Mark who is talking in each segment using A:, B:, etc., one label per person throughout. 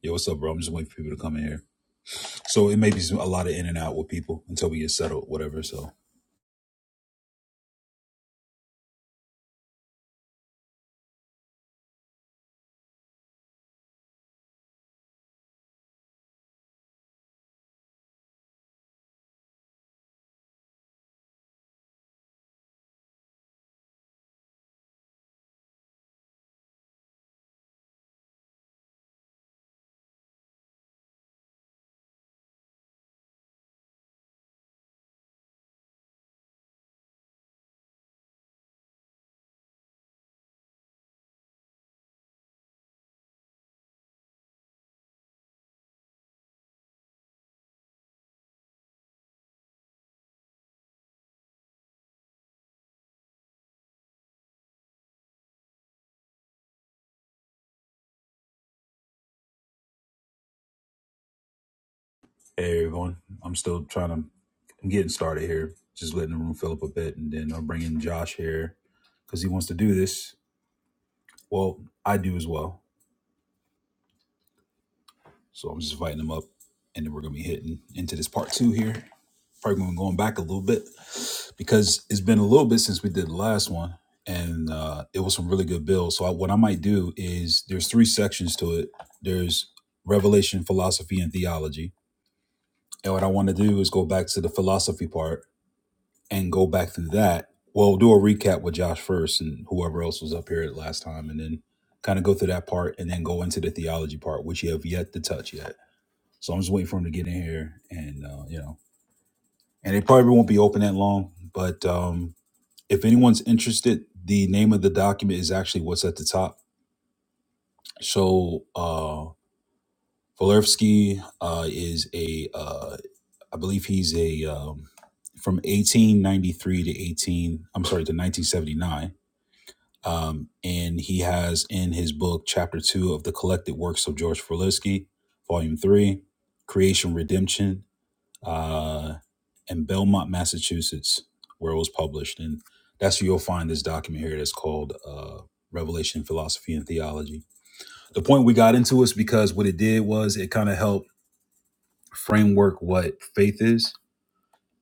A: Yo, what's up, bro? I'm just waiting for people to come in here. So it may be some, a lot of in and out with people until we get settled, whatever. So, hey, everyone. I'm still trying to, I'm getting started here, just letting the room fill up a bit. And then I'm bringing Josh here because he wants to do this. Well, I do as well. So I'm just inviting him up. And then we're going to be hitting into this part two here. probably going back a little bit because it's been a little bit since we did the last one, and uh, it was some really good bills. So I, what I might do is there's three sections to it. There's revelation, philosophy, and theology. And what I want to do is go back to the philosophy part and go back through that. Well, do a recap with Josh first and whoever else was up here at last time, and then kind of go through that part and then go into the theology part, which you have yet to touch yet. So I'm just waiting for him to get in here and uh, you know and it probably won't be open that long. But um, if anyone's interested, the name of the document is actually what's at the top. So uh, Volerfsky uh, is a, uh, I believe he's a um, from 1893 to 18, I'm sorry, to 1979. Um, and he has in his book, Chapter Two of the Collected Works of George Volerfsky, Volume Three, Creation Redemption, uh, in Belmont, Massachusetts, where it was published. And that's where you'll find this document here that's called uh, Revelation Philosophy and Theology. The point we got into is because what it did was it kind of helped framework what faith is.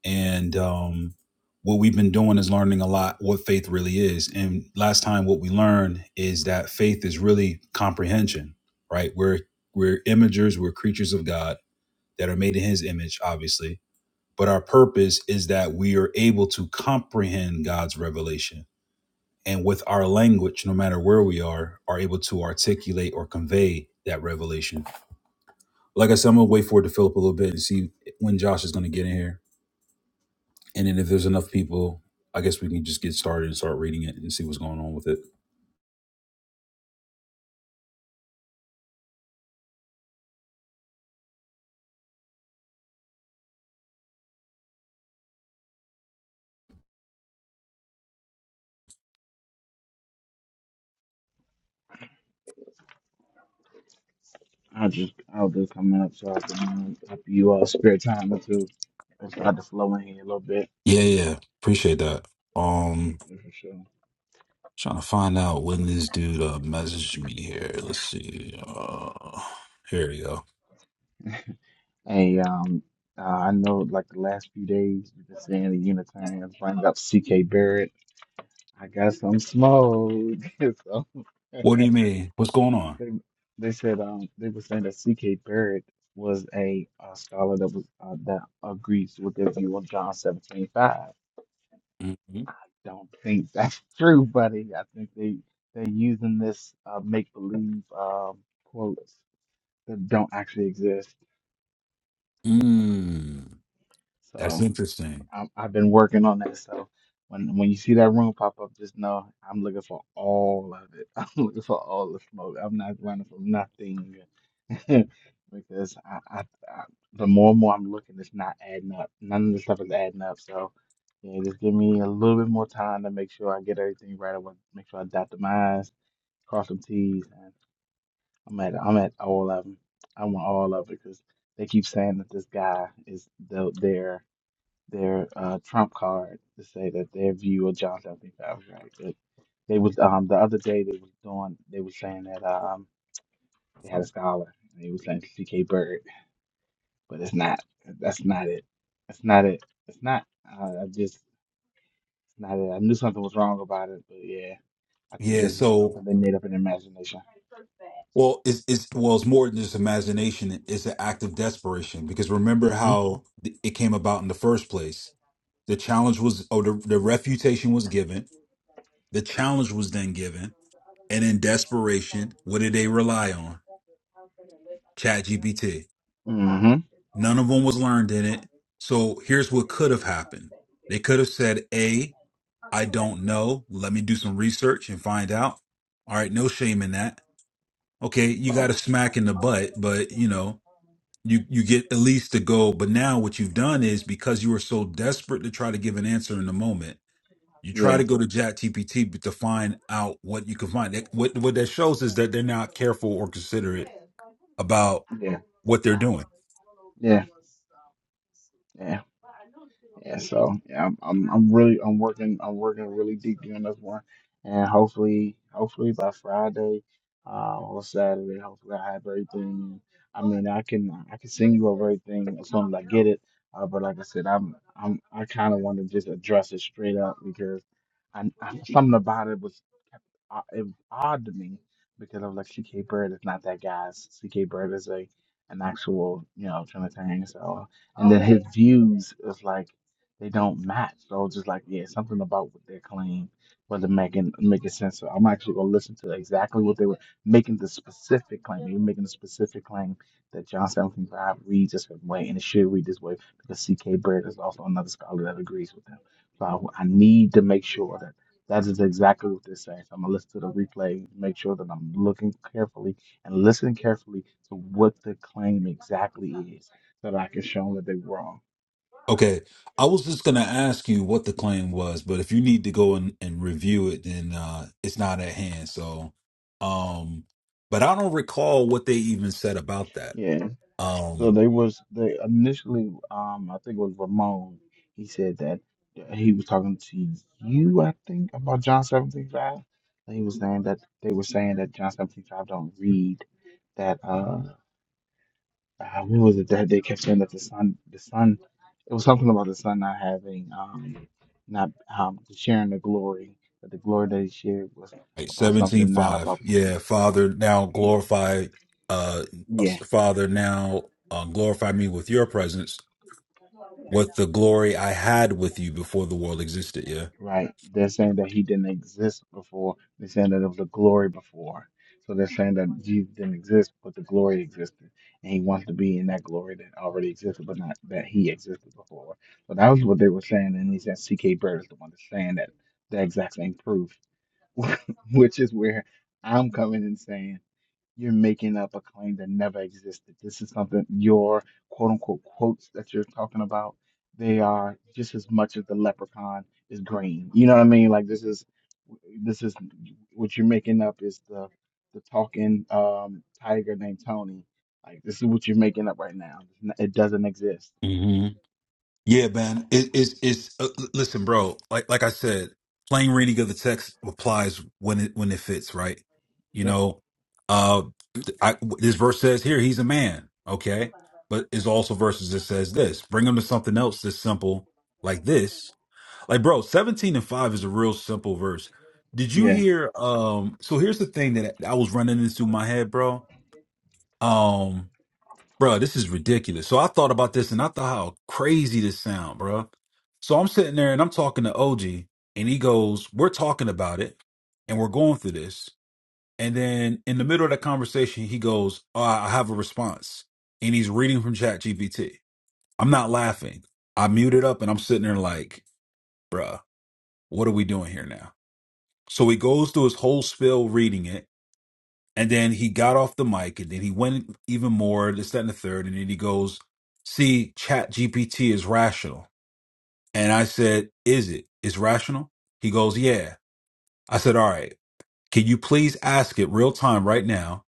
A: And um, what we've been doing is learning a lot what faith really is. And last time, what we learned is that faith is really comprehension, right? We're, we're imagers, we're creatures of God that are made in his image, obviously but our purpose is that we are able to comprehend God's revelation and with our language, no matter where we are, are able to articulate or convey that revelation. Like I said, I'm gonna wait for it to fill up a little bit and see when Josh is gonna get in here. And then if there's enough people, I guess we can just get started and start reading it and see what's going on with it.
B: I'll just I'll just come up so I can um, help you all spare time or two. Let's start to flow in here a little bit.
A: Yeah, yeah. Appreciate that. Um
B: Yeah, For sure.
A: trying to find out when this dude uh messaged me here. Let's see. Uh here we go.
B: Hey, um, uh, I know like the last few days you've been seeing the Unitarians bring up C.K. Barrett. I got some smoke. so,
A: What do you
B: they,
A: mean? What's going on?
B: they said um they were saying that C.K. Barrett was a, uh scholar that was uh, that agrees with their view of John 17:5. don't think that's true, buddy. I think they they're using this uh, make believe um, quotes that don't actually exist.
A: Mm, that's
B: So
A: interesting.
B: I'm, I've been working on that. So when when you see that room pop up, just know I'm looking for all of it. I'm looking for all the smoke. I'm not running from nothing because I, I, I the more and more I'm looking, it's not adding up. None of the stuff is adding up. So. Yeah, just give me a little bit more time to make sure I get everything right. I want to make sure I dot the i's cross some T's, and I'm at I'm at all of them. I want all of it because they keep saying that this guy is the, their their uh, trump card to say that their view of John Seventeen Five is right. But they was um the other day they was doing they was saying that um they had a scholar and they was saying C.K. Bird, but it's not that's not it. That's not it. It's not. Uh, I just it's not it. I knew something was wrong about it, but yeah, I think
A: Yeah.
B: this is
A: So,
B: something they made up in their imagination.
A: well, it's, it's well, it's more than just imagination. It's an act of desperation because remember
B: hmm
A: how th- it came about in the first place. The challenge was, oh, the, the refutation was given. The challenge was then given, and in desperation, what did they rely on? ChatGPT.
B: hmm
A: None of them was learned in it. So here's what could have happened. They could have said, "A, I don't know. Let me do some research and find out." All right, no shame in that. okay, you
B: Not,
A: got a smack in the butt, but you know, you you get at least to go. But now what you've done is because you were so desperate to try to give an answer in the moment, you try
B: yeah,
A: to go to Chat GPT to find out what you can find. That- What what that shows is that they're not careful or considerate about
B: yeah,
A: what they're doing.
B: yeah. Yeah, yeah. So yeah, I'm, I'm I'm really I'm working I'm working really deeply on this one, and hopefully hopefully by Friday, uh, or Saturday, hopefully I have everything. And I mean, I can I can send you over everything as soon as I get it. Uh, but like I said, I'm I'm I kind of want to just address it straight up because I, I something about it was uh, it was odd to me because I was like, CK Bird is not that guy. CK Bird is a an actual, you know, Trinitarian. So and then his views is like they don't match. So I was just like, yeah, something about what they claim wasn't making making sense. So I'm actually gonna listen to exactly what they were making the specific claim. They were making the specific claim that John 75 reads a certain way and it should read this way because C.K. Baird is also another scholar that agrees with them. So I, I need to make sure that that is exactly what they're saying. So I'm gonna listen to the replay, make sure that I'm looking carefully and listening carefully to what the claim exactly is so that I could show them that they were wrong.
A: Okay. I was just gonna ask you what the claim was, but if you need to go and, and review it, then uh it's not at hand. So um but I don't recall what they even said about that.
B: Yeah. So
A: Um,
B: they was they initially um I think it was Ramon. He said that he was talking to you, I think, about John seventeen five. And he was saying that they were saying that John seventeen five don't read that uh, uh what was it that they kept saying that the son the son it was something about the son not having um not um sharing the glory that the glory that he shared was
A: Like,
B: about
A: Seventeen
B: something not
A: five.
B: about
A: Yeah, Father, now glorify, uh,
B: yeah
A: us- Father, now uh, glorify me with your presence, with the glory I had with you before the world existed. Yeah.
B: Right. They're saying that he didn't exist before. They're saying that there was the glory before. So they're saying that Jesus didn't exist, but the glory existed. And he wants to be in that glory that already existed, but not that he existed before. So that was what they were saying. And he said C.K. Bird is the one that's saying that the exact same proof, which is where I'm coming and saying. You're making up a claim that never existed. This is something your quote unquote quotes that you're talking about, they are just as much as the leprechaun is green. You know what I mean? Like this is this is what you're making up is the the talking um tiger named Tony. Like this is what you're making up right now. It doesn't exist.
A: hmm Yeah, man. It, it's it's uh, l- listen, bro. Like like I said, plain reading of the text applies when it when it fits, right? You
B: Yep.
A: know, uh, I, this verse says here he's a man, okay, but it's also verses that says this. Bring him to something else that's simple like this Like, bro, 17 and 5 is a real simple verse. Did you
B: Yeah.
A: hear um so here's the thing that I was running into my head, bro. Um, bro, this is ridiculous. So I thought about this and I thought how crazy this sound, bro. So I'm sitting there and I'm talking to OG and he goes, "We're talking about it and we're going through this." And then in the middle of that conversation, he goes, oh, "I I have a response." And he's reading from ChatGPT. I'm not laughing. I muted up and I'm sitting there like, "Bruh, what are we doing here now?" So he goes through his whole spiel reading it, and then he got off the mic, and then he went even more, this, that, and the third, and then he goes, "See, Chat GPT is rational." And I said, "Is it? It's rational?" He goes, "Yeah." I said, "All right. Can you please ask it real time right now?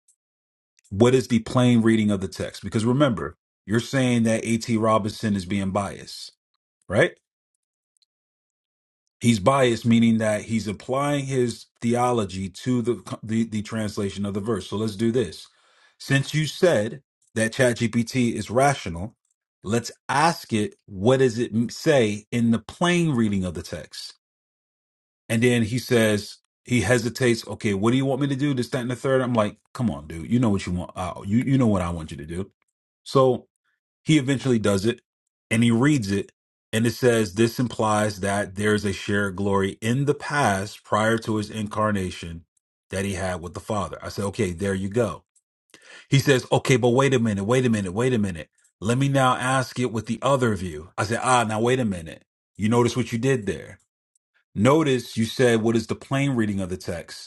A: What is the plain reading of the text? Because remember, you're saying that A.T. Robinson is being biased, right?" He's biased, meaning that he's applying his theology to the, the the translation of the verse. So let's do this. Since you said that ChatGPT is rational, let's ask it what does it m- say in the plain reading of the text. And then he says he hesitates. Okay, what do you want me to do? This, that, and the third. I'm like, come on, dude. You know what you want. Uh, you you know what I want you to do. So he eventually does it and he reads it. And it says, This implies that there is a shared glory in the past prior to his incarnation that he had with the Father. I said, Okay, there you go. He says, Okay, but wait a minute, wait a minute, wait a minute. Let me now ask it with the other view. I said, Ah, now wait a minute. You notice what you did there. Notice you said, What is the plain reading of the text?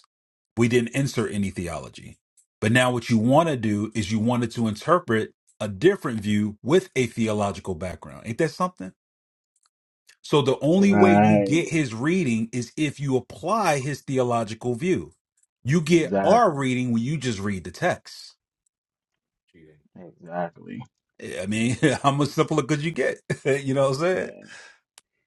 A: We didn't insert any theology. But now what you want to do is you wanted to interpret a different view with a theological background. Ain't that something? So the only way you
B: Right.
A: get his reading is if you apply his theological view. You get our
B: Exactly.
A: reading when you just read the text.
B: Exactly.
A: I mean, how much simpler could you get? you know what I'm saying?
B: Yeah.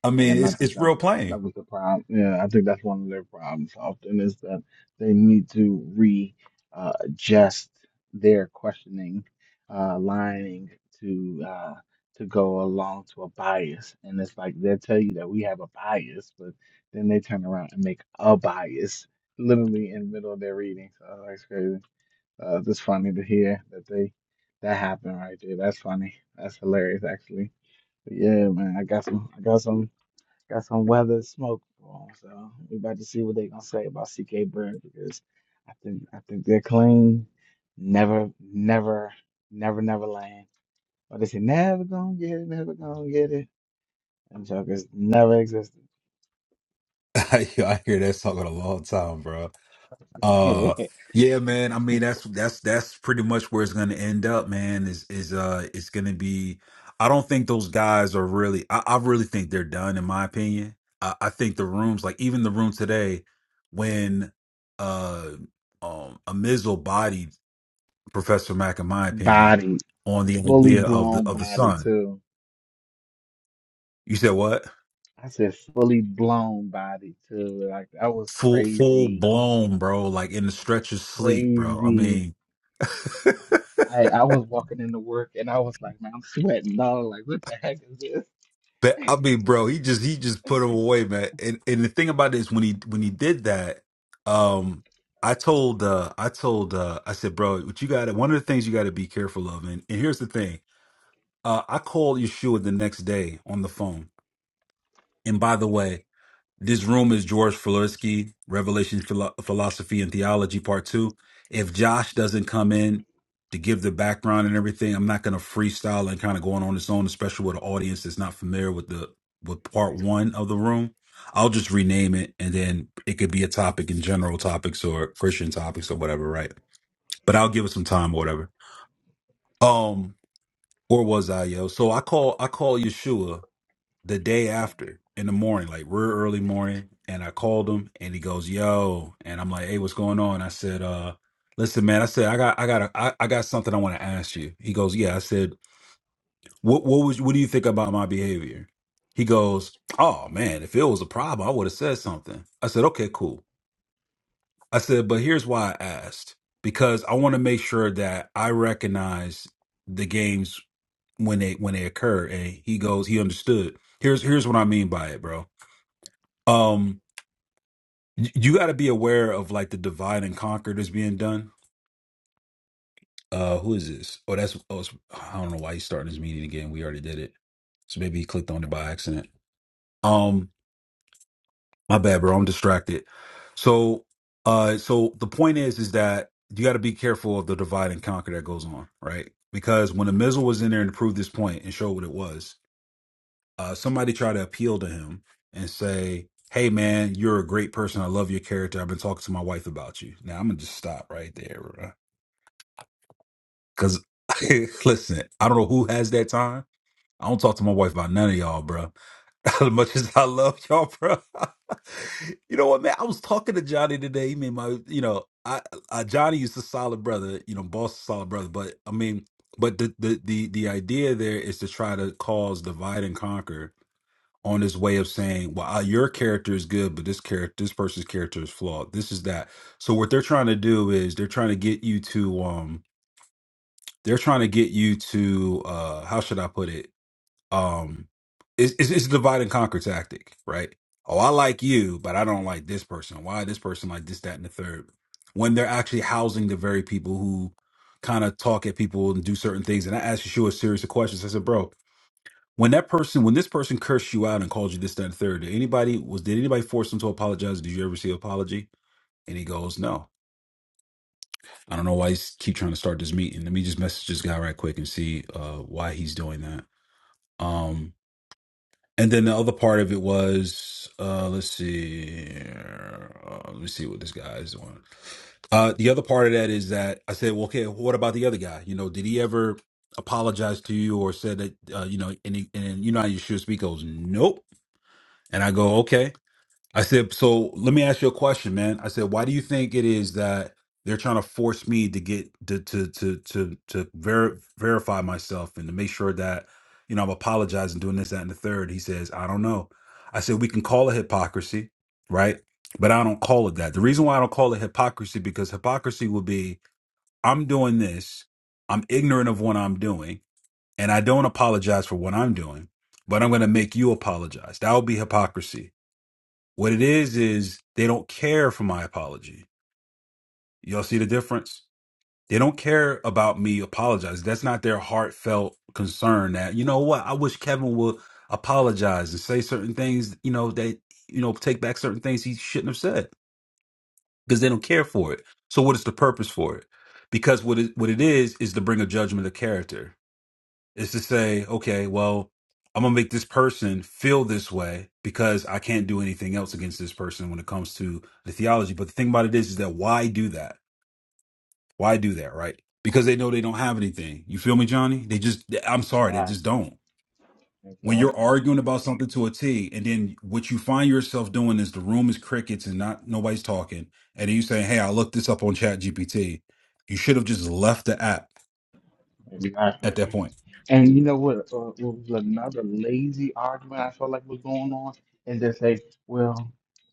A: I mean,
B: And I
A: it's
B: think
A: it's
B: that
A: real
B: was
A: plain.
B: that was the problem. Yeah, I think that's one of their problems often is that they need to re uh, adjust their questioning uh, lining to uh, to go along to a bias. And it's like they'll tell you that we have a bias, but then they turn around and make a bias literally in the middle of their reading. So that's crazy. Uh, it's just funny to hear that they that happened right there. That's funny. That's hilarious actually. But yeah, man, I got some I got some got some weather smoke for 'em, So we about to see what they gonna say about CK Bird because I think I think they're clean. Never, never, never, never land. But they say never gonna get it, never gonna get it. Them jokers never existed.
A: I, hear that song in a long time, bro. Uh yeah, man. I mean that's that's that's pretty much where it's gonna end up, man. Is is uh it's gonna be I don't think those guys are really I, I really think they're done in my opinion. I, I think the rooms like even the room today when uh um a Mizzle bodied Professor Mack in my opinion
B: body,
A: on the
B: fully
A: idea of the
B: blown
A: of the
B: body
A: sun.
B: too.
A: You said what?
B: I said fully blown body too. Like that was
A: Full full
B: crazy,
A: blown, bro, like in the stretch of sleep, bro. I
B: crazy.
A: mean
B: I I was walking into work and I was like, man, I'm sweating dog. Like what the heck is this?
A: But I mean, bro, he just he just put him away, man. And and the thing about it is when he when he did that, um, I told uh I told uh I said, bro, what you got one of the things you gotta be careful of, and, and here's the thing. Uh I called Yeshua the next day on the phone. And by the way, this room is George Florsky, Revelation Philo- Philosophy and Theology, Part Two. If Josh doesn't come in to give the background and everything, I'm not going to freestyle and kind of going on its own, especially with an audience that's not familiar with the with Part One of the room. I'll just rename it, and then it could be a topic in general topics or Christian topics or whatever, right? But I'll give it some time or whatever. Um, where was I, yo? So I call I call Yeshua the day after in the morning, like real early morning, and I called him and he goes, Yo, and I'm like, Hey, what's going on? I said, uh, listen, man, I said, I got I got a, I, I got something I want to ask you. He goes, Yeah. I said, What what was what do you think about my behavior? He goes, Oh man, if it was a problem, I would have said something. I said, Okay, cool. I said, but here's why I asked. Because I want to make sure that I recognize the games when they when they occur. And he goes, he understood. Here's here's what I mean by it, bro um, y- you got to be aware of like the divide and conquer that's being done. Uh, who is this? Oh, that's oh, it's, I don't know why he's starting his meeting again. We already did it, so maybe he clicked on it by accident. Um, my bad, bro. I'm distracted. So, uh, so the point is, is that you got to be careful of the divide and conquer that goes on, right? Because when the Mizzle was in there and proved this point and showed what it was, uh, somebody try to appeal to him and say, "Hey, man, you're a great person. I love your character. I've been talking to my wife about you." Now I'm gonna just stop right there, because listen, I don't know who has that time. I don't talk to my wife about none of y'all, bro. As much as I love y'all, bro. you know what, man? I was talking to Johnny today. He made my, you know, I, I Johnny is a solid brother. You know, boss is a solid brother. But I mean, but the the the the idea there is to try to cause divide and conquer on this way of saying, well, uh, your character is good, but this character, this person's character is flawed. This is that. So what they're trying to do is they're trying to get you to, um, they're trying to get you to, uh, how should I put it? Um, it's, it's, it's a divide and conquer tactic, right? Oh, I like you, but I don't like this person. Why this person like this, that, and the third? When they're actually housing the very people who kind of talk at people and do certain things. And I asked Yeshua a series of questions. I said, bro, when that person when this person cursed you out and called you this that and third did anybody was did anybody force them to apologize did you ever see an apology and he goes no i don't know why he's keep trying to start this meeting let me just message this guy right quick and see uh why he's doing that um and then the other part of it was uh let's see uh, let me see what this guy is doing uh the other part of that is that i said well okay what about the other guy you know did he ever apologize to you or said that uh, you know and, he, and you know how you should speak goes nope And I go, okay. I said, so let me ask you a question, man. I said, why do you think it is that they're trying to force me to get to to to to to ver- verify myself and to make sure that you know I'm apologizing, doing this, that, and the third? He says, I don't know. I said, we can call it hypocrisy, right? But I don't call it that. The reason why I don't call it hypocrisy because hypocrisy would be I'm doing this, I'm ignorant of what I'm doing, and I don't apologize for what I'm doing, but I'm going to make you apologize. That would be hypocrisy what it is is they don't care for my apology. Y'all see the difference? They don't care about me apologizing. That's not their heartfelt concern that, you know what, I wish Kevin would apologize and say certain things, you know, that you know, take back certain things he shouldn't have said because they don't care for it. So what is the purpose for it? Because what it, what it is is to bring a judgment of character is to say, okay, well, I'm gonna make this person feel this way because I can't do anything else against this person when it comes to the theology. But the thing about it is, is that why do that? Why do that? Right? Because they know they don't have anything. You feel me, Johnny? They just, I'm sorry, they just
B: Exactly.
A: don't. When you're
B: Exactly.
A: arguing about something to a T, and then what you find yourself doing is the room is crickets and not nobody's talking, and then you say, "Hey, I looked this up on Chat GPT." You should have just left the app
B: Exactly.
A: at that point.
B: And you know what, uh, what was another lazy argument I felt like was going on is they say, well,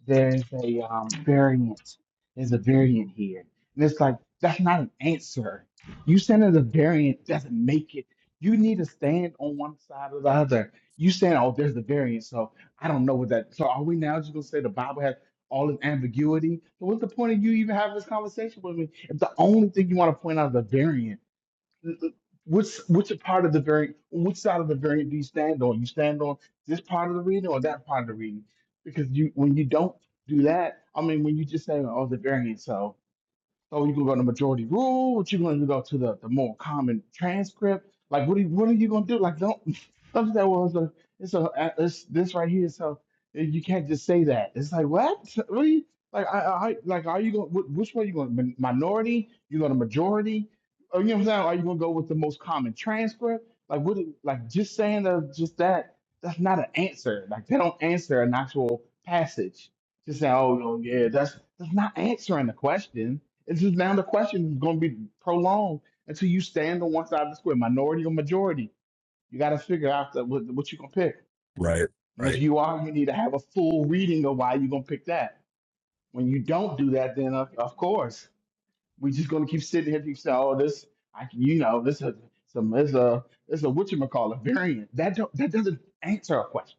B: there's a um, variant. There's a variant here. And it's like, that's not an answer. You saying there's a variant doesn't make it. You need to stand on one side or the other. You saying, oh, there's a variant. So I don't know what that. So are we now just going to say the Bible has all this ambiguity? So what's the point of you even having this conversation with me if the only thing you want to point out is a variant? What's what's a part of the variant? Which side of the variant do you stand on? You stand on this part of the reading or that part of the reading? Because you when you don't do that, I mean, when you just say, "Oh, the variant," so so you go by the majority rule? What you going to go to the, the more common transcript? Like what are you, what are you going to do? Like don't something that was a it's a it's this right here. So you can't just say that. It's like what? What are you like? I, I like are you going? wh- Which way you going? Min- Minority? You going to majority? Or, you know what I'm saying? Are you going to go with the most common transcript? Like what? do- Like just saying the, just that that's not an answer. Like they don't answer an actual passage. Just saying, oh no, yeah, that's that's not answering the question it's just now the question is going to be prolonged until you stand on one side of the square, minority or majority. You got to figure out the, what, what you're going to pick.
A: Right.
B: And
A: Right.
B: if you are, you need to have a full reading of why you're going to pick that. When you don't do that, then of, of course, we're just going to keep sitting here keep saying, oh, this, I, can- you know, this is some, this a, this a whatchamacallit variant. That don't, that doesn't answer a question.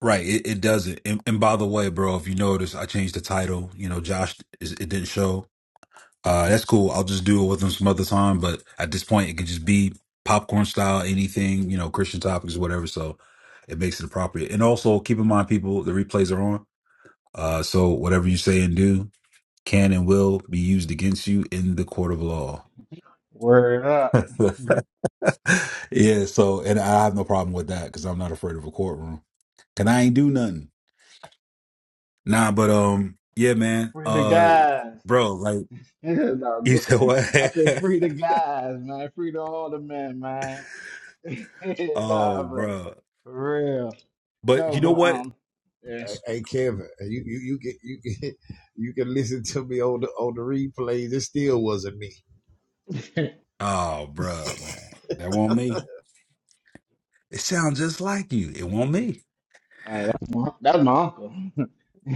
A: Right, it, it doesn't. And, and by the way, bro, if you notice, I changed the title. You know, Josh, is, it didn't show. Uh, that's cool. I'll just do it with him some other time. But at this point, it can just be popcorn style, anything, you know, Christian topics, whatever. So it makes it appropriate. And also keep in mind, people, the replays are on. Uh, so whatever you say and do can and will be used against you in the court of law.
B: Word up.
A: yeah. So, and I have no problem with that because I'm not afraid of a courtroom. And I ain't do nothing. Nah, but um, yeah, man.
B: Free the
A: Uh,
B: guys.
A: bro, like
B: no,
A: you
B: go
A: said
B: ahead.
A: what?
B: I said, free the guys, man. Free the all the men, man. nah,
A: oh,
B: but
A: bro.
B: for real.
A: But
B: No,
A: you know
B: but
A: what?
B: um,
C: Hey, hey, Kevin, you, you you can you can you can listen to me on the on the replays. It still wasn't me.
B: yeah.
A: Oh, bro, man, that won't me. It sounds just like you. It won't me.
B: Like, that's my that's my uncle.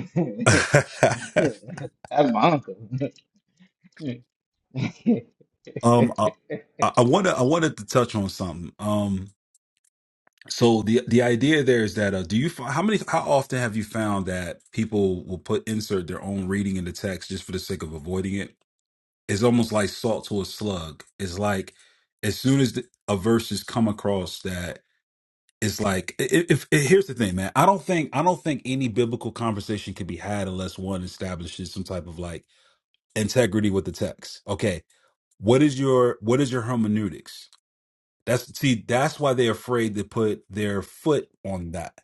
B: that's my uncle.
A: um, I, I I wanna, I wanted to touch on something. Um, so the the idea there is that uh, do you find how many how often have you found that people will put insert their own reading in the text just for the sake of avoiding it? is almost like salt to a slug. It's like as soon as the, a verse has come across that, it's like i- i- if, i- here's the thing, man. I don't think I don't think any biblical conversation can be had unless one establishes some type of like integrity with the text. Okay, what is your what is your hermeneutics? That's see, that's why they're afraid to put their foot on that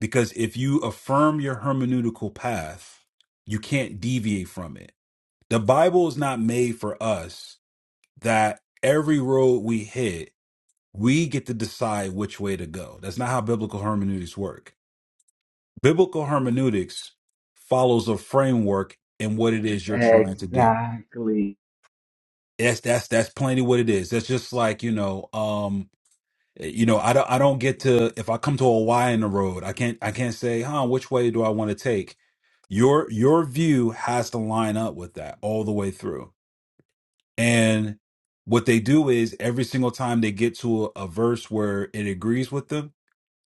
A: because if you affirm your hermeneutical path, you can't deviate from it. The Bible is not made for us that every road we hit, we get to decide which way to go. That's not how biblical hermeneutics work. Biblical hermeneutics follows a framework in what it is you're trying to do.
B: exactly.
A: That's that's that's plainly what it is. That's just like you know, um, you know, I don't I don't get to if I come to a Y in the road, I can't I can't say, huh, which way do I want to take? Your your view has to line up with that all the way through And what they do is every single time they get to a, a verse where it agrees with them,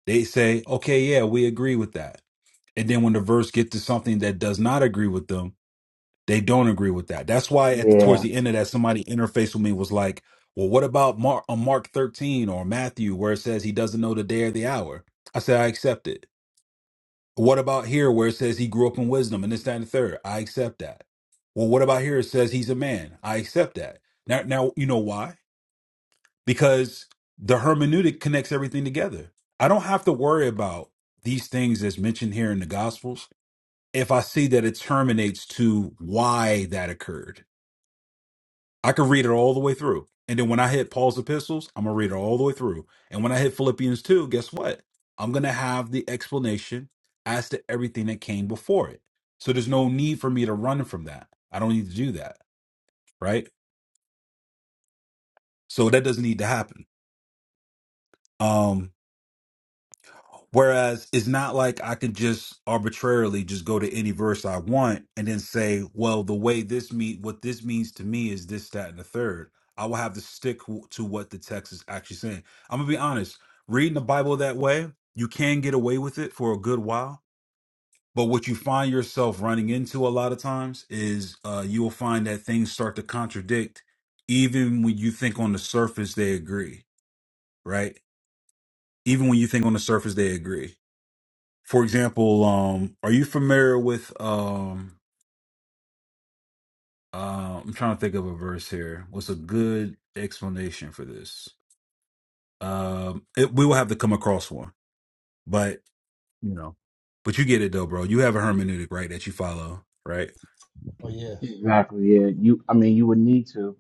A: they say, okay, yeah, we agree with that. And then when the verse gets to something that does not agree with them, they don't agree with that. That's why at the,
B: Yeah.
A: towards the end of that, somebody interfaced with me was like, well, what about Mark, uh, Mark 13 or Matthew where it says he doesn't know the day or the hour? I said, I accept it. What about here where it says he grew up in wisdom and this, that, and the third? I accept that. Well, what about here? It says he's a man. I accept that. Now, now you know why? because the hermeneutic connects everything together. I don't have to worry about these things that's mentioned here in the Gospels if I see that it terminates to why that occurred. I could read it all the way through. And then when I hit Paul's epistles, I'm going to read it all the way through. And when I hit Philippians 2, guess what? I'm going to have the explanation as to everything that came before it. So there's no need for me to run from that. I don't need to do that. Right. So that doesn't need to happen. Um, Whereas it's not like I can just arbitrarily just go to any verse I want and then say, well, the way this mean what this means to me is this, that, and the third. I will have to stick w- to what the text is actually saying. I'm gonna be honest. Reading the Bible that way, you can get away with it for a good while. But what you find yourself running into a lot of times is uh, you will find that things start to contradict, even when you think on the surface they agree, right? Even when you think on the surface they agree for example, um, are you familiar with um uh, I'm trying to think of a verse here. What's a good explanation for this? Um it, we will have to come across one. But you know. But you get it though, bro. You have a hermeneutic, right, that you follow, right?
C: Oh yes.
B: Exactly. Yeah. You. I mean, you would need to.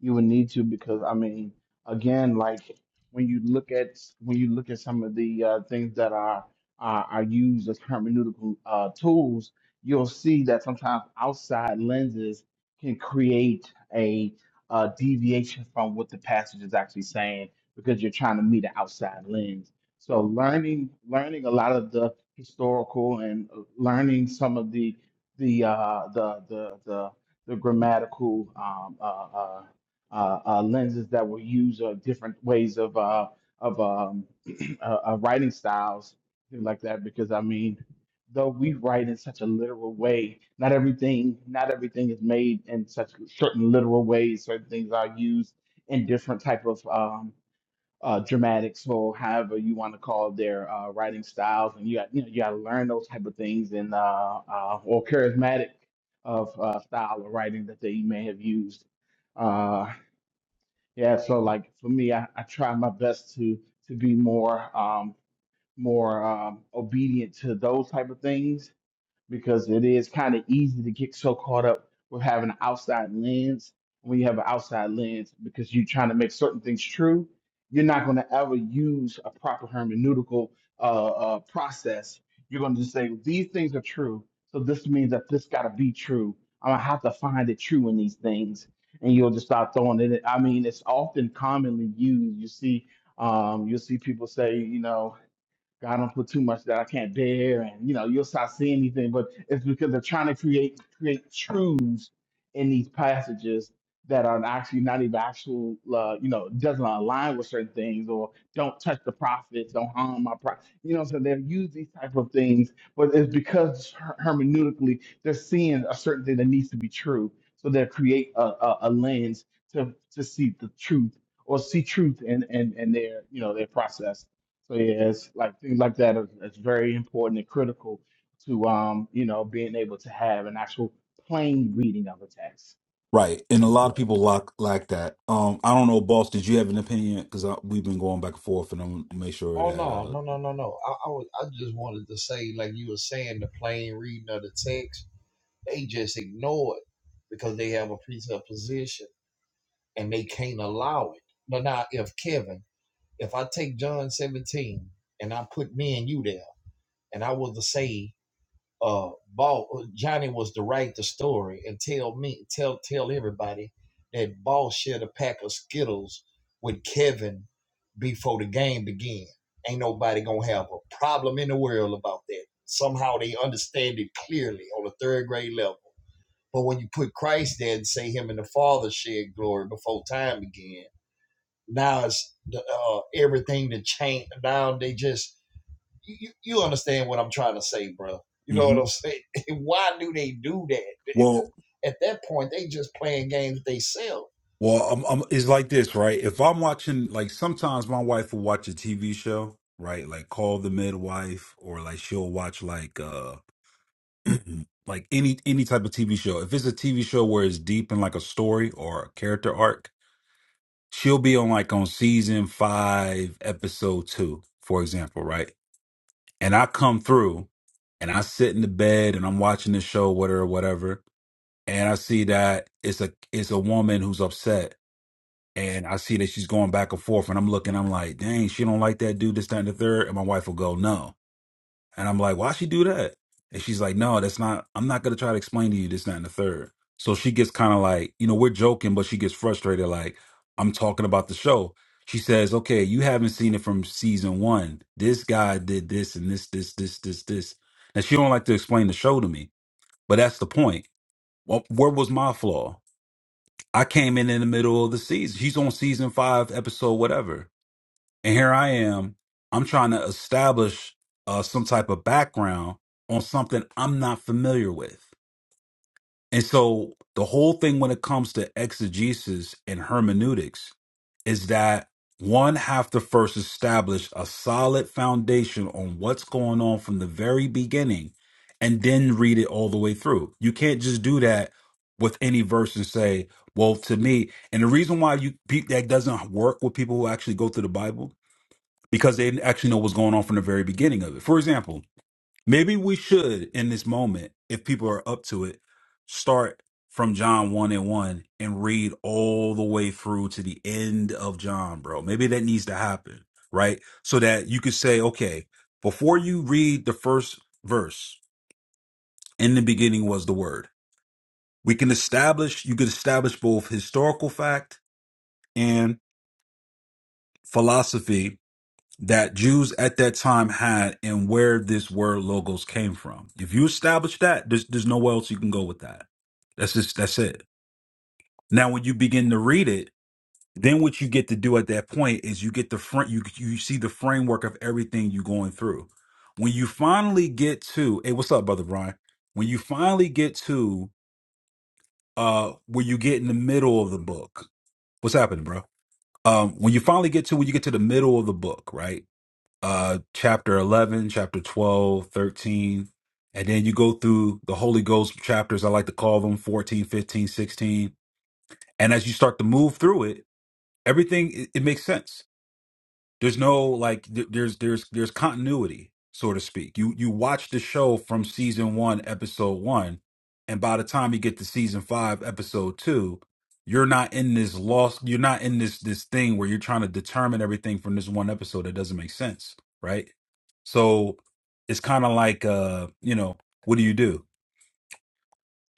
B: You would need to because I mean, again, like when you look at when you look at some of the uh, things that are are, are used as hermeneutical uh, tools, you'll see that sometimes outside lenses can create a uh, deviation from what the passage is actually saying because you're trying to meet an outside lens. So learning learning a lot of the historical and uh, learning some of the the uh, the the the the grammatical um, uh, uh, uh, uh, lenses that were used or different ways of uh, of um, uh, uh, writing styles, things like that. Because I mean, though we write in such a literal way, not everything not everything is made in such certain literal ways. Certain things are used in different type of um, uh, dramatics or however you want to call their uh, writing styles, and you got you know you got to learn those type of things and uh, uh, or charismatic of uh, style of writing that they may have used. Uh, yeah, so like for me, I, I try my best to to be more um, more um, obedient to those type of things because it is kind of easy to get so caught up with having an outside lens. When you have an outside lens, because you're trying to make certain things true, you're not going to ever use a proper hermeneutical uh, uh, process. You're going to just say these things are true, so this means that this got to be true. I'm gonna have to find it true in these things, and you'll just start throwing it. in. I mean, it's often commonly used. You see, um, you'll see people say, you know. God don't put too much that I can't bear, and you know, you'll start seeing anything, but it's because they're trying to create create truths in these passages that are actually not even actual, uh, you know, doesn't align with certain things, or don't touch the prophets, don't harm my prophet. You know, so they'll use these type of things, but it's because her- hermeneutically they're seeing a certain thing that needs to be true, so they'll create a, a, a lens to to see the truth or see truth in in, in their you know their process. So yeah, it's like things like that are that's very important and critical to um, you know, being able to have an actual plain reading of a text.
A: Right. And a lot of people lack lack that. Um I don't know, boss, did you have an opinion? Because we've been going back and forth and I'm gonna make sure
C: Oh
A: that
C: no,
A: uh
C: no, no, no, no. I, I was, I just wanted to say, like you were saying, the plain reading of the text, they just ignore it because they have a presupposition and they can't allow it. But now, if Kevin, if I take John 17 and I put me and you there, and I was to say uh Ball Johnny was to write the story and tell me tell tell everybody that Ball shared a pack of Skittles with Kevin before the game began. Ain't nobody gonna have a problem in the world about that. Somehow they understand it clearly on a third grade level. But when you put Christ there and say him and the Father shared glory before time began, now it's the, uh, everything to change. Now they just you, you understand what I'm trying to say, bro. You know what
A: Mhm.
C: I'm saying? Why do they do that?
A: well
C: At that point, they just playing games they sell.
A: Well, I'm, I'm, it's like this, right? If I'm watching, like sometimes my wife will watch a TV show, right? Like Call the Midwife, or like she'll watch like uh like any any type of TV show. If it's a TV show where it's deep in like a story or a character arc, she'll be on like on season five, episode two, for example, right? And I come through and I sit in the bed and I'm watching the show, whatever, whatever, and I see that it's a it's a woman who's upset and I see that she's going back and forth, and I'm looking, I'm like, dang, she don't like that dude, this, that, and the third. And my wife will go, no. And I'm like, why she do that? And she's like, no, that's not, I'm not going to try to explain to you this, that, and the third. So she gets kind of like, you know, we're joking, but she gets frustrated. Like, I'm talking about the show. She says, okay, you haven't seen it from season one. This guy did this and this, this, this, this, this. And she don't like to explain the show to me, but that's the point. Well, where was my flaw? I came in in the middle of the season. He's on season five, episode whatever, and here I am. I'm trying to establish uh, some type of background on something I'm not familiar with. And so the whole thing when it comes to exegesis and hermeneutics is that one have to first establish a solid foundation on what's going on from the very beginning and then read it all the way through. You can't just do that with any verse and say, well, to me, and the reason why you pe- that doesn't work with people who actually go through the Bible because they didn't actually know what's going on from the very beginning of it. For example, Maybe we should, in this moment, if people are up to it, start from John 1 and 1 and read all the way through to the end of John, bro. Maybe that needs to happen, right? So that you could say, okay, before you read the first verse, in the beginning was the word. We can establish, you could establish both historical fact and philosophy that Jews at that time had and where this word logos came from. If you establish that, there's there's nowhere else you can go with that. That's just that's it. Now when you begin to read it, then what you get to do at that point is you get the front you you see the framework of everything you're going through. When you finally get to hey, what's up, brother Brian? When you finally get to uh where you get in the middle of the book, what's happening, bro? Um, when you finally get to when you get to the middle of the book, right? uh chapter 11 chapter 12, 13, and then you go through the holy ghost chapters i like to call them 14, 15, 16, and as you start to move through it everything it, it makes sense there's no like th- there's there's there's continuity so to speak you you watch the show from season one episode one and by the time you get to season five episode two you're not in this lost you're not in this this thing where you're trying to determine everything from this one episode that doesn't make sense right so it's kind of like uh you know what do you do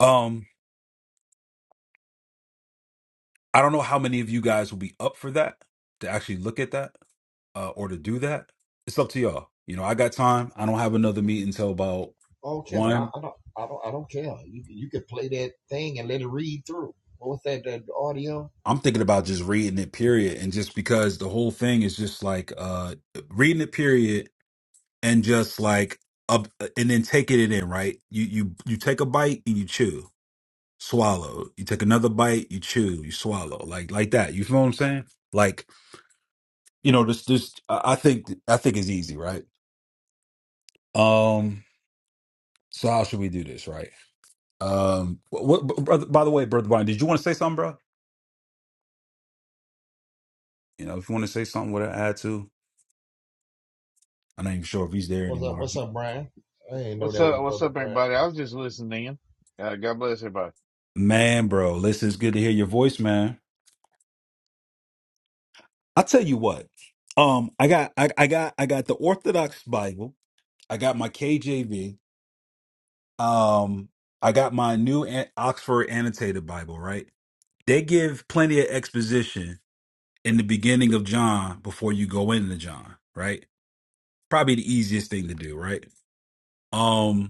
A: um i don't know how many of you guys will be up for that to actually look at that uh, or to do that, it's up to y'all. You know, I got time. I don't have another meeting until about
C: Oh, Kevin, I,
A: one.
C: I don't, I don't, I don't care. You you could play that thing and let it read through. What's that? That audio?
A: I'm thinking about just reading it, period. And just because the whole thing is just like uh reading it, period, and just like up uh, and then taking it in, right? You you you take a bite and you chew, swallow. You take another bite, you chew, you swallow, like like that. You feel what I'm saying? Like you know, this this I I think I think is easy, right? Um, so how should we do this, right? Um, what, what- brother, by the way, brother Brian, did you want to say something, bro? You know, if you want to say something, what I add to, I'm not even sure if he's there
C: What's up?
A: anymore.
C: What's up, Brian? I didn't know
D: What's
C: that was
D: up? What's
C: brother
D: up,
C: Brian.
D: everybody? I was just listening. Uh, God bless everybody.
A: Man, bro, listen, it's good to hear your voice, man. I tell you what, um, I got, I, I got, I got the Orthodox Bible. I got my KJV. Um, I got my new An- Oxford Annotated Bible. Right? They give plenty of exposition in the beginning of John before you go into John. Right? Probably the easiest thing to do. Right? Um.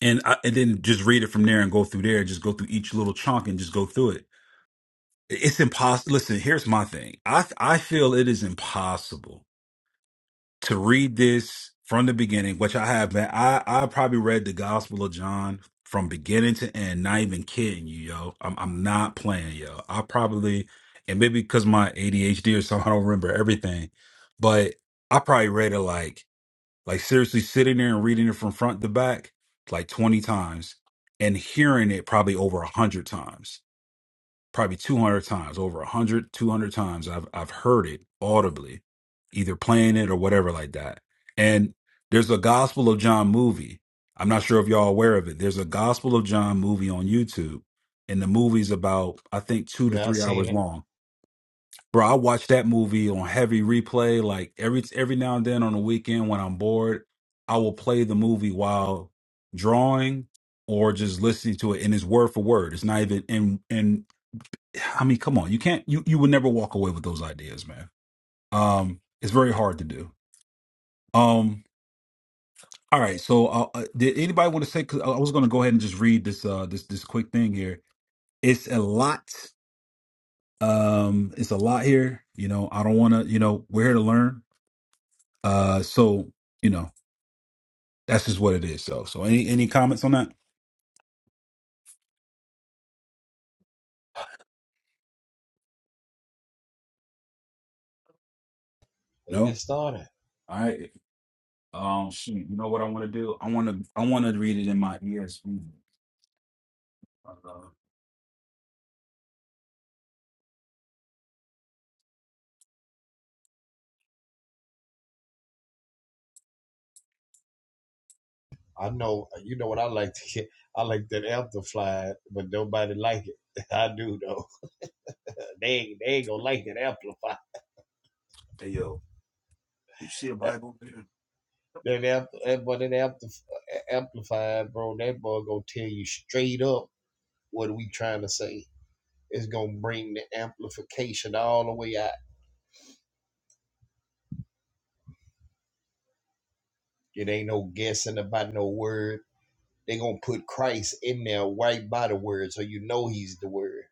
A: and I, and then just read it from there and go through there. Just go through each little chunk and just go through it. It's impossible. Listen, here's my thing. I I feel it is impossible to read this from the beginning, which I have Man, I I probably read the Gospel of John from beginning to end. Not even kidding you, yo. I'm I'm not playing, yo. I probably and maybe because my ADHD or something, I don't remember everything, but I probably read it like like seriously sitting there and reading it from front to back like 20 times and hearing it probably over 100 times, probably 200 times, over 100, 200 times I've I've heard it audibly, either playing it or whatever like that. And there's a Gospel of John movie. I'm not sure if y'all aware of it. There's a Gospel of John movie on YouTube and the movie's about I think 2 to
C: Yeah, I
A: 3
C: seen
A: hours
C: it.
A: long Bro, I watch that movie on heavy replay. Like every every now and then on the weekend when I'm bored, I will play the movie while drawing or just listening to it. And it's word for word. It's not even and and I mean, come on, you can't you you would never walk away with those ideas, man. Um, it's very hard to do. Um, all right. So, uh, uh, did anybody want to say? 'Cause I I was going to go ahead and just read this uh this this quick thing here. It's a lot. Um, it's a lot here. You know, I don't want to. You know, we're here to learn Uh, so you know that's just what it is. So, so any any comments on that?
C: Let's get
A: No.
C: started.
A: All right. Um, shoot, you know what I want to do? I want to I want to read it in my ESV. Uh,
C: I know. You know what I like to get. I like that amplified, but nobody like it. I do though. They ain't, they ain't gonna like that amplified.
A: hey yo, did you see a Bible there?
C: That ampl that, but that ampl amplifier, bro, that boy gonna tell you straight up what we trying to say. It's gonna bring the amplification all the way out. It ain't no guessing about no word. They gonna put Christ in there right by the word, so you know he's the word.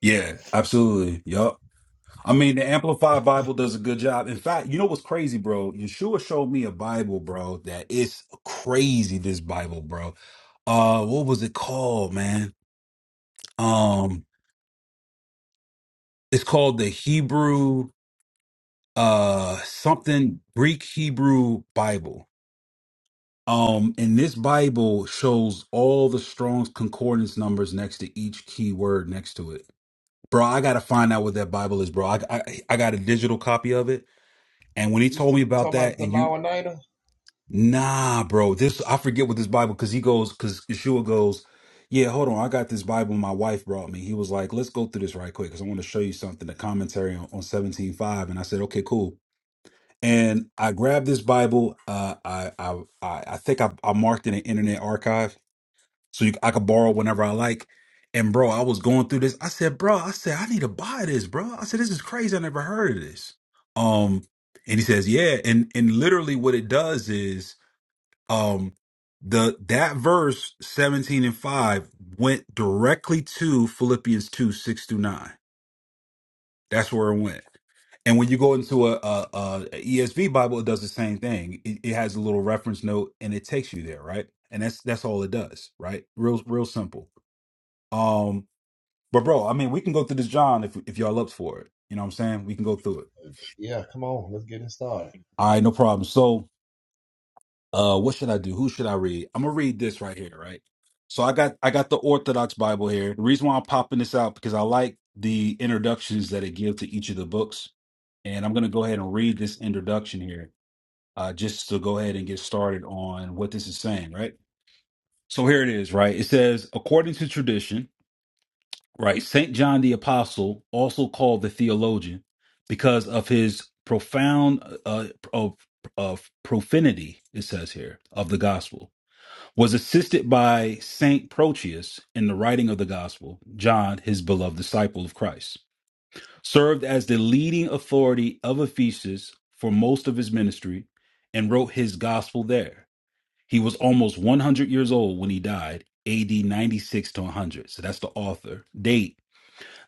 A: Yeah, absolutely. Yup. I mean, the Amplified Bible does a good job. In fact, you know what's crazy, bro? Yeshua showed me a Bible, bro. That is crazy. This Bible, bro. Uh, what was it called, man? Um, it's called the Hebrew. uh something Greek Hebrew Bible. Um, and this Bible shows all the Strong's concordance numbers next to each key word next to it. Bro, I gotta find out what that Bible is, bro. I, I I got a digital copy of it, and when he
C: You,
A: told
C: t-
A: me
C: you
A: about
C: talking about
A: that,
C: the
A: and
C: law
A: you, nah, bro, this I forget what this Bible because he goes because Yeshua goes, yeah, hold on, I got this Bible my wife brought me. He was like, let's go through this right quick because I want to show you something, the commentary on, on seventeen five, and I said, okay, cool. and I grabbed this Bible. Uh, I, I I I think I, I marked it in Internet Archive, so you, I could borrow whenever I like. And bro, I was going through this. I said, bro, I said I need to buy this, bro. I said this is crazy. I never heard of this. Um, and he says, yeah, and and literally what it does is, um, the that verse seventeen and five went directly to Philippians two six through nine that's where it went. And when you go into a, a, ESV Bible, it does the same thing. It, it has a little reference note and it takes you there, right? And that's that's all it does, right? Real real simple. Um, but bro, I mean, we can go through this John if if y'all up for it. You know what I'm saying? We can go through it.
C: Yeah, come on, let's get it started.
A: All right, no problem. So, uh, what should I do? Who should I read? I'm gonna read this right here, right? So I got I got the Orthodox Bible here. The reason why I'm popping this out because I like the introductions that it gives to each of the books, and I'm gonna go ahead and read this introduction here uh, just to go ahead and get started on what this is saying, right? So here it is, right? It says, according to tradition, right, St. John the Apostle, also called the theologian, because of his profound uh, of, of profanity, it says here, of the gospel, was assisted by St. Proteus in the writing of the gospel, John, his beloved disciple of Christ, served as the leading authority of Ephesus for most of his ministry and wrote his gospel there he was almost 100 years old when he died, AD 96 to 100. So that's the author. Date.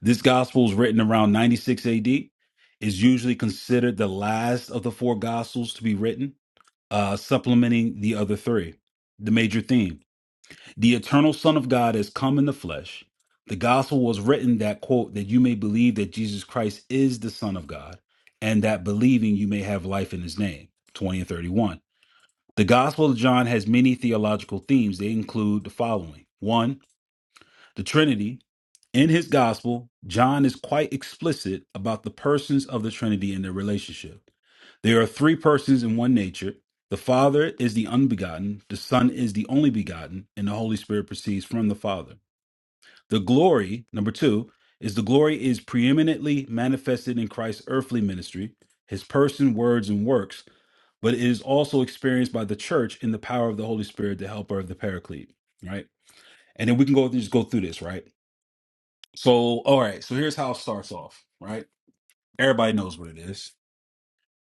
A: This gospel was written around 96 AD. Is usually considered the last of the four gospels to be written, uh, supplementing the other three. The major theme The eternal Son of God has come in the flesh. The gospel was written that, quote, that you may believe that Jesus Christ is the Son of God, and that believing you may have life in his name. 20 and 31. The Gospel of John has many theological themes. They include the following one, the Trinity. In his Gospel, John is quite explicit about the persons of the Trinity and their relationship. There are three persons in one nature. The Father is the unbegotten, the Son is the only begotten, and the Holy Spirit proceeds from the Father. The glory, number two, is the glory is preeminently manifested in Christ's earthly ministry, his person, words, and works, but it is also experienced by the church in the power of the Holy Spirit, the helper of the paraclete, right? And then we can go just go through this, right? So, all right, so here's how it starts off, right? Everybody knows what it is.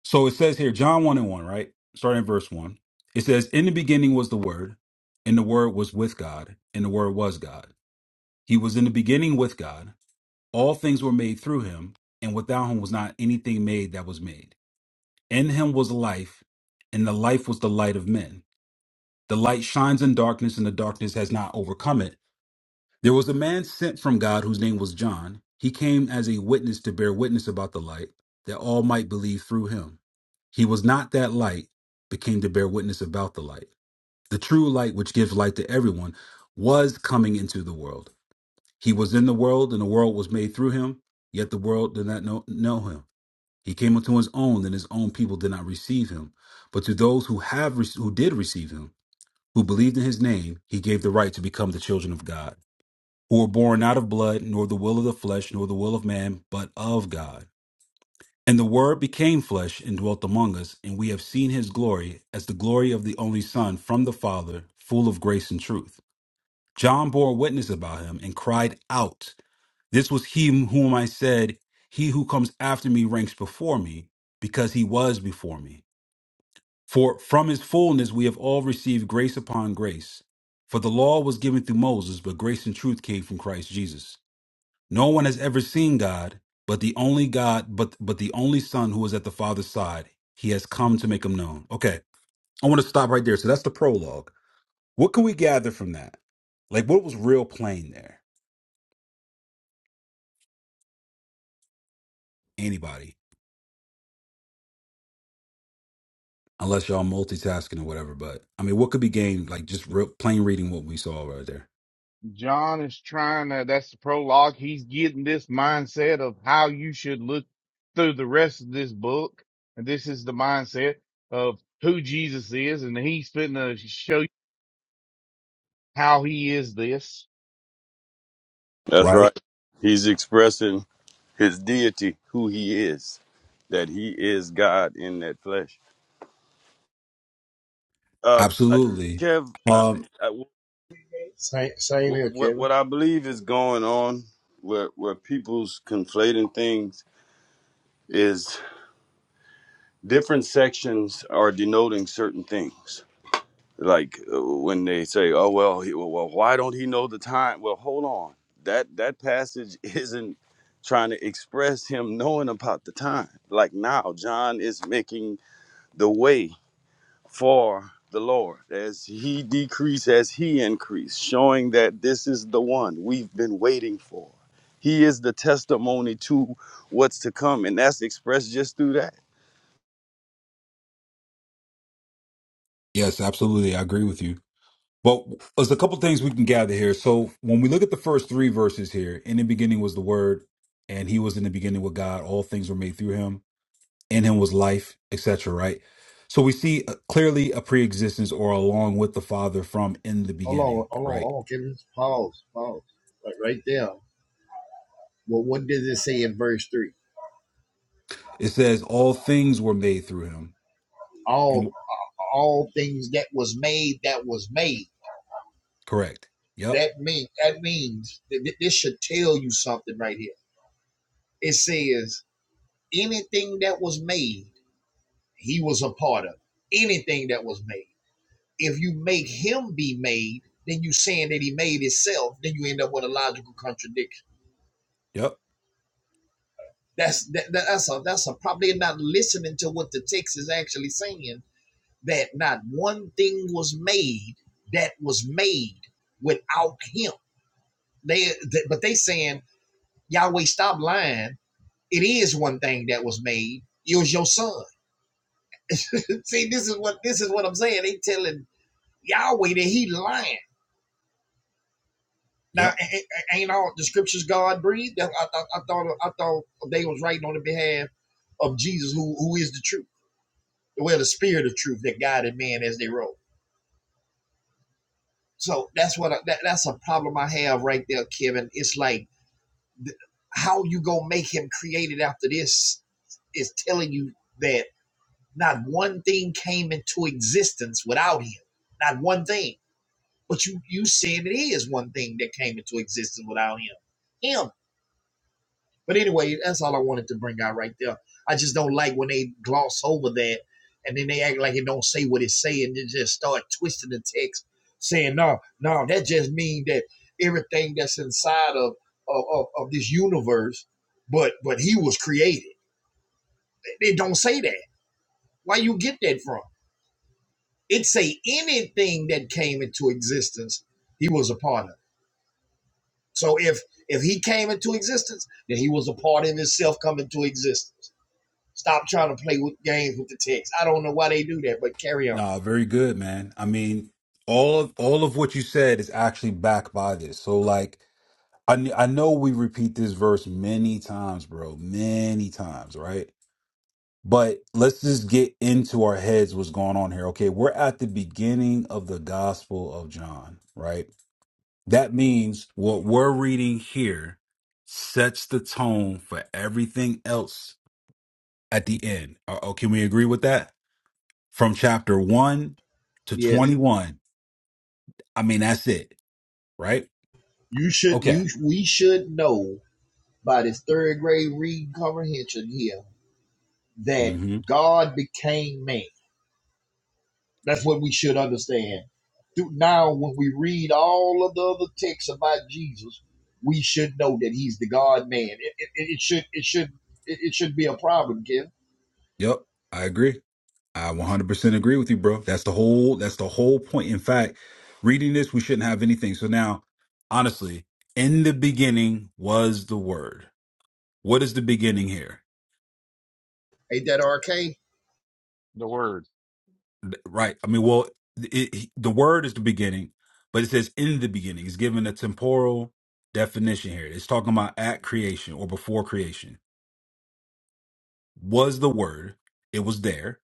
A: So it says here, John 1 and 1, right? Starting in verse 1. It says, In the beginning was the Word, and the Word was with God, and the Word was God. He was in the beginning with God All things were made through him, and without him was not anything made that was made. In him was life, and the life was the light of men. The light shines in darkness, and the darkness has not overcome it. There was a man sent from God whose name was John. He came as a witness to bear witness about the light, that all might believe through him. He was not that light, but came to bear witness about the light. The true light, which gives light to everyone, was coming into the world. He was in the world, and the world was made through him, yet the world did not know, know him. He came unto his own, and his own people did not receive him. But to those who have rec- who did receive him, who believed in his name, he gave the right to become the children of God, who were born not of blood, nor the will of the flesh, nor the will of man, but of God. And the Word became flesh and dwelt among us, and we have seen his glory as the glory of the only Son from the Father, full of grace and truth. John bore witness about him and cried out. This was him whom I said, He who comes after me ranks before me, because he was before me. For from his fullness we have all received grace upon grace. For the law was given through Moses, but grace and truth came from Christ Jesus. No one has ever seen God, but the only God, but but the only Son who is at the Father's side. He has come to make him known. Okay. I want to stop right there. So that's the prologue. What can we gather from that? Like what was real plain there? Anybody? unless y'all multitasking or whatever. But I mean, what could be gained like just real, plain reading what we saw right there?
D: John is trying to, that's the prologue. He's getting this mindset of how you should look through the rest of this book. And this is the mindset of who Jesus is. And he's fitting to show you how he is this,
E: That's
A: Right.
E: right. He's expressing his deity, who he is, that he is God in that flesh. Uh, I-
A: Absolutely.
E: Kev, I,
A: Um.
E: I,
C: Same, same here,
E: what
C: Kevin.
E: what I believe is going on, where where people's conflating things is different sections are denoting certain things. like uh, when they say, "Oh well, he, well, well, why don't he know the time?" Well, hold on. That that passage isn't trying to express him knowing about the time. Like now, John is making the way for the Lord as he decrease, as he increase, showing that this is the one we've been waiting for. He is the testimony to what's to come, and that's expressed just through that.
A: Yes, absolutely. I agree with you. But there's a couple things we can gather here. So when we look at the first three verses here, in the beginning was the Word, and He was in the beginning with God. All things were made through Him. In Him was life, etc. Right. So we see uh, clearly a pre-existence or along with the Father from in the
C: Hold on,
A: beginning.
C: hold on,
A: Right.
C: hold on, Kevin. Pause, pause. Right, right there. Well, what does it say in verse three?
A: It says all things were made through Him.
C: All.
A: And
C: all things that was made that was made.
A: correct. Yep.
C: That mean that means that this should tell you something right here. It says anything that was made, he was a part of. Anything that was made. If you make him be made, then you saying that he made himself. Then you end up with a logical contradiction.
A: Yep.
C: That's that, that- that's a that's a probably not listening to what the text is actually saying. That not one thing was made that was made without him. They, th- but they saying Yahweh, stop lying. It is one thing that was made. It was your son. See, this is what this is what I'm saying. They telling Yahweh that he lying. Now,
A: Yep.
C: ain't all the scriptures God breathed? That's- I, thought I thought I thought they was writing on the behalf of Jesus, who who is the truth, well, the spirit of truth that guided man as they wrote. So that's what I, that, that's a problem I have right there, Kevin. It's like how you gonna make him created after this is telling you that Not one thing came into existence without him. Not one thing. But you you saying it is one thing that came into existence without him. Him. But anyway, that's all I wanted to bring out right there. I just don't like when they gloss over that and then they act like it don't say what it say and they just start twisting the text, saying, no, no, that just means that everything that's inside of of, of, of this universe, but but he was created. They don't say that. Why you get that from? It'd say anything that came into existence, he was a part of. it. So if if he came into existence, then he was a part of himself coming to existence. Stop trying to play with games with the text. I don't know why they do that, but carry on.
A: Nah, very good, man. I mean, all of all of what you said is actually backed by this. So like I kn- I know we repeat this verse many times, bro. Many times, right? But let's just get into our heads what's going on here. Okay, we're at the beginning of the Gospel of John, right? That means what we're reading here sets the tone for everything else at the end. Uh, oh, can we agree with that? from chapter 1 to
C: Yes,
A: 21. I mean, that's it, right?
C: you should.
A: Okay.
C: You we should know by this third grade reading comprehension here that
A: hmm
C: God became man. That's what we should understand. Through now, when we read all of the other texts about Jesus, we should know that he's the God man. It, it, it should it should it, it should be a problem, Ken.
A: Yep. I agree. I 100% agree with you, bro. That's the whole that's the whole point. In fact, reading this, we shouldn't have anything. So now, honestly, in the beginning was the word. What is the beginning here?
C: Ain't that arcane?
D: the word.
A: Right. I mean, well, it, the word is the beginning, but it says in the beginning. It's given a temporal definition here. It's talking about at creation or before creation was the Word. It was there,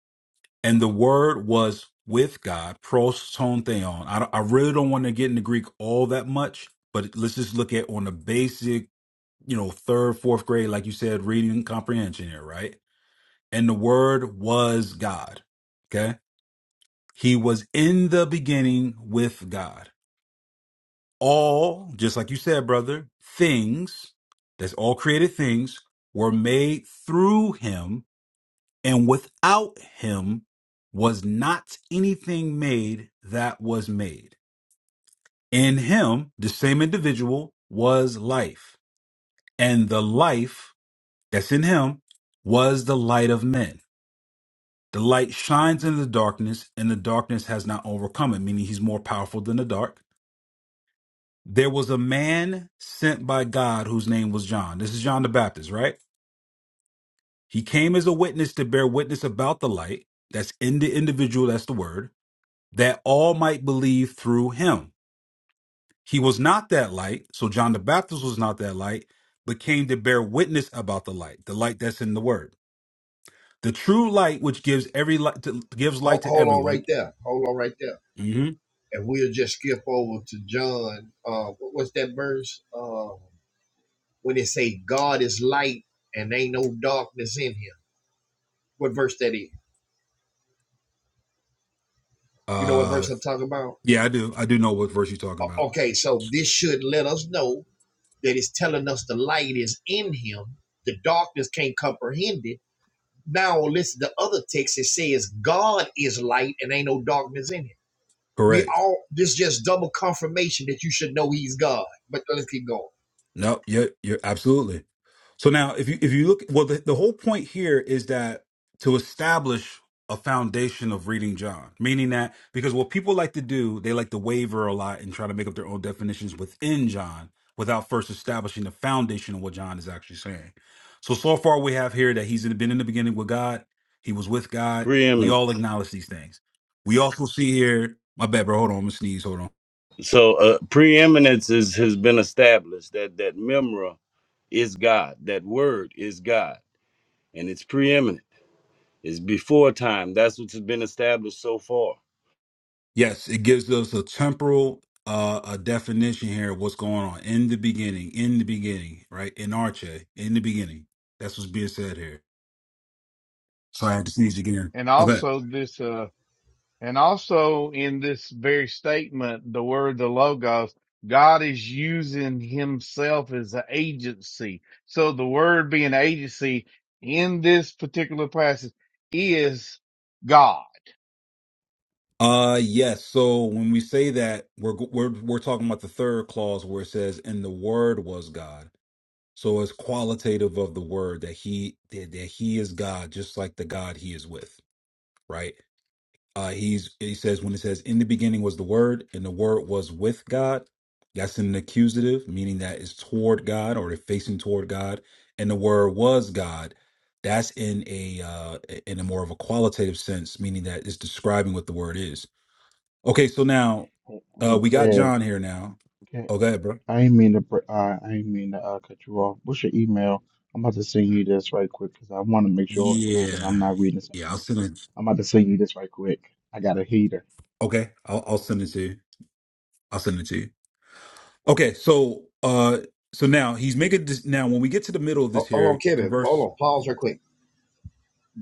A: and the Word was with God. Pros ton theon. I, don't- I really don't want to get into Greek all that much, but let's just look at on the basic, you know, third, fourth grade, like you said, reading comprehension here, right? And the Word was God. Okay, He was in the beginning with God. All, just like you said, brother, things that's all created things were made through Him And without him was not anything made that was made. In him, the same individual was life. And the life that's in him was the light of men. The light shines in the darkness, and the darkness has not overcome it, meaning he's more powerful than the dark. There was a man sent by God whose name was John. This is John the Baptist, right? He came as a witness to bear witness about the light. That's in the individual, that's the word that all might believe through him. He was not that light, so John the Baptist was not that light, but came to bear witness about the light, the light that's in the word. The true light which gives every light to, gives
C: Hold,
A: light to
C: hold on
A: everyone.
C: right there. Hold on right there.
A: hmm
C: And we'll just skip over to John. Uh, what- what's that verse? Uh, when it say God is light and ain't no darkness in him. What verse that is? You know what
A: Uh
C: verse I'm talking about?
A: yeah, I do. I do know what verse you're talking
C: O-
A: about.
C: Okay, so this should let us know that is telling us the light is in him, the darkness can't comprehend it. Now listen The other text that says God is light and ain't no darkness in him. We
A: Correct.
C: all this just double confirmation that you should know he's God. But let's keep going.
A: No, yeah, you're absolutely. So now, if you if you look, well, the, the whole point here is that to establish a foundation of reading John, meaning that because what people like to do, they like to waver a lot and try to make up their own definitions within John without first establishing the foundation of what John is actually saying. So so far, we have here that he's in- been in the beginning with God. He was with God. We
E: Preeminence.
A: all acknowledge these things. We also see here. My bad, bro. Hold on. I'm gonna sneeze. Hold on.
E: So uh, preeminence is, has been established. That that memra is God. That word is God. And it's preeminent. It's before time. That's what's been established so far.
A: Yes, it gives us a temporal uh, a definition here of what's going on in the beginning, in the beginning, right? In Arche, in the beginning. That's what's being said here. So I had to sneeze again.
D: And
A: Okay.
D: also this, uh, And also in this very statement, the word, the logos, God is using himself as an agency. So the word being agency in this particular passage is God.
A: Uh yes, so when we say that we're we're we're talking about the third clause where it says and the word was God. So it's qualitative of the word that he that, that he is God just like the God he is with, right? Uh, he's he says when it says in the beginning was the word and the word was with God, that's an accusative, meaning that it's toward God or it's facing toward God, and the word was God. That's in a uh, in a more of a qualitative sense, meaning that it's describing what the word is. Okay, so now
B: Hey,
A: uh,
B: hey,
A: we got
B: Kev,
A: John here now.
B: Kev,
A: Oh, go ahead, bro.
B: I ain't mean to, br- uh, I ain't mean to uh, cut you off. What's your email? I'm about to send you this right quick because I want to make sure that
A: Yeah,
B: I'm not reading
A: yeah. I'll
B: something.
A: send it.
B: I'm about to send you this right quick. I got a heater.
A: Okay, I'll, I'll send it to you. I'll send it to you. Okay, so uh so now he's making this now when we get to the middle of
C: Hold,
A: this
C: on,
A: here from
C: Kevin. Hold
A: verse
C: on. Pause real quick.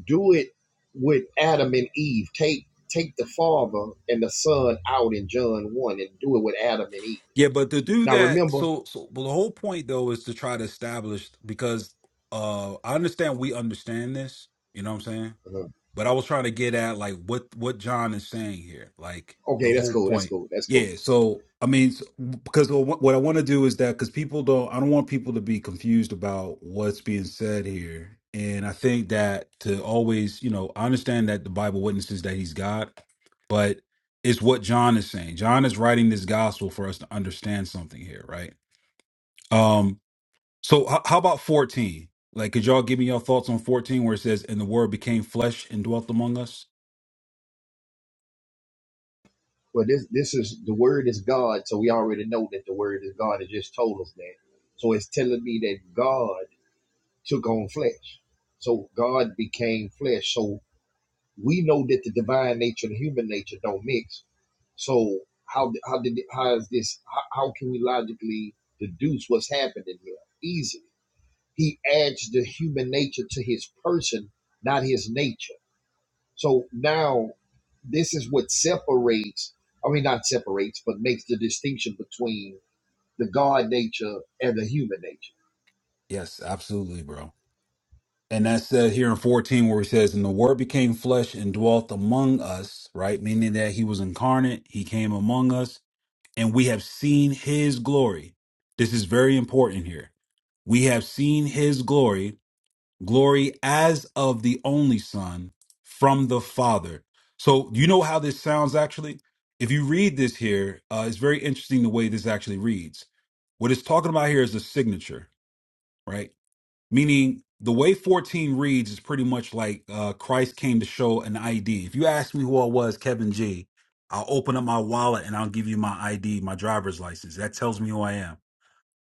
C: Do it with Adam and Eve. Take take the father and the son out in John one and do it with Adam and Eve.
A: Yeah, but to do
C: Now
A: that
C: remember.
A: so so well, the whole point though is to try to establish because uh I understand we understand this, you know what I'm saying?
C: uh,
A: But I was trying to get at like what what John is saying here, like the
C: Okay, that's
A: whole
C: cool. That's
A: point.
C: cool. That's cool.
A: Yeah. So I mean, s- because what what I want to do is that because people don't, I don't want people to be confused about what's being said here. And I think that to always, you know, I understand that the Bible witnesses that he's God, but it's what John is saying. John is writing this gospel for us to understand something here, right? Um. So h- how about fourteen? Like, could y'all give me your thoughts on fourteen, where it says, "And the Word became flesh and dwelt among us"?
C: Well, this this is the word is God, so we already know that the word is God. It just told us that. So it's telling me that God took on flesh. So God became flesh. So we know that the divine nature and human nature don't mix. So how how did how is this? How, how can we logically deduce what's happening here? Easily, He adds the human nature to his person, not his nature. So now this is what separates, I mean, not separates, but makes the distinction between the God nature and the human nature.
A: Yes, absolutely, bro. And that's said here in 14 where he says, And the word became flesh and dwelt among us, right? Meaning that he was incarnate, he came among us, and we have seen his glory. This is very important here. We have seen his glory, glory as of the only Son from the Father. So you know how this sounds actually? If you read this here, uh, it's very interesting the way this actually reads. What it's talking about here is the signature, right? meaning the way 14 reads is pretty much like uh, Christ came to show an ID. If you ask me who I was, Kevin G, I'll open up my wallet and I'll give you my ID, my driver's license. That tells me who I am.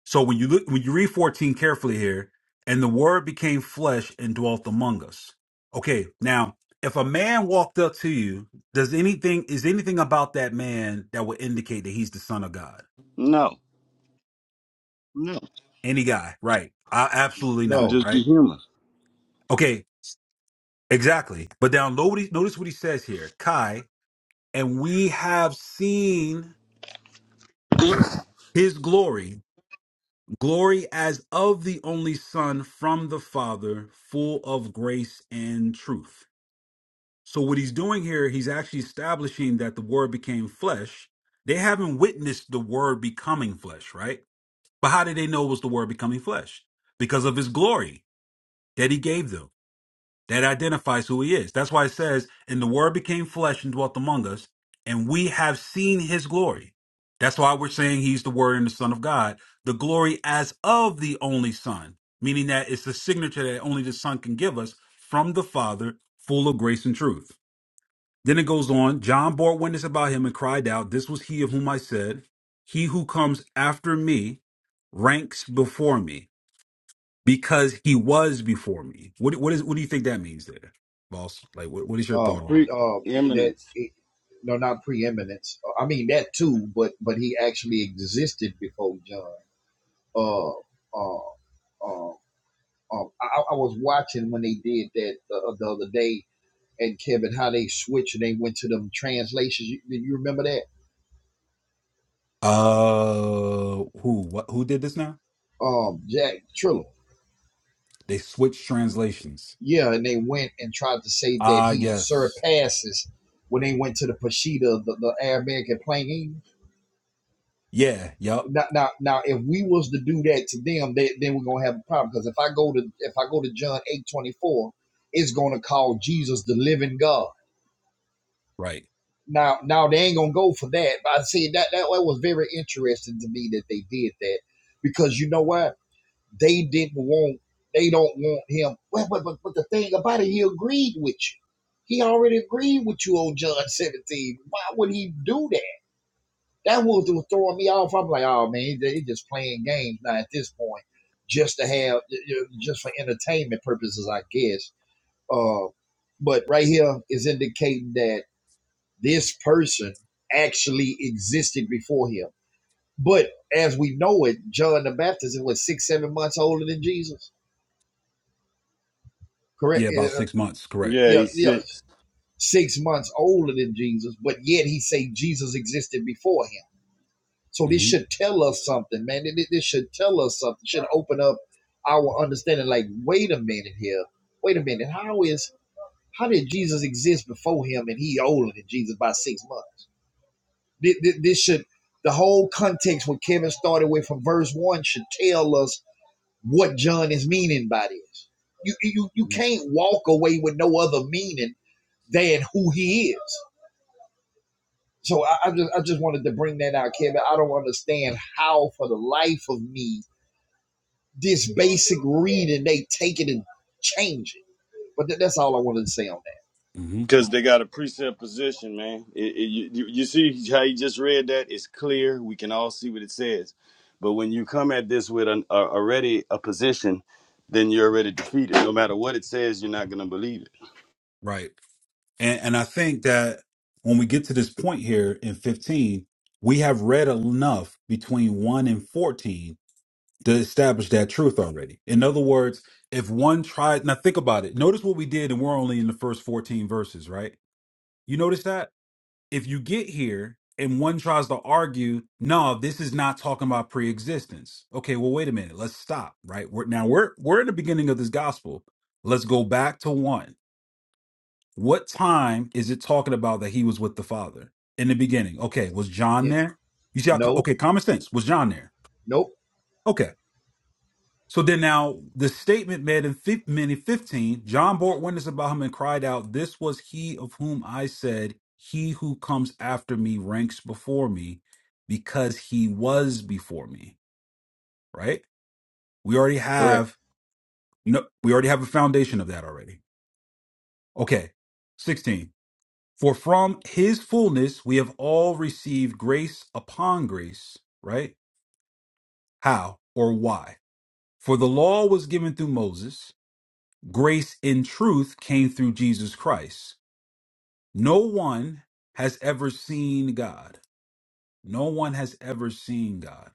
A: So when you look, when you read 14 carefully here, and the Word became flesh and dwelt among us. Okay, now if a man walked up to you, does anything is anything about that man that would indicate that he's the Son of God?
E: No, no.
A: Any guy, right? I, absolutely not,
C: No,
E: Just be
A: right?
E: human.
A: Okay. Exactly. But now notice, notice what he says here. Kai, and we have seen his glory, glory as of the only Son from the Father, full of grace and truth. So what he's doing here, he's actually establishing that the word became flesh. They haven't witnessed the word becoming flesh, right? But how did they know it was the word becoming flesh? Because of his glory that he gave them. That identifies who he is. That's why it says, and the word became flesh and dwelt among us, and we have seen his glory. That's why we're saying he's the word and the son of God, the glory as of the only son, meaning that it's the signature that only the son can give us from the father, full of grace and truth. Then it goes on, John bore witness about him and cried out, this was he of whom I said, he who comes after me ranks before me because he was before me. What what is what do you think that means there, boss? Like what, what is your thought
C: um,
A: on
C: um, that
E: Preeminence.
C: it, no, not preeminence. Uh, I mean that too, but but he actually existed before John. Uh, uh, uh, um, I, I was watching when they did that the, uh, the other day, and Kevin, how they switched and they went to them translations. You, you remember that?
A: that? Uh who what who did this now?
C: Um, Jack Triller.
A: They switched translations.
C: Yeah, and they went and tried to say that
A: Ah
C: he
A: yes.
C: surpasses when they went to the Peshitta, the, the Arabic and plain
A: Yeah, yep.
C: Now, now, now, if we was to do that to them, then then we're gonna have a problem. Because if I go to if I go to John eight twenty four, it's gonna call Jesus the living God.
A: Right.
C: Now, now they ain't gonna go for that. But I see that that that was very interesting to me that they did that because you know why? They didn't want, they don't want him. Well, but, but, but the thing about it, he agreed with you. He already agreed with you on John 17. Why would he do that? That was throwing me off. I'm like, oh man, they they just playing games now at this point, just to have, just for entertainment purposes, I guess. Uh, but right here is indicating that this person actually existed before him. But as we know it, John the Baptist was six, seven months older than Jesus. correct?
A: Yeah, about
C: Uh,
A: 6 months, correct.
E: Yeah,
C: yeah,
E: he's
C: yeah,
E: six.
C: six months older than Jesus, but yet he say Jesus existed before him. So this
A: Mhm.
C: should tell us something, man. Th- This should tell us something. Should open up our understanding. Like, wait a minute here. Wait a minute. How is how did Jesus exist before him and he older than Jesus by six months? Th- th- This should the whole context when Kevin started with from verse one should tell us what John is meaning by this. You you you can't walk away with no other meaning than who he is. So I, I just I just wanted to bring that out, Kevin. I don't understand how, for the life of me, this basic reading they take it and change it. But th- that's all I wanted to say on that.
A: Mhm.
E: Because they got a precept position, man. It, it, you, you see how you just read that? It's clear. We can all see what it says. But when you come at this with an, a, already a position, then you're already defeated. No matter what it says, you're not going to believe it.
A: Right. And and I think that when we get to this point here in 15, we have read enough between 1 and 14 to establish that truth already. In other words, if one tried, now think about it. Notice what we did, and we're only in the first 14 verses, right? You notice that? If you get here and one tries to argue, no, this is not talking about pre existence. Okay, well, wait a minute. Let's stop, right? We're, now we're, we're in the beginning of this gospel. Let's go back to one. What time is it talking about that he was with the Father in the beginning? Okay, was John
C: Yeah.
A: there? You see how, co-
C: No,
A: okay, common sense. Was John there?
C: nope,
A: Okay. So then now the statement made in fif- Minute 15, John bore witness about him and cried out, This was he of whom I said, He who comes after me ranks before me, because he was before me. Right? We already
C: correct.
A: have no we already have a foundation of that already. Okay. 16. For from his fullness we have all received grace upon grace, right? How or why? For the law was given through Moses Grace and truth came through Jesus Christ. No one has ever seen God. No one has ever seen God.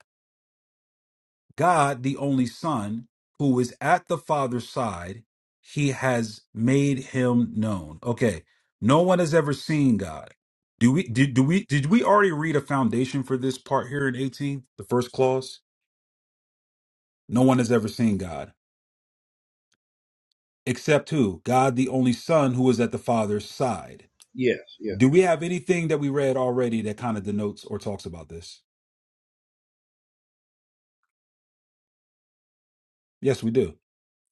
A: God, the only Son, who is at the Father's side, he has made him known. Okay. No one has ever seen God. Do we did do we did we already read a foundation for this part here in 18, the first clause? No one has ever seen God. Except who? God the only Son who is at the Father's side.
C: Yes, yeah.
A: Do we have anything that we read already that kind of denotes or talks about this? Yes, we do.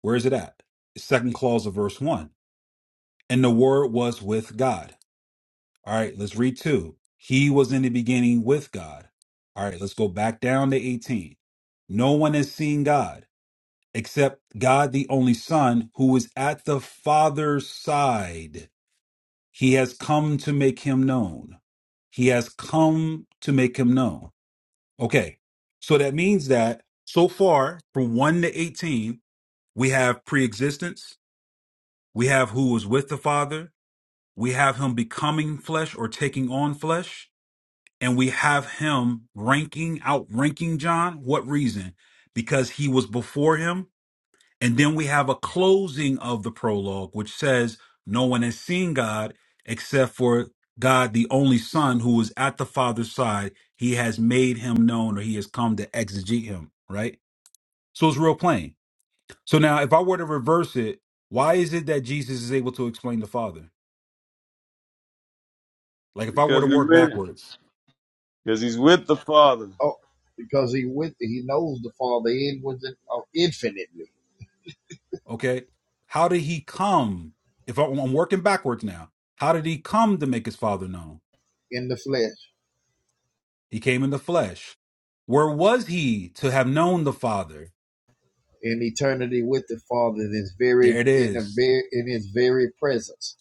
A: Where is it at? Second clause of verse one. And the word was with God. All right, let's read two. He was in the beginning with God. All right, let's go back down to 18. No one has seen God except God, the only Son, who is at the Father's side. He has come to make him known. He has come to make him known. Okay. So that means that so far from 1 to 18, we have pre-existence, we have who was with the Father, we have him becoming flesh or taking on flesh, and we have him ranking, outranking John. What reason? Because he was before him and then we have a closing of the prologue, which says, No one has seen God except for God, the only Son, who is at the Father's side. He has made him known or he has come to exegete him, right? So it's real plain. So now, if I were to reverse it, why is it that Jesus is able to explain the Father? Like if I were
E: Because
A: to
E: he
A: work
E: read it.
A: backwards,
E: Because he's with the Father.
C: Oh, because he with he knows the Father in with the, oh, infinitely
A: okay, how did he come? If I, I'm working backwards now, how did he come to make his Father known?
C: in the flesh
A: He came in the flesh. Where was he to have known the Father?
C: in eternity with the Father in his
A: There
C: very
A: it
C: in the
A: is.
C: very in his very presence.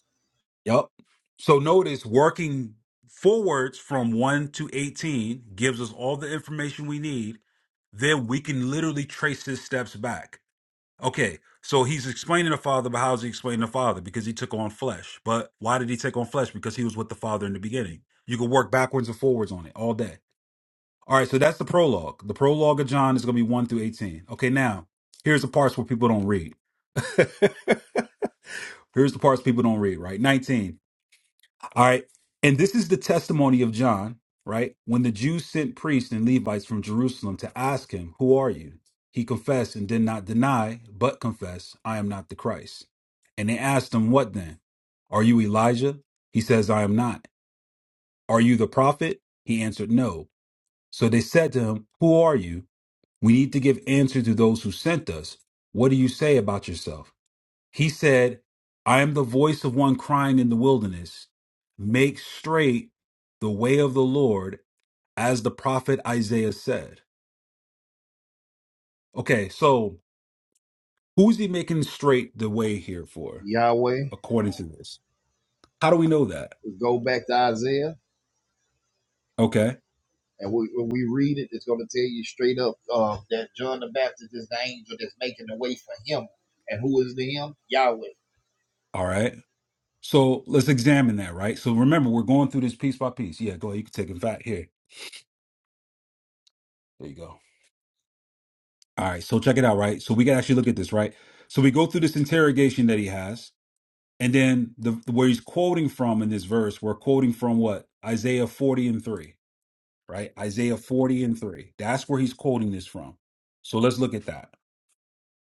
A: Yup. So notice working forwards from 1 to 18 gives us all the information we need. Then we can literally trace his steps back. Okay, so he's explaining the Father, but how's he explaining the Father? Because he took on flesh. But why did he take on flesh? Because he was with the Father in the beginning. You can work backwards and forwards on it all day. All right, so that's the prologue. The prologue of John is going to be 1 through 18. Okay, now, here's the parts where people don't read. here's the parts people don't read, right? 19. All right, and this is the testimony of John, right? When the Jews sent priests and Levites from Jerusalem to ask him, Who are you? He confessed and did not deny, but confessed, I am not the Christ. And they asked him, What then? Are you Elijah? He says, I am not. Are you the prophet? He answered, No. So they said to him, Who are you? We need to give answer to those who sent us. What do you say about yourself? He said, I am the voice of one crying in the wilderness, make straight the way of the Lord, as the prophet Isaiah said. Okay, so who's he making straight the way here for,
C: Yahweh.
A: according to this? How do we know that?
C: go back to Isaiah.
A: Okay,
C: And we, when we read it, it's going to tell you straight up uh, that John the Baptist is the angel that's making the way for him. And who is the him? Yahweh.
A: all right. So let's examine that, right? So remember, we're going through this piece by piece. Yeah, go ahead. You can take it back here. There you go. All right, so check it out, right? So we can actually look at this, right? So we go through this interrogation that he has, and then the where he's quoting from in this verse, we're quoting from what? Isaiah 40 and 3, right? Isaiah 40 and 3. That's where he's quoting this from. So let's look at that.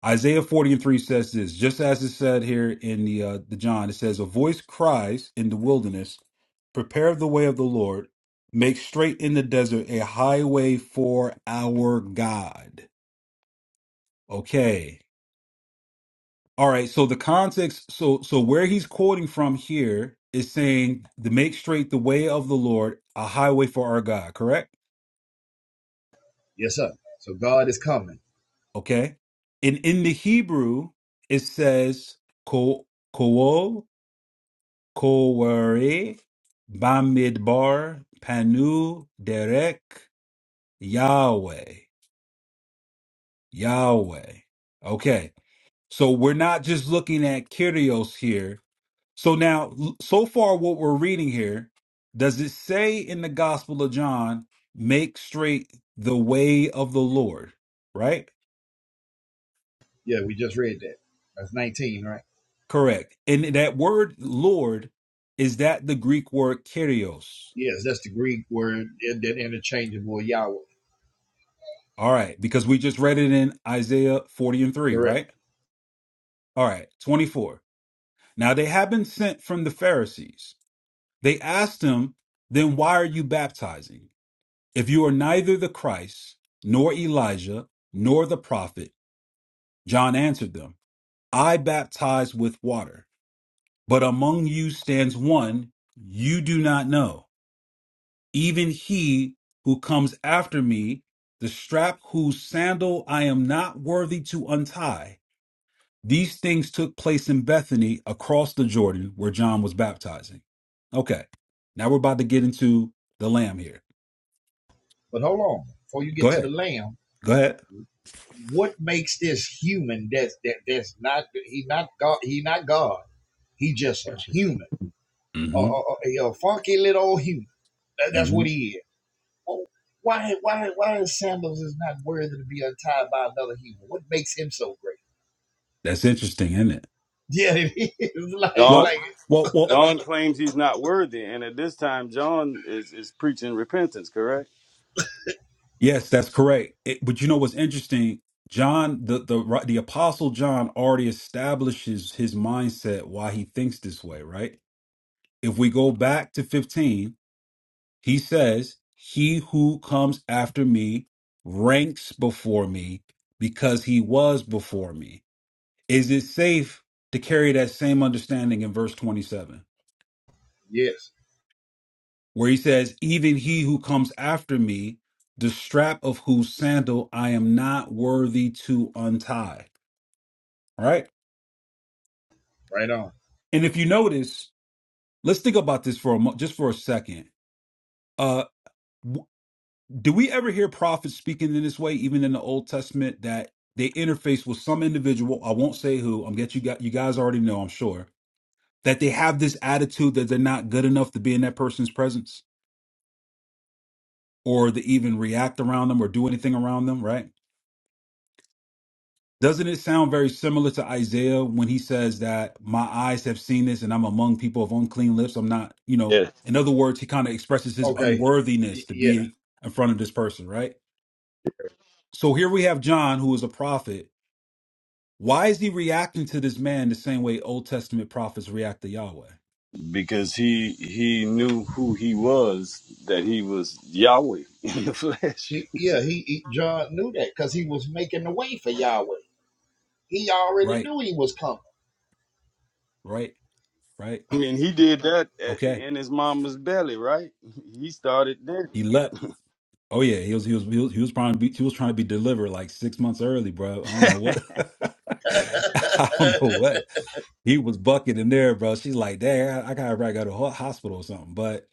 A: Isaiah 40 and 3 says this, just as it said here in the uh the John, it says, A voice cries in the wilderness, prepare the way of the Lord, make straight in the desert a highway for our God. Okay. All right, so the context, so so where he's quoting from here is saying to make straight the way of the Lord, a highway for our God, correct?
C: Yes, sir. So God is coming.
A: Okay. And in the Hebrew, it says ko kool koware bamidbar panu derek Yahweh Yahweh. Okay, so we're not just looking at Kyrios here So now, l- so far, what we're reading here, does it say in the Gospel of John, make straight the way of the Lord? Right?
C: Yeah, we just read that. That's 19, right?
A: Correct. And that word Lord, is that the Greek word kyrios?
C: Yes, that's the Greek word, that interchangeable Yahweh.
A: All right, because we just read it in Isaiah 40 and 3,
C: Correct.
A: right? All right, 24. Now they have been sent from the Pharisees. They asked him, then why are you baptizing? If you are neither the Christ, nor Elijah, nor the prophet, John answered them, I baptize with water, but among you stands one you do not know, even he who comes after me, the strap whose sandal I am not worthy to untie. These things took place in Bethany across the Jordan where John was baptizing. Okay, now we're about to get into the lamb here.
C: But hold on. Before you
A: Go
C: get to the
A: ahead.
C: lamb,
A: Go ahead.
C: what makes this human that's, that, that's not, he not God, he not God. He just a human, a,
A: Mm-hmm.
C: a, a a funky little old human. That-
A: hmm
C: that's what
A: hmm
C: he is. Why, why, why is sandals is not worthy to be untied by another human? What makes him so great?
A: That's interesting, isn't it?
C: Yeah, it is like,
E: John
A: Well,
C: like
A: well, well.
E: John claims he's not worthy, and at this time, John is, is preaching repentance, correct?
A: Yes, that's correct. It, but you know what's interesting? John, the the the apostle John already establishes his mindset why he thinks this way, right? If we go back to 15, he says, "He who comes after me ranks before me because he was before me." Is it safe to carry that same understanding in verse 27?
C: yes,
A: where he says, Even he who comes after me, the strap of whose sandal I am not worthy to untie. All right.
C: right on.
A: And if you notice, let's think about this for a mo- just for a second. Uh, w- do we ever hear prophets speaking in this way, even in the Old Testament, that they interface with some individual? I won't say who. I'm get you got you guys already know. I'm sure that they have this attitude that they're not good enough to be in that person's presence or to even react around them or do anything around them. Right Doesn't it sound very similar to Isaiah when he says that my eyes have seen this and I'm among people of unclean lips? I'm not, you know,
E: Yes.
A: in other words, he kind of expresses his
C: Okay, Y-
A: unworthiness to
C: yeah,
A: be in front of this person, right? So here we have John, who is a prophet. Why is he reacting to this man the same way Old Testament prophets react to Yahweh?
E: Because he he knew who he was, that he was Yahweh in the flesh.
C: he, yeah, he, he John knew that because he was making the way for Yahweh. He already
A: Right,
C: knew he was coming.
A: right, right.
E: I mean, he did that uh,
A: Okay.
E: in his mama's belly, right? He started there.
A: He leapt. Oh yeah, he was he was he was, he was trying to be he was trying to be delivered like six months early, bro. I don't know what I don't know what. He was bucking in there, bro. She's like, "Dad, I gotta probably go to ho- hospital or something." But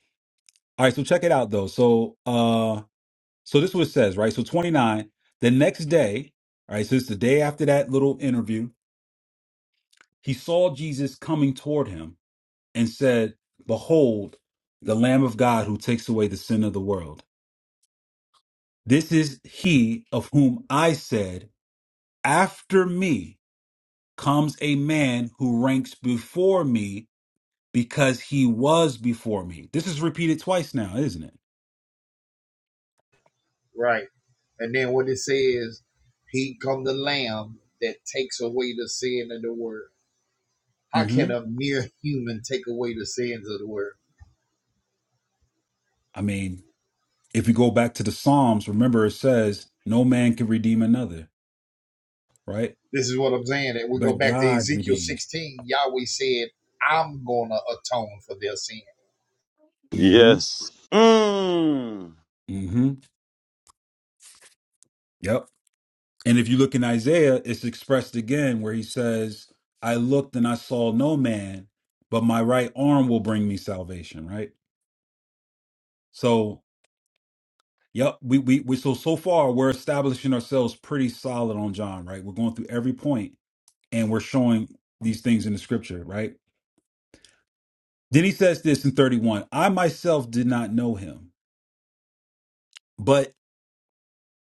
A: all right, so check it out though. So, uh, so this is what it says, right? So twenty nine. The next day, all right. So it's the day after that little interview. He saw Jesus coming toward him and said, "Behold, the Lamb of God who takes away the sin of the world. This is he of whom I said, After me comes a man who ranks before me." because he was before me. This is repeated twice now, isn't it?
C: Right. And then what it says, he come the lamb that takes away the sin of the world. How
A: hmm
C: can a mere human take away the sins of the world?
A: I mean, if you go back to the Psalms, remember it says, no man can redeem another, right?
C: This is what I'm saying. And we go
A: But
C: back to
A: God
C: Ezekiel
A: redeems.
C: 16. Yahweh said, I'm going to atone for their sin.
A: hmm
E: yes. Mm.
A: hmm Yep. And if you look in Isaiah, it's expressed again where he says, I looked and I saw no man, but my right arm will bring me salvation, right? So Yep, we, we we so so far we're establishing ourselves pretty solid on John, right? We're going through every point and we're showing these things in the scripture, right? Then he says this in 31. I myself did not know him. But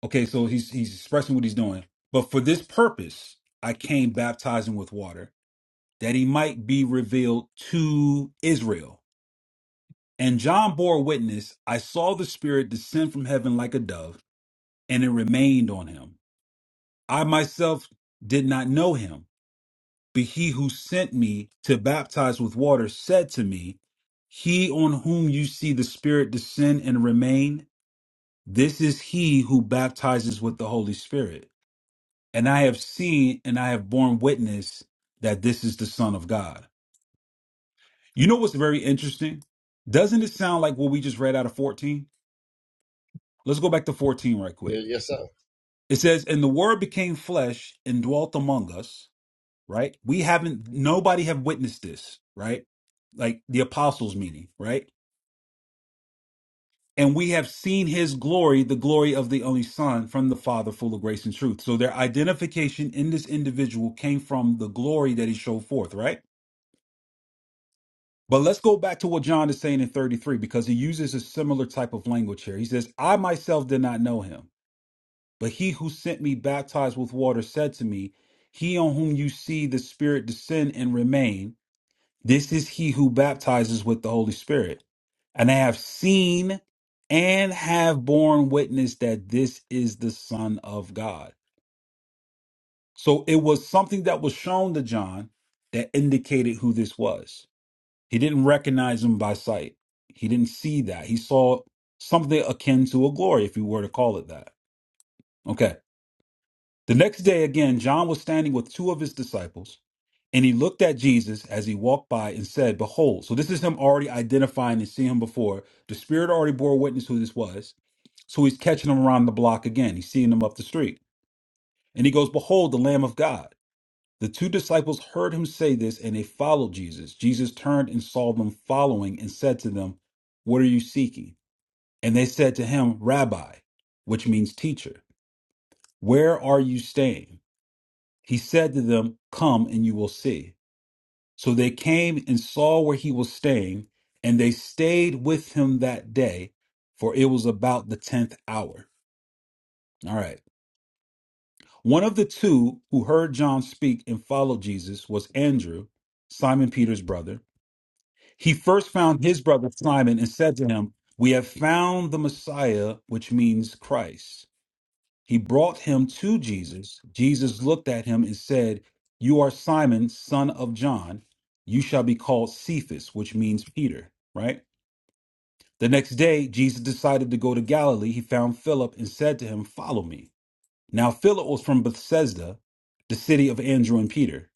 A: okay, so he's he's expressing what he's doing. But for this purpose I came baptizing with water, that he might be revealed to Israel. And John bore witness, I saw the spirit descend from heaven like a dove, and it remained on him. I myself did not know him But he who sent me to baptize with water said to me, He on whom you see the Spirit descend and remain, this is he who baptizes with the Holy Spirit. And I have seen and I have borne witness that this is the Son of God. You know what's very interesting? Doesn't it sound like what we just read out of 14? Let's go back to 14 right quick.
C: Yes, yes, sir.
A: It says, And the Word became flesh and dwelt among us. right? We haven't, nobody have witnessed this, right? Like the apostles meaning, right? And we have seen his glory, the glory of the only son from the father full of grace and truth. So their identification in this individual came from the glory that he showed forth, right? But let's go back to what John is saying in 33 because he uses a similar type of language here. He says, I myself did not know him, but he who sent me baptized with water said to me, He on whom you see the Spirit descend and remain, This is he who baptizes with the Holy Spirit. And I have seen and have borne witness that this is the Son of God. So it was something that was shown to John that indicated who this was. He didn't recognize him by sight, he didn't see that. He saw something akin to a glory, if you were to call it that. Okay. The next day, again, John was standing with two of his disciples. And he looked at Jesus as he walked by and said, Behold. So this is him already identifying and seeing him before. The spirit already bore witness who this was. So he's catching him around the block again. He's seeing him up the street. And he goes, Behold, the Lamb of God. The two disciples heard him say this and they followed Jesus. Jesus turned and saw them following and said to them, What are you seeking? And they said to him, Rabbi, which means teacher, where are you staying? He said to them, Come and you will see. So they came and saw where he was staying, and they stayed with him that day, for it was about the tenth hour. All right. One of the two who heard John speak and followed Jesus was Andrew, Simon Peter's brother. He first found his brother Simon and said to him, We have found the Messiah, which means Christ. He brought him to Jesus. Jesus looked at him and said, You are Simon, son of John. You shall be called Cephas, which means Peter, right? The next day, Jesus decided to go to Galilee. He found Philip and said to him, Follow me. Now, Philip was from Bethsaida, the city of Andrew and Peter.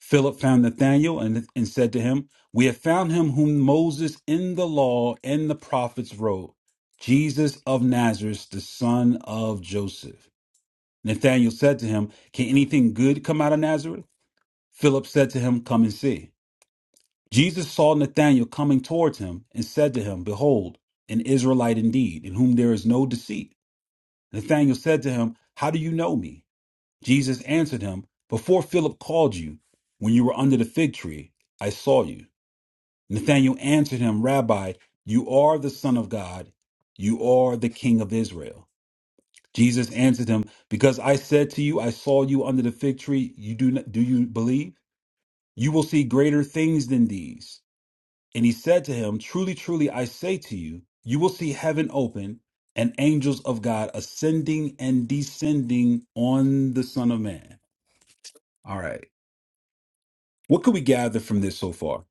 A: Philip found Nathanael and, and said to him, We have found him whom Moses in the law and the prophets wrote, Jesus of Nazareth, the son of Joseph. Nathanael said to him, Can anything good come out of Nazareth? Philip said to him, Come and see. Jesus saw Nathanael coming towards him and said to him, Behold, an Israelite indeed, in whom there is no deceit. Nathanael said to him, How do you know me? Jesus answered him, Before Philip called you, when you were under the fig tree, I saw you. Nathanael answered him, Rabbi, you are the Son of God, you are the King of Israel. Jesus answered him, "Because I said to you, I saw you under the fig tree, you do not, do you believe? You will see greater things than these." And he said to him, "Truly, truly, I say to you, you will see heaven open and angels of God ascending and descending on the Son of Man." All right. What could we gather from this so far?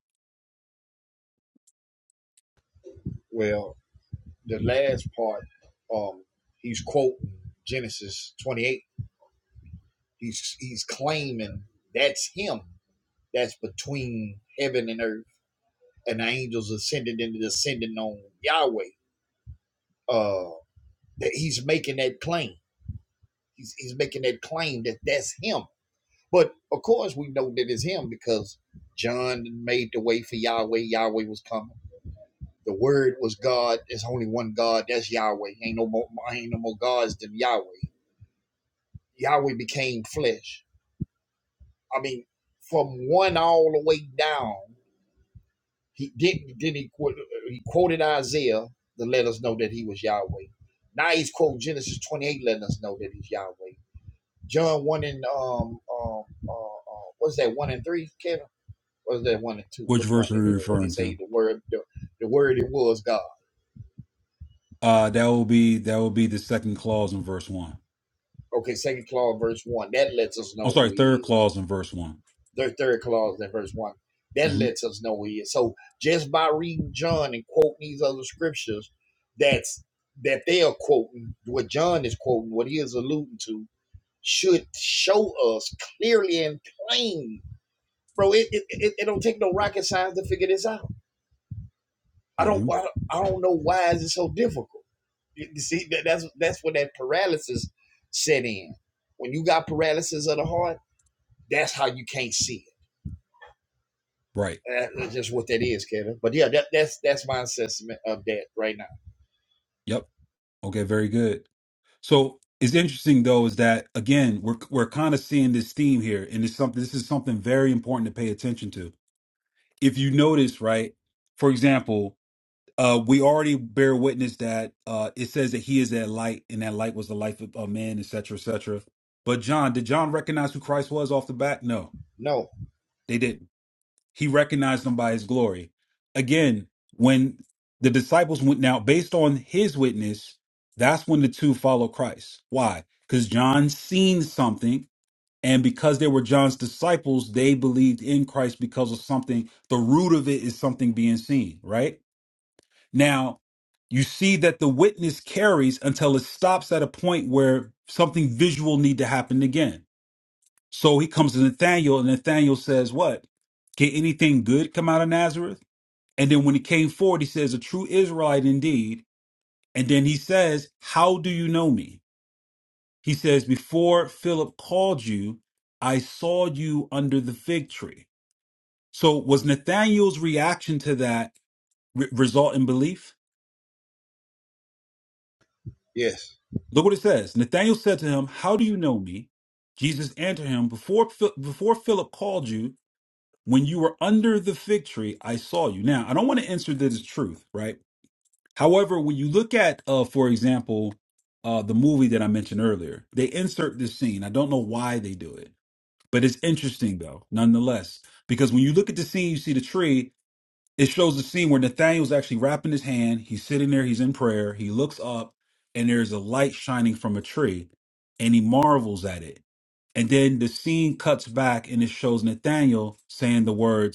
C: Well, the last part, um, he's quoting Genesis 28. He's he's claiming that's him. That's between heaven and earth, and the angels ascending and descending on Yahweh. Uh, that he's making that claim. He's he's making that claim that that's him. But of course, we know that it's him because John made the way for Yahweh. Yahweh was coming. The Word was God. There's only one God. That's Yahweh. Ain't no more. Ain't no more gods than Yahweh. Yahweh became flesh. I mean, from one all the way down. He didn't. Then he he quoted Isaiah to let us know that he was Yahweh. Now he's quoting Genesis 28, letting us know that he's Yahweh. John one and um um uh, uh what's that one and three, Kevin? was that one and two?
A: Which
C: Which one
A: verse
C: is
A: are we
C: it? When they
A: referring to?
C: say the word, the, the word it was God.
A: Uh that will be that will be the second clause in verse 1.
C: Okay, second clause, verse one. That lets us
A: I'm
C: know
A: sorry,
C: who
A: third
C: He is.
A: clause in verse one
C: Their third clause in verse one. That
A: Mm-hmm. verse
C: lets us know who He is. So just by reading John and quoting these other scriptures, that's that they are quoting what John is quoting, what he is alluding to, should show us clearly and plain. Bro, it, it, it, it don't take no rocket science to figure this out. I
A: one hmm mm
C: don't
A: hmm
C: I don't I don't know why is it so difficult. You see, that's that's where that paralysis set in. When you got paralysis of the heart, that's how you can't see
A: Right.
C: it. That's just what that is, Kevin. But yeah, that, that's that's my assessment of that right now.
A: Yep. Okay, very good. So it's interesting though is that again we're we're kind of seeing this theme here, and it's something. This is something very important to pay attention to. If you notice, right? For example, uh, we already bear witness that uh, it says that he is that light, and that light was the life of a man, etc., etc. But John, did John recognize who Christ was off the bat? No,
C: No,
A: they didn't he recognized him by his glory. Again, when the disciples went now, based on his witness, that's when the two followed Christ. Why? Because John seen something, and because they were John's disciples, they believed in Christ because of something. The root of it is something being seen, right? Now, you see that the witness carries until it stops at a point where something visual need to happen again so he comes to Nathaniel, and Nathaniel says, What? Can anything good come out of Nazareth? And then when he came forward, he says, A true Israelite indeed. And then he says, How do you know me? He says, Before Philip called you, I saw you under the fig tree. So was Nathaniel's reaction to that re- result in belief?
C: yes.
A: Look what it says. Nathaniel said to him, How do you know me? Jesus answered him, Before, Phil- before Philip called you, When you were under the fig tree, I saw you. Now, I don't want to answer this as truth, right? However, when you look at, uh, for example, uh, the movie that I mentioned earlier, they insert this scene. I don't know why they do it, but it's interesting though, nonetheless, because when you look at the scene, you see the tree. It shows the scene where Nathaniel's actually wrapping his hand. He's sitting there. He's in prayer. He looks up, and there's a light shining from a tree, and he marvels at it. And then the scene cuts back and it shows Nathaniel saying the words,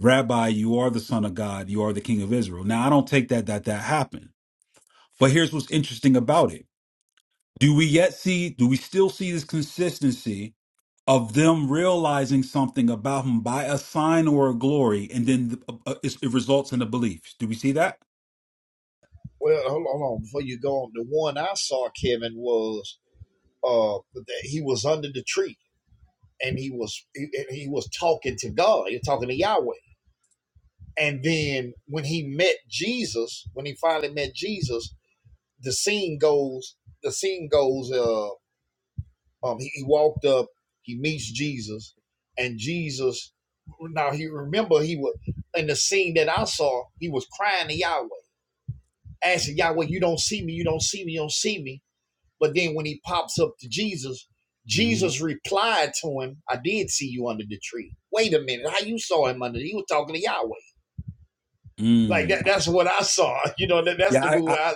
A: Rabbi, you are the Son of God, you are the King of Israel. Now, I don't take that that that happened, but here's what's interesting about it. Do we yet see, do we still see this consistency of them realizing something about him by a sign or a glory, and then the, uh, uh, it's- it results in the beliefs? Do we see that?
C: Well, hold on, hold on. Before you go on, the one I saw, Kevin, was uh that he was under the tree and he was he, he was talking to God. He was talking to Yahweh. And then when he met Jesus, when he finally met Jesus, the scene goes. The scene goes. Uh, Um, he, he walked up, he meets Jesus, and Jesus. Now he remember he was in the scene that I saw. He was crying to Yahweh, asking Yahweh, "You don't see me, you don't see me, you don't see me." But then when he pops up to Jesus,
A: hmm
C: Jesus replied to him, "I did see you under the tree. Wait a minute, how you saw him under? He was talking to Yahweh. Like
A: Mm.
C: that.
A: I-
C: That's what I saw. You know that. That's
A: Yeah,
C: the
A: I,
C: move.
A: I,
C: I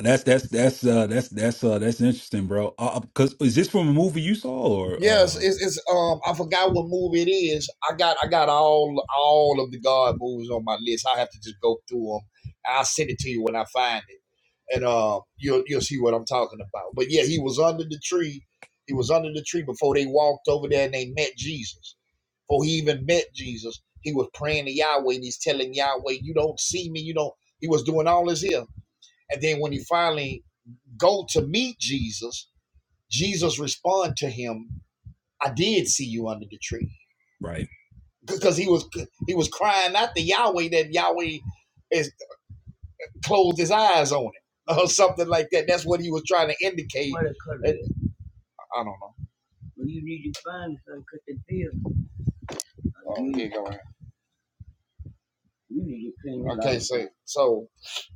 A: that's that's that's uh, that's that's uh, that's interesting, bro. Uh, because is this from a movie you saw or
C: Yes,
A: uh,
C: it's, it's um I forgot what movie it is. I got I got all all of the God movies on my list. I have to just go through them. I'll send it to you when I find it, and um you'll you'll see what I'm talking about. But yeah, he was under the tree. He was under the tree before they walked over there and they met Jesus. Before he even met Jesus, he was praying to Yahweh and he's telling Yahweh, "You don't see me. You don't." He was doing all this here, and then when he finally go to meet Jesus, Jesus respond to him I did see you under the tree
A: right?
C: because he was he was crying out to Yahweh that Yahweh is closed his eyes on it or something like that. That's what he was trying to indicate. Uh, I don't know. Well, you need to find some cut the bill. Oh, You, here you need to clean your Okay, so so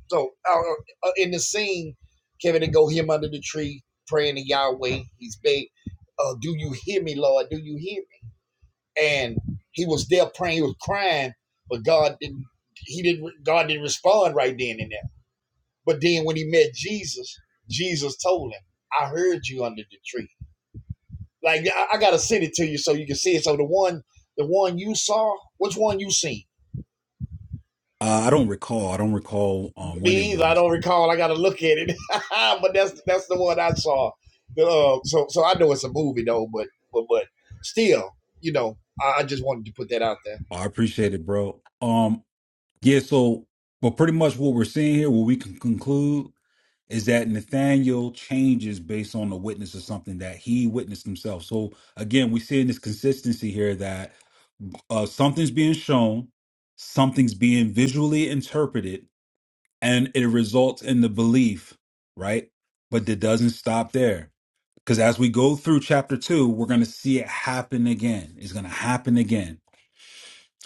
C: so uh, uh, uh, in the scene, Kevin and go him under the tree praying to Yahweh. He's big. Uh, do you hear me, Lord? Do you hear? and he was there praying, he was crying, but God didn't he didn't God didn't respond right then and there. But then when he met Jesus, Jesus told him, I heard you under the tree. Like I, I gotta send it to you so you can see it. So the one the one you saw, which one you seen?
A: Uh, I don't recall. I don't recall uh, when it
C: Me either. I
A: was.
C: don't recall. I gotta look at it. but that's that's the one I saw. The, uh, so so I know it's a movie though, but but but still, you know, I, I just wanted to put that out there.
A: I appreciate it, bro. Um, yeah, so but pretty much what we're seeing here, what we can conclude is that Nathaniel changes based on the witness of something that he witnessed himself. So again, we're seeing this consistency here that uh, something's being shown, something's being visually interpreted, and it results in the belief, right? But it doesn't stop there. Because as we go through chapter two, we're going to see it happen again. It's going to happen again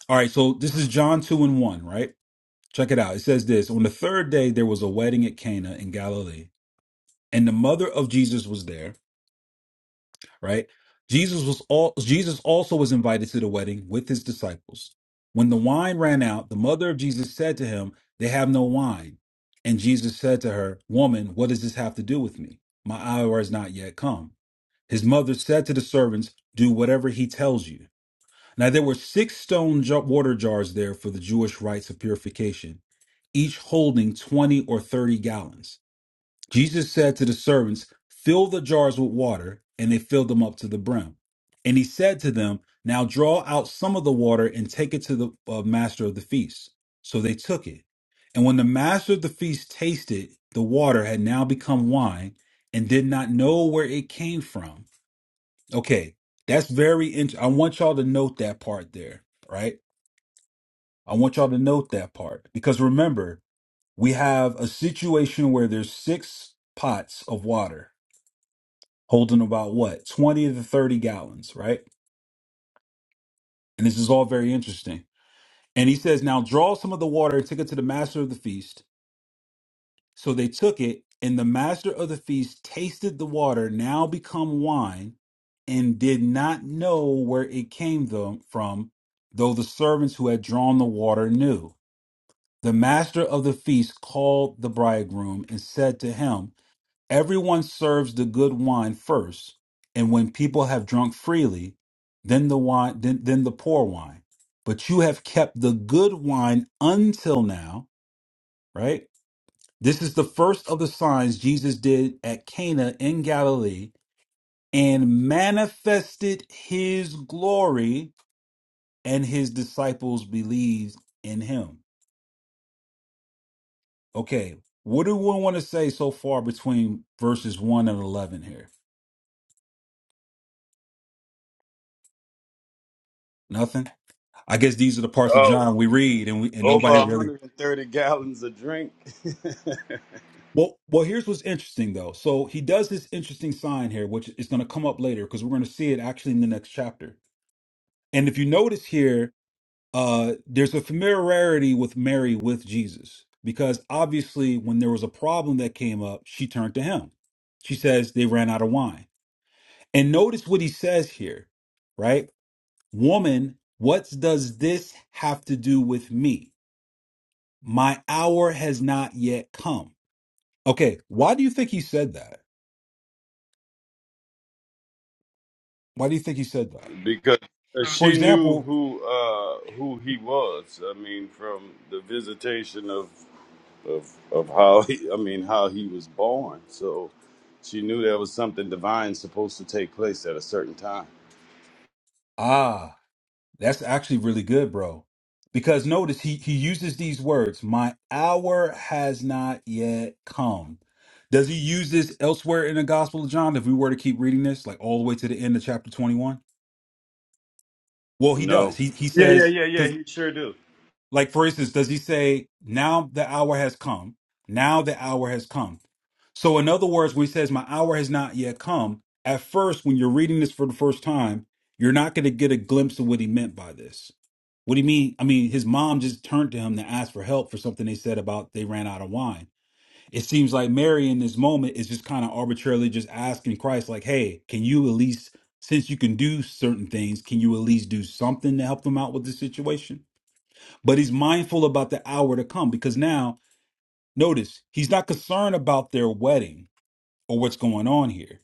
A: all right, so this is John 2 and 1, right? Check it out. It says this On the third day, there was a wedding at Cana in Galilee, and the mother of Jesus was there, right? Jesus was all Jesus also was invited to the wedding with his disciples. When the wine ran out, the mother of Jesus said to him, They have no wine. And Jesus said to her, Woman, what does this have to do with me? My hour has not yet come. His mother said to the servants, Do whatever he tells you. Now there were six stone jar- water jars there for the Jewish rites of purification, each holding 20 or 30 gallons. Jesus said to the servants, Fill the jars with water, and they filled them up to the brim. And he said to them, Now draw out some of the water and take it to the uh, master of the feast. So they took it. And when the master of the feast tasted, the water had now become wine and did not know where it came from Okay, that's very interesting. I want y'all to note that part there, right? I want y'all to note that part because remember, we have a situation where there's six pots of water holding about what 20 to 30 gallons, right? And this is all very interesting. And he says, Now draw some of the water and take it to the master of the feast. So they took it, and the master of the feast tasted the water, now become wine, and did not know where it came tho- from, though the servants who had drawn the water knew. The master of the feast called the bridegroom and said to him, Everyone serves the good wine first, and when people have drunk freely, then the wine then, then the poor wine. But you have kept the good wine until now, right? This is the first of the signs Jesus did at Cana in Galilee and manifested his glory, and his disciples believed in him. Okay, what do we want to say so far between verses 1 and 11 here? Nothing? I guess these are the parts of
E: Oh,
A: John we read and we and
E: over
A: nobody really
E: 130 gallons of drink
A: well, well, here's what's interesting though. So he does this interesting sign here, which is going to come up later because we're going to see it actually in the next chapter. And if you notice here, uh, there's a familiarity with Mary with Jesus because obviously, when there was a problem that came up, she turned to him. She says, They ran out of wine. And notice what he says here, right? Woman, what does this have to do with me? My hour has not yet come. Okay, why do you think he said that? Why do you think he said that?
E: because
A: For
E: she knew
A: example,
E: who uh, who he was. I mean, from the visitation of of of how he, I mean how he was born. So she knew there was something divine supposed to take place at a certain time.
A: ah, That's actually really good, bro. Because notice he he uses these words, my hour has not yet come. Does he use this elsewhere in the Gospel of John if we were to keep reading this like all the way to the end of chapter 21? Well, he does.
E: No.
A: He he
E: Yeah, yeah,
A: says
E: yeah, yeah. He sure do.
A: like, for instance, does he say, now the hour has come? Now the hour has come. So, in other words, when he says, my hour has not yet come, at first, when you're reading this for the first time, you're not going to get a glimpse of what he meant by this. What do you mean? I mean, his mom just turned to him to ask for help for something they said about they ran out of wine. It seems like Mary in this moment is just kind of arbitrarily just asking Christ, like, hey, can you at least, since you can do certain things, can you at least do something to help them out with this situation? but he's mindful about the hour to come because now notice he's not concerned about their wedding or what's going on here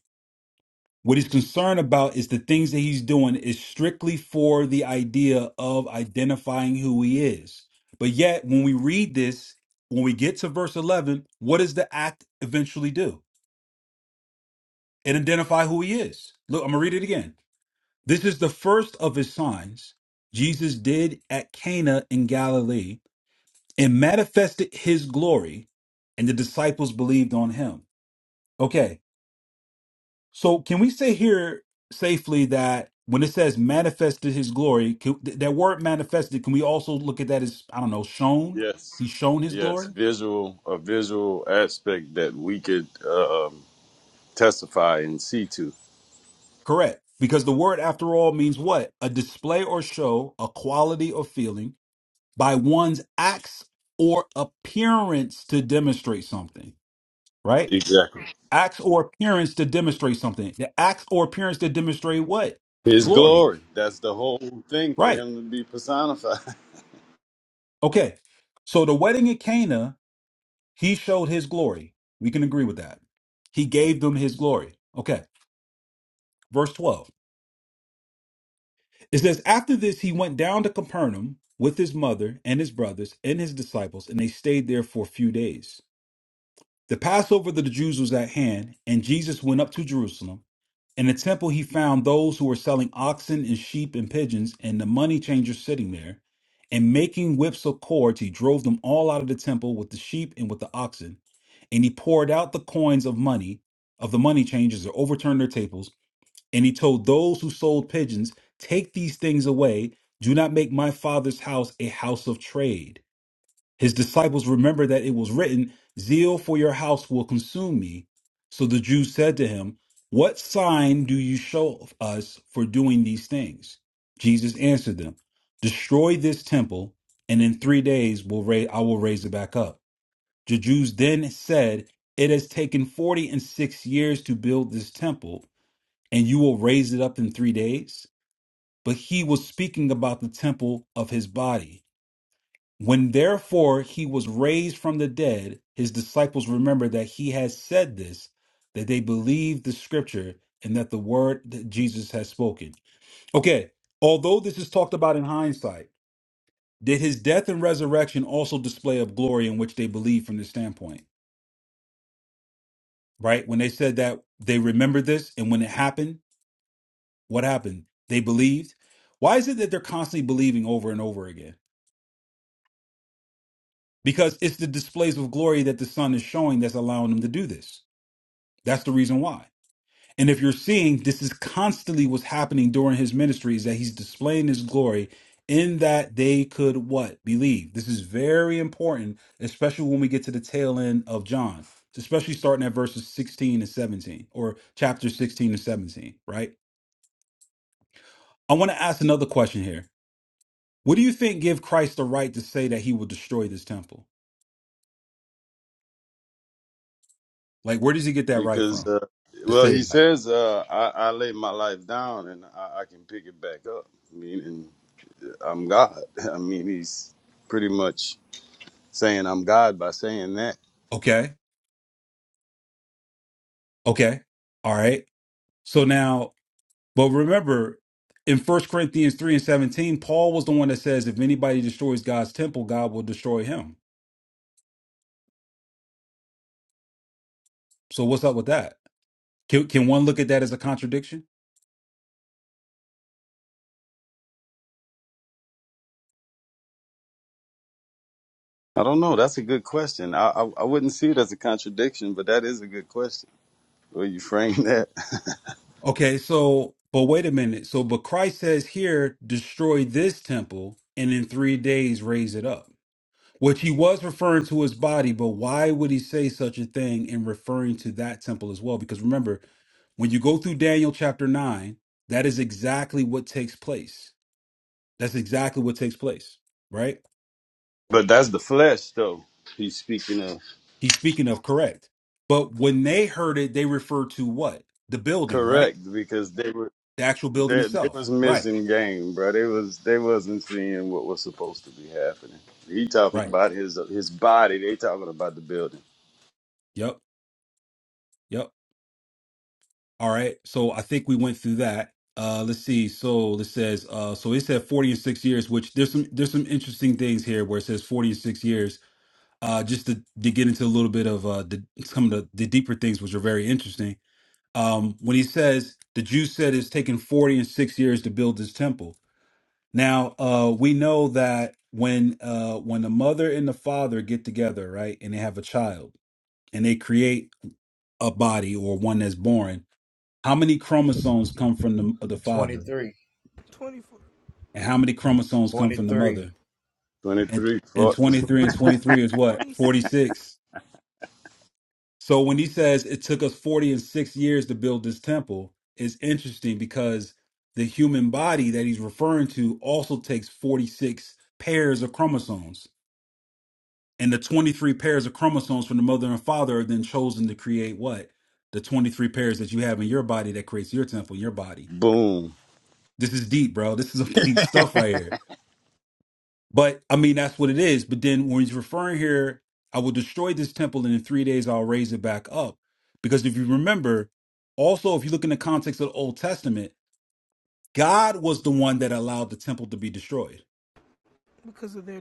A: what he's concerned about is the things that he's doing is strictly for the idea of identifying who he is but yet when we read this when we get to verse 11 what does the act eventually do it identify who he is look i'm gonna read it again this is the first of his signs jesus did at cana in galilee and manifested his glory, and the disciples believed on him. Okay, so can we say here safely that when it says manifested his glory, can, th- that word manifested, can we also look at that as, I don't know, shown?
E: Yes,
A: He's shown his
E: yes.
A: glory?
E: Visual, a visual aspect that we could uh, um, testify and see to.
A: Correct. Because the word, after all, means what? A display or show, a quality or feeling by one's acts or appearance to demonstrate something, right?
E: Exactly.
A: acts or appearance to demonstrate something. The acts or appearance to demonstrate what?
E: His
A: Glory.
E: glory. That's the whole thing for
A: Right.
E: him to be personified.
A: Okay. So the wedding at Cana, he showed his glory. We can agree with that. He gave them his glory. Okay. Verse 12. It says, After this, he went down to Capernaum with his mother and his brothers and his disciples, and they stayed there for a few days. The Passover of the Jews was at hand, and Jesus went up to Jerusalem. In the temple, he found those who were selling oxen and sheep and pigeons and the money changers sitting there. And making whips of cords, he drove them all out of the temple with the sheep and with the oxen. And he poured out the coins of money of the money changers that overturned their tables. And he told those who sold pigeons, Take these things away. Do not make my father's house a house of trade. His disciples remembered that it was written, Zeal for your house will consume me. So the Jews said to him, What sign do you show us for doing these things? Jesus answered them, Destroy this temple, and in three days will ra- I will raise it back up. The Jews then said, It has taken forty and six years to build this temple, and you will raise it up in three days? But he was speaking about the temple of his body. When therefore he was raised from the dead, his disciples remembered that he had said this, that they believed the scripture and that the word that Jesus had spoken. Okay, although this is talked about in hindsight, did his death and resurrection also display of glory in which they believed from this standpoint? Right? When they said that they remembered this and when it happened, what happened? They believed. Why is it that they're constantly believing over and over again? Because it's the displays of glory that the Son is showing that's allowing them to do this That's the reason why. And if you're seeing this is constantly what's happening during his ministry is that he's displaying his glory in that they could what? Believe. This is very important, especially when we get to the tail end of John, especially starting at verses 16 and 17 or chapter 16 and 17, right? I want to ask another question here. What do you think give Christ the right to say that he will destroy this temple? Like where does he get that right
E: because,
A: from?
E: uh,
A: To
E: well,
A: say
E: he
A: that.
E: says, uh, I, I lay my life down and I, I can pick it back up. Meaning I'm God. I mean, he's pretty much saying I'm God by saying that.
A: Okay. Okay. All right. So now But remember, in First Corinthians 3 and 17, Paul was the one that says, if anybody destroys God's temple, God will destroy him. So what's up with that? Can, can one look at that as a contradiction?
E: I don't know. That's a good question. I, I I wouldn't see it as a contradiction, but that is a good question. Where you frame that.
A: Okay, so, but wait a minute. So, but Christ says here, destroy this temple and in three days raise it up, which he was referring to his body. But why would he say such a thing in referring to that temple as well? Because remember, when you go through Daniel chapter 9, that is exactly what takes place That's exactly what takes place, right?
E: But that's the flesh, though. He's speaking of
A: He's speaking of correct. But when they heard it, they referred to what? The building, right?
E: correct because they were
A: The actual building
E: they they
A: itself.
E: was
A: Right.
E: missing game, bro. They was they wasn't seeing what was supposed to be happening. He talking
A: Right.
E: about his his body. They talking about the building.
A: Yep. Yep. All right. So I think we went through that. Uh let's see. So it says uh so it said 40 and 6 years, which there's some there's some interesting things here where it says 40 and 6 years. Uh just to, to get into a little bit of uh the some of the, the deeper things which are very interesting. Um when he says the Jews said it's taken 40 and 6 years to build this temple Now, uh, we know that when uh, when the mother and the father get together, right, and they have a child, and they create a body or one that's born, how many chromosomes come from the the father,
C: 23.
F: 24,
A: and how many chromosomes come from the
F: twenty,
C: 23.
A: mother?
E: Twenty
A: And
E: three,
A: and
E: foot.
A: twenty three and twenty three is what forty
F: forty-six
A: six. So when he says it took us forty and six years to build this temple, it's interesting because the human body that he's referring to also takes forty six pairs of chromosomes. And the 23 pairs of chromosomes from the mother and father are then chosen to create what? The 23 pairs that you have in your body that creates your temple, your body.
E: boom.
A: This is deep, bro. This is some deep stuff right here. But I mean, that's what it is. But then when he's referring here, I will destroy this temple and in three days I'll raise it back up. Because if you remember, also, if you look in the context of the Old Testament, God was the one that allowed the temple to be destroyed.
F: because of their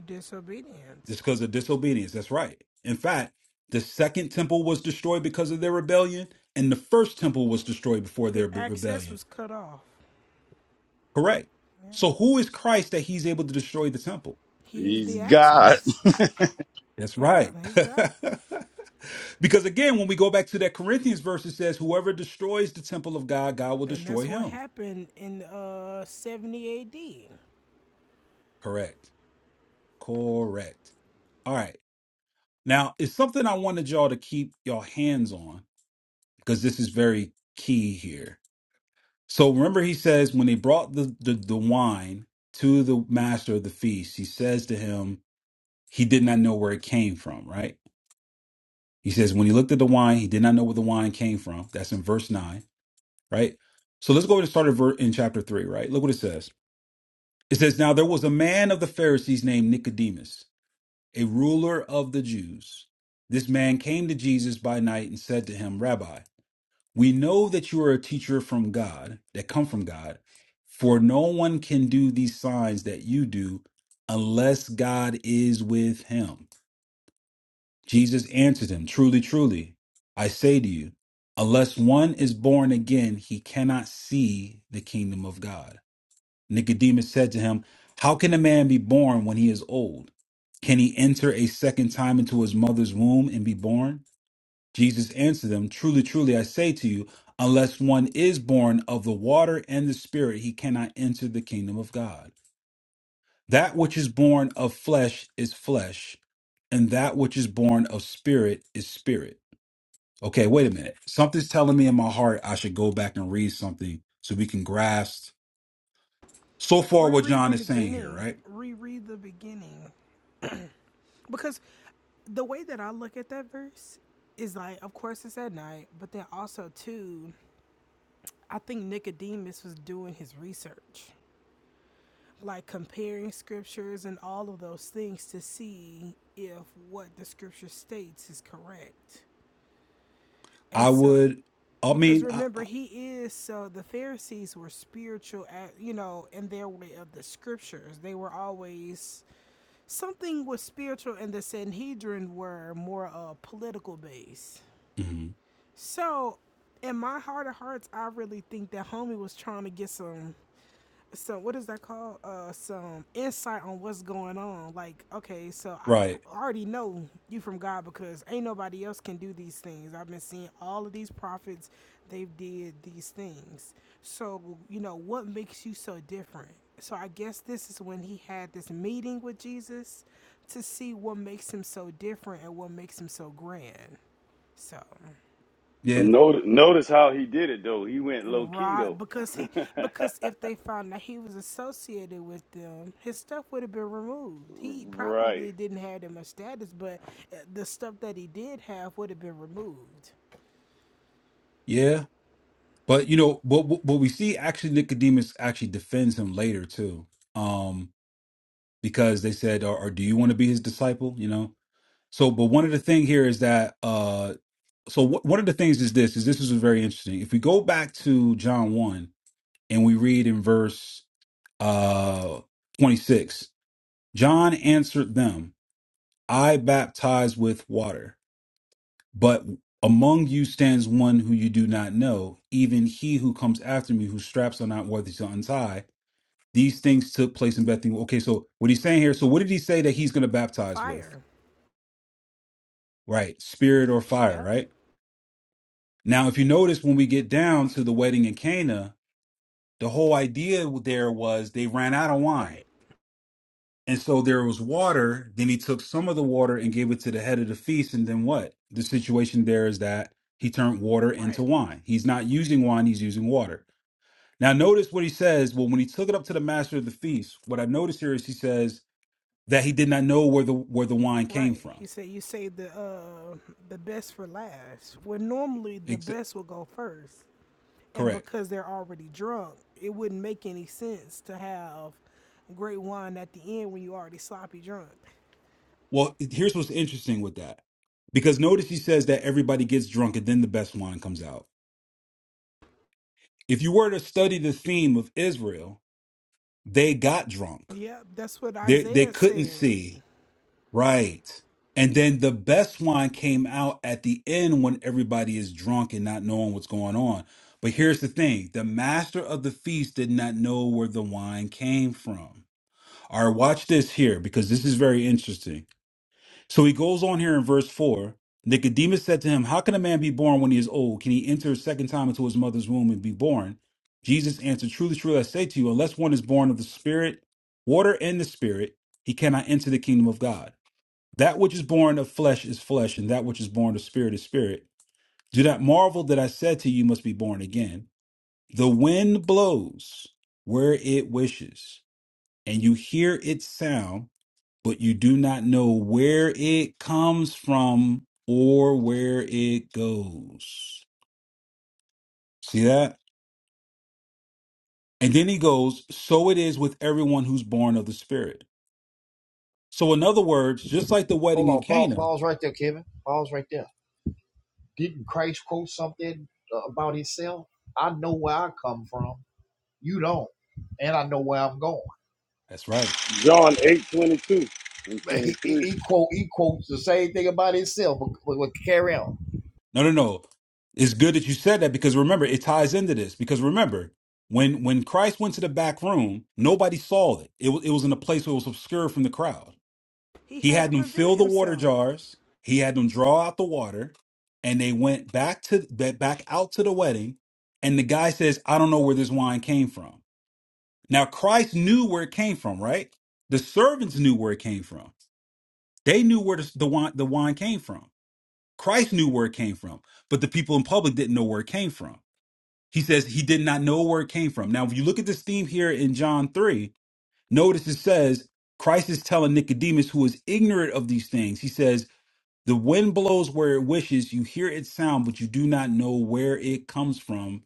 A: It's
F: disobedience.
A: because of disobedience. That's right. In fact, the second temple was destroyed because of their rebellion, and the first temple was destroyed before
F: Their
A: their b-
F: access
A: rebellion.
F: was cut off.
A: Correct.
F: Yeah.
A: So, who is Christ that he's able to destroy the temple?
F: He is
E: He's
F: the
E: God.
F: access.
A: That's
F: Yeah,
A: right.
F: he's God.
A: because again, when we go back to that Corinthians verse, it says, Whoever destroys the temple of God, God will
F: And that's
A: destroy
F: what
A: him.
F: happened in uh, 70 AD.
A: Correct. Correct. All right. Now, it's something I wanted y'all to keep your hands on because this is very key here So remember, he says when they brought the, the, the wine to the master of the feast, he says to him, he did not know where it came from, right? He says, when he looked at the wine, he did not know where the wine came from. That's in verse 9, right? So let's go ahead and start at ver- in chapter 3, right? Look what it says. It says, Now there was a man of the Pharisees named Nicodemus, a ruler of the Jews. This man came to Jesus by night and said to him, Rabbi, We know that you are a teacher from God, that come from God, for no one can do these signs that you do unless God is with him. Jesus answered him, Truly, truly, I say to you, unless one is born again, he cannot see the kingdom of God. Nicodemus said to him, How can a man be born when he is old? Can he enter a second time into his mother's womb and be born? Jesus answered them, Truly, truly, I say to you, unless one is born of the water and the Spirit, he cannot enter the kingdom of God. That which is born of flesh is flesh, and that which is born of spirit is spirit. Okay, wait a minute. Something's telling me in my heart I should go back and read something so we can grasp so far what
F: Reread the
A: John is saying here,
F: beginning.
A: right?
F: Reread the beginning. Because the way that I look at that verse is like, of course, it's at night, but then also, too, I think Nicodemus was doing his research. like comparing scriptures and all of those things to see if what the scripture states is correct. And
A: I
F: so
A: would, I
F: because
A: mean, I,
F: remember
A: I-
F: he is so the Pharisees were spiritual at you know in their way of the scriptures. They were always something was spiritual and the Sanhedrin were more uh political based.
A: mhm.
F: So in my heart of hearts I really think that homie was trying to get some some what is that called uh some insight on what's going on like okay so i
A: right.
F: I already know you from god because ain't nobody else can do these things i've been seeing all of these prophets they've did these things so you know what makes you so different so i guess this is when he had this meeting with jesus to see what makes him so different and what makes him so grand so
A: Yeah,
E: Notice, notice how he did it though. He went low key
F: Right,
E: though.
F: because he because if they found out he was associated with them, his stuff would have been removed. He
E: right.
F: probably didn't have that much status, but uh, the stuff that he did have would have been removed.
A: yeah. But you know, what what what we see actually Nicodemus actually defends him later too. Um, because they said, or, or do you want to be his disciple? You know? So but one of the thing here is that uh so what one of the things is this is this is very interesting. If we go back to John one and we read in verse uh twenty six, John answered them, I baptize with water, but among you stands one who you do not know, even he who comes after me, whose straps are not worthy to untie. these things took place in Bethany. Okay, so what he's saying here, so what did he say that he's going to baptize with?
F: Fire.
A: Right, spirit or fire,
F: Yep.
A: right? Now, if you notice, when we get down to the wedding in Cana, the whole idea there was they ran out of wine.
F: Right.
A: And so there was water. Then he took some of the water and gave it to the head of the feast. And then what? The situation there is that he turned water into
F: Right.
A: wine. He's not using wine, he's using water. Now, notice what he says. Well, when he took it up to the master of the feast, what I notice here is he says, that he did not know where the where the wine came
F: Right. He
A: from.
F: said you say the uh the best for last. Well, normally the
A: Ex-
F: best will go first, and
A: correct.
F: because they're already drunk, it wouldn't make any sense to have great wine at the end when you already sloppy drunk.
A: Well, here's what's interesting with that. Because notice he says that everybody gets drunk and then the best wine comes out. If you were to study the theme of Israel, they got drunk.
F: Yep, that's what
A: They they
F: Isaiah
A: couldn't
F: said.
A: see, right? And then the best wine came out at the end when everybody is drunk and not knowing what's going on. But here's the thing, the master of the feast did not know where the wine came from. All right, watch this here because this is very interesting. So he goes on here in verse 4. Nicodemus said to him, How can a man be born when he is old? Can he enter a second time into his mother's womb and be born? Jesus answered, Truly, truly, I say to you, unless one is born of the Spirit, water, and the Spirit, he cannot enter the kingdom of God. That which is born of flesh is flesh, and that which is born of spirit is spirit. Do not marvel that I said to you, you must be born again. The wind blows where it wishes, and you hear its sound but you do not know where it comes from or where it goes. See that? And then he goes, So it is with everyone who's born of the Spirit. So, in other words, just like the wedding
C: Hold
A: in
C: on, pause,
A: Cana,
C: pause right there, Kevin. Pause right there. Didn't Christ quote something uh, about himself? I know where I come from. You don't, and I know where I'm going.
A: that's right.
E: John eight twenty two and
C: Man,
E: twenty
C: He, he,
E: three.
C: he quote he quotes the same thing about himself. But, but, but carry on.
A: No, no, no. It's good that you said that because remember, it ties into this. Because remember, when when Christ went to the back room, nobody saw it. It, wa- it was in a place where it was obscure from the crowd.
F: He
A: He
F: had
A: had
F: to
A: them
F: reveal
A: fill the water
F: himself.
A: jars. He had them draw out the water, and they went back to ba- back out to the wedding. And the guy says, "I don't know where this wine came from." Now Christ knew where it came from, right? The servants knew where it came from. They knew where the, the wine the wine came from. Christ knew where it came from, but the people in public didn't know where it came from. He says he did not know where it came from. Now, if you look at this theme here in John three, notice it says Christ is telling Nicodemus, who is ignorant of these things, he says. The wind blows where it wishes. You hear its sound, but you do not know where it comes from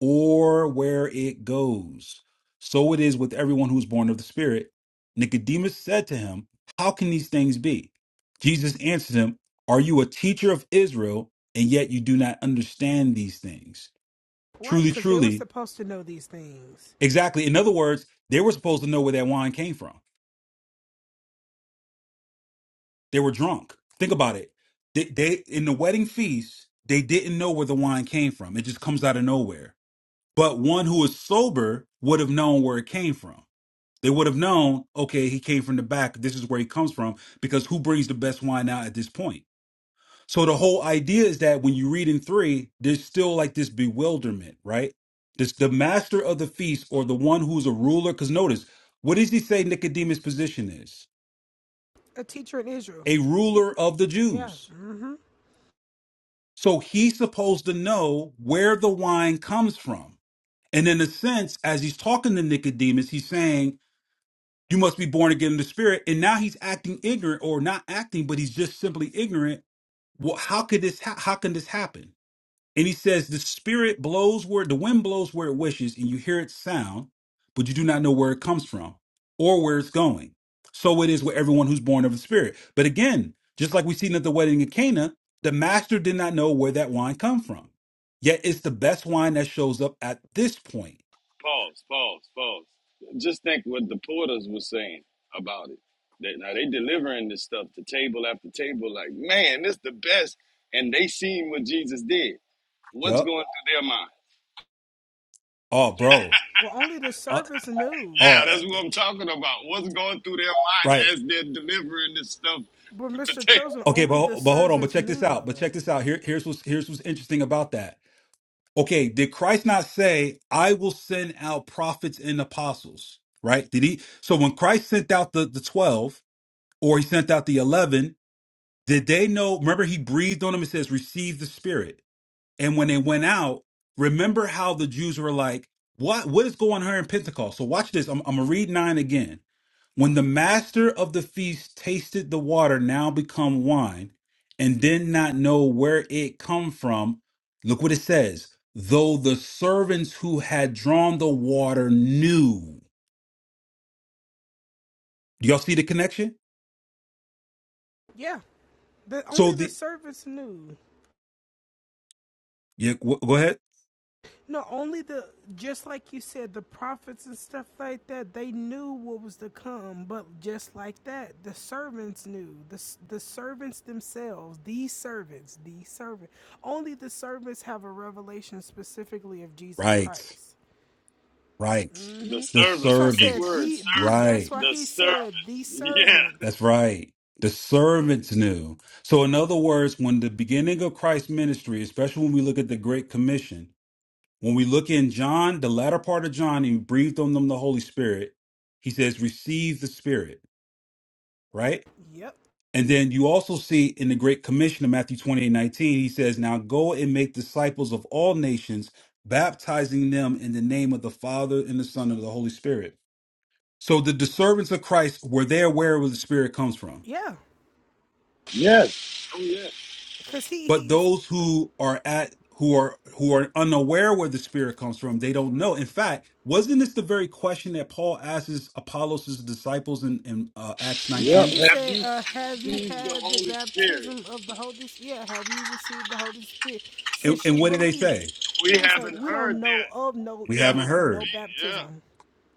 A: or where it goes. So it is with everyone who is born of the Spirit. Nicodemus said to him, How can these things be? Jesus answered him, Are you a teacher of Israel, and yet you do not understand these things?
F: Right,
A: Truly,
F: because they were
A: truly,
F: supposed to know these things.
A: exactly. In other words, they were supposed to know where that wine came from They were drunk. Think about it. They, they in the wedding feast, they didn't know where the wine came from. It just comes out of nowhere. But one who is sober would have known where it came from. They would have known, okay, he came from the back. This is where he comes from because who brings the best wine out at this point? So the whole idea is that when you read in three, there's still like this bewilderment, right? This the master of the feast or the one who's a ruler. Because notice, what does he say Nicodemus' position is?
F: A teacher in Israel.
A: A ruler of the
F: Yeah.
A: Jews
F: Mm-hmm.
A: So he's supposed to know where the wine comes from. And in a sense, as he's talking to Nicodemus, he's saying, You must be born again in the spirit. And now he's acting ignorant or not acting, but he's just simply ignorant. Well, how could this ha- how can this happen? And he says, The spirit blows where the wind blows where it wishes, and you hear its sound, but you do not know where it comes from or where it's going. So it is with everyone who's born of the spirit. But again, just like we seen at the wedding in Cana, the master did not know where that wine come from. Yet it's the best wine that shows up at this point.
E: Pause. Pause. Pause. Just think what the porters were saying about it. They, now they delivering this stuff to table after table. Like man, this the best. And they seen what Jesus did. What's
A: Yup.
E: going through their mind?
A: Oh, bro.
F: Well, only the
A: Uh,
F: servants knew.
A: oh,
E: Yeah,
A: eh,
E: that's what I'm talking about. What's going through their minds
A: right.
E: as they're delivering this stuff
F: But
E: to
F: Mr.
E: table?
F: Chosen,
A: Okay, but,
F: only the
A: ho- but hold on. But
F: servants
A: check
F: knew,
A: this out. But
F: though.
A: check this out. Here, here's what's here's what's interesting about that Okay, did Christ not say, I will send out prophets and apostles? Right? Did he? So when Christ sent out the, the 12 or he sent out the 11, did they know? Remember, he breathed on them and says, Receive the Spirit. And when they went out, remember how the Jews were like, What, what is going on here in Pentecost? So watch this. I'm, I'm going to read 9 again. When the master of the feast tasted the water now become wine, and did not know where it come from, look what it says. Though the servants who had drawn the water knew. Do y'all see the connection?
F: Yeah, the,
A: So
F: only the
A: the
F: servants knew.
A: yeah, go go ahead.
F: No, only the just like you said, the prophets and stuff like that. They knew what was to come, but just like that, the servants knew. the The servants themselves, these servants, these servant. Only the servants have a revelation specifically of Jesus
A: Right,
F: Christ.
A: right.
E: The
A: The
F: That's
E: servants.
F: why I said
A: servants.
E: Keyword.
F: the
E: ser-
F: the. That's
A: Right.
F: why
E: The
F: he
E: servants.
F: said the
E: Yeah.
F: servants.
A: That's right. The servants knew. So in other words, when the beginning of Christ's ministry, especially when we look at the Great Commission, When we look in John, the latter part of John, he breathed on them the Holy Spirit. He says, receive the Spirit, right?
F: Yep.
A: And then you also see in the Great Commission of Matthew 28 19, he says, Now go and make disciples of all nations, baptizing them in the name of the Father and the Son and the Holy Spirit. So the, the servants of Christ were there where the Spirit comes from
F: Yeah.
E: Yes. Oh, yeah.
F: Cause he
A: but
F: he's
A: those who are at who are who are unaware where the spirit comes from they don't know in fact wasn't this the very question that paul asks his apollos' disciples in, in uh, acts
F: Yeah,
E: Yep.
A: 19
F: he
E: Have
F: said,
E: you
F: uh, Have you
E: received the
F: had the
E: Holy Spirit?
F: baptism of the Holy Spirit? Yeah, have you received the Holy Spirit
A: and,
F: since
A: and
F: you
A: what did they
F: believe?
A: say
F: He
E: We
F: was like,
E: haven't
F: We
E: heard
F: don't know
E: that
F: of no,
A: we haven't
F: yeah,
E: ever
F: no
A: heard
E: be. Yeah.
F: baptism.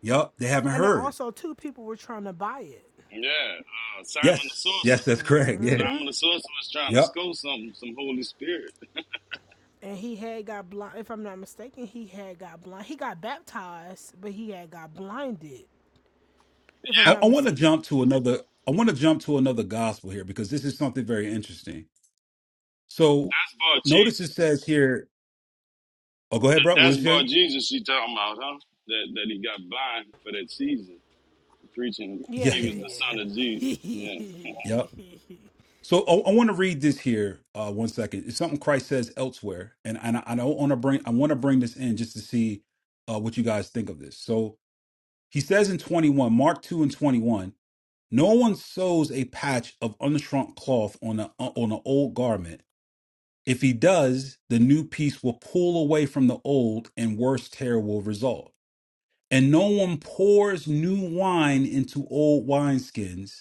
A: yup they haven't
F: And then
A: heard
F: also, two people were trying to buy it.
E: Yeah. Uh, Simon the
A: yes yes
E: Sorcerer.
A: that's correct yeah
E: Simon the Sorcerer was trying to
A: yup
E: score some some Holy Spirit.
F: And he had got blind, if I'm not mistaken, he had got blind. He got baptized, but he had got blinded, if I'm
A: i,
F: not
A: I want to
F: mistaken.
A: jump to another i want to jump to another gospel here because this is something very interesting so
E: That's about
A: notice it
E: Jesus.
A: says here oh go ahead bro what
E: That's
A: was you
E: about
A: saying
E: Jesus she talking about, huh? That, that he got blind for that season, preaching
F: Yeah,
A: yeah
E: he was the
F: yeah,
E: son of
F: yeah.
E: Jesus. Yeah.
A: yep So I, I want to read this here. Uh, one second. It's something Christ says elsewhere, and and I, I don't want to bring. I want to bring this in just to see uh, what you guys think of this. So he says in twenty one, Mark two and twenty one. No one sews a patch of unshrunk cloth on a uh, on an old garment. If he does, the new piece will pull away from the old, and worse tear will result. And no one pours new wine into old wineskins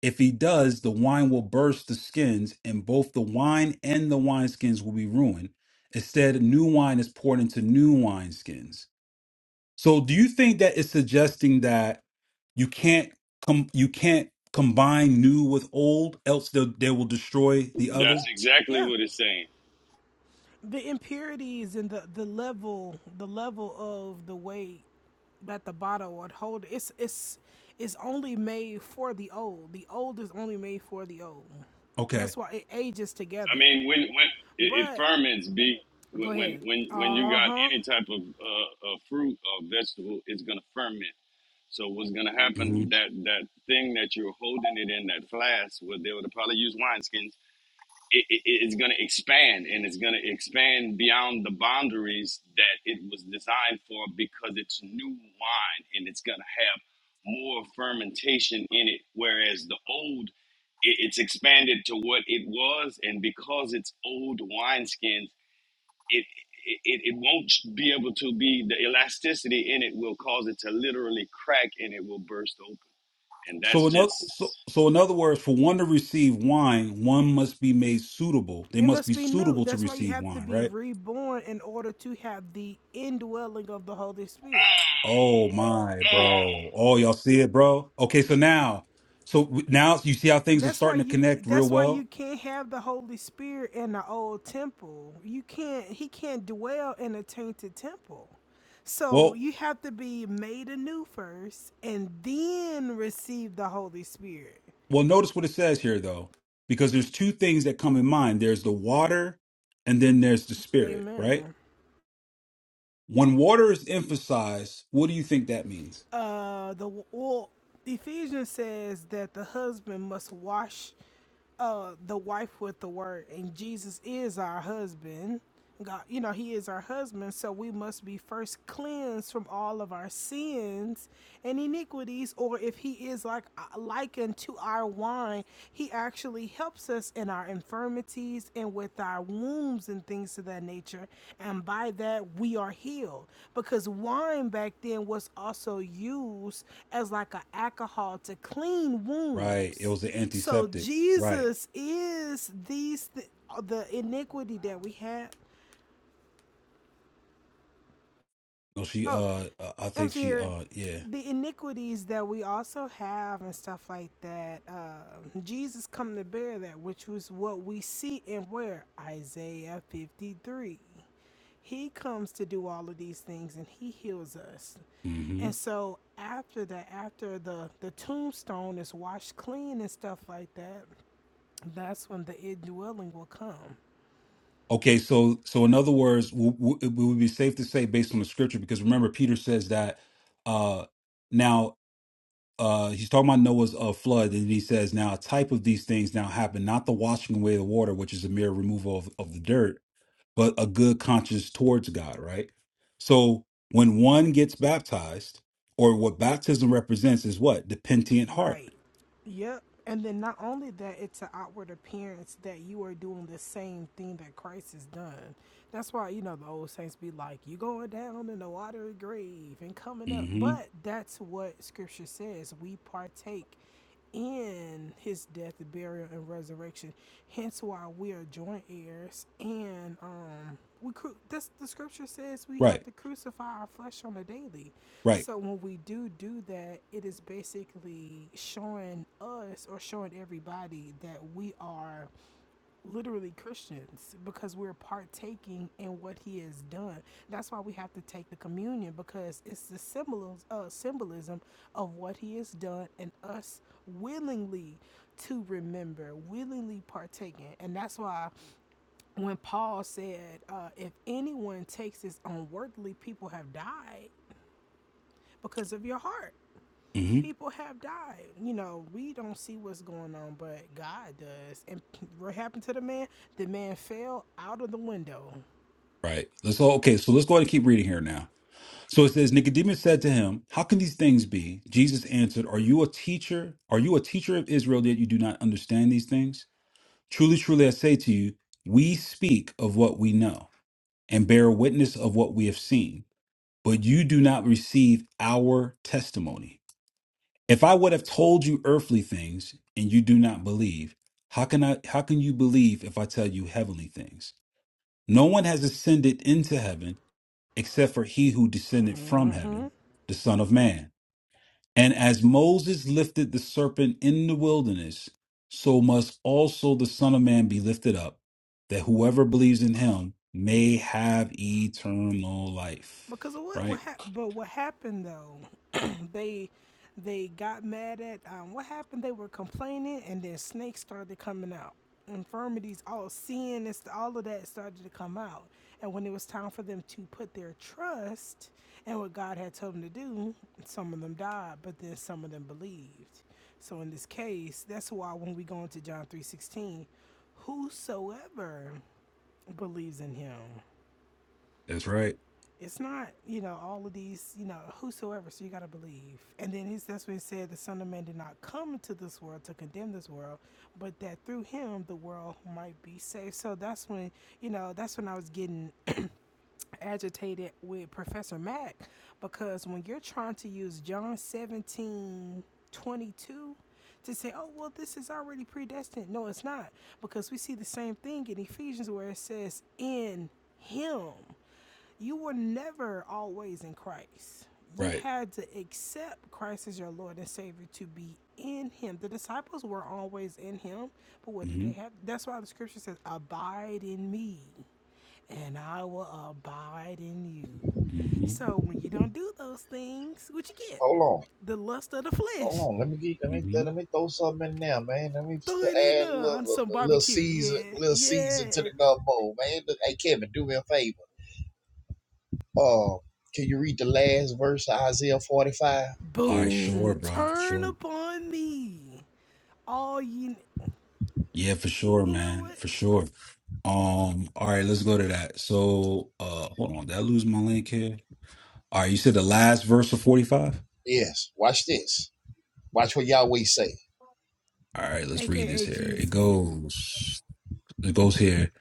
A: if he does, the wine will burst the skins, and both the wine and the wineskins will be ruined. Instead, new wine is poured into new wineskins. So, do you think that it's suggesting that you can't com- you can't combine new with old, else they'll, they will destroy the
E: That's
A: other?
E: exactly
F: yeah.
E: what it's saying.
F: The impurities and the, the level the level of the way that the bottle would hold. It's it's it's only made for the old. The old is only made for the old.
A: Okay.
F: That's why it ages
E: I
F: together.
E: mean, when when it, it
F: But
E: ferments, b when
F: go
E: when
F: ahead.
E: when when you
F: Uh
E: got
F: huh.
E: any type of uh, of fruit or vegetable, it's gonna ferment. So what's gonna
A: hmm
E: happen? That that thing that you're holding it in that flask, well, they would probably use wineskins it, it, it's going to expand and it's going to expand beyond the boundaries that it was designed for because it's new wine and it's going to have more fermentation in it whereas the old it, it's expanded to what it was and because it's old wineskins it, it it it won't be able to be the elasticity in it will cause it to literally crack and it will burst open and
A: So,
E: that's
A: in other,
E: just
A: so, so in other words, for one to receive wine, one must be made suitable. They
F: It
A: must be
F: must be new.
A: suitable to
F: That's why you
A: receive
F: have to
A: wine,
F: be
A: right?
F: reborn in order to have the indwelling of the Holy Spirit.
A: Oh my,
E: it
A: bro. Oh, y'all see it, bro? Okay, so now, so w- now you see how things are
F: That's why
A: starting to
F: you
A: connect real
F: that's why you
A: well?
F: can't have the Holy Spirit in the old temple. You can't he can't dwell in a tainted temple. So
A: Well,
F: you have to be made anew first and then receive the Holy Spirit.
A: well, notice what it says here though, because there's two things that come in mind. There's the water and then there's the spirit, right?
F: Amen.
A: When water is emphasized, what do you think that means?
F: Uh the well, Ephesians says that the husband must wash uh the wife with the word and Jesus is our husband. God, you know, he is our husband, so we must be first cleansed from all of our sins and iniquities or if he is like likened to our wine, he actually helps us in our infirmities and with our wounds and things of that nature, and by that we are healed because wine back then was also used as like an alcohol to clean
A: Right. It
F: wounds
A: was an
F: so
A: antiseptic. Right.
F: Jesus is these th- the iniquity that we have.
A: No, she
F: Oh,
A: uh uh, I
F: I'm
A: think
F: seeing
A: she
F: here
A: uh yeah.
F: the iniquities that we also have and stuff like that. Uh, Jesus come to bear that, which was what we see in where Isaiah 53. He comes to do all of these things and he heals us.
A: Mm-hmm.
F: And so after that, after the the tombstone is washed clean and stuff like that, That's when the indwelling will come.
A: Okay, so so in other words, w- w- it would be safe to say based on the scripture, because remember Peter says that uh now uh he's talking about Noah's uh, flood, and he says now a type of these things now happen, not the washing away of the water, which is a mere removal of, of the dirt, but a good conscience towards God, right? So when one gets baptized, or what baptism represents is what? The penitent heart.
F: Right. Yep. And then not only that, it's an outward appearance that you are doing the same thing that Christ has done. That's why, you know, the old saints be like, you going down in the watery grave and coming up.
A: hmm
F: But that's what scripture says. We partake in his death, burial, and resurrection. Hence why we are joint heirs. And um, we cru- This the scripture says we have
A: Right,
F: to crucify our flesh on a daily.
A: right,
F: So when we do do that, it is basically showing us or showing everybody that we are literally Christians because we're partaking in what he has done. That's why we have to take the communion because it's the symbols, uh, symbolism of what he has done and us willingly to remember, willingly partaking. And that's why when Paul said, uh, if anyone takes this unworthily, people have died because of your heart
A: hmm
F: people have died. You know, we don't see what's going on, but God does. And what happened to the man? The man fell out of the window.
A: right. Let's all okay, so let's go ahead and keep reading here now. So it says Nicodemus said to him, "How can these things be?" Jesus answered, "Are you a teacher? Are you a teacher of Israel that you do not understand these things? Truly, truly, I say to you, we speak of what we know and bear witness of what we have seen, but you do not receive our testimony. If I would have told you earthly things and you do not believe, how can I how can you believe if I tell you heavenly things? No one has ascended into heaven except for he who descended from
F: Mm-hmm.
A: heaven, the Son of Man." And as Moses lifted the serpent in the wilderness, so must also the Son of Man be lifted up, that whoever believes in him may have eternal
F: Because
A: life.
F: of what what
A: Right?
F: hap- but what happened though? they they got mad at um, what happened. They were complaining, and then snakes started coming out. Infirmities, all sin, and st- all of that started to come out. And when it was time for them to put their trust in what God had told them to do, some of them died, but then some of them believed. So in this case, that's why when we go into John three sixteen, whosoever believes in Him
A: That's right.
F: it's not you know all of these you know whosoever so you got to believe and then he's that's what he said the son of man did not come into this world to condemn this world but that through him the world might be saved so that's when you know that's when i was getting agitated with Professor Mack because when you're trying to use John 17:22 to say, oh, well, this is already predestined. No, it's not because we see the same thing in Ephesians where it says, in Him. You were never always in Christ. You
A: Right.
F: had to accept Christ as your Lord and Savior to be in Him. The disciples were always in Him, but what did
A: hmm
F: they have? That's why the scripture says, abide in me and I will abide in you.
A: hmm
F: So when you don't do those things, what you get?
C: Hold
F: The lust of the
C: on, hold
F: flesh.
C: on. Let me get let me
A: hmm
C: let me throw something in there, man. Let me
F: Throw
C: put-
F: it in
C: add
F: there
C: a
F: on
C: little
F: some
C: a little
F: barbecue.
C: season
F: Yeah,
C: little season
F: yeah.
C: to the gumbo, man. Hey Kevin, do me a favor. Uh, can you read the last verse of Isaiah 45?
A: All right, sure,
F: Boom.
A: bro.
F: Turn
A: Sure.
F: upon me. All you,
A: Yeah, for sure,
F: you know
A: man.
F: what?
A: For sure. Um, all right, let's go to that. So uh hold on, did I lose my link here? All right, you said the last verse of 45?
C: Yes. Watch this. Watch what Yahweh say.
A: All right, let's read this
F: AKA
A: here. It
F: Jesus.
A: goes. It goes here.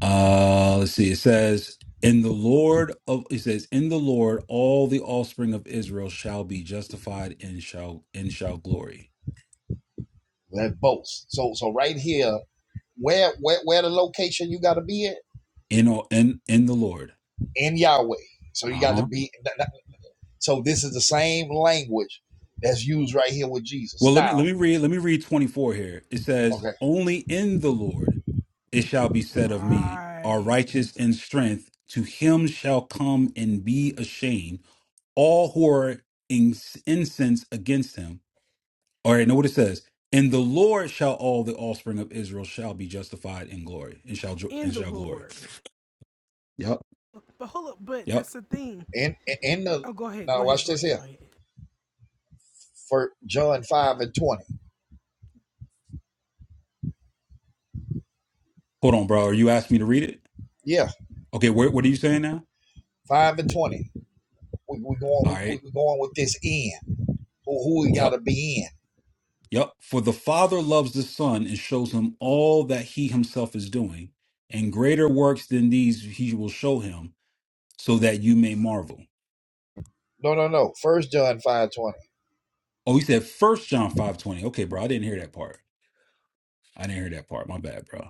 A: Uh, let's see. It says, "In the Lord of," it says, "In the Lord, all the offspring of Israel shall be justified and shall and shall glory
C: That's both. So so right here, where where where the location you got to be at
A: in all in in the Lord."
C: in Yahweh. So you
A: Uh
C: got to
A: huh.
C: be. So this is the same language that's used right here with Jesus.
A: Well, let me
C: Now,
A: let me read let me read twenty four here. It says,
C: okay,
A: "Only in the Lord it shall be said of me, are
F: Right.
A: righteous in strength. To him shall come and be ashamed all who are in incense against him." All right, know what it says. In the Lord shall all the offspring of Israel shall be justified in glory and shall jo-
F: In
A: and
F: the
A: shall glory.
F: Lord.
A: Yep.
F: But hold up, but
A: Yep.
F: that's the thing.
C: in in the
F: Oh, go ahead, go
C: now
F: ahead,
C: watch
F: go
C: this
F: ahead, go
C: here
F: ahead.
C: for John five and twenty.
A: Hold on, bro. Are you asking me to read it?
C: Yeah,
A: Okay, where, what are you saying now?
C: five and twenty. We we going
A: All
C: we
A: right.
C: we we going with this in. Who who we got
A: Yep.
C: to be in?
A: Yep. For the Father loves the Son and shows him all that he himself is doing, and greater works than these he will show him, so that you may marvel.
C: No no no. First John five twenty.
A: Oh, he said first John five twenty. Okay, bro. I didn't hear that part. I didn't hear that part. My bad, bro.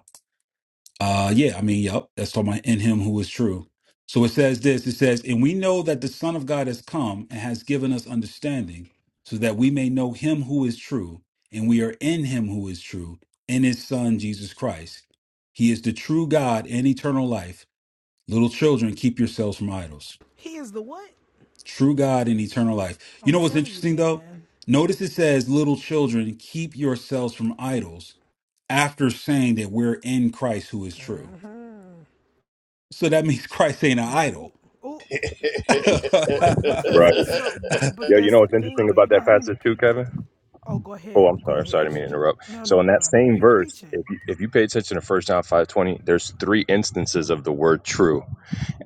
A: Uh, yeah, I mean, yep, that's talking about in him who is true. So it says this it says, And we know that the Son of God has come and has given us understanding, so that we may know him who is true, and we are in him who is true, in his Son, Jesus Christ. He is the true God and eternal life. Little children, keep yourselves from idols.
F: He is the what?
A: True God and eternal life. You
F: I'm
A: know what's
F: telling you,
A: interesting though?
F: man.
A: Notice it says, Little children, keep yourselves from idols, after saying that we're in Christ who is true.
F: Uh-huh.
A: So that means Christ ain't an
F: No.
A: idol.
F: Oh, right. Because
G: Right.
F: so, b- but
G: Yeah, you
F: that's
G: know
F: the
G: what's
F: thing
G: interesting
F: though.
G: about
F: You know
G: that
F: how many
G: passage too,
F: people?
G: Kevin?
F: Oh, go
G: Oh,
F: ahead.
G: I'm
F: Go
G: sorry. Sorry, I
F: ahead.
G: didn't mean to
F: Exegete.
G: interrupt.
F: No,
G: So
F: no,
G: in
F: no,
G: that
F: no.
G: same
F: You
G: verse, if
F: preaching?
G: you, if you pay attention to First John 5:20, there's three instances of the word true,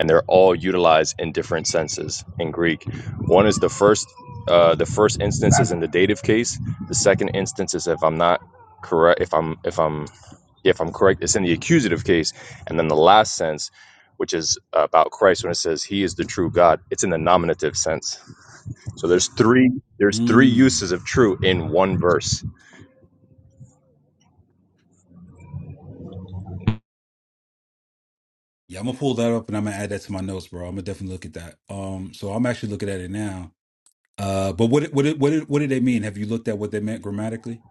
G: and they're all utilized in different senses in Greek. One is the first uh, the first instance is in the dative case. The second instance is if I'm not correct if I'm if I'm if I'm correct, it's in the accusative case. And then the last sense, which is about Christ when it says he is the true God, it's in the nominative sense. So there's three there's three
A: Mm.
G: uses of true in one verse.
A: Yeah, I'm gonna pull that up and I'm gonna add that to my notes, bro. I'm gonna definitely look at that. Um, so I'm actually looking at it now. Uh, but what what what did, what did they mean? Have you looked at what they meant grammatically?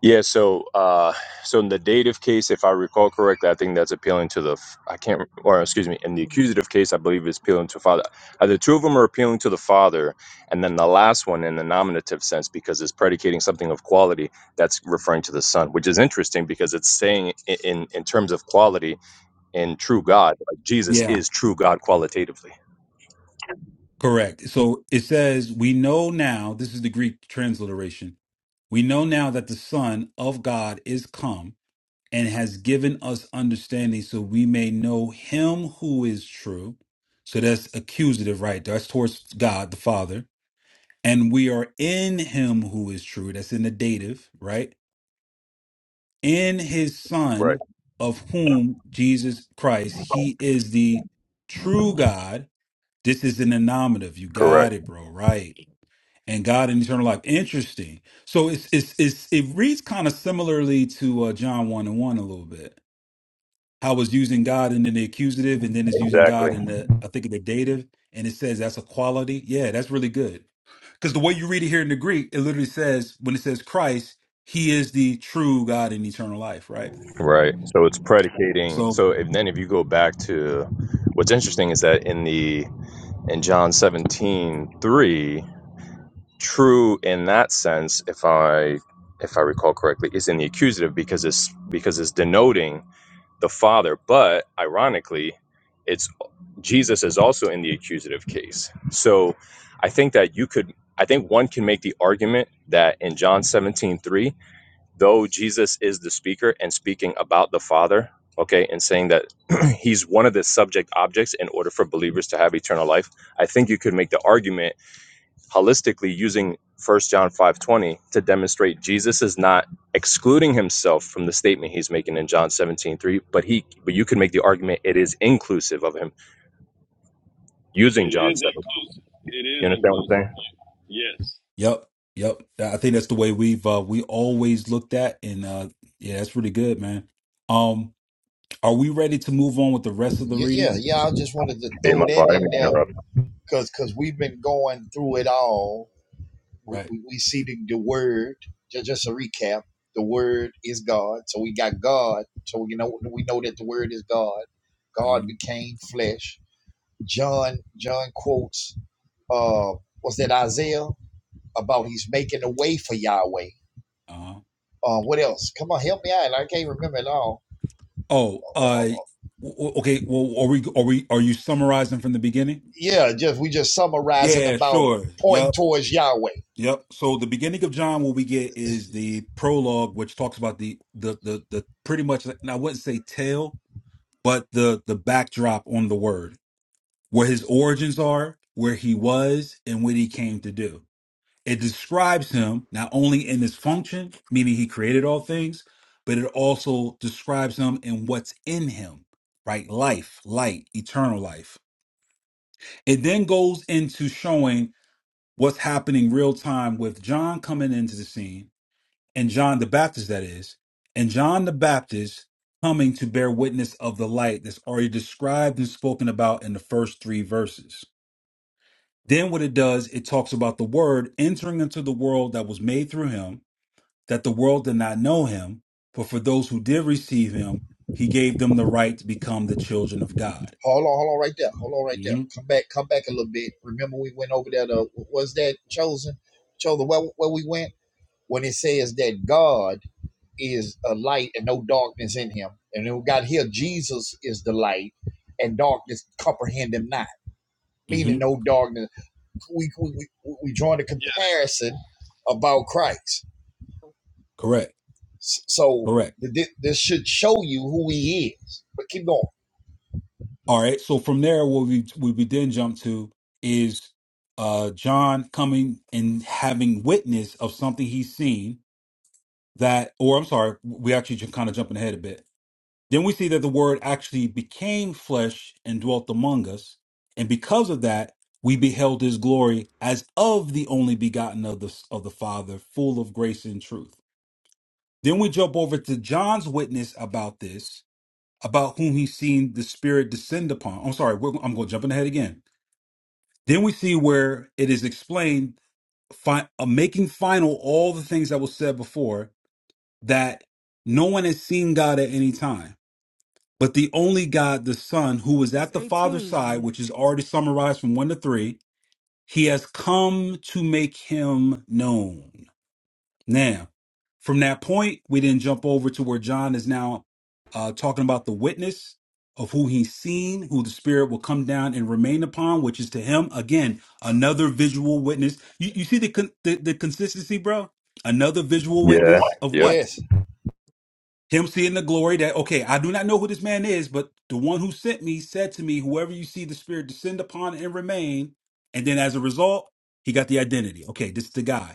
G: Yeah. So uh, so in the dative case, if I recall correctly, I think that's appealing to the f- I can't or excuse me, in the accusative case, I believe it's appealing to father. Uh, the two of them are appealing to the father, and then the last one in the nominative sense because it's predicating something of quality that's referring to the son, which is interesting because it's saying i- in in terms of quality in true God, like Jesus
A: Yeah,
G: is true God qualitatively.
A: correct. So it says we know now. This is the Greek transliteration. We know now that the Son of God is come and has given us understanding so we may know him who is true. So that's accusative right there. That's towards God the Father. And we are in him who is true. That's in the dative, right? In his
G: Right.
A: son, of whom Jesus Christ, he is the true God. This is in the nominative. You got
G: Correct.
A: it, bro. Right. And God in eternal life. Interesting. So it's it's it's it reads kind of similarly to uh, John one and one a little bit how it's using God and then the accusative and then it's using
G: Exactly.
A: God in the I think in the dative and it says that's a quality. Yeah, that's really good. Because the way you read it here in the Greek, it literally says when it says Christ, he is the true God in eternal life, right?
G: Right. So it's predicating.
A: So
G: So if, then if you go back to what's interesting is that in the in John 17 3, true in that sense, if I if I recall correctly, is in the accusative because it's because it's denoting the father, but ironically, it's Jesus is also in the accusative case. So I think that you could I think one can make the argument that in John 17:3 though Jesus is the speaker and speaking about the Father, okay, and saying that he's one of the subject objects in order for believers to have eternal life, I think you could make the argument holistically using First John 5:20 to demonstrate Jesus is not excluding himself from the statement he's making in John 17:3, but he but you could make the argument it is inclusive of him using John
E: is
G: 7.
E: it
G: You
E: is
G: understand what I'm
E: inclusive
G: saying?
E: yes
A: yep, yep. I think that's the way we've uh we always looked at and uh yeah, that's really good, man. Um are we ready to move on with the rest of the
C: yeah yeah
A: reading?
C: yeah. I just wanted to
G: Hey,
C: throw
G: my
C: that
G: father, let me
C: in there
G: interrupt.
C: because because we've been going through it all. We,
A: Right.
C: we, we see the, the word. Just, just a recap: the word is God. So we got God. So we know we know that the word is God. God
A: hmm
C: became flesh. John John quotes uh was that Isaiah about he's making a way for Yahweh.
A: Uh-huh.
C: Uh, what else? Come on, help me out. I can't remember it all.
A: Oh,
C: Uh, uh,
A: uh w-
C: uh,
A: w- okay, well are we are we are you summarizing from the beginning?
C: Yeah, just we just summarizing
A: Yeah,
C: about
A: sure.
C: pointing
A: Yep.
C: towards Yahweh.
A: Yep. So the beginning of John, what we get is the prologue, which talks about the the the the pretty much and I wouldn't say tale, but the the backdrop on the word, where his origins are, where he was, and what he came to do. It describes him not only in his function, meaning he created all things, but it also describes him in what's in him, right? Life, light, eternal life. It then goes into showing what's happening real time with John coming into the scene and John the Baptist, that is, and John the Baptist coming to bear witness of the light that's already described and spoken about in the first three verses. Then, what it does, it talks about the word entering into the world that was made through him, that the world did not know him, but for those who did receive him, he gave them the right to become the children of God.
C: Hold on, hold on, right there. Hold on, right there.
A: hmm
C: Come back, come back a little bit. Remember, we went over there. To, was that chosen? Chosen where, where we went when it says that God is a light and no darkness in Him, and then we got here. Jesus is the light, and darkness comprehend Him not.
A: hmm
C: Meaning, no darkness. We we we, we joined a
E: yeah
C: comparison about Christ.
A: Correct.
C: S- So
A: Correct.
C: th- thi- this should show you who He is. But keep going.
A: All right. So from there, what we what we then jump to is uh John coming and having witness of something he's seen that, or I'm sorry, we actually just kind of jumping ahead a bit. Then we see that the Word actually became flesh and dwelt among us, and because of that, we beheld His glory as of the only begotten of the of the Father, full of grace and truth. Then we jump over to John's witness about this, about whom he's seen the Spirit descend upon. I'm sorry, we're, I'm going jumping ahead again. Then we see where it is explained, fi- uh, making final all the things that was said before, that no one has seen God at any time, but the only God, the Son, who was
F: That's
A: at the Father's side,
F: eighteen.
A: which is already summarized from one to three, he has come to make him known. Now, from that point, we then jump over to where John is now uh, talking about the witness of who he's seen, who the Spirit will come down and remain upon, which is to him, again, another visual witness. You, you see the, con- the, the consistency, bro? Another visual
G: Yeah.
A: witness of
G: Yep.
A: what?
C: Yes.
A: Him seeing the glory that, okay, I do not know who this man is, but the one who sent me said to me, whoever you see the Spirit descend upon and remain. And then as a result, he got the identity. Okay, this is the guy.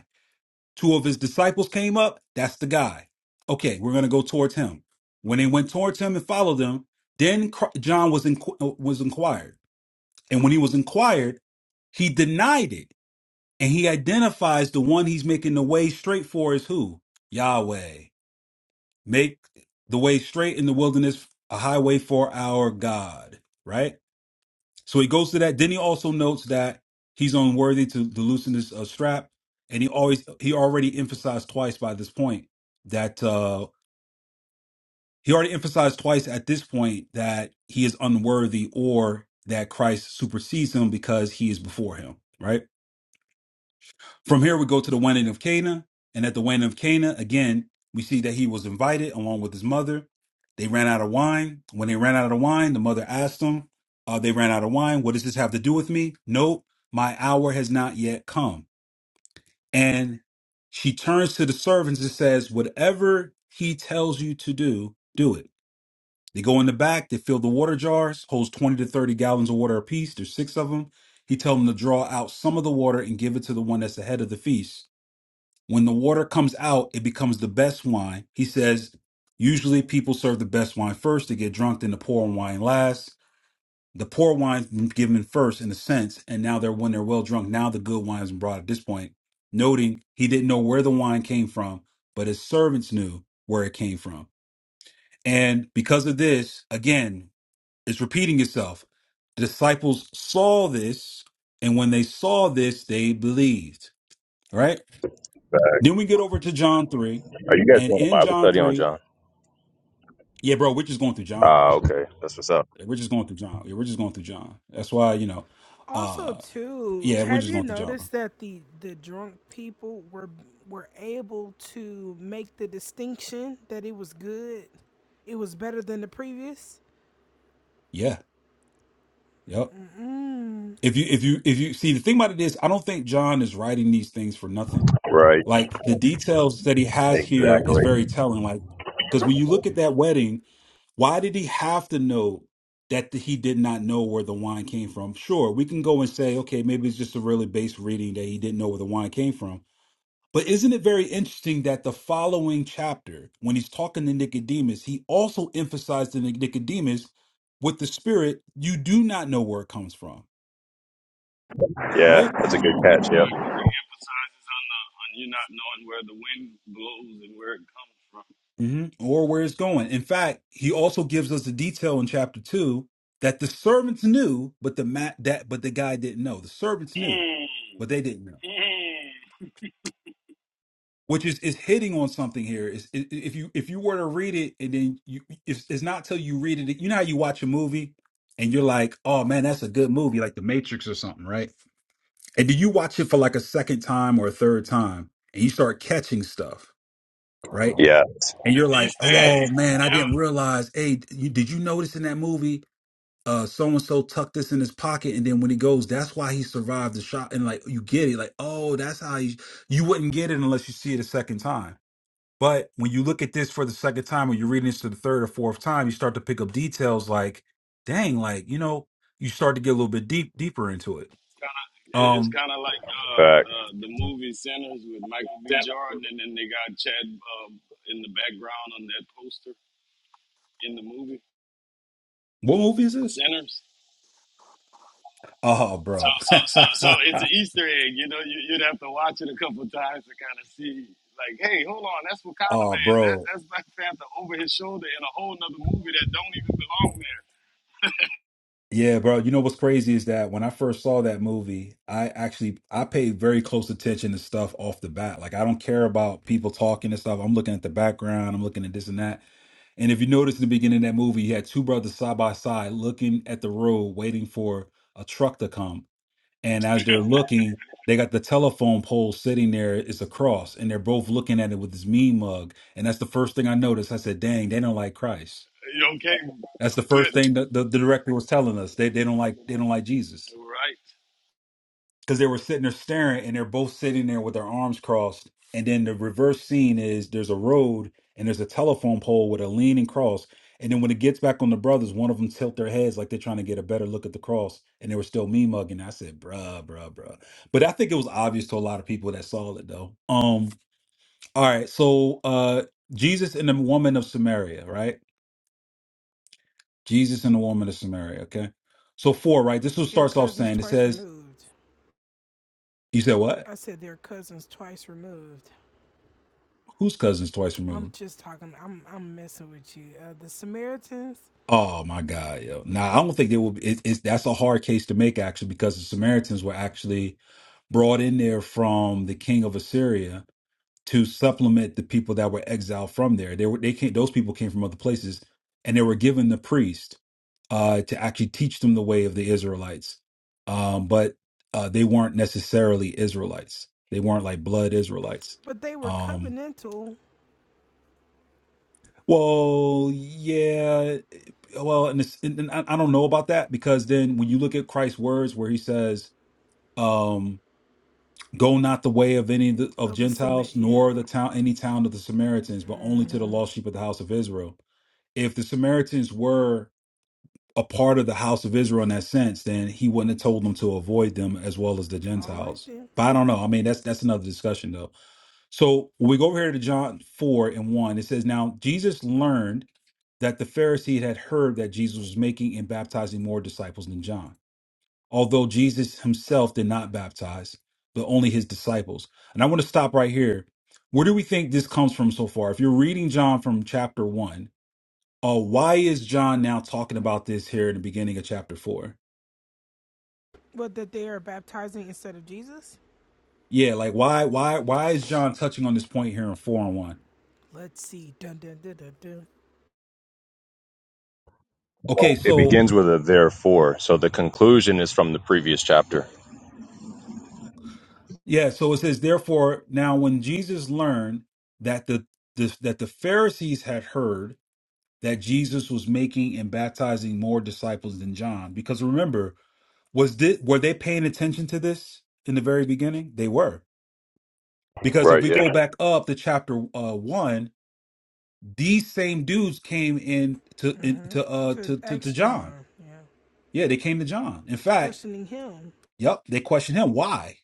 A: Two of his disciples came up. That's the guy. Okay, we're going to go towards him. When they went towards him and followed him, then Cr- John was inqu- was inquired. And when he was inquired, he denied it. And he identifies the one he's making the way straight for is who? Yahweh. Make the way straight in the wilderness a highway for our God, right? So he goes to that. Then he also notes that he's unworthy to, to loosen this uh, strap, and he always he already emphasized twice by this point that uh, he already emphasized twice at this point that he is unworthy or that Christ supersedes him because he is before him, right? From here, we go to the wedding of Cana. And at the wedding of Cana, again, we see that he was invited along with his mother. They ran out of wine. When they ran out of wine, the mother asked him, uh, They ran out of wine. What does this have to do with me? Nope, my hour has not yet come. And she turns to the servants and says, Whatever he tells you to do, do it. They go in the back, they fill the water jars, holds 20 to 30 gallons of water apiece. There's six of them. He tells them to draw out some of the water and give it to the one that's ahead of the feast when the water comes out, it becomes the best wine. He says, usually people serve the best wine first to get drunk, then the poor wine last. The poor wine's been given first in a sense, and now they're when they're well drunk, now the good wine's brought at this point. Noting he didn't know where the wine came from, but his servants knew where it came from. And because of this, again, it's repeating itself. The disciples saw this, and when they saw this, they believed. Right? Then we get over to John 3.
G: Are you guys
A: And
G: doing a
A: in
G: Bible
A: John
G: study on
A: 3,
G: John?
A: yeah, bro, we're just going through John,
G: Ah,
A: bro.
G: okay. That's what's up.
A: Like, We're just going through John. Yeah, we're just going through John. That's why, you know,
F: Also,
A: uh
F: too,
A: yeah, we're
F: have
A: just
F: you
A: going through John, bro.
F: noticed that the the drunk people were were able to make the distinction that it was good? It was better than the previous.
A: Yeah. Yep.
F: Mm,
A: If you if you if you see the thing about it is I don't think John is writing these things for nothing.
G: Right.
A: Like the details that he has here is
G: Exactly.
A: very telling. Like, because when you look at that wedding, why did he have to know that th- he did not know where the wine came from? Sure, we can go and say, okay, maybe it's just a really base reading that he didn't know where the wine came from. But isn't it very interesting that the following chapter, when he's talking to Nicodemus, he also emphasized to Nic- Nicodemus with the spirit, you do not know where it comes from,
G: Yeah,
A: right?
G: that's a good catch. Yeah.
E: emphasizes on the on you not knowing where the wind blows and where it comes from.
A: hmm or where it's going. In fact, he also gives us the detail in chapter two that the servants knew, but the ma- that but the guy didn't know. The servants knew,
E: Mm.
A: but they didn't know.
E: Mm.
A: Which is is hitting on something here. Is i- i- if you if you were to read it and then you it's, it's not till you read it. You know how you watch a movie and you're like, oh man, that's a good movie, like The Matrix or something, right? And do you watch it for like a second time or a third time and you start catching stuff, right?
G: Yeah.
A: and you're like,
E: These
A: oh
E: things,
A: man, I
E: yeah.
A: didn't realize. Hey, you, did you notice in that movie, uh, so and so tucked this in his pocket, and then when he goes, that's why he survived the shot. And like, you get it, like, oh, that's how you you wouldn't get it unless you see it a second time. But when you look at this for the second time, or you're reading this to the third or fourth time, you start to pick up details like, dang, like you know, you start to get a little bit deep deeper into it.
E: It- It's
A: Um,
E: kind of like uh,
G: Fact.
E: uh, the movie Sinners with Michael B. Jordan, and then they got Chad uh, in the background on that poster in the movie
A: what movie is this?
E: Sinners.
A: Oh,
E: So,
A: bro.
E: so, so, so it's an Easter egg. You know, you, you'd have to watch it a couple times to kind of see. Like, hey, hold on, that's Wakanda
A: oh,
E: Man. That,
A: bro.
E: that's Black Panther over his shoulder in a whole nother movie that don't even belong there.
A: Yeah, bro. You know what's crazy is that when I first saw that movie, I actually I paid very close attention to stuff off the bat. Like I don't care about people talking and stuff. I'm looking at the background. I'm looking at this and that. And if you notice in the beginning of that movie, you had two brothers side by side looking at the road, waiting for a truck to come. And as they're looking, they got the telephone pole sitting there. It's a cross, and they're both looking at it with this mean mug. And that's the first thing I noticed. I said, "Dang, they don't like Christ."
E: Okay,
A: That's the first
E: but
A: thing that the, the director was telling us. They they don't like they don't like Jesus
E: right.
A: because they were sitting there staring, and they're both sitting there with their arms crossed. And then the reverse scene is there's a road and there's a telephone pole with a leaning cross. And then when it gets back on the brothers, one of them tilt their heads like they're trying to get a better look at the cross, and they were still me mugging. I said, "Bruh, bruh, bruh." But I think it was obvious to a lot of people that saw it though. Um. All right. So, uh, Jesus and the woman of Samaria, right? Jesus and the woman of Samaria. Okay. So four, right? This is what
F: their
A: starts off
F: cousins
A: saying. It
F: twice
A: says,
F: removed.
A: you said what?
F: I said their cousins twice removed.
A: Whose cousins twice
F: I'm
A: removed?
F: just talking. I'm I'm messing with you. Uh, the Samaritans,
A: Oh my God, yo. Now I don't think they will be it, it's that's a hard case to make actually, because the Samaritans were actually brought in there from the king of Assyria to supplement the people that were exiled from there. They were they came those people came from other places and they were given the priest. uh, to actually teach them the way of the Israelites. Um, but uh, they weren't necessarily Israelites. They weren't like blood Israelites.
F: but they were
A: Um,
F: covenantal
A: well, yeah. Well, and, it's, and and I I don't know about that because then when you look at Christ's words where he says, um, "Go not the way of any of, the, of
F: of the Samit.
A: Gentiles,
F: Yeah.
A: nor the town any town of the Samaritans, but only to the
F: hmm
A: lost sheep of the house of Israel." If the Samaritans were a part of the house of Israel in that sense, then he wouldn't have told them to avoid them as well as the
F: All right
A: Gentiles.
F: then.
A: But I don't know. I mean, that's that's another discussion though. So when we go over here to John 4 and 1, it says, Now Jesus learned that the Pharisees had heard that Jesus was making and baptizing more disciples than John, although Jesus himself did not baptize, but only his disciples. And I want to stop right here. Where do we think this comes from so far? If you're reading John from chapter 1, uh, why is John now talking about this here in the beginning of chapter four?
F: But that they are baptizing instead of Jesus.
A: Yeah, like why why why is John touching on this point here in four and one?
F: Let's see. Dun dun dun dun dun.
G: Well,
A: Okay,
G: It
A: so
G: begins with a therefore, so the conclusion is from the previous chapter.
A: yeah, so it says therefore now when Jesus learned that the, the that the Pharisees had heard that Jesus was making and baptizing more disciples than John, because remember was this, were they paying attention to this in the very beginning? They were because if
G: Right.
A: we
G: Yeah.
A: go back up to chapter uh, one These same dudes came in to in, to uh
F: To
A: to, to to
F: ex
A: John.
F: John. Yeah.
A: Yeah, they came to John. In fact,
F: Questioning him.
A: yep, they questioned him why.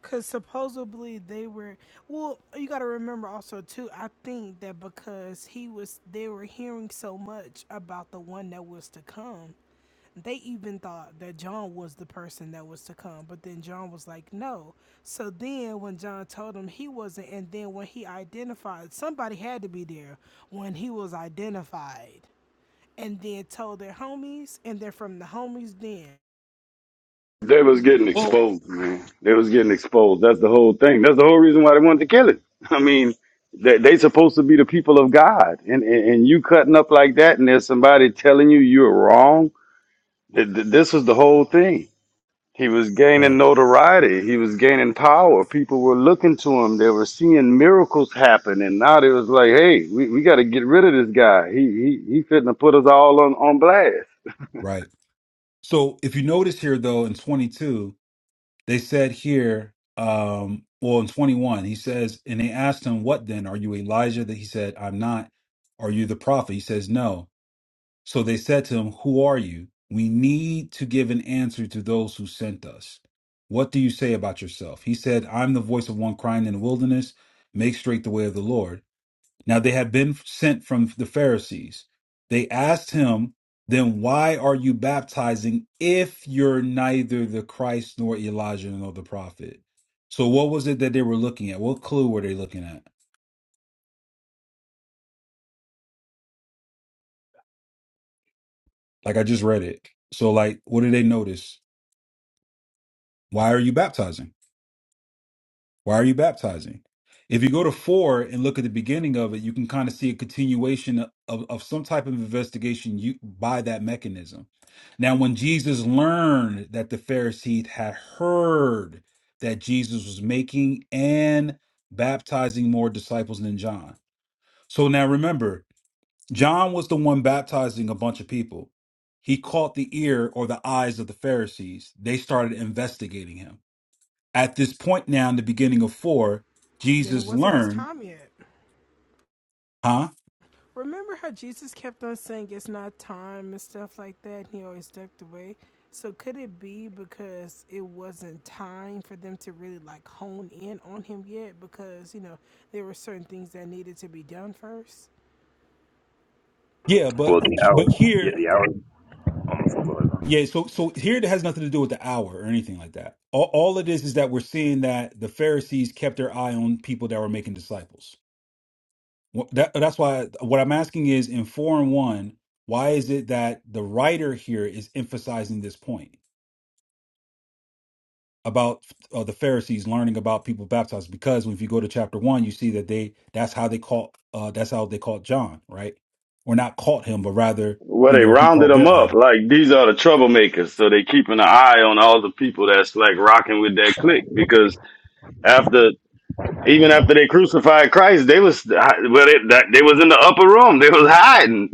F: Because supposedly they were. Well, you got to remember also, too, I think that because he was. They were hearing so much about the one that was to come they even thought that John was the person that was to come, but then John was like, no. So then when John told him he wasn't, and then when he identified, somebody had to be there when he was identified, and then told their homies, and then from the homies, then,
E: They was getting
A: Well,
E: exposed, man. They was getting exposed. That's the whole thing. That's the whole reason why they wanted to kill it. I mean, they they supposed to be the people of God, and and, and you cutting up like that, and there's somebody telling you you're wrong. Th- th- This was the whole thing. He was gaining
A: Right.
E: notoriety. He was gaining power. People were looking to him. They were seeing miracles happen, and now they was like, "Hey, we, we got to get rid of this guy. He he he fitting to put us all on on blast."
A: right. So if you notice here though in 22, they said here um well in 21, he says and they asked him what then are you Elijah that he said I'm not. Are you the prophet? He says no. So they said to him, Who are you? We need to give an answer to those who sent us. What do you say about yourself? He said, I'm the voice of one crying in the wilderness, make straight the way of the Lord. Now they had been sent from the Pharisees. They asked him, Then why are you baptizing if you're neither the Christ nor Elijah nor the prophet? So what was it that they were looking at? What clue were they looking at? Like I just read it. So like what did they notice? Why are you baptizing? Why are you baptizing? If you go to four and look at the beginning of it, you can kind of see a continuation of, of some type of investigation you, by that mechanism. Now, when Jesus learned that the Pharisees had heard that Jesus was making and baptizing more disciples than John. So now remember, John was the one baptizing a bunch of people. He caught the ear or the eyes of the Pharisees. They started investigating him. At this point now in the beginning of four,
F: then it
A: Jesus
F: wasn't his
A: learned,
F: time yet.
A: huh?
F: Remember how Jesus kept on saying it's not time and stuff like that, and he always ducked away? So could it be because it wasn't time for them to really like hone in on him yet because, you know, there were certain things that needed to be done first?
A: Yeah, but
G: Well, the hour.
A: but
G: Yeah,
A: here,
G: the hour. I'm gonna it
A: yeah, so so here it has nothing to do with the hour or anything like that. All, all it is is that we're seeing that the Pharisees kept their eye on people that were making disciples. Wh- That, that's why what I'm asking is in four and one, why is it that the writer here is emphasizing this point? about uh, the Pharisees learning about people baptized because if you go to chapter one, you see that they that's how they caught uh, that's how they caught John, right? Or not caught him, but rather
E: Well,
A: you
E: they
A: know he
E: rounded
A: caught
E: them
A: their
E: up.
A: eye,
E: Like these are the troublemakers, so they keeping an eye on all the people that's like rocking with that clique. Because after, even after they crucified Christ, they was well, they, that, they was in the upper room. They was hiding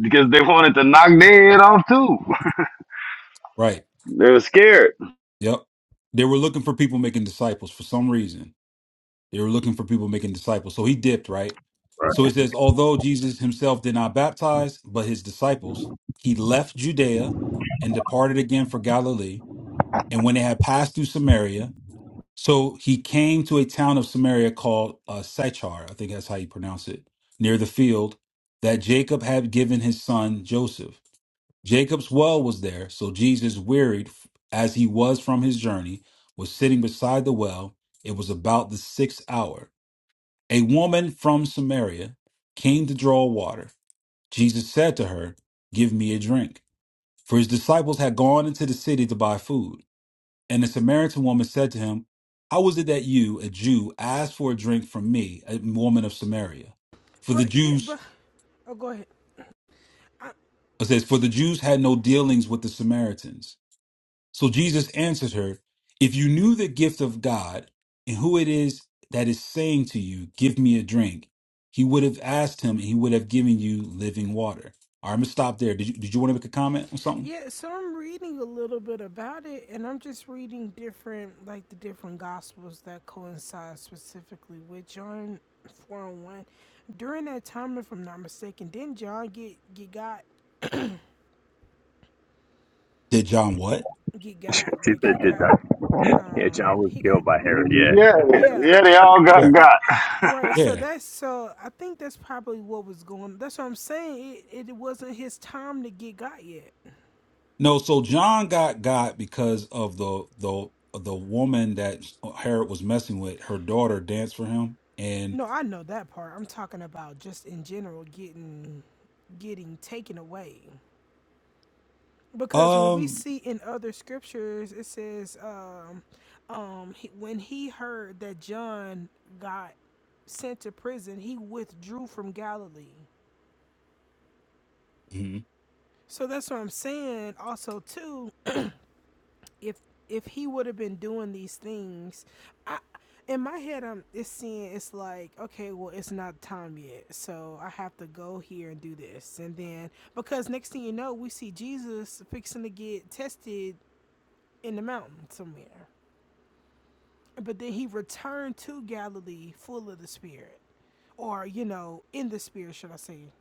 E: because they wanted to knock their head off too.
A: right?
E: They were scared.
A: Yep. They were looking for people making disciples for some reason. They were looking for people making disciples, so he dipped, right?
G: Right.
A: So it says, although Jesus himself did not baptize, but his disciples, he left Judea and departed again for Galilee. And when they had passed through Samaria, So he came to a town of Samaria called uh, Sychar, I think that's how you pronounce it, near the field that Jacob had given his son Joseph. Jacob's well was there, so Jesus, wearied f- as he was from his journey, was sitting beside the well. It was about the sixth hour. A woman from Samaria came to draw water. Jesus said to her, Give me a drink. For his disciples had gone into the city to buy food. And the Samaritan woman said to him, How was it that you, a Jew, asked for a drink from me, a woman of Samaria? For the
F: But yeah,
A: Jews,
F: but oh go ahead. I,
A: it says, For the Jews had no dealings with the Samaritans. So Jesus answered her, If you knew the gift of God and who it is that is saying to you, 'Give me a drink, he would have asked him and he would have given you living water. All right, I'm going to stop there. Did you, did you want to make a comment on something?
F: Yeah, so I'm reading a little bit about it, and I'm just reading different, like the different gospels that coincide specifically with John four and one. During that time, if I'm not mistaken, didn't John get get got
A: Did John what?
F: get
G: she
F: got like he
G: said, "Did
F: got
G: John? Yeah,
F: um
G: John was
F: he got
G: killed by Herod." Yeah.
E: Yeah,
F: yeah
E: yeah, they all got
A: Yeah.
E: got.
F: right. So
A: Yeah.
F: that's so I think that's probably what was going. That's what I'm saying. It it wasn't his time to get got yet.
A: No, so John got got because of the the the woman that Herod was messing with. Her daughter danced for him, and
F: No, I know that part. I'm talking about just in general getting getting taken away. Because when we
A: um,
F: see in other scriptures, it says, um, um, he, when he heard that John got sent to prison, he withdrew from Galilee.
A: mhm.
F: So that's what I'm saying. Also, too, if if he would have been doing these things, I in my head I'm it's seeing it's like okay, well it's not time yet, so I have to go here and do this, and then because next thing you know, we see Jesus fixing to get tested in the mountain somewhere. But then he returned to Galilee full of the Spirit. Or, you know, in the Spirit, should I say.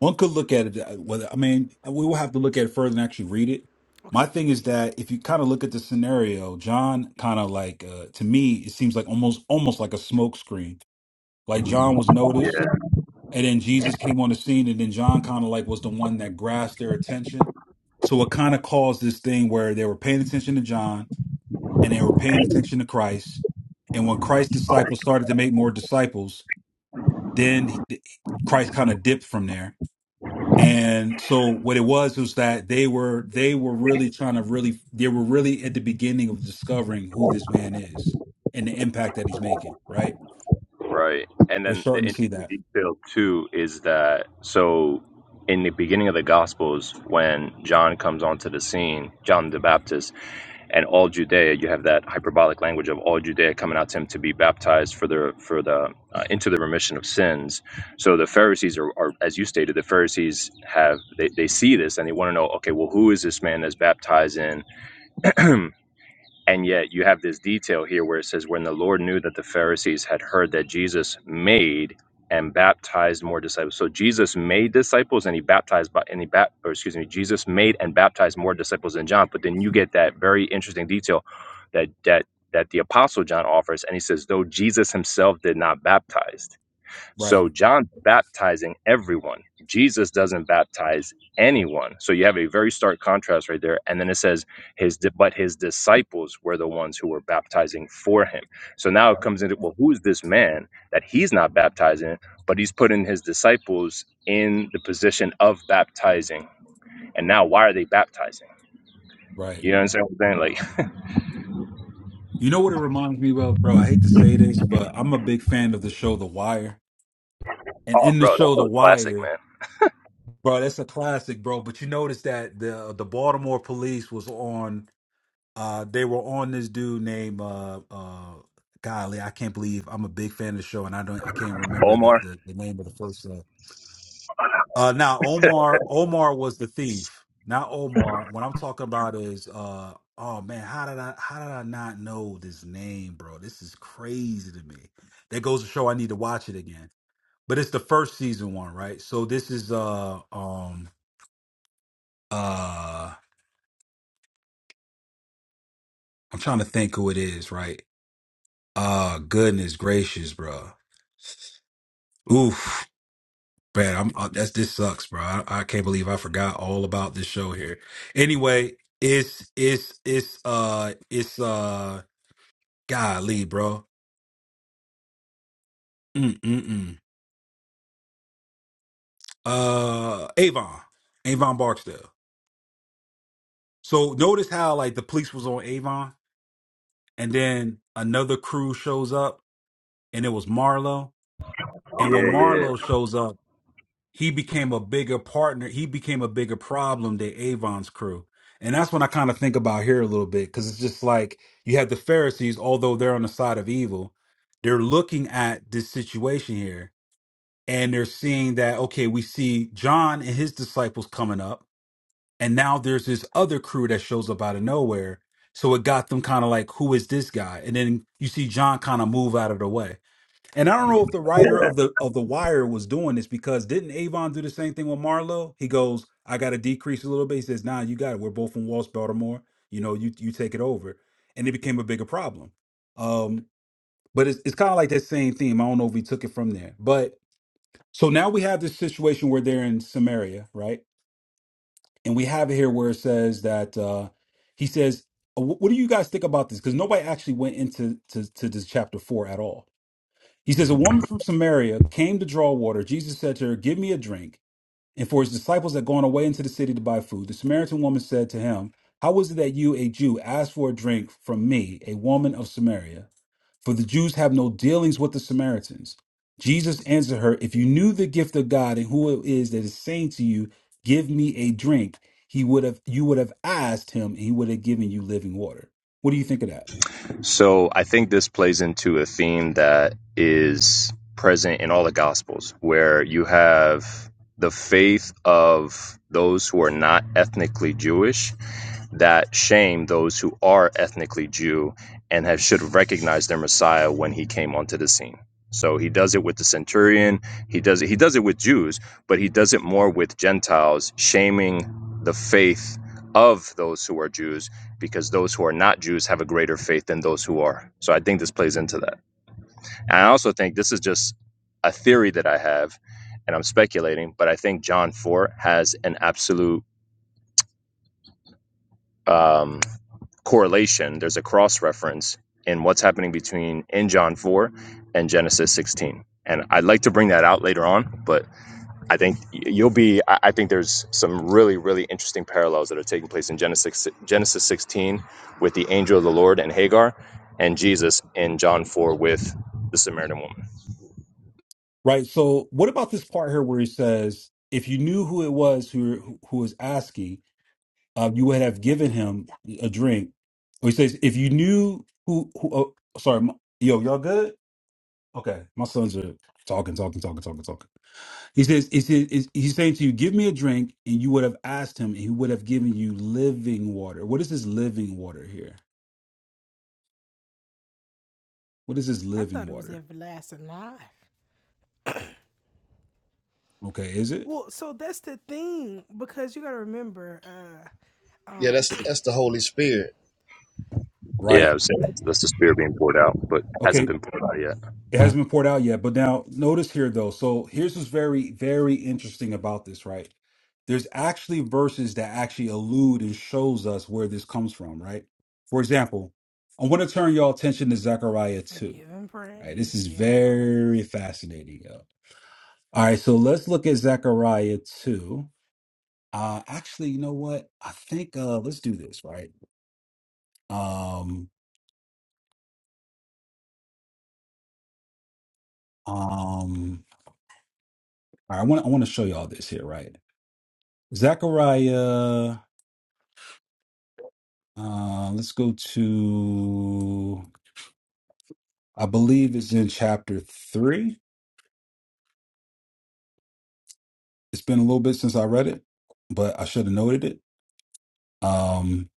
A: one could look at it. that- Whether I mean, we will have to look at it further and actually read it.
F: Okay,
A: My
F: okay,
A: thing is
F: okay.
A: that if you kind of look at the scenario, John kind of like uh, to me, it seems like almost almost like a smokescreen. Like John was
G: Yeah.
A: noticed. And then Jesus came on the scene, and then John kind of like was the one that grasped their attention. So it kind of caused this thing where they were paying attention to John and they were paying attention to Christ. And when Christ's disciples started to make more disciples, then he- Christ kind of dipped from there. And so what it was was that they were they were really trying to really they were really at the beginning of discovering who this man is and the impact that he's making, right?
G: Right. And
A: They're
G: then the
A: starting to see
G: interesting
A: that.
G: detail too is that so in the beginning of the gospels when John comes onto the scene, John the Baptist and all Judea, you have that hyperbolic language of all Judea coming out to him to be baptized for the for the uh, into the remission of sins. So the Pharisees are, are as you stated, the Pharisees have they, they see this and they want to know, okay, well, who is this man that's baptizing And yet you have this detail here where it says, when the Lord knew that the Pharisees had heard that Jesus made and baptized more disciples. So Jesus made disciples and he baptized by and he bap or excuse me, Jesus made and baptized more disciples than John. But then you get that very interesting detail that that that the apostle John offers and he says, though Jesus himself did not baptize.
A: Right,
G: So John's baptizing everyone. Jesus doesn't baptize anyone. So you have a very stark contrast right there. And then it says his di- but his disciples were the ones who were baptizing for him. So now it comes into well, who's this man that he's not baptizing, but he's putting his disciples in the position of baptizing. And now why are they baptizing?
A: right.
G: You know what I'm saying? Like,
A: You know what it reminds me of, bro? I hate to say this, but I'm a big fan of the show The Wire. And
G: oh
A: in the
G: bro, that's
A: show The
G: so classic,
A: Wire,
G: man.
A: bro, that's a classic, bro. But you notice that the the Baltimore police was on uh they were on this dude named uh uh golly, I can't believe I'm a big fan of the show and I don't I can't remember the
G: Omar?
A: the, the name of the first uh Uh now Omar Omar was the thief. Not Omar. What I'm talking about is uh oh man, how did I how did I not know this name, bro? This is crazy to me. That goes to show I need to watch it again. But it's the first season one, right? So this is uh um uh I'm trying to think who it is, right? Uh goodness gracious, bro. Oof. Man, I'm uh, that's this sucks, bro. I, I can't believe I forgot all about this show here. Anyway, it's it's it's uh it's uh golly, bro. Mm mm mm. Uh, Avon, Avon Barksdale. So notice how like the police was on Avon, and then another crew shows up, and it was Marlo. And when
G: Yeah,
A: Marlo shows up. he became a bigger partner. He became a bigger problem than Avon's crew. And that's when I kind of think about here a little bit because it's just like you have the Pharisees, although they're on the side of evil, they're looking at this situation here and they're seeing that, okay, we see John and his disciples coming up. And now there's this other crew that shows up out of nowhere. So it got them kind of like, who is this guy? And then you see John kind of move out of the way. And I don't know if the
G: yeah.
A: writer of the of the Wire was doing this because didn't Avon do the same thing with Marlowe? He goes, "I got to decrease a little bit." He says, "Nah, you got it. We're both from West Baltimore. You know, you you take it over," and it became a bigger problem. Um, but it's it's kind of like that same theme. I don't know if we took it from there, but so now we have this situation where they're in Samaria, right? And we have it here where it says that uh, he says, "Uh, "Wh- "What do you guys think about this?" Because nobody actually went into to, to this chapter four at all he says, A woman from Samaria came to draw water. Jesus said to her, Give me a drink. And for his disciples had gone away into the city to buy food, the Samaritan woman said to him, How is it that you, a Jew, ask for a drink from me, a woman of Samaria? For the Jews have no dealings with the Samaritans. Jesus answered her, If you knew the gift of God and who it is that is saying to you, 'Give me a drink, he would have you would have asked him, and he would have given you living water. What do you think of that?
G: So I think this plays into a theme that is present in all the Gospels, where you have the faith of those who are not ethnically Jewish that shame those who are ethnically Jew and have should have recognized their Messiah when he came onto the scene. So he does it with the centurion, he does it he does it with Jews, but he does it more with Gentiles, shaming the faith of those who are Jews because those who are not Jews have a greater faith than those who are. So I think this plays into that. And I also think this is just a theory that I have, and I'm speculating, but I think John 4 has an absolute um, correlation. There's a cross reference in what's happening between in John 4 and Genesis 16. And I'd like to bring that out later on, but I think you'll be. I I think there's some really, really interesting parallels that are taking place in Genesis si, Genesis 16 with the angel of the Lord and Hagar, and Jesus in John 4 with the Samaritan woman.
A: Right. So, what about this part here where he says, if you knew who it was who who was asking, uh, you would have given him a drink. Or he says, if you knew who, who oh, sorry, my, yo, y'all good? Okay, my sons are talking, talking, talking, talking, talking. He says, he says, is- he's saying to you, give me a drink, and you would have asked him, and he would have given you living water. What is this living water here? What is this
F: I
A: living
F: thought it was
A: water?
F: everlasting life.
A: Okay, is it
F: Well, so that's the thing, because you got to remember, uh,
C: Yeah,
F: uh,
C: that's that's the Holy Spirit.
G: Yeah, I
A: right?
G: was saying that's, that's the spirit being poured out, but hasn't been poured out yet.
A: It hasn't been poured out yet, but now notice here though. So here's what's very, very interesting about this, right? There's actually verses that actually allude and shows us where this comes from, right? For example, I want to turn y'all attention to Zechariah
F: we're
A: 2.
F: giving
A: Right? This
F: praise,
A: is
F: yeah.
A: very fascinating. Yo. All right, so let's look at Zechariah 2. Uh actually, you know what? I think uh let's do this, right? Um um all right, I want I want to show y'all this here, right? Zechariah. Uh, let's go to, I believe it's in chapter three. It's been a little bit since I read it, but I should have noted it. Um,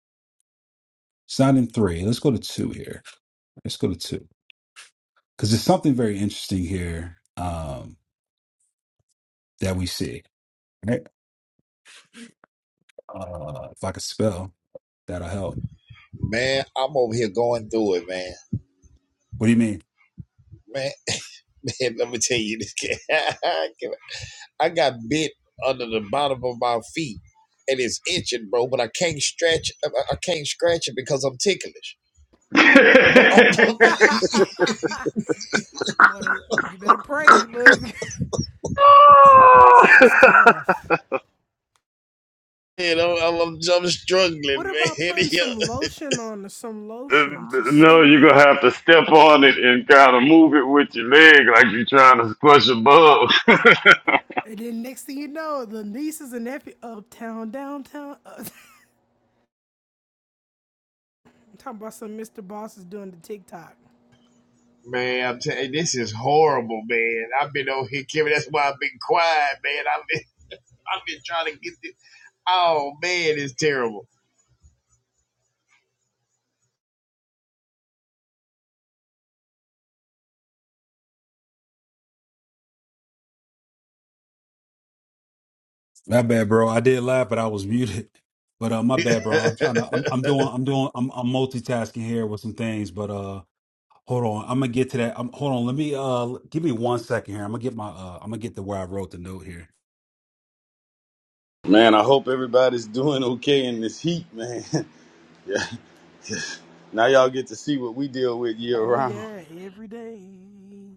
A: it's not in three. Let's go to two here. Let's go to two because there's something very interesting here um, that we see. Right? Uh, if I could spell, that'll help.
C: Man, I'm over here going through it, man.
A: What do you mean?
C: Man, man let me tell you this. I got bit under the bottom of my feet and it's itching, bro, but I can't stretch I I can't scratch it because I'm ticklish. But I'm,
F: What a, you better pray. Look, That's tough.
C: man, I'm, I'm, I'm
F: What
C: struggling,
F: about
C: man.
F: putting some lotion on some lotion to
E: No,
F: soothe
E: you're gonna
F: it?
E: have to step on it and kind of move it with your leg like you're trying to squash a bug.
F: And then next thing you know, the nieces and nephews uptown, downtown. Up- I'm talking about some Mr. Boss is doing the TikTok.
C: Man, I'm telling you, this is horrible, man. I've been over here, Kevin. That's why I've been quiet, man. I've been, I've been trying to get this. Oh man, it's terrible.
A: My bad, bro. I did laugh, but I was muted. But uh, my bad, bro.
C: what
A: I'm trying to. I'm, I'm doing. I'm doing. I'm, I'm multitasking here with some things, but uh. Hold on, I'm gonna get to that. Um hold on, let me uh give me one second here. I'm gonna get my uh I'm gonna get to where I wrote the note here.
E: Man, I hope everybody's doing okay in this heat, man. yeah. Now y'all get to see what we deal with year
F: Oh
E: round.
F: yeah, every day. You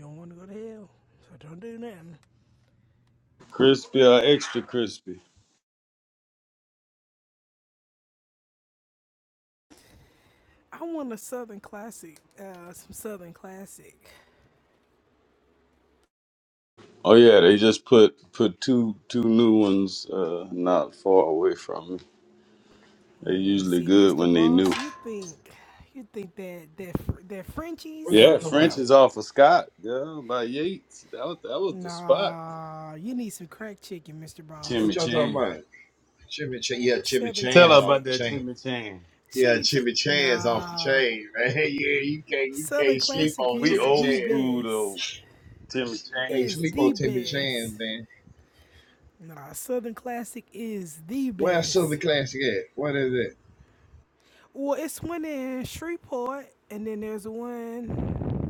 F: don't want to go to hell, so don't do nothing.
E: Crispy or extra crispy.
F: I want a Southern classic, uh, some Southern classic.
E: Oh yeah, they just put put two two new ones uh not far away from me. They're
F: Mm,
E: usually
F: see,
E: good
F: Mr.
E: when they new.
F: Boss, you think, you think that that that Frenchies?
E: Yeah,
C: y'all talking
E: French
C: about?
F: No,
E: is off of Scott, yeah, by Yates. That was that was the spot.
F: nah. You need some crack chicken, Mr. Boss.
C: What
E: Timmy
C: you
E: Chang.
C: about? Yeah,
F: Southern
E: Tell her
C: y'all
E: about
F: classic,
E: that
C: change.
E: Timmy Chan.
F: chimichurri? Nah.
C: Yeah, you
F: Southern
C: can't sleep
F: classic
C: on
E: We
F: is
C: the
E: old
F: the
C: chair.
E: school though.
F: best.
E: Timmy Chan.
C: Can't
F: Is the best. Nah, Southern Classic is the
C: what?
F: best.
C: is it? What is it?
F: Well, it's one in Shreveport, and then there's one.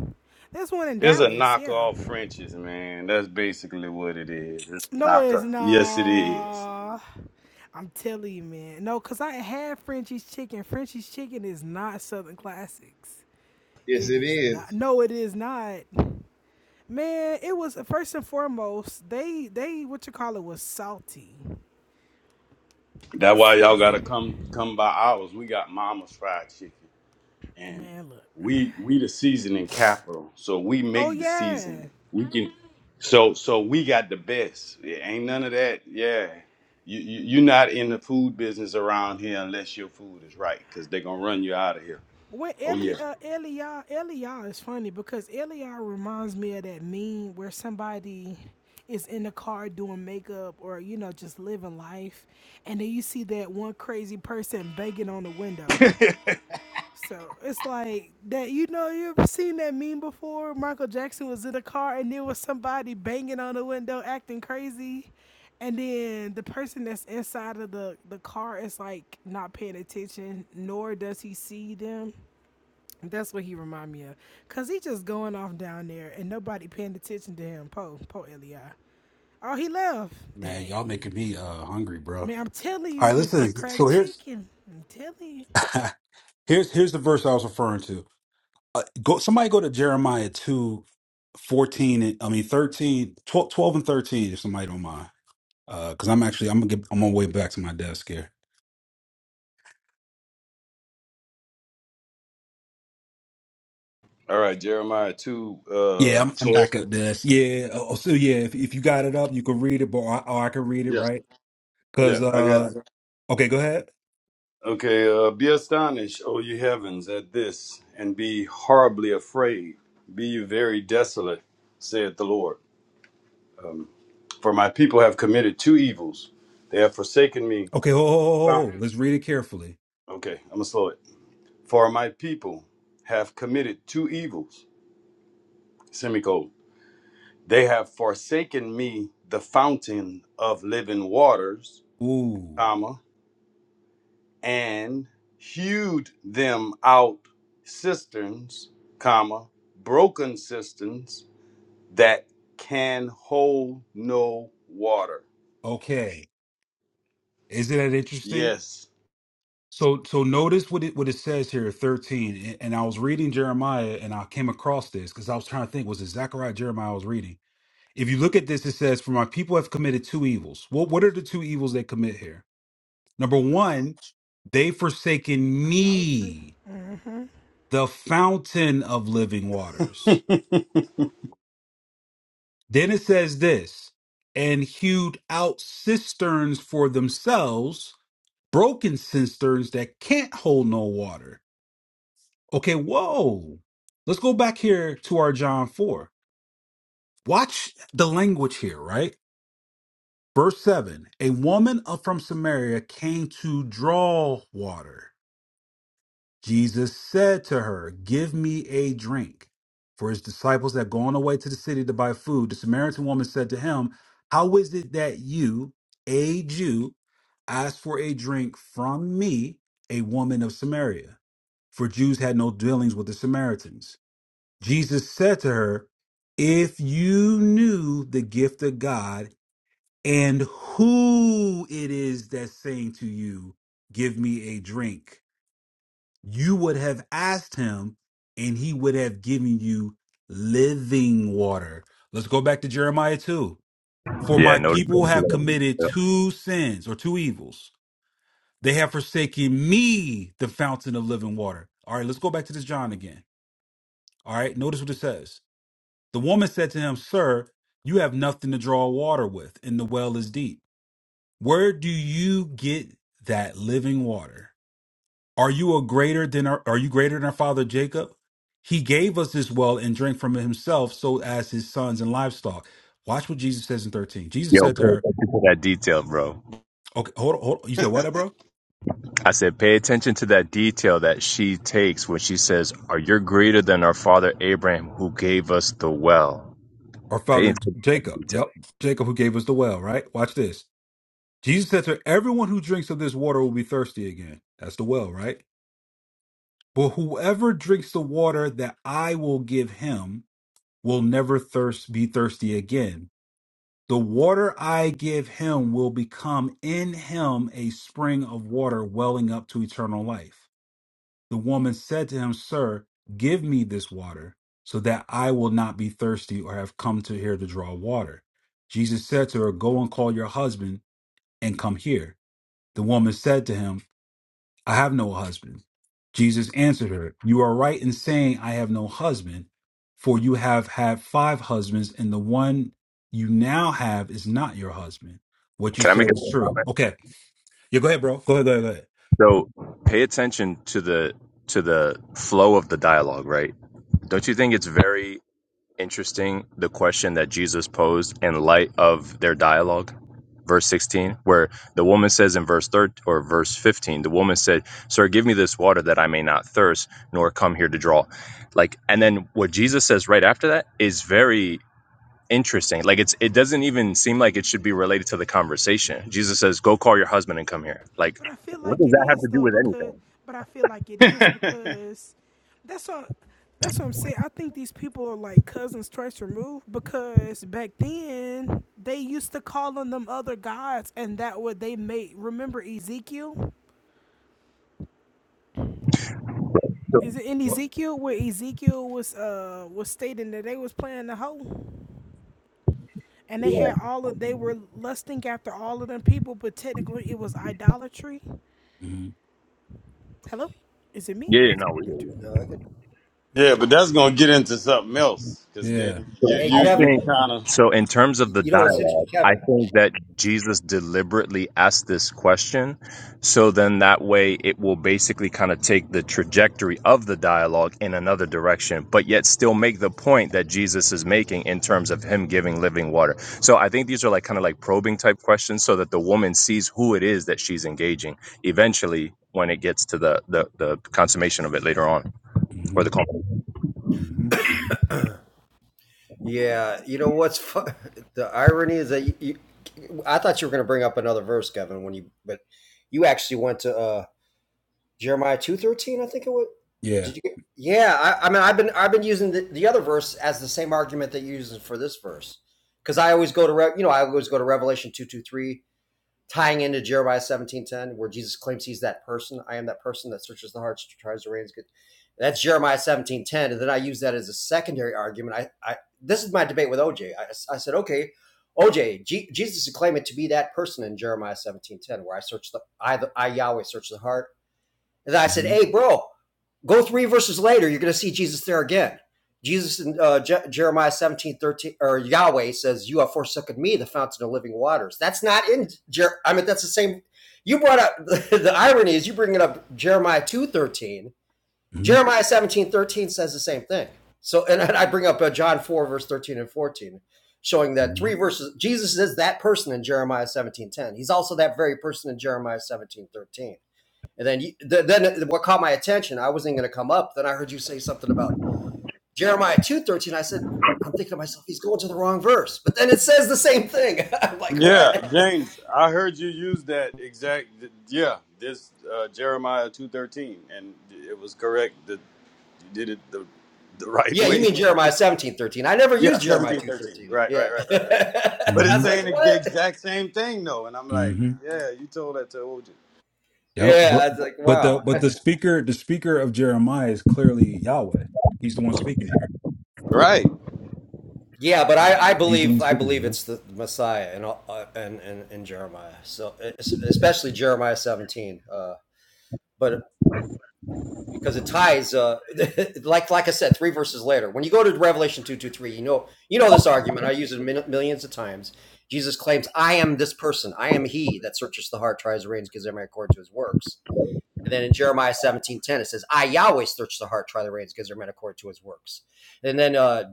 F: There's one in
E: It's a
F: Dallas. Yeah.
E: knockoff French's, man. That's basically what it is. It's a
F: No, it's
E: knockoff. Yes, it is.
F: nah. I'm telling you, man. No, cause I had Frenchie's Chicken. Frenchie's Chicken is not Southern Classics.
C: Yes,
F: It
C: it
F: is not.
C: is.
F: No, it is not. Man, it was first and foremost. They they what you call it was salty.
E: That's why
F: S-
E: y'all gotta come come by ours. We got Mama's fried chicken, and
F: Man, look.
E: we we the seasoning capital. So we
F: Oh
E: make the
F: yeah.
E: season. We can. So so we got the best. It ain't none of that. Yeah. You, you, you're not in the food business around here unless your food is right, because they're going to run you out of here.
F: Well,
E: Oh
F: Eli,
E: yeah.
F: uh, Eliya, Eliya is funny because Eliya reminds me of that meme where somebody is in the car doing makeup or you know just living life, and then you see that one crazy person banging on the window. So it's like that. You know, you ever seen that meme before? Michael Jackson was in the car and there was somebody banging on the window, acting crazy. And then the person that's inside of the, the car is like not paying attention, nor does he see them. That's what he remind me of. Cause he just going off down there and nobody paying attention to him. Poe, Poe Eli. Oh, he left.
A: Man, y'all
F: Dang.
A: making me uh hungry, bro.
F: Man, I'm telling
A: All right,
F: you, it's the
A: listen. So
F: cracked
A: here's
F: chicken. I'm telling you.
A: here's here's the verse I was referring to. Uh, go somebody go to Jeremiah 2 14. and I mean 13, 12, 12 and 13 if somebody don't mind. Uh cuz I'm actually I'm gonna get I'm on my way back to my desk here.
E: All right, Jeremiah 2,
A: Yeah,
E: uh,
A: I'm
E: 12.
A: back up desk. Yeah, oh, oh, so yeah, if if you got it up, you can read it, but I, or I can read it,
E: Yeah.
A: right? Cuz
E: Yeah, I got
A: uh
E: it.
A: okay, go ahead.
E: Okay, uh, be astonished, O ye heavens, at this, and be horribly afraid. Be you very desolate, saith the Lord. Um, for my people have committed two evils. They have forsaken me.
A: Okay, oh, oh,
E: Wow.
A: oh, oh, let's read it carefully.
E: Okay, I'm going to slow it. For my people have committed two evils, semicolon. They have forsaken me, the fountain of living waters,
A: Ooh,
E: comma. and hewed them out cisterns, comma, broken cisterns that can hold no water.
A: okay. Isn't that interesting?
E: Yes.
A: So, so notice what it what it says here, thirteen. And and I was reading Jeremiah, and I came across this because I was trying to think, was it Zechariah, or Jeremiah? I was reading. If you look at this, it says, "For my people have committed two evils." What what are the two evils they commit here? Number one, they forsaken
F: Idolatry.
A: me,
F: Mm-hmm.
A: the fountain of living waters.
E: yeah,
A: Then it says this and hewed out cisterns for themselves, broken cisterns that can't hold no water. Okay, whoa. Let's go back here to our John 4. Watch the language here, right? Verse 7 A woman of- from Samaria came to draw water. Jesus said to her, Give me a drink. For his disciples had gone away to the city to buy food. The Samaritan woman said to him, How is it that you, a Jew, ask for a drink from me, a woman of Samaria? For Jews had no dealings with the Samaritans. Jesus said to her, If you knew the gift of God and who it is that's saying to you, 'Give me a drink you would have asked him and he would have given you living water. Let's go back to Jeremiah 2. For
G: Yeah,
A: my
G: notice.
A: people have committed two sins or two evils. They have forsaken me, the fountain of living water. All right, let's go back to this John again. All right, notice what it says. The woman said to him, Sir, you have nothing to draw water with, and the well is deep. Where do you get that living water? Are you a greater than our, are you greater than our father Jacob? He gave us this well and drank from it himself, so as his sons and livestock. Watch what Jesus says in 13. Jesus
G: Yo,
A: said
G: pay
A: to her,
G: attention to that detail, bro.
A: Okay, hold on, hold on. You said what, bro?
G: I said, pay attention to that detail that she takes when she says, "Are you greater than our father Abraham, who gave us the well?"
A: Our
G: Pay
A: father
G: attention to that
A: Jacob.
G: detail.
A: Yep. Jacob who gave us the well, right? Watch this. Jesus said to her, Everyone who drinks of this water will be thirsty again. That's the well, right? But whoever drinks the water that I will give him will never thirst be thirsty again. The water I give him will become in him a spring of water welling up to eternal life. The woman said to him, Sir, give me this water, so that I will not be thirsty or have come to here to draw water. Jesus said to her, Go and call your husband and come here. The woman said to him, I have no husband. Jesus answered her, You are right in saying, I have no husband, for you have had five husbands, and the one you now have is not your husband. What you
G: Can I make
A: said is
G: a
A: true. Okay. Yeah, go ahead, bro. Go ahead, go ahead, go ahead.
G: So pay attention to the to the flow of the dialogue, right? Don't you think it's very interesting the question that Jesus posed in light of their dialogue? Verse 16, where the woman says in verse third or verse 15, the woman said, Sir, give me this water that I may not thirst, nor come here to draw. Like, and then what Jesus says right after that is very Interesting. Like it's it doesn't even seem like it should be related to the conversation. Jesus says, "Go call your husband and come here." Like,
F: But I feel
G: what
F: like
G: does
F: it
G: that have
F: is
G: to do
F: though,
G: with
F: because
G: anything?
F: but I feel like it is because that's what that's what I'm saying. I think these people are like cousins twice removed because back then they used to call on them other gods and that what they made remember Ezekiel? Is it in
A: What?
F: Ezekiel where Ezekiel was uh was stating that they was playing the hoe and they
G: Yeah.
F: had all of they were lusting after all of them people, but technically it was idolatry.
A: hmm
F: Hello, is it me or
G: Yeah.
F: is
G: No.
F: it?
H: No, I could, we could hear.
E: but that's gonna get into something else, cause then
A: Yeah.
E: you
G: So
H: Hey,
E: you
G: I
E: you
H: Kevin.
G: think
E: kind of
G: so. In terms of
H: You
G: the
H: know what's interesting,
G: dialogue, I
H: Kevin?
G: think that Jesus deliberately asked this question, so then that way it will basically kind of take the trajectory of the dialogue in another direction, but yet still make the point that Jesus is making in terms of him giving living water. So I think these are like kind of like probing type questions, so that the woman sees who it is that she's engaging eventually when it gets to the the, the consummation of it later on or
A: hmm
G: the call.
A: hmm
H: Yeah, you know what's fu- the irony is that you, you, I thought you were going to bring up another verse, Kevin. When you but you actually went to uh, Jeremiah two thirteen, I think it was.
A: Yeah.
H: Did you? Get, yeah, I, I mean, I've been I've been using the, the other verse as the same argument that you're using for this verse because I always go to Re, you know I always go to Revelation two two three tying into Jeremiah 17:10, where Jesus claims he's that person. I am that person that searches the hearts, tries to reins good. That's Jeremiah 17:10, and then I use that as a secondary argument. I, I this is my debate with OJ. I, I said, okay, OJ, Jesus is claiming to be that person in Jeremiah 17:10, where I search the I, the, I Yahweh search the heart, and I said,
A: hmm
H: hey, bro, go three verses later. You're going to see Jesus there again. Jesus in uh, Je- Jeremiah 17:13, or Yahweh says, You have forsaken me, the fountain of living waters. That's not in, Jer- I mean, that's the same. You brought up, the, irony is you bringing up Jeremiah 2:13.
A: hmm
H: Jeremiah 17:13 says the same thing. So, and I bring up uh, John 4, verse 13 and 14, showing that
A: hmm
H: three verses, Jesus is that person in Jeremiah 17:10. He's also that very person in Jeremiah 17:13." And then you, th- then what caught my attention, I wasn't going to come up. Then I heard you say something about Jeremiah 2:13. I said, I'm thinking to myself, he's going to the wrong verse. But then it says the same thing. I'm like,
E: yeah,
H: what?
E: James. I heard you use that exact yeah this uh, Jeremiah two thirteen, and it was correct that you did it the the right
H: Yeah, yeah, you
E: way.
H: mean Jeremiah 17 13? I never
E: Yeah,
H: used Jeremiah
E: seventeen,
H: 2
E: thirteen.
H: 13.
E: Right, right,
H: Yeah.
E: right, right, right. But
H: I
E: it's
A: hmm
H: was like,
E: saying the
H: what?
E: exact same thing though, and I'm like,
A: hmm
E: yeah, you told that to OJ.
A: Yep.
H: Yeah.
A: But
H: I was like,
A: but the
H: wow.
A: but the speaker the speaker of Jeremiah is clearly Yahweh. He's the one speaking here.
E: Right.
H: Yeah, but I, I
A: He's the one
H: believe I
A: speaking
H: believe
A: here.
H: it's the Messiah and uh, and, and and Jeremiah. So especially Jeremiah 17. Uh, but because it ties uh like like I said, three verses later. When you go to Revelation two two three, you know you know this argument. I use it min- millions of times. Jesus claims, "I am this person. I am He that searches the heart, tries the reins, gives every man according to His works." And then in Jeremiah seventeen ten, it says, "I Yahweh search the heart, try the reins, gives every man according to His works." And then uh,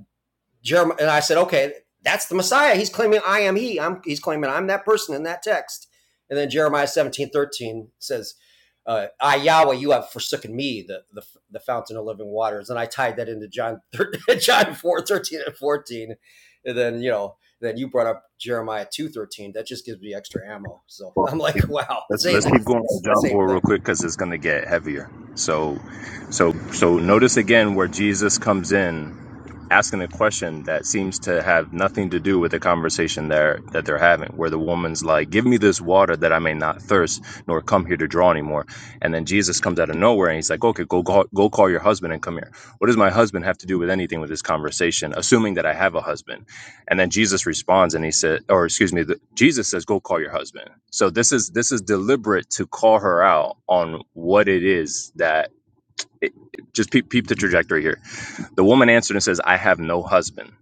H: Jeremiah, and I said, okay, that's the Messiah. He's claiming I am he. I'm, he's claiming I'm that person in that text. And then Jeremiah 17 13 says, uh, I, Yahweh, you have forsaken me, the, the, the fountain of living waters. And I tied that into John, John 4 13 and 14. And then, you know, then you brought up Jeremiah 2:13. That just gives me extra ammo. So
G: Well,
H: I'm like,
G: yeah.
H: wow,
G: Let's,
H: it's
G: let's
H: saying the
G: keep going on John
H: same
G: 4 real
H: thing.
G: quick because it's going to get heavier. So, so, so notice again where Jesus comes in asking a question that seems to have nothing to do with the conversation there that they're having where the woman's like give me this water that i may not thirst nor come here to draw anymore and then jesus comes out of nowhere and he's like okay go, go go call your husband and come here what does my husband have to do with anything with this conversation assuming that i have a husband and then jesus responds and he said or excuse me the, jesus says go call your husband so this is this is deliberate to call her out on what it is that it, just peep, peep the trajectory here the woman answered and says, I have no husband.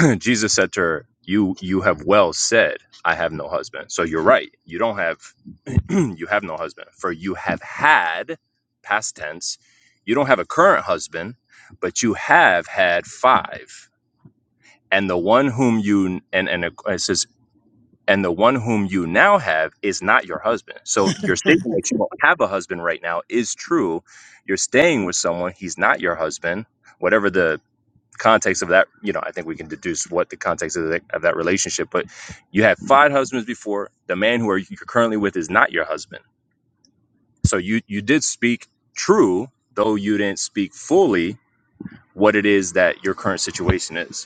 G: Jesus said to her, You you have well said, I have no husband. So you're right. You don't have you have no husband. For you have had past tense, you don't have a current husband, but you have had five. And the one whom you and and it says and the one whom you now have is not your husband. So your statement that you don't have a husband right now is true. You're staying with someone, he's not your husband. Whatever the context of that, you know, I think we can deduce what the context of, the, of that relationship. But you had five husbands before. The man who are, you're currently with is not your husband. So you you did speak true, though you didn't speak fully what it is that your current situation is.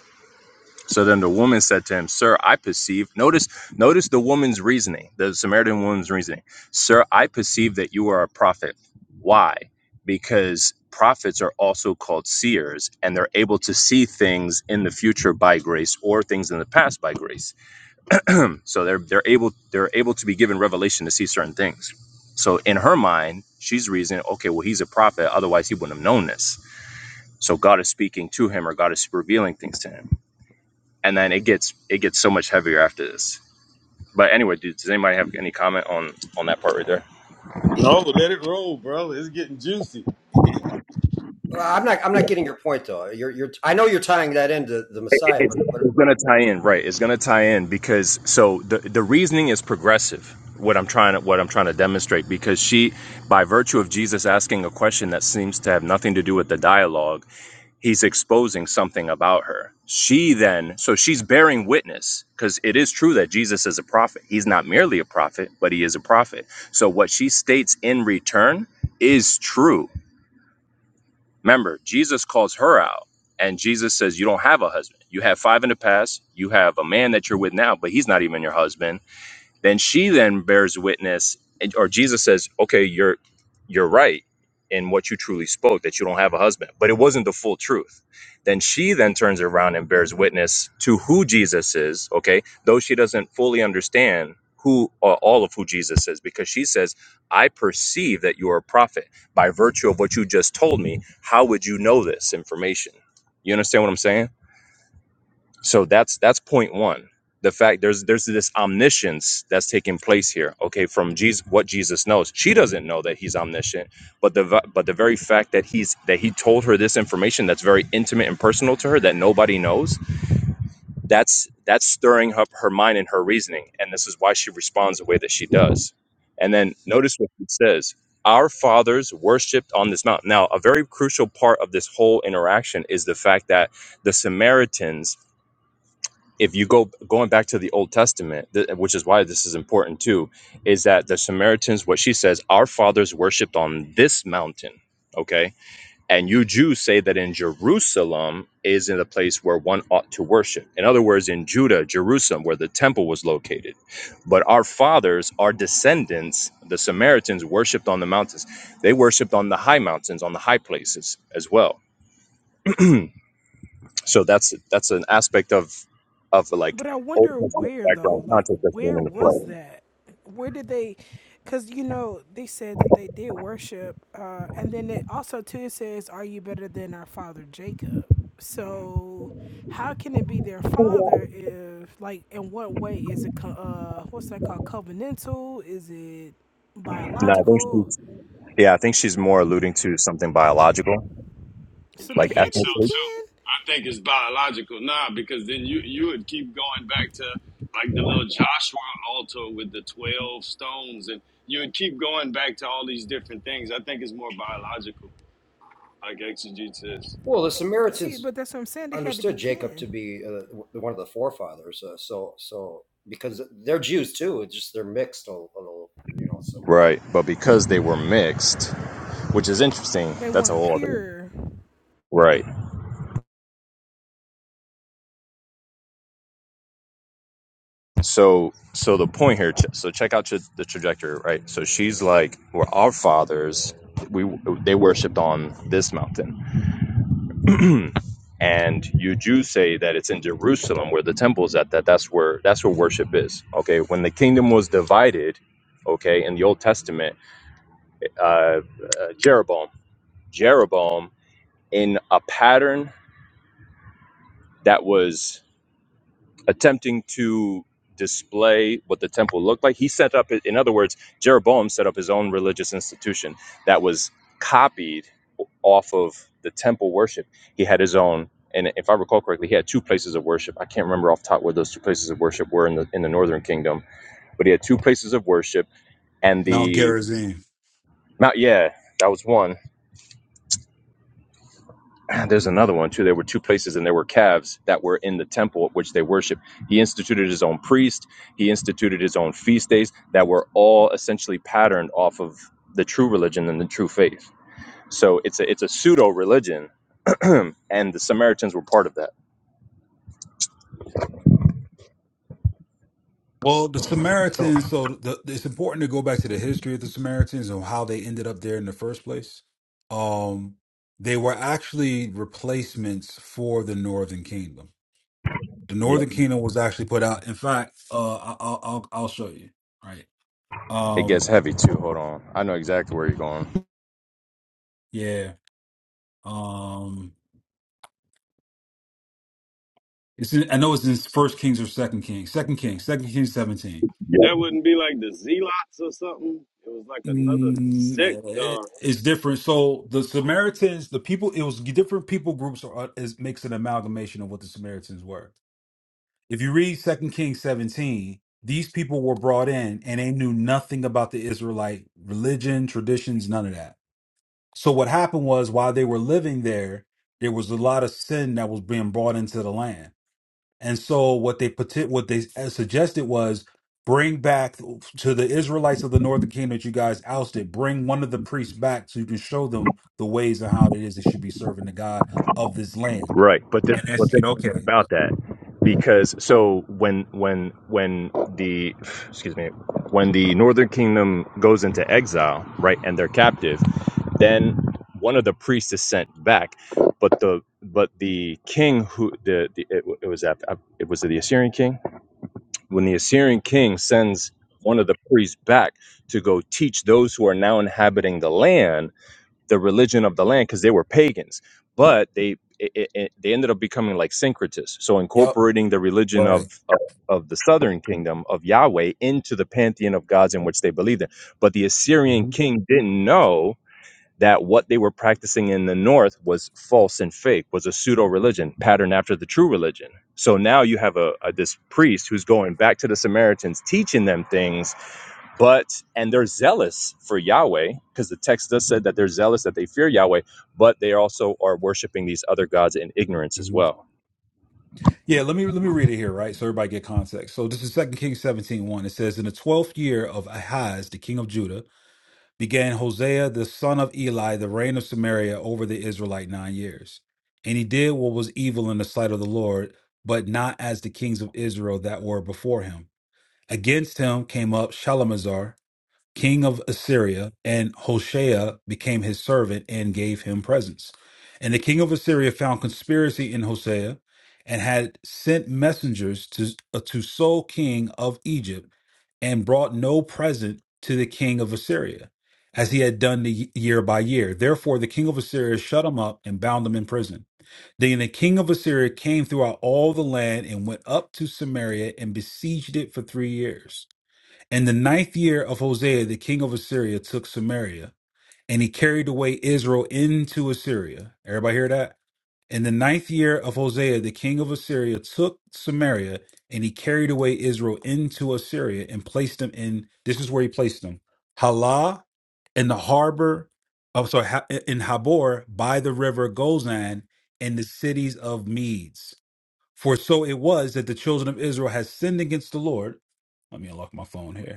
G: So then the woman said to him, Sir, I perceive. Notice, notice the woman's reasoning, the Samaritan woman's reasoning. Sir, I perceive that you are a prophet. Why? Because prophets are also called seers, and they're able to see things in the future by grace or things in the past by grace. So they're they're able they're able to be given revelation to see certain things. So in her mind, she's reasoning, okay, well, he's a prophet, otherwise he wouldn't have known this. So God is speaking to him or God is revealing things to him and then it gets it gets so much heavier after this. But anyway, dude, does anybody have any comment on on that part right there?
E: No, let it roll, bro. It's getting juicy.
H: Well, I'm not I'm not getting your point though. You're you're I know you're tying that into the
G: It, it-
H: Messiah,
G: it's,
H: but but
G: it's gonna tie in, right? It's gonna tie in because so the the reasoning is progressive. What I'm trying to what I'm trying to demonstrate because she, by virtue of Jesus asking a question that seems to have nothing to do with the dialogue he's exposing something about her. She then, so she's bearing witness because it is true that Jesus is a prophet. He's not merely a prophet, but he is a prophet. So what she states in return is true. Remember, Jesus calls her out and Jesus says, You don't have a husband. You had five in the past. You have a man that you're with now, but he's not even your husband then she then bears witness, and- or Jesus says, "Okay, you're you're right in what you truly spoke that you don't have a husband, but it wasn't the full truth." Then she then turns around and bears witness to who Jesus is. Okay, though she doesn't fully understand who uh, all of who Jesus is, because she says, "I perceive that you are a prophet by virtue of what you just told me. How would you know this information?" You understand what I'm saying? So that's that's point one. The fact there's there's this omniscience that's taking place here. Okay, from Jesus, what Jesus knows, she doesn't know that he's omniscient, but the v- but the very fact that he's that he told her this information that's very intimate and personal to her that nobody knows, that's that's stirring up her mind and her reasoning, and this is why she responds the way that she does. And then notice what it says: Our fathers worshipped on this mountain. Now, a very crucial part of this whole interaction is the fact that the Samaritans if you go going back to the Old Testament, th- which is why this is important too, is that the Samaritans, what she says, our fathers worshipped on this mountain. Okay. And you Jews say that in Jerusalem is in the place where one ought to worship. In other words, in Judah, Jerusalem, where the temple was located. But our fathers, our descendants, the Samaritans, worshipped on the mountains. They worshipped on the high mountains, on the high places as well. So that's that's an aspect of of like
F: But I
G: Old
F: wonder
G: Testament
F: where
G: background
F: though. Like,
G: context that's being
F: where
G: into
F: was
G: play.
F: that? Where did they? Because you know they said that they did worship, uh, and then it also too it says, "Are you better than our father Jacob?" So, how can it be their father if like in what way is it? co- Uh, what's that called? Covenantal? Is it
G: No, I think
F: biological?
G: she's yeah, I think she's more alluding to something biological,
F: So
E: I
F: they
G: like
F: had
E: think
F: to be
G: ethnically.
E: so
F: kin.
E: too. I think it's biological now because then you you would keep going back to like the little Joshua altar with the twelve stones, and you would keep going back to all these different things. I think it's more biological, like exegete says.
H: well, the
F: See,
H: Samaritans
F: but that's what I'm saying. They had to be
H: understood Jacob to
F: kin.
H: be uh, one of the forefathers. Uh, so so because they're Jews too, it's just they're mixed a, a little, you know. So
G: Right. But because they were mixed, which is interesting,
F: They
G: that's a
F: weren't
G: whole other
F: pure.
G: Right. So so the point here ch- so check out ch- the trajectory, right? So she's like, Well our fathers we they worshipped on this mountain and you Jews say that it's in Jerusalem where the temple is at that that's where that's where worship is okay when the kingdom was divided okay in the Old Testament uh, uh, Jeroboam Jeroboam in a pattern that was attempting to display what the temple looked like. He set up, in other words, Jeroboam set up his own religious institution that was copied off of the temple worship. He had his own, and if I recall correctly, he had two places of worship. I can't remember off the top where those two places of worship were in the in the northern kingdom, but he had two places of worship, and
A: Mount
G: the
A: Gerizim.
G: Mount. Yeah, that was one there's another one too. There were two places, and there were calves that were in the temple at which they worshiped. He instituted his own priest. He instituted his own feast days that were all essentially patterned off of the true religion and the true faith. So it's a it's a pseudo religion, and the Samaritans were part of that.
A: Well, the
G: Oh,
A: Samaritans, so the, it's important to go back to the history of the Samaritans and how they ended up there in the first place. Um, they were actually replacements for the Northern Kingdom. The
G: Yeah,
A: Northern Kingdom was actually put out. In fact, uh, I, I'll, I'll I'll show you. Right.
G: it gets
A: Um,
G: heavy too. Hold on, I know exactly where you're going.
A: yeah. Um, it's in, I know it's in First Kings or Second Kings. Second Kings. Second Kings seventeen.
E: That wouldn't be like the zealots or something. It was like another
A: Mm,
E: sect or.
A: it- it's different. So the Samaritans, the people, it was different people groups are uh, is makes an amalgamation of what the Samaritans were. If you read Second Kings 17, these people were brought in and they knew nothing about the Israelite religion, traditions, none of that. So what happened was while they were living there, there was a lot of sin that was being brought into the land. And so what they poti- what they uh, suggested was bring back to the Israelites of the northern kingdom that you guys ousted, bring one of the priests back so you can show them the ways and how it is they should be serving the God of this land.
G: Right, but this,
A: And they
G: but this
A: said,
G: is
A: okay.
G: about that because so when when when the excuse me when the Northern Kingdom goes into exile, right, and they're captive, then one of the priests is sent back, but the but the king who the, the it, it was after, it was the Assyrian king when the Assyrian king sends one of the priests back to go teach those who are now inhabiting the land the religion of the land because they were pagans but they it, it, it- they ended up becoming like syncretists so
A: Yep.
G: incorporating the religion
A: Right.
G: of, of of the southern kingdom of yahweh into the pantheon of gods in which they believed in but the assyrian
A: hmm
G: king didn't know that what they were practicing in the north was false and fake was a pseudo religion patterned after the true religion so now you have a, a this priest who's going back to the samaritans teaching them things but and they're zealous for Yahweh because the text does say that they're zealous that they fear Yahweh, but they also are worshiping these other gods in ignorance as
A: hmm
G: well.
A: yeah, let me let me read it here, right? So everybody get context. So this is Second Kings seventeen one. It says, In the twelfth year of Ahaz, the king of Judah, began Hosea the son of Eli the reign of Samaria over the Israelite nine years. And he did what was evil in the sight of the Lord, but not as the kings of Israel that were before him. Against him came up Shalamazar, king of Assyria, and Hoshea became his servant and gave him presents. And the king of Assyria found conspiracy in Hosea and had sent messengers to, uh, to Sol, king of Egypt, and brought no present to the king of Assyria, as he had done the y- year by year. Therefore, the king of Assyria shut him up and bound him in prison. Then the king of Assyria came throughout all the land and went up to Samaria and besieged it for three years. In the ninth year of Hosea, the king of Assyria took Samaria, and he carried away Israel into Assyria. Everybody hear that? In the ninth year of Hosea, the king of Assyria took Samaria, and he carried away Israel into Assyria and placed them in, this is where he placed them, Halah, in the harbor, oh, sorry, Ha- in Habor, by the river Gozan, in the cities of Medes. For so it was that the children of Israel had sinned against the Lord. Let me unlock my phone here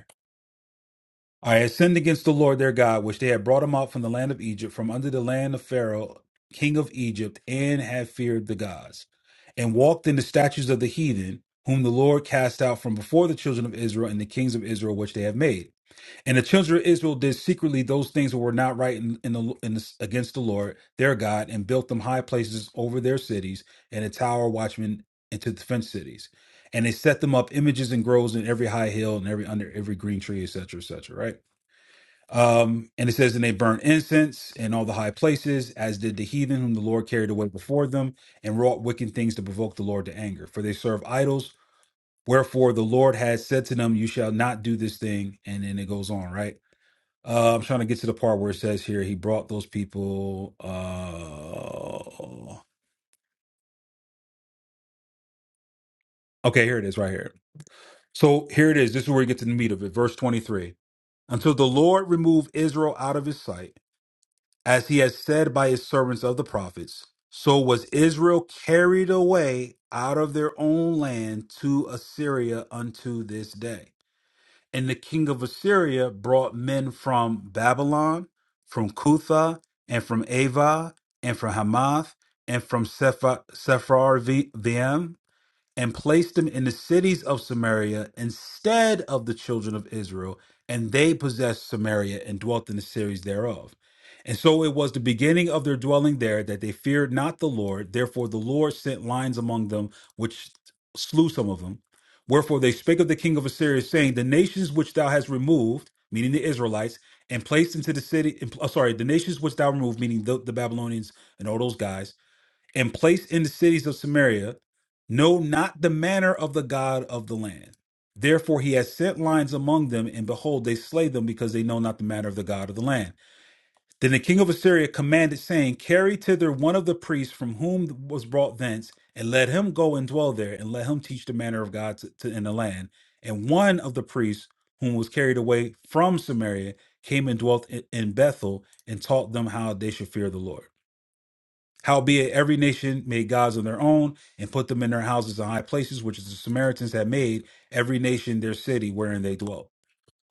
A: I had sinned against the Lord their God, which they had brought him out from the land of Egypt, from under the land of Pharaoh, king of Egypt, and had feared the gods, and walked in the statues of the heathen, whom the Lord cast out from before the children of Israel and the kings of Israel, which they have made. And the children of Israel did secretly those things that were not right in, in the, in the, against the Lord their God, and built them high places over their cities, and a tower watchmen into the fenced cities. And they set them up images and groves in every high hill and every under every green tree, etc., etc. Um, and it says, and they burnt incense in all the high places, as did the heathen whom the Lord carried away before them, and wrought wicked things to provoke the Lord to anger. For they serve idols. Wherefore the Lord has said to them, You shall not do this thing. And then it goes on, right? Uh, I'm trying to get to the part where it says here, He brought those people. Uh... Okay, here it is, right here. So here it is. This is where we get to the meat of it. Verse 23 Until the Lord remove Israel out of his sight As he had said by his servants of the prophets, so was Israel carried away out of their own land to Assyria unto this day. And the king of Assyria brought men from Babylon, from Cutha, and from Ava, and from Hamath, and from Sepharvaim, and placed them in the cities of Samaria instead of the children of Israel, and they possessed Samaria and dwelt in the cities thereof. And so it was the beginning of their dwelling there that they feared not the Lord. Therefore the Lord sent lions among them, which slew some of them. Wherefore they spake of the king of Assyria, saying, The nations which thou hast removed, meaning the Israelites, and placed into the city, uh, sorry, the nations which thou removed, meaning the, the Babylonians and all those guys and place in the cities of Samaria know not the manner of the God of the land. Therefore he has sent lions among them, and behold, they slay them because they know not the manner of the God of the land. Then the king of Assyria commanded, saying, Carry thither one of the priests from whom was brought thence, and let him go and dwell there, and let him teach the manner of God to, to- in the land. And one of the priests whom was carried away from Samaria came and dwelt in in Bethel and taught them how they should fear the Lord. Howbeit, every nation made gods of their own and put them in their houses and high places, which is the Samaritans had made every nation their city wherein they dwelt.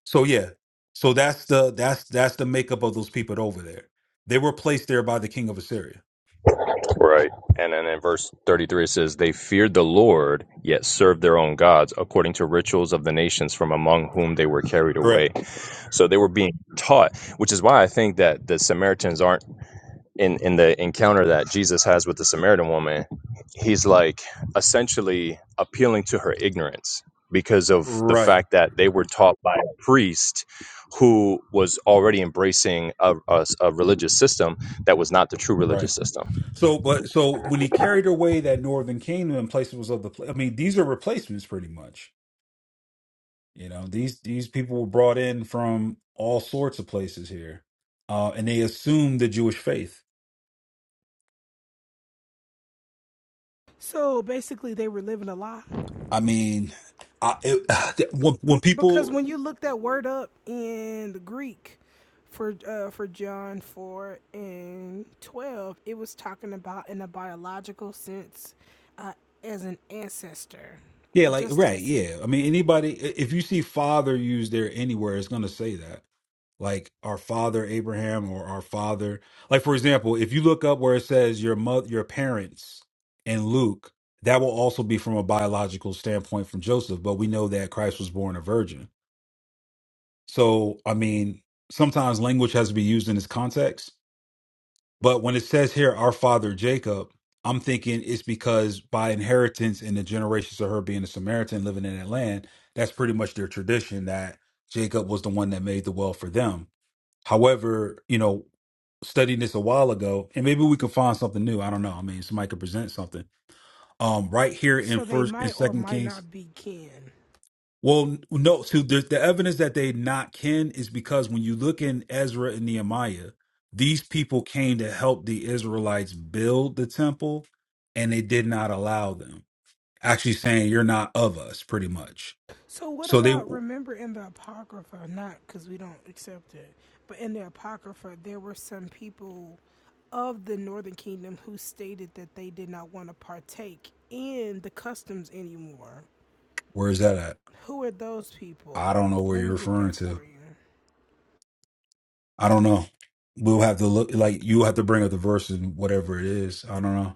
A: So yeah, so that's the that's that's the makeup of those people over there. They were placed there by the king of Assyria.
G: Right. And then in verse 33 it says they feared the Lord yet served their own gods according to rituals of the nations from among whom they were carried
A: Correct.
G: away. So they were being taught, which is why I think that the Samaritans aren't in in the encounter that Jesus has with the Samaritan woman, he's like essentially appealing to her ignorance because of the
A: Right.
G: fact that they were taught by a priest who was already embracing a a, a religious system that was not the true
A: Right.
G: religious system.
A: So, but so when he carried away that northern kingdom and places was of the, pla- I mean, these are replacements pretty much. You know, these these people were brought in from all sorts of places here, uh, and they assumed the Jewish faith
F: So basically, they were living a lie.
A: I mean, I, it, when, when
F: Because
A: people,
F: when you look that word up in the Greek for uh, for John 4 and 12, it was talking about in a biological sense uh, as an ancestor,
A: yeah, like
F: just
A: right,
F: as
A: yeah. I mean, anybody, i- if you see "father" used there anywhere, it's gonna say that, like our father Abraham or our father. Like for example, if you look up where it says your mother, your parents, in Luke, that will also be from a biological standpoint from Joseph, but we know that Christ was born a virgin. So, I mean, sometimes language has to be used in its context But when it says here, our father Jacob, I'm thinking it's because by inheritance in the generations of her being a Samaritan living in that land, that's pretty much their tradition that Jacob was the one that made the well for them. However, you know, studying this a while ago, and maybe we can find something new. I don't know. I mean, somebody could present something. Um, right here in
F: so they
A: first in
F: might or
A: Second
F: might
A: Kings
F: not be kin.
A: well, no. So the, the evidence that they not kin is because when you look in Ezra and Nehemiah, these people came to help the Israelites build the temple, and they did not allow them. Actually, saying you're not of us, pretty much.
F: So what
A: So they,
F: about remember in the Apocrypha, not because we don't accept it, but in the Apocrypha, there were some people of the Northern Kingdom who stated that they did not want to partake in the customs anymore
A: where's that at?
F: Who are those people?
A: I don't know where
F: Let
A: you're
F: me get that
A: referring
F: for
A: to.
F: you.
A: I don't know. We'll have to look. Like you have to bring up the verse and whatever it is. I don't know.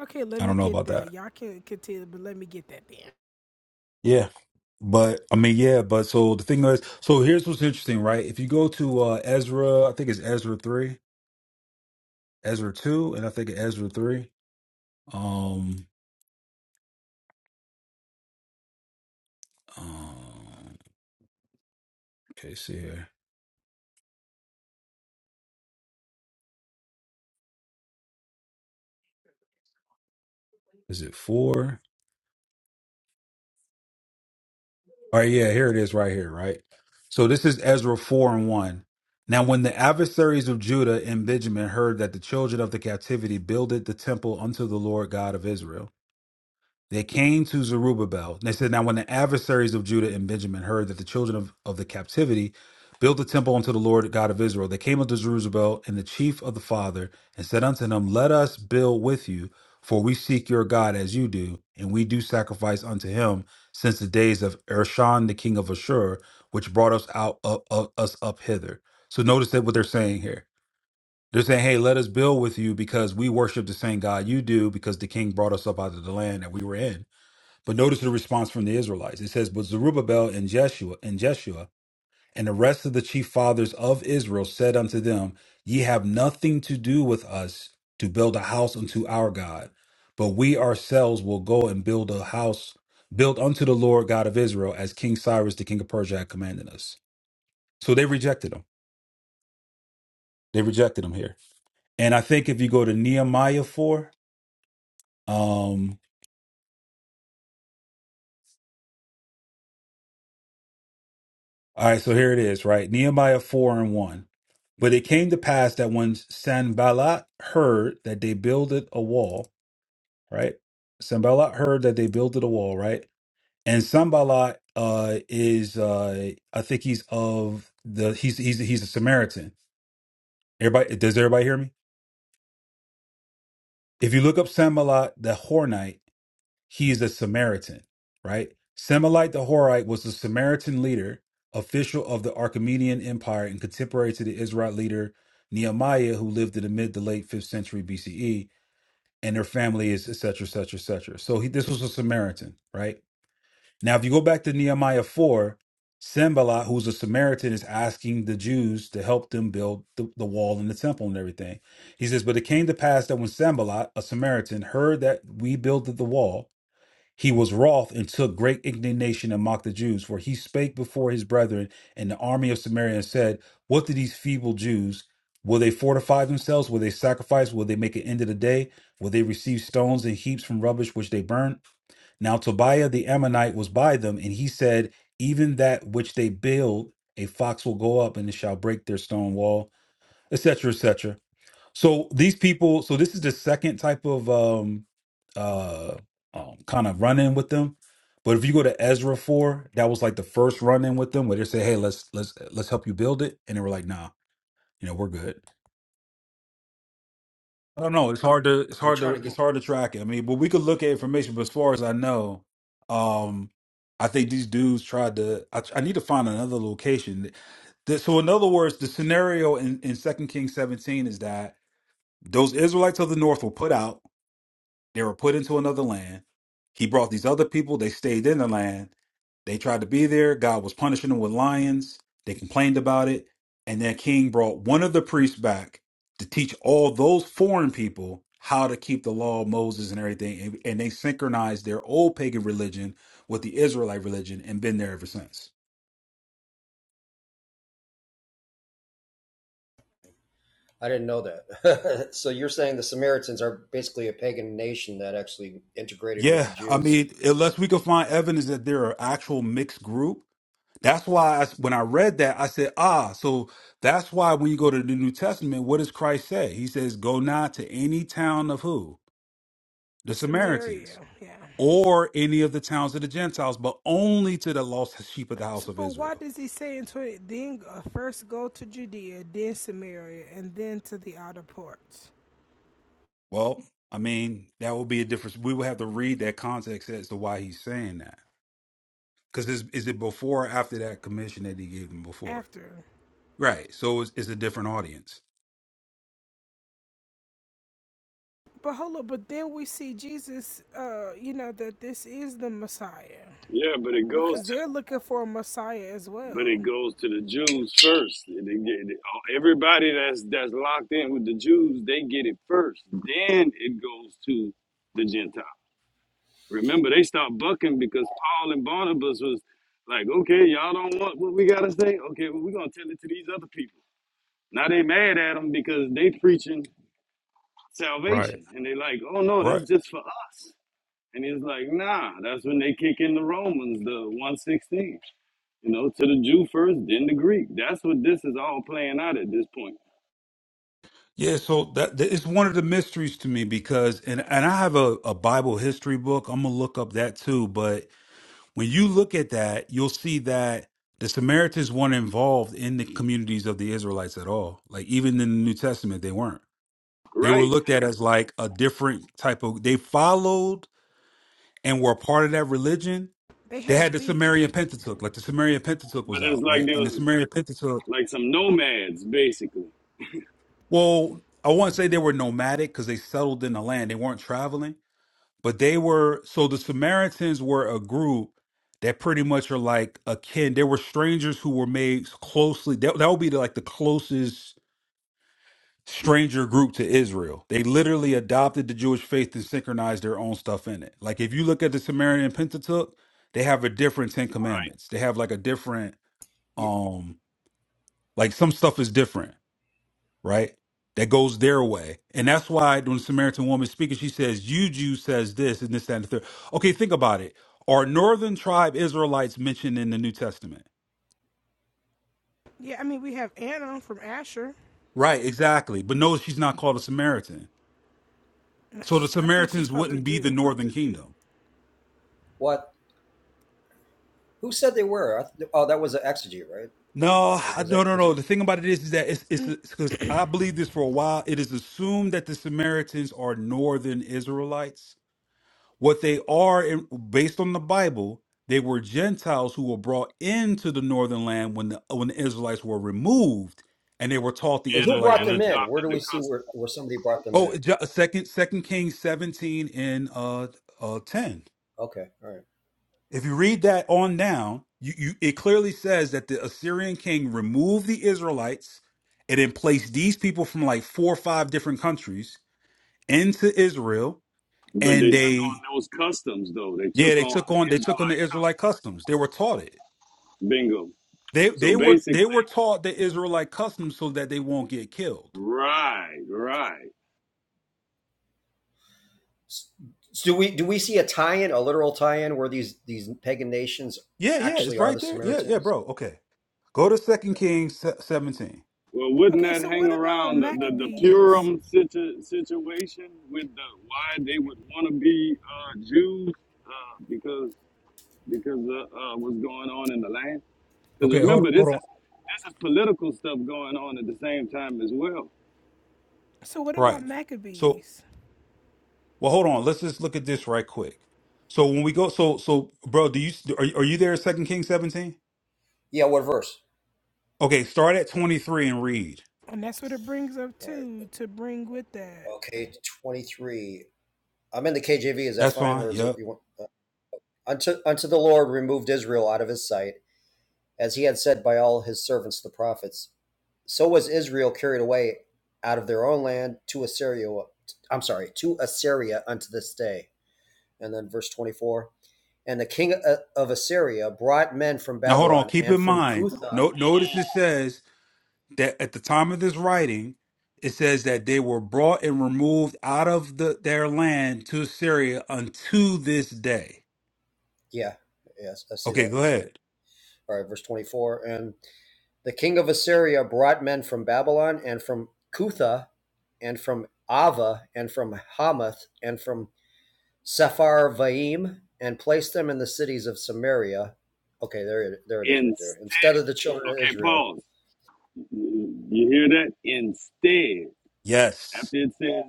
F: Okay, let
A: I
F: me
A: don't know
F: get
A: about
F: that.
A: that.
F: Y'all can continue, but let me get that then.
A: Yeah. But I mean, yeah, but so the thing is, so here's what's interesting, right? If you go to uh Ezra, I think it's Ezra 3, Ezra 2, and I think Ezra 3. Um, um okay, see here. Is it 4? All right, yeah, here it is right here, right? So this is Ezra 4 and 1. Now when the adversaries of Judah and Benjamin heard that the children of the captivity builded the temple unto the Lord God of Israel, They came to Zerubbabel. And they said, Now, when the adversaries of Judah and Benjamin heard that the children of, of the captivity built the temple unto the Lord God of Israel, they came unto Zerubbabel and the chief of the father and said unto him, Let us build with you, for we seek your God as you do, and we do sacrifice unto him since the days of Ershan, the king of Ashur, which brought us out of, of us up hither. So notice that what they're saying here. They're saying, Hey, let us build with you because we worship the same God you do, because the king brought us up out of the land that we were in. But notice the response from the Israelites. It says, But Zerubbabel and Jeshua and Jeshua and the rest of the chief fathers of Israel said unto them, Ye have nothing to do with us to build a house unto our God, but we ourselves will go and build a house built unto the Lord God of Israel, as King Cyrus the king of Persia had commanded us. So they rejected him. They rejected him here. And I think if you go to Nehemiah 4, um, All right, so here it is, right? Nehemiah 4 and 1. But it came to pass that when Sanballat heard that they builded a wall, right? Sanballat heard that they builded a wall, right? And Sanballat uh, is, uh, I think he's of the, he's, he's, he's a Samaritan. Everybody, does everybody hear me? If you look up Sanballat the Hornite, He is a Samaritan, right? Semelite the Horite was the Samaritan leader, official of the Archimedean Empire, and contemporary to the Israelite leader Nehemiah, who lived in the mid to late 5th century BCE, and their family is et et cetera, et cetera, et cetera. So he, this was a Samaritan, right? Now, if you go back to Nehemiah 4, Sembalat, who's a Samaritan, is asking the Jews to help them build the, the wall and the temple and everything. He says, But it came to pass that when Sambalat, a Samaritan, heard that we built the wall, he was wroth and took great indignation and mocked the Jews, for he spake before his brethren and the army of Samaria and said, What do these feeble Jews? Will they fortify themselves? Will they sacrifice? Will they make an end of the day? Will they receive stones and heaps from rubbish which they burn? Now Tobiah the Ammonite was by them, and he said, Even that which they build, a fox will go up and it shall break their stone wall, etc., etc. So these people, so this is the second type of um uh um, kind of run in with them. But if you go to Ezra four, that was like the first run in with them where they say, Hey, let's let's let's help you build it. And they were like, nah, you know, we're good. I don't know. It's hard to it's
H: I'm
A: hard to
H: trying to get.
A: it's hard to track it. I mean, but we could look at information, but as far as I know, um I think these dudes tried to I, I need to find another location. The- so in other words, the scenario in, in 2 Kings 17 is that those Israelites of the north were put out They were put into another land. He brought these other people. They stayed in the land. They tried to be there. God was punishing them with lions. They complained about it. And then King brought one of the priests back to teach all those foreign people how to keep the law of Moses and everything. And, and they synchronized their old pagan religion with the Israelite religion and been there ever since.
H: I didn't know that. so you're saying the Samaritans are basically a pagan nation that actually integrated with
A: Yeah,
H: the
A: I
H: Jews?
A: mean, unless we can find evidence that they're an actual mixed group, That's why I, when I read that, I said, ah, so that's why when you go to the New Testament, what does Christ say? He says, go not to any town of who? The
F: Samaria,
A: Samaritans
F: yeah.
A: or any of the towns of the Gentiles, but only to the lost sheep of the house
F: So,
A: of
F: but why
A: Israel.
F: does he say in 20, then uh, first go to Judea, then Samaria, and then to the outer parts?
A: Well, I mean, that would be a difference. We would have to read that context as to why he's saying that. Because is, is it before or after that commission that he gave them before?
F: After.
A: Right. So it's, it's a different audience.
F: But hold up, but then we see Jesus, uh, you know, that this is the Messiah.
E: Yeah, but it goes
F: Because
E: to
F: they're looking for a Messiah as
E: but
F: well.
E: it goes to the Jews first. It- it get- it- oh, everybody that's that's locked in with the Jews, they get it first. Then it goes to the Gentile. Remember, they stopped bucking because Paul and Barnabas was like, "Okay, y'all don't want what we gotta say. Okay, well, we're gonna tell it to these other people." Now they mad at them because they preaching
A: Right.
E: salvation, and they like, "Oh no, that's just for us." And he's like, "Nah, that's when they kick in the Romans, the one sixteen. You know, to the Jew first, then the Greek. That's what this is all playing out at this point,
A: Yeah, so that, that it's one of the mysteries to me because and and I have a, a Bible history book. I'm gonna look up that too. But when you look at that, you'll see that the Samaritans weren't involved in the communities of the Israelites at all. Like even in the New Testament, they weren't. They were
E: right?
A: looked at as like a different type of they followed and were a part of that religion.
F: They
A: They had
F: had
A: the
F: beef.
A: Sumerian Pentateuch, like the Sumerian Pentateuch was
E: But it's
A: out,
E: like
A: right?
E: there
A: And the
E: was
A: Sumerian Pentateuch,
E: like some nomads basically, and,
A: well, I won't say they were nomadic because they settled in the land. They weren't traveling But they were so the Samaritans were a group that pretty much are like akin. They were strangers who were made closely. That, that would be like the closest stranger group to Israel. They literally adopted the Jewish faith and synchronized their own stuff in it. Like if you look at the Samaritan Pentateuch, they have a different Ten Commandments. They have like a different um like some stuff is different right? That goes their way. And that's why when the Samaritan woman is speaking, she says, You Jew says this and this, that, and the third. Okay, think about it. Are northern tribe Israelites mentioned in the New Testament?
F: Yeah, I mean, we have Anna from Asher.
A: Right, exactly. But no, she's not called a Samaritan. So the
F: I think she's
A: Samaritans
F: called the
A: wouldn't be the
F: Jew.
A: northern kingdom.
H: What? Who said they were? Oh, that was an exegete, right?
A: No,
H: Or
A: I-
H: was
A: no,
H: that
A: no,
H: was
A: no.
H: it?
A: The thing about it is, is that it's it's because I believe this for a while. It is assumed that the Samaritans are northern Israelites What they are, in- based on the Bible, they were Gentiles who were brought into the northern land when the when the Israelites were removed, and they were taught the
H: Who
E: uh,
A: Israelite
H: brought them
E: and
A: religion.
H: in? Where do
E: adopted
H: we
E: the
H: see where,
E: customs.
H: where somebody brought them
A: Oh,
H: in?
A: Ju- second Second Kings seventeen and uh, uh, ten.
H: Okay, all right.
A: If you read that on down, you, you it clearly says that the Assyrian king removed the Israelites and then placed these people from like four or five different countries into Israel,
E: But
A: and
E: they took
A: they
E: on those customs though. They
A: yeah
E: took
A: they
E: on
A: took on
E: the
A: they took on the
E: Israelite
A: Israelite
E: customs.
A: customs. They were taught it.
E: Bingo.
A: They
E: So
A: they were
E: basically,
A: they were taught the Israelite customs so that they won't get killed.
E: right, right.
H: So do we do we see a tie-in, a literal tie-in, where these these pagan nations
A: Yeah, yeah, it's
H: actually are
A: right
H: the
A: there. Yeah, yeah,
H: Samaritans?
A: bro. Okay, go to Second Kings se- seventeen.
E: Well, wouldn't
F: Okay,
E: that
F: so
E: hang
F: what about
E: around the the, the
F: Maccabees?
E: Purim situ, situation with the why they would want to be uh, Jews uh, because because uh, uh, what's going on in the land? Because
A: Okay, hold
E: remember, this
A: hold
E: is
A: on.
E: this is political stuff going on at the same time as well.
F: So what about
A: Right. So,
F: Maccabees?
A: well, hold on. Let's just look at this right quick. So when we go, so so, bro, do you are you- are you there? Second Kings seventeen.
H: Yeah. What verse?
A: Okay, start at twenty three and read.
F: And that's what it brings up
H: All right.
F: too to bring with that.
H: Okay. Twenty-three. I'm in the KJV. Is that
A: That's
H: fine,
A: fine.
H: or is it
A: Yep.
H: you want? Uh, unto unto the Lord removed Israel out of his sight, as he had said by all his servants the prophets. So was Israel carried away out of their own land to Assyria. I'm sorry, to Assyria unto this day. And then verse 24 And the king uh, of Assyria brought men from
A: Now hold on.
H: Babylon
A: Keep
H: and
A: in
H: from
A: mind.
H: Cutha.
A: No, notice it says that at the time of this writing, it says that they were brought and removed out of the, their land to Syria unto this day.
H: Yeah, yes, I see
A: Okay,
H: that.
A: go ahead.
H: All right, verse 24. And the king of Assyria brought men from Babylon and from Cutha and from Ava and from Hamath and from Sepharvaim and placed them in the cities of Samaria. Okay, there it, there it is right there. Instead
E: Instead,
H: of the children of
E: okay,
H: Israel.
E: pause. You hear that? Instead,
A: Yes,
E: after it says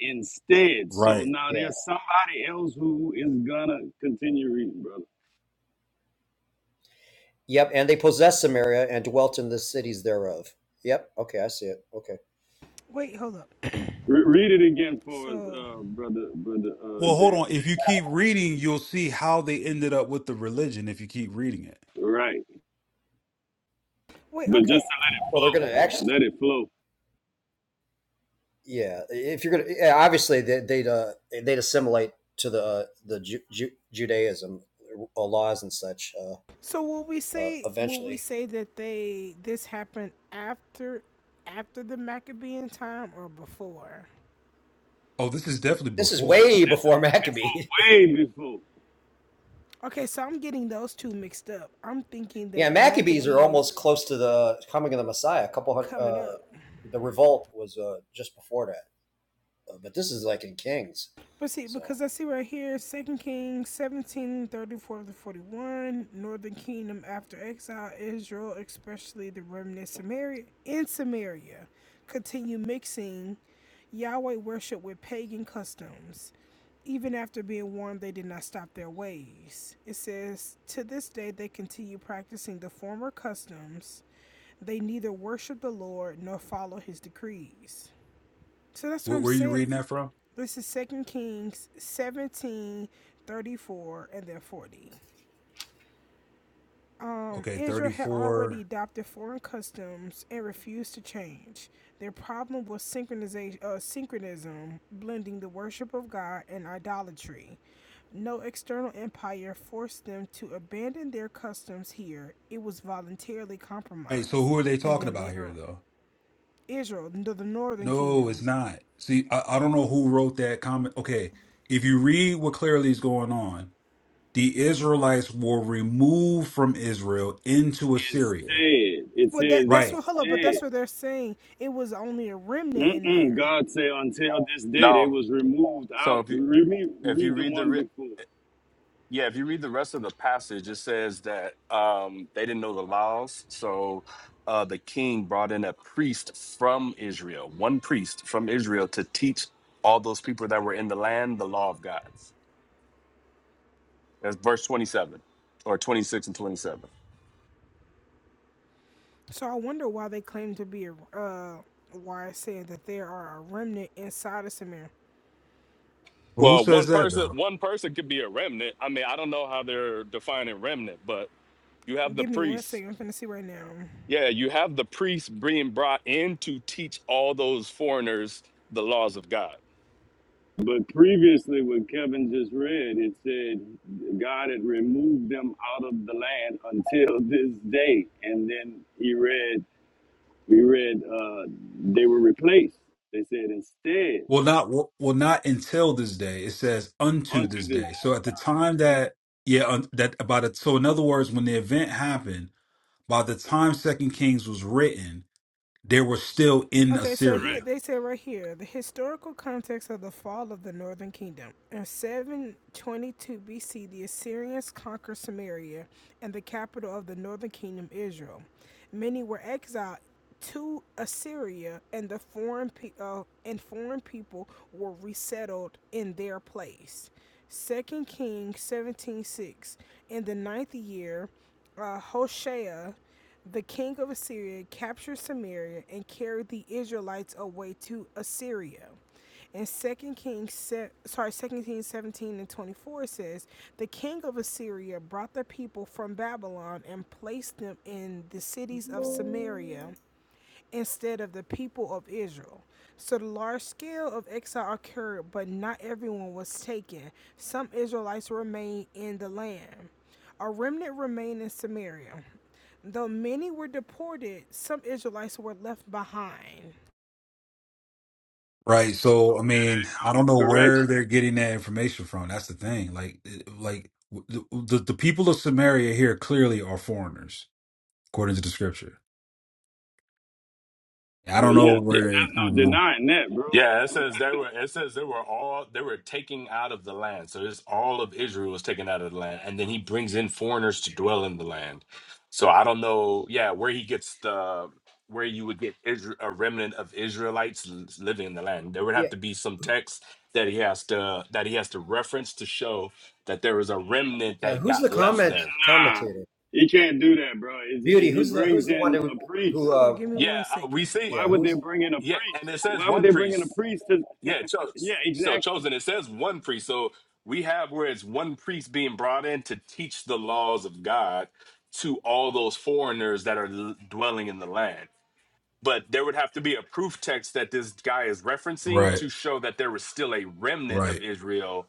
E: instead, so
A: right.
E: now
H: Yeah.
E: there's somebody else who is gonna continue reading, brother.
H: Yep. And they possessed Samaria and dwelt in the cities thereof. Yep. Okay, I see it. Okay.
F: Wait, hold up.
E: Re- read it again for us,
F: So
E: uh, brother, brother uh,
A: Well, hold
E: Jan.
A: on. If you keep reading, you'll see how they ended up with the religion if you keep reading it.
E: Right,
F: wait,
E: but just
F: okay.
E: to let it
H: Well, they're
E: flow,
H: going to actually,
E: let it flow. This
H: yeah. If you're going to, yeah, obviously they, they'd uh, they'd assimilate to the uh, the Ju- Ju- Judaism uh, laws and such uh,
F: So will we
H: uh,
F: say will we
H: eventually.
F: say that they this happened after after the Maccabean time or before?
A: Oh, this is definitely
H: This is
A: before it.
H: way
E: is
H: before Maccabees.
E: way before.
F: Okay, so I'm getting those two mixed up. I'm thinking
H: yeah,
F: that the
H: Maccabees are
F: Maccabees
H: almost close to the coming of the Messiah. A couple hundred,
F: coming
H: uh,
F: up
H: the revolt was uh, just before that, uh, but this is like in Kings.
F: But see,
H: So
F: because I see right here, Second Kings 17 34 to 41, Northern Kingdom after exile, Israel, especially the remnant Samaria in Samaria, continue mixing Yahweh worship with pagan customs. Even after being warned, they did not stop their ways. It says, To this day, they continue practicing the former customs. They neither worship the Lord nor follow his decrees. So that's what
A: Where,
F: I'm
A: where are you
F: saying.
A: reading that from?
F: This is Second Kings 17 34 and then 40. Um,
A: Okay,
F: Israel had already
A: 34.
F: adopted foreign customs and refused to change. Their problem was synchronization, uh, synchronism, blending the worship of God and idolatry. No external empire forced them to abandon their customs here. It was voluntarily
A: Hey, so
F: compromised.
A: who are they
F: And
A: talking
F: then
A: about
F: later
A: here,
F: on,
A: though?
F: Israel, the the northern
A: No,
F: kingdom.
A: it's not. See, I, I don't know who wrote that comment. Okay, if you read what clearly is going on, the Israelites were removed from Israel into Assyria.
E: Instead, it
F: Well, that
E: says
F: that's
A: Right.
F: what. Hold up, but
E: instead.
F: that's what they're saying. It was only a remnant in
E: Mm-mm.
F: there.
E: God said, until this day, they
I: No.
E: was removed
I: So
E: out.
I: if you
E: Read, me,
I: if you
E: read the
I: read the
E: one
I: re-
E: before.
I: yeah, if you read the rest of the passage, it says that um, they didn't know the laws, so uh, the king brought in a priest from Israel, one priest from Israel, to teach all those people that were in the land the law of God. That's verse twenty-seven or twenty-six and twenty-seven.
F: So I wonder why they claim to be a. Uh, why I said that there are a remnant inside of Samir.
A: Well, who
I: Well,
A: says
I: one
A: that
I: person
A: though?
I: one person could be a remnant. I mean, I don't know how they're defining remnant, but you have the
F: Give me one
I: priests
F: second. I'm finna see right now.
I: Yeah, you have the priests being brought in to teach all those foreigners the laws of God.
E: But previously, what Kevin just read, it said God had removed them out of the land until this day. And then he read, we read, uh, they were replaced. They said, instead,
A: Well, not well, well, not until this day. It says unto
E: unto
A: this
E: this
A: day. So at the time that yeah, un, that about it. So in other words, when the event happened, by the time Second Kings was written, they were still in
F: Okay, so here
A: Assyria.
E: correct.
F: they say right here the historical context of the fall of the northern kingdom. In 722 BC, the Assyrians conquered Samaria and the capital of the northern kingdom, Israel. Many were exiled to Assyria, and the foreign pe- uh, and foreign people were resettled in their place. Second Kings seventeen six. In the ninth year, uh, Hoshea the king of Assyria captured Samaria and carried the Israelites away to Assyria. And Second Kings, se- sorry, 2 Kings 17 and 24 says, The king of Assyria brought the people from Babylon and placed them in the cities of Samaria instead of the people of Israel. So the large scale of exile occurred, but not everyone was taken. Some Israelites remained in the land. A remnant remained in Samaria. Though many were deported, some Israelites were left behind.
A: Right. So I mean, I don't
E: Go,
A: know where
E: correction.
A: they're getting that information from. That's the thing. Like, it- like the the, the people of Samaria here clearly are foreigners, according to the scripture. I
E: Well,
A: don't know
E: yeah,
I: Yeah,
A: where it, I
E: there's no
A: don't know.
E: denying that, bro.
I: yeah. It says they were. It says they were all. They were taking out of the land. So it's all of Israel was taken out of the land, and then he brings in foreigners to dwell in the land. So I don't know. Yeah, where he gets the where you would get Israel, a remnant of Israelites l- living in the land. There would
H: yeah,
I: have to be some text that he has to that he has to reference to show that there was a remnant
H: yeah.
I: that
H: Who's the
I: got left
H: comment
I: there.
E: Nah,
H: commentator?
E: he can't do that, bro. It's-
H: Beauty.
E: it- he
H: Who's the who's
E: brings
H: the one
E: in
H: who
E: a
H: who?
E: priest.
F: Hello,
H: Uh,
F: give me
I: Yeah,
F: one
I: uh, we
F: second.
I: see.
E: Why
H: yeah,
E: would they
H: who's
E: bring in a
I: Yeah, and
E: priest?
I: it says
E: Why would
I: one
E: they bring in a
I: priest.
E: priest? To,
I: Yeah, cho-
E: yeah,
I: so
E: exactly.
I: chosen. It says one priest. So we have where it's one priest being brought in to teach the laws of God to all those foreigners that are l- dwelling in the land. But there would have to be a proof text that this guy is referencing
A: Right,
I: to show that there was still a remnant of
A: right,
I: Israel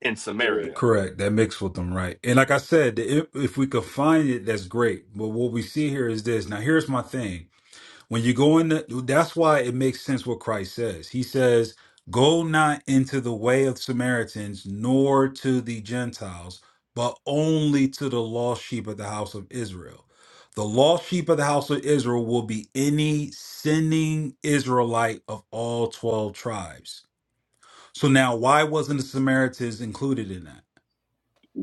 I: in
E: Correct.
I: Samaria.
A: correct. That mixed with them, right? And like I said, if, if we could find it, that's great. But what we see here is this. Now, here's my thing. When you go in, the, that's why it makes sense what Christ says. He says, "Go not into the way of Samaritans, nor to the Gentiles, but only to the lost sheep of the house of Israel." The lost sheep of the house of Israel will be any sinning Israelite of all 12 tribes. So now, why wasn't the Samaritans included in that?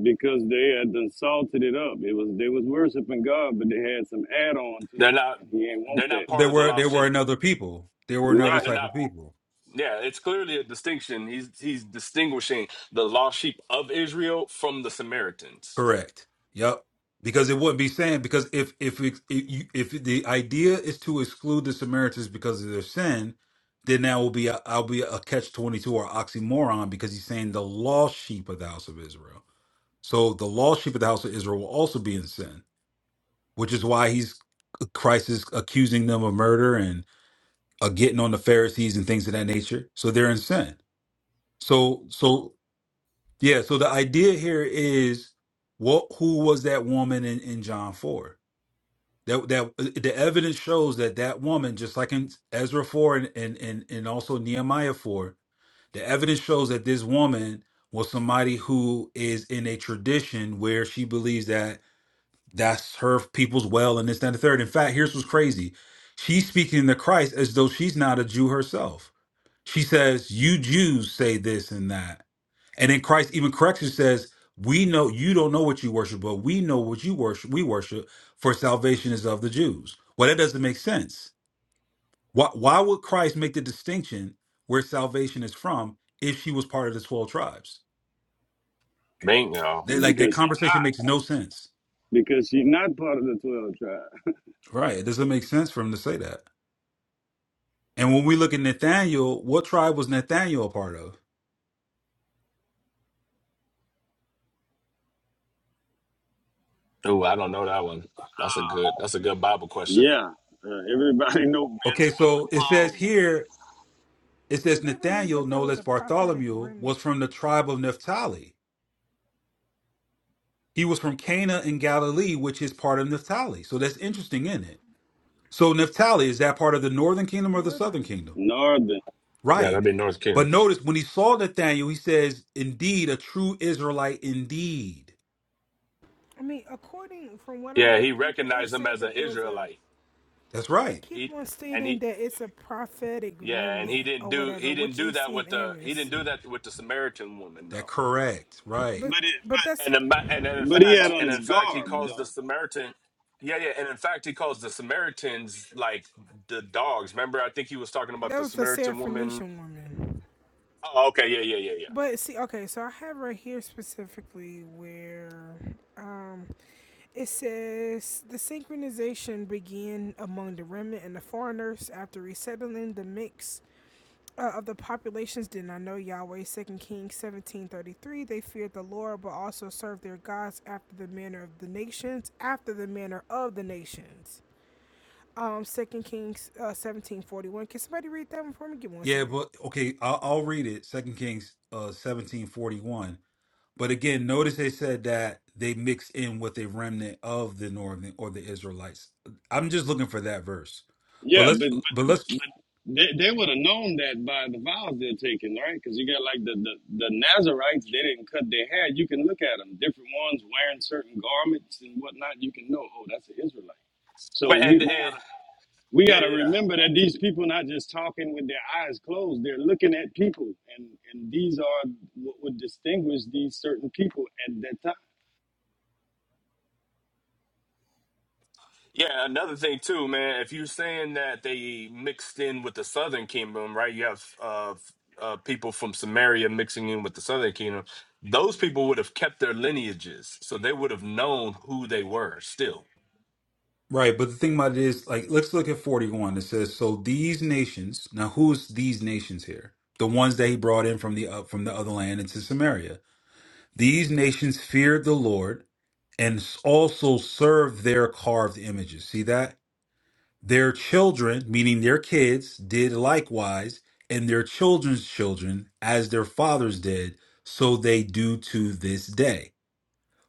E: Because they had done salted it up. It was they was worshiping God, but they had some add on to
I: They're
E: it,
I: not.
E: and He ain't want
I: They're not
E: that.
A: There
I: part of the
A: were there
I: lost
A: were
I: sheep.
A: another people. There were
I: Yeah,
A: another
E: Right.
I: they're
A: type of
I: not.
A: people.
I: Yeah, it's clearly a distinction. He's he's distinguishing the lost sheep of Israel from the Samaritans.
A: Correct. Yep. Because it wouldn't be saying because if if it, if, you, if the idea is to exclude the Samaritans because of their sin, then that will be a, I'll be a catch twenty two or oxymoron because he's saying the lost sheep of the house of Israel. So the lost sheep of the house of Israel will also be in sin, which is why he's Christ is accusing them of murder and. uh, getting on the Pharisees and things of that nature. So they're in sin. So, so yeah. So the idea here is what? Who was that woman in, in John four? That that uh, the evidence shows that that woman, just like in Ezra four and and and, and also Nehemiah four, the evidence shows that this woman was somebody who is in a tradition where she believes that that's her people's well and this that, and the third. In fact, here's what's crazy: she's speaking to Christ as though she's not a Jew herself she says, You Jews say this and that. And then Christ even corrects and says, We know you don't know what you worship, but we know what you worship we worship, for salvation is of the Jews. Well, that doesn't make sense. Why why would Christ make the distinction where salvation is from if she was part of the twelve tribes?
I: Bingo.
A: That like that
E: Because
A: conversation makes no sense.
E: because she's not part of the twelve tribes.
A: Right. It doesn't make sense for him to say that. And when we look at Nathaniel, what tribe was Nathaniel a part of?
I: Ooh, I don't know that one. That's a good. That's a good Bible question.
E: Yeah. Uh, everybody know
A: Okay,
E: Benjamin
A: so
E: with
A: it says
E: Paul, but
A: here It
F: So
A: says
F: they believe
A: Nathanael,
F: that there
A: no
F: was
A: less
F: a prophetic
A: Bartholomew, was
F: remnant,
A: from the tribe of Naphtali. He was from Cana in Galilee, which is part of Naphtali. So that's interesting, isn't it? So Naphtali, is that part of the northern kingdom or the southern
F: northern.
A: kingdom?
E: Northern.
I: Yeah, that'd
A: Right.
I: be North King.
A: But notice when he saw Nathanael, he says, indeed, a true Israelite, indeed.
F: I mean, according from what I'm
I: Yeah, he
F: looking at, it's
I: recognized him
F: said
I: as an
F: that there's a
I: Israelite.
A: That's
F: They
A: right.
F: keep
I: He
F: on
I: and
F: stating
I: he.
F: that it's a prophetic
I: Yeah, and he
F: remnant
I: didn't
F: or
I: do.
F: whatever,
I: He didn't
F: which
I: do
F: they
I: that
F: see in
I: with the. He didn't
F: Amos.
I: do that with the Samaritan woman
A: That
I: though.
A: correct. Right.
F: But
E: But it
F: but that's
I: And the, ma- and in
E: but but he
I: fact,
E: had on
I: and
E: his
I: in fact, he
E: garb
I: calls
E: though.
I: the Samaritan. Yeah, yeah, and in fact, he calls the Samaritans like the dogs. Remember, I think he was talking about
F: that
I: the
F: was the
I: Samaritan woman.
F: Seraphonician woman.
I: Oh, okay, yeah, yeah, yeah, yeah.
F: But see, okay, so I have right here specifically where um, it says the synchronization began among the remnant and the foreigners after resettling the mix uh, of the populations did not know Yahweh. Second Kings seventeen thirty three. They feared the Lord, but also served their gods after the manner of the nations, after the manner of the nations. Um, Second Kings uh, seventeen forty one. Can somebody read that one for me? Give me one
A: Yeah,
F: second.
A: but okay, I'll, I'll read it. Second Kings uh, 1741. But again, notice they said that they mixed in with a remnant of the northern or the Israelites. I'm just looking for that verse. But
E: Yeah,
A: let's
E: but
A: but let's
E: but, but they, they would have known that by the vows they're taking, right? Because you got like the, the the Nazarites, they didn't cut their hair. You can look at them, different ones wearing certain garments and whatnot. You can know, oh, that's an Israelite. So
I: Wait,
E: we,
I: and,
E: we
I: and
E: gotta we
I: yeah, yeah.
E: gotta
I: yeah.
E: remember that these people not just talking with their eyes closed. They're looking at people, and and these are what would distinguish these certain people at that time.
I: Yeah, another thing too, man. If you're saying that they mixed in with the Southern Kingdom, right? You have uh, f- uh, people from Samaria mixing in with the Southern Kingdom. Those people would have kept their lineages, so they would have known who they were. Still,
A: right, but the thing about it is like let's look at 41. It says, So these nations, now who's these nations here? The ones that he brought in from the up from the other land into Samaria. These nations feared the Lord and also served their carved images. See that? Their children, meaning their kids, did likewise, and their children's children, as their fathers did, so they do to this day.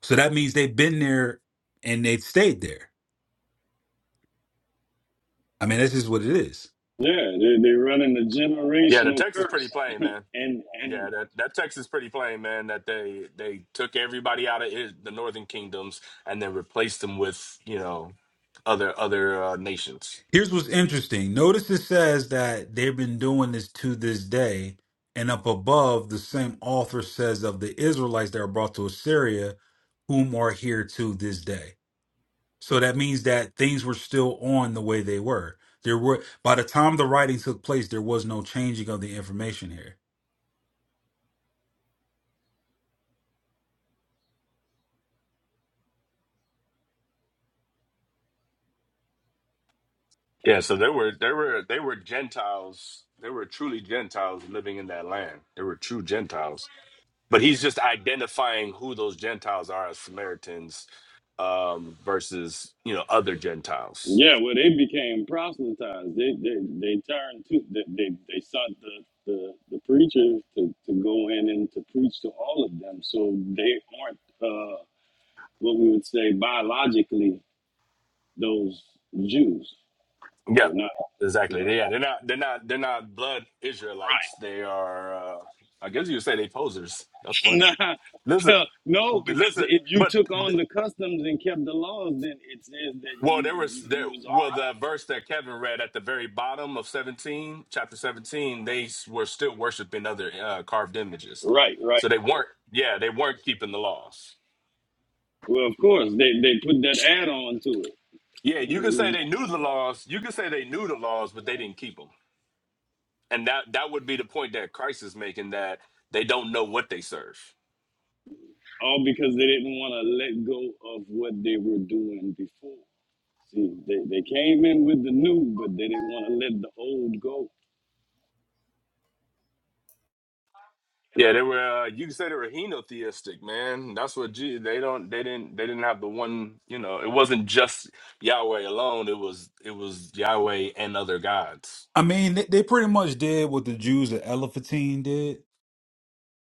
A: So that means they've been there and they've stayed there. I mean, this is what it is.
E: Yeah, they they running a
I: yeah, the
E: generational
I: text is pretty
E: curse,
I: plain, man.
E: and and
I: Yeah, that that text is pretty plain, man. That they they took everybody out of it, the Northern Kingdoms and then replaced them with you know other other uh, nations.
A: Here's what's interesting. Notice it says that they've been doing this to this day. And up above, the same author says of the Israelites that are brought to Assyria, whom are here to this day. So that means that things were still on the way they were. There were by the time the writing took place, there was no changing of the information here.
I: Yeah, so there were there were they were Gentiles. They were truly Gentiles living in that land. They were true Gentiles. But he's just identifying who those Gentiles are as Samaritans um versus, you know, other Gentiles.
E: Yeah, well, they became proselytized. They they, they turned to they they, they sought the, the the preachers to, to go in and to preach to all of them. So they aren't uh, what we would say biologically those Jews.
I: Yeah.
E: They're not
I: Exactly.
E: right.
I: Yeah, they're not they're not they're not blood Israelites. They are uh I guess you would say they posers. That's funny.
E: nah,
I: Listen,
E: well, no, because
I: listen,
E: if you
I: but
E: took on the customs and kept the laws, then it says that
I: Well,
E: you
I: there was
E: you,
I: there
E: you was
I: well
E: all
I: the verse that Kevin read at the very bottom of seventeen, chapter seventeen. They s- were still worshiping other uh, carved images,
E: right. Right, right.
I: so they weren't. Yeah, they weren't keeping the laws.
E: Well, of course they they put that add on to
I: Yeah, you can say
E: it.
I: they knew the laws. You can say they knew the laws, but they didn't keep them. And that that would be the point that Christ is making that they don't know what they serve.
E: all because they didn't want to let go of what they were doing before. See, they, they came in with the new, but they didn't want to let the old go.
I: Yeah, they were. Uh, you can say they were henotheistic, man. That's what G. They don't. They didn't. They didn't have the one. You know, it wasn't just Yahweh alone. It was. It was Yahweh and other gods.
A: I mean, they, they pretty much did what the Jews at Elephantine did.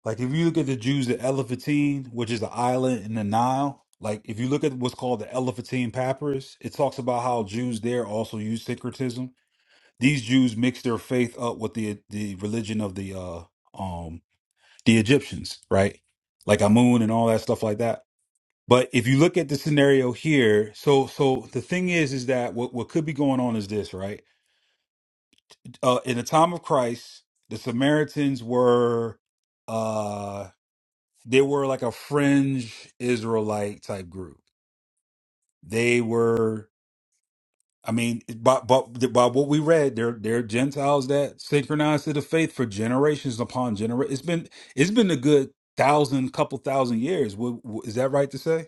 A: Like if you look at the Jews at Elephantine, which is an island in the Nile, like if you look at what's called the Elephantine Papyrus, it talks about how Jews there also use syncretism. These Jews mixed their faith up with the the religion of the uh um the Egyptians, right? Like Amun and all that stuff like that. But if you look at the scenario here, so so the thing is, is that what what could be going on is this, right? Uh, in the time of Christ, the Samaritans were, uh, they were like a fringe Israelite type group. They were, I mean, by by, by what we read, they're they're Gentiles that synchronized to the faith for generations upon generations. It's been it's been a good thousand, couple thousand years. Wo- wo- Is that right to say?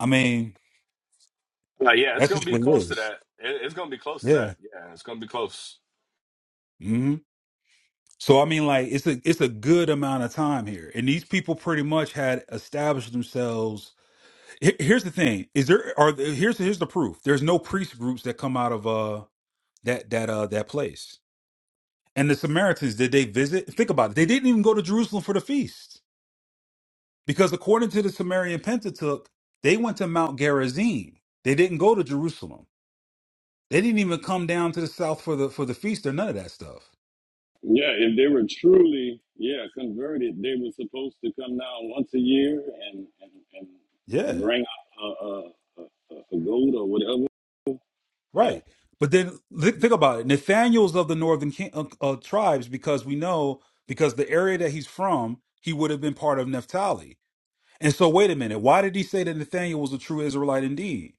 A: I mean,
I: Uh, yeah, it's
A: that's
I: gonna
A: just
I: be
A: what it
I: close to
A: is.
I: that. It, it's gonna be close to that.
A: Yeah.
I: Yeah, it's gonna be close.
A: Mm-hmm. So I mean, like it's a it's a good amount of time here, and these people pretty much had established themselves. Here- Here's the thing: is there are there- here's here's the proof. There's no priest groups that come out of uh that that uh that place. And the Samaritans did they visit? Think about it. They didn't even go to Jerusalem for the feast because according to the Sumerian Pentateuch, they went to Mount Gerizim. They didn't go to Jerusalem. They didn't even come down to the south for the for the feast or none of that stuff.
E: Yeah, if they were truly, yeah, converted, they were supposed to come down once a year and, and, and
A: Yeah.
E: bring a, a, a, a a goat or whatever. Yeah,
A: Right. But then thi- think about it. Nathaniel's of the northern king, uh, uh, tribes because we know because the area that he's from, he would have been part of Naphtali. And so, wait a minute. Why did he say that Nathaniel was a true Israelite indeed?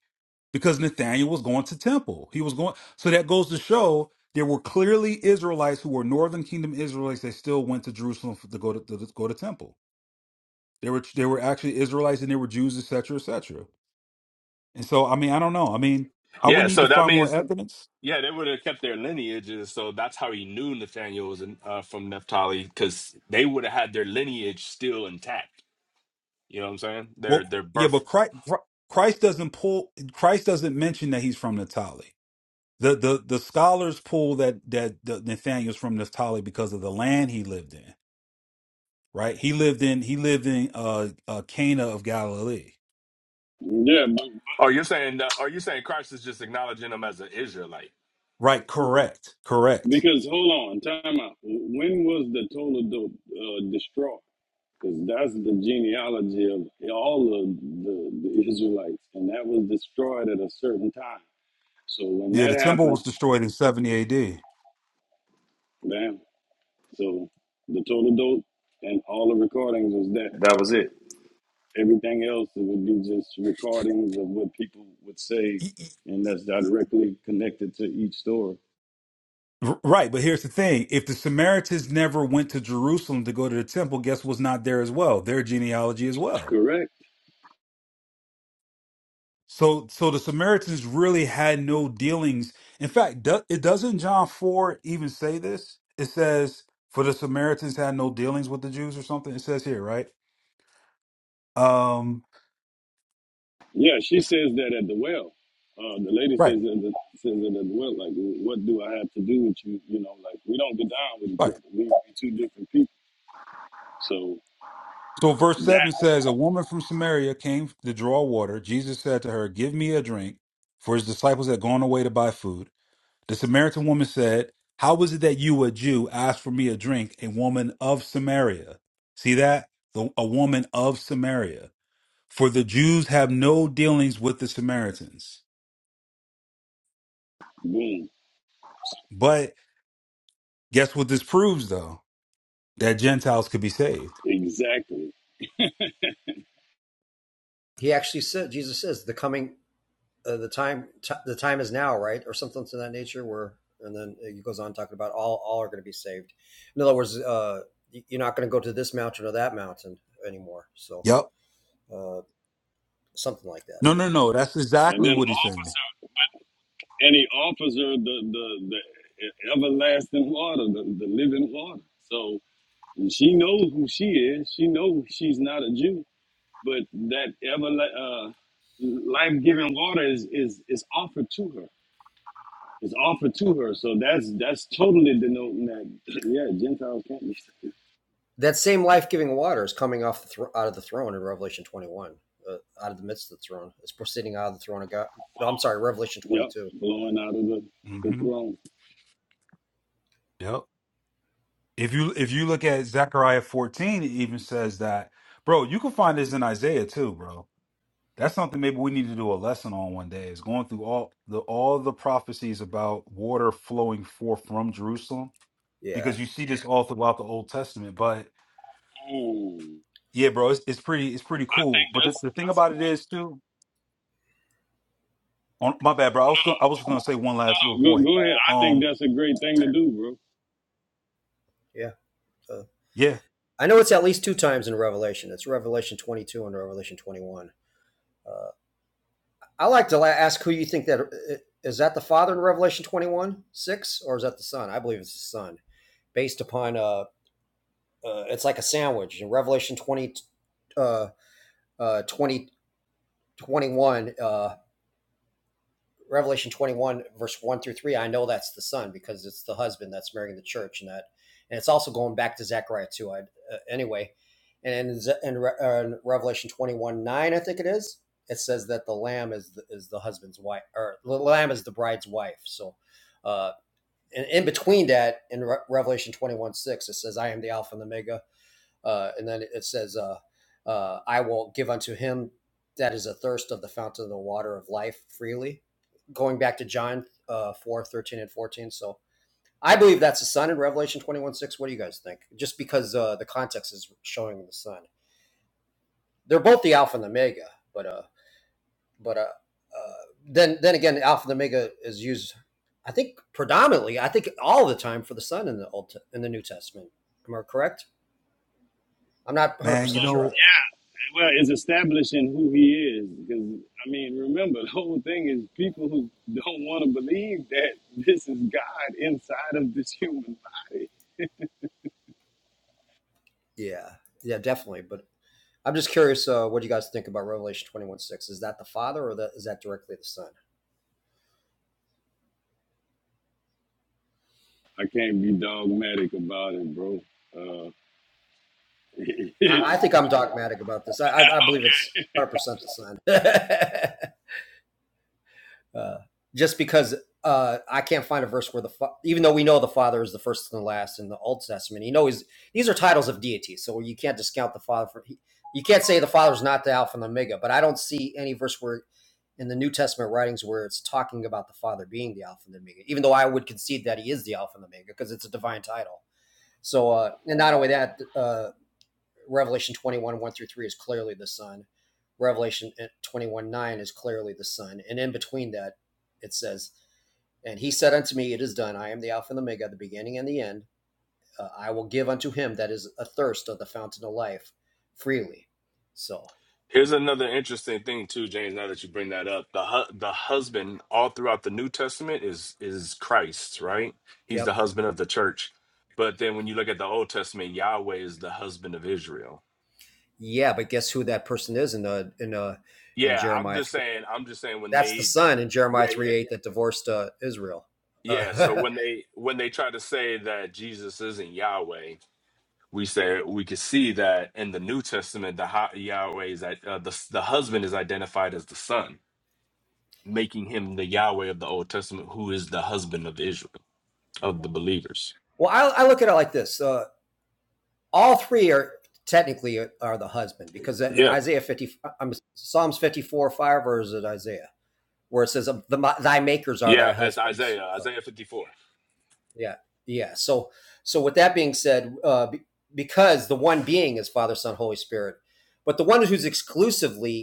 A: Because Nathaniel was going to temple. He was going. So that goes to show there were clearly Israelites who were northern kingdom Israelites that still went to Jerusalem for- to go to, to to go to temple. There were there were actually Israelites and there were Jews, etc., cetera, etc. Cetera. And so, I mean, I don't know. I mean, I would
I: Yeah,
A: need to
I: so that
A: find more
I: means
A: evidence.
I: yeah they would have kept their lineages. So that's how he knew Nathaniel was in, uh, from Naphtali because they would have had their lineage still intact. You know what I'm saying?
A: Well,
I: Their their
A: yeah, but
I: birth.
A: Christ, Christ doesn't pull. Christ doesn't mention that he's from Natali. The the the scholars pull that that the Nathaniel's from Naphtali because of the land he lived in. Right? He lived in he lived in uh, uh Cana of Galilee.
E: yeah, but
I: Oh, you're saying? Uh, are you saying Christ is just acknowledging them as an Israelite?
A: Right? Correct. Correct.
E: because hold on, time out. When was the total dope uh, destroyed? Because that's the genealogy of all of the, the Israelites. And that was destroyed at a certain time. So when
A: Yeah,
E: that
A: the temple
E: happened,
A: was destroyed in seventy A.D.
E: bam. So the total dope and all the recordings was that. That was it. Everything else it would be just recordings of what people would say, and that's directly connected to each story.
A: Right, but here's the thing: if the Samaritans never went to Jerusalem to go to the temple, guess what's not there as well? Their genealogy as well.
E: Correct.
A: So, so the Samaritans really had no dealings. In fact, do, it doesn't John four even say this. It says, "For the Samaritans had no dealings with the Jews," or something. It says here, right? Um,
E: Yeah, she says that at the well. Uh, the lady
A: right,
E: says that the, says that at the well. Like, what do I have to do with you? You know, like we don't get down with each
A: right.
E: other. We we two different people. So
A: So, verse
E: that
A: seven says, "A woman from Samaria came to draw water. Jesus said to her, 'Give me a drink,' for his disciples had gone away to buy food. The Samaritan woman said, 'How is it that you, a Jew, ask for me a drink, a woman of Samaria? See that? The, a woman of Samaria. For the Jews have no dealings with the Samaritans.
E: boom,
A: But guess what this proves, though? That Gentiles could be saved.
E: exactly.
H: he actually said? Jesus says the coming uh, the time t- the time is now, right, or something to that nature. Where and then it goes on talking about all all are going to be saved. In other words, uh, you're not going to go to this mountain or that mountain anymore. So
A: Yep.
H: uh, something like that.
A: No, no, no. That's
E: And
A: exactly
E: then
A: what he's saying.
E: officer, any officer, the the the everlasting water, the, the living water. So she knows who she is. She knows she's not a Jew, but that ever uh, life giving water is is is offered to her. It's offered to her, so that's that's totally denoting that yeah, Gentiles can't be saved.
H: That same life giving water is coming off the thro- out of the throne in Revelation 21, uh, out of the midst of the throne. It's proceeding out of the throne of God. No, I'm sorry, Revelation
E: Yep,
H: 22.
E: blowing out of the, the
A: hmm
E: throne.
A: Yep. If you if you look at Zechariah 14, it even says that, bro. You can find this in Isaiah too, bro. That's something maybe we need to do a lesson on one day. Is going through all the all the prophecies about water flowing forth from Jerusalem
H: Yeah,
A: because you see this all throughout the Old Testament, but
E: Mm.
A: Yeah, bro, it's, it's pretty it's pretty
E: I
A: cool.
E: think
A: But the,
E: that's
A: the thing
E: that's
A: about
E: a
A: it
E: good
A: is too, on my bad, bro. I was gonna, I was gonna say one last
E: no
A: little
E: no go
A: point.
E: go ahead. I think
A: Um,
E: that's a great thing to do, bro.
H: yeah. Uh,
A: yeah,
H: I know it's at least two times in Revelation. It's Revelation 22 and Revelation 21. Uh, I like to ask who you think that uh, is that the father in Revelation 21 6 or is that the son? I believe it's the son based upon uh, uh it's like a sandwich in Revelation 20 uh, uh 20 twenty-one. uh Revelation 21, verse 1 through 3, I know that's the son because it's the husband that's marrying the church and that. And it's also going back to Zechariah 2, I, uh, anyway. And in, in, uh, in Revelation 21, 9, I think it is, it says that the lamb is the, is the husband's wife, or the lamb is the bride's wife. So, uh, and in between that, in Re- Revelation 21, 6, it says, I am the Alpha and the Omega, uh, and then it says, uh, uh, I will give unto him that is a thirst of the fountain of the water of life freely. Going back to John uh, 4 thirteen and 14. So I believe that's the sun in Revelation 21 6. What do you guys think? Just because uh, the context is showing the sun. They're both the Alpha and the Omega, but uh, but uh, uh, then then again, Alpha and Omega is used, I think, predominantly, I think all the time for the sun in the Old in the New Testament. Am I correct? I'm not 100%
A: man, you
H: sure on
A: know,
H: that.
E: Well, it's establishing who he is because I mean, remember the whole thing is people who don't want to believe that this is God inside of this human body.
H: Yeah, yeah, definitely. But I'm just curious, uh, what do you guys think about Revelation 21 6? Is that the Father or that is that directly the Son?
E: I can't be dogmatic about it, bro. Uh,
H: I, I think I'm dogmatic about this. I, I, I believe it's 100% the Son. uh, just because uh, I can't find a verse where the fa- even though we know the Father is the first and the last in the Old Testament, you know he's, these are titles of deity, so you can't discount the Father. For, you can't say the Father's not the Alpha and the Omega, but I don't see any verse where in the New Testament writings where it's talking about the Father being the Alpha and the Omega, even though I would concede that he is the Alpha and the Omega because it's a divine title. So, uh, and not only that, uh, Revelation 21, 1 through 3 is clearly the Son. Revelation uh, 21, 9 is clearly the Son. And in between that, it says, And he said unto me, It is done. I am the Alpha and the Omega, the beginning and the end. Uh, I will give unto him that is athirst of the fountain of life freely. So,
I: Here's another interesting thing too, James. Now that you bring that up, the hu- the husband all throughout the New Testament is is Christ, right? He's
H: yep.
I: the husband of the church. But then when you look at the Old Testament, Yahweh is the husband of Israel.
H: Yeah, but guess who that person is in the in uh in
I: Yeah, I'm
H: Jeremiah
I: just
H: 3?
I: saying. I'm just saying when
H: That's the
I: they,
H: son in Jeremiah
I: yeah,
H: 3
I: yeah,
H: 8 that divorced uh, Israel. Uh,
I: yeah. So when they when they try to say that Jesus isn't Yahweh, we say we could see that in the New Testament, the hi- Yahweh is that uh, the the husband is identified as the son making him the Yahweh of the Old Testament, who is the husband of Israel, of the believers.
H: well, I, I look at it like this. Uh, all three are technically are the husband because in
I: Yeah,
H: Isaiah 50, I'm Psalms 54, 5, or is it Isaiah where it says, the, thy makers are thy
I: yeah, that's
H: husbands.
I: Isaiah,
H: Uh,
I: Isaiah 54.
H: yeah. Yeah. So, so with that being said, uh, because the one being is Father, Son, Holy Spirit, but the one who's exclusively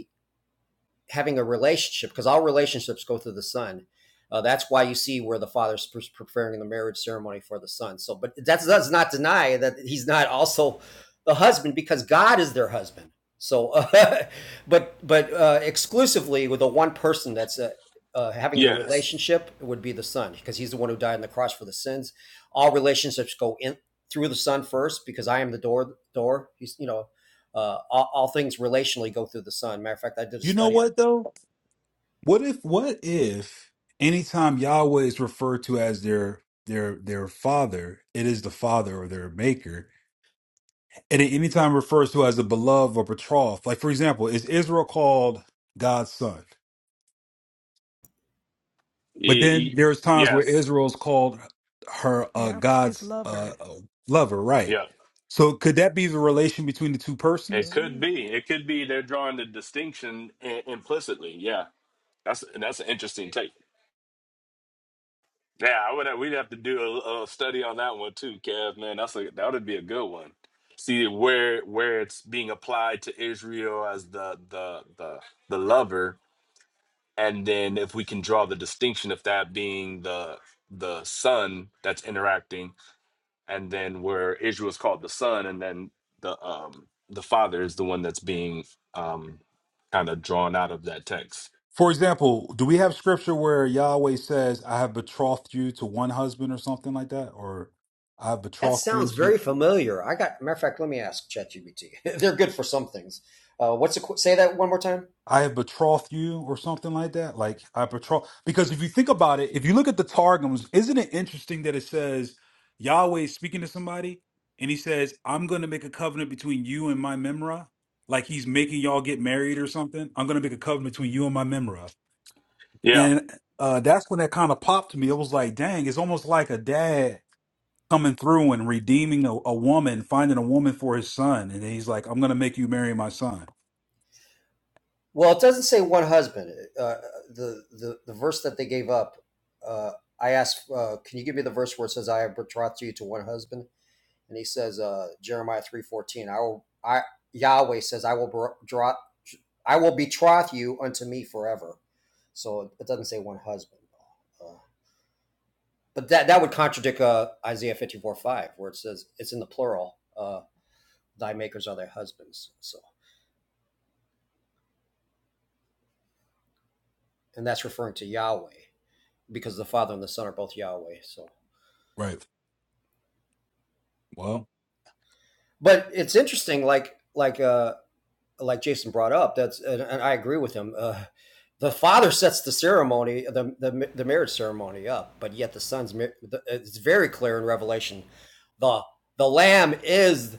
H: having a relationship because all relationships go through the son. Uh, that's why you see where the father's pre- preparing the marriage ceremony for the son. So, but that does not deny that he's not also the husband because God is their husband. So, uh, but but uh, exclusively with the one person that's uh, uh, having the
I: Yes,
H: relationship would be the son because he's the one who died on the cross for the sins. All relationships go in through the son first because I am the door. Door. He's you know. Uh, all, all things relationally go through the son. Matter of fact, I did a
A: you know
H: study
A: what though? What if what if anytime Yahweh is referred to as their their their father, it is the father or their maker, and at any time refers to as a beloved or betrothed. Like for example, is Israel called God's son? But
I: E-
A: then
I: e-
A: there's times where
I: yes,
A: Israel's called her uh,
F: Yeah, his
A: God's uh,
F: lover
A: uh, lover, right?
I: yeah.
A: So could that be the relation between the two
I: It
A: persons?
F: could
I: could
F: be.
I: be, it could be they're drawing the distinction I- implicitly. Yeah, that's that's an interesting take. Yeah, I would have, we'd have to do a, a study on that one too, Kev. Man, that's a that would be a good one. See where where it's being applied to Israel as the the the the lover and then if we can draw the distinction of that being the the sun that's interacting and then where israel is called the son and then the um the father is the one that's being um kind of drawn out of that text
A: For example, do we have scripture where Yahweh says, "I have betrothed you to one husband" or something like that, or "I have
H: That
A: betrothed you
H: sounds
A: to"?
H: very familiar. I got matter of fact. Let me ask ChatGPT. They're good for some things. Uh, what's a, say that one more time?
A: I have betrothed you or something like that. Like I betroth because if you think about it, if you look at the targums, isn't it interesting that it says Yahweh is speaking to somebody and he says, I'm gonna make a covenant between you and my memra. Like he's making y'all get married or something. I'm gonna make a covenant between you and my memra.
I: yeah
A: And uh that's when that kind of popped to me. It was like, dang, it's almost like a dad coming through and redeeming a, a woman, finding a woman for his son. And then he's like, I'm gonna make you marry my son.
H: Well, it doesn't say one husband. Uh, the the the verse that they gave up. Uh, I asked, uh, can you give me the verse where it says, "I have betrothed you to one husband," and he says, uh, Jeremiah three fourteen. I will. I Yahweh says, "I will draw. I will betroth you unto me forever." So it doesn't say one husband. Uh, but that that would contradict uh, Isaiah fifty four five, where it says it's in the plural. Uh, Thy makers are thy husbands. So, and that's referring to Yahweh because the Father and the Son are both Yahweh. So,
A: Right. Well,
H: but it's interesting, like like uh, like Jason brought up. That's and, and I agree with him. Uh, the father sets the ceremony, the, the the marriage ceremony up, but yet the son's. It's very clear in Revelation, the the lamb is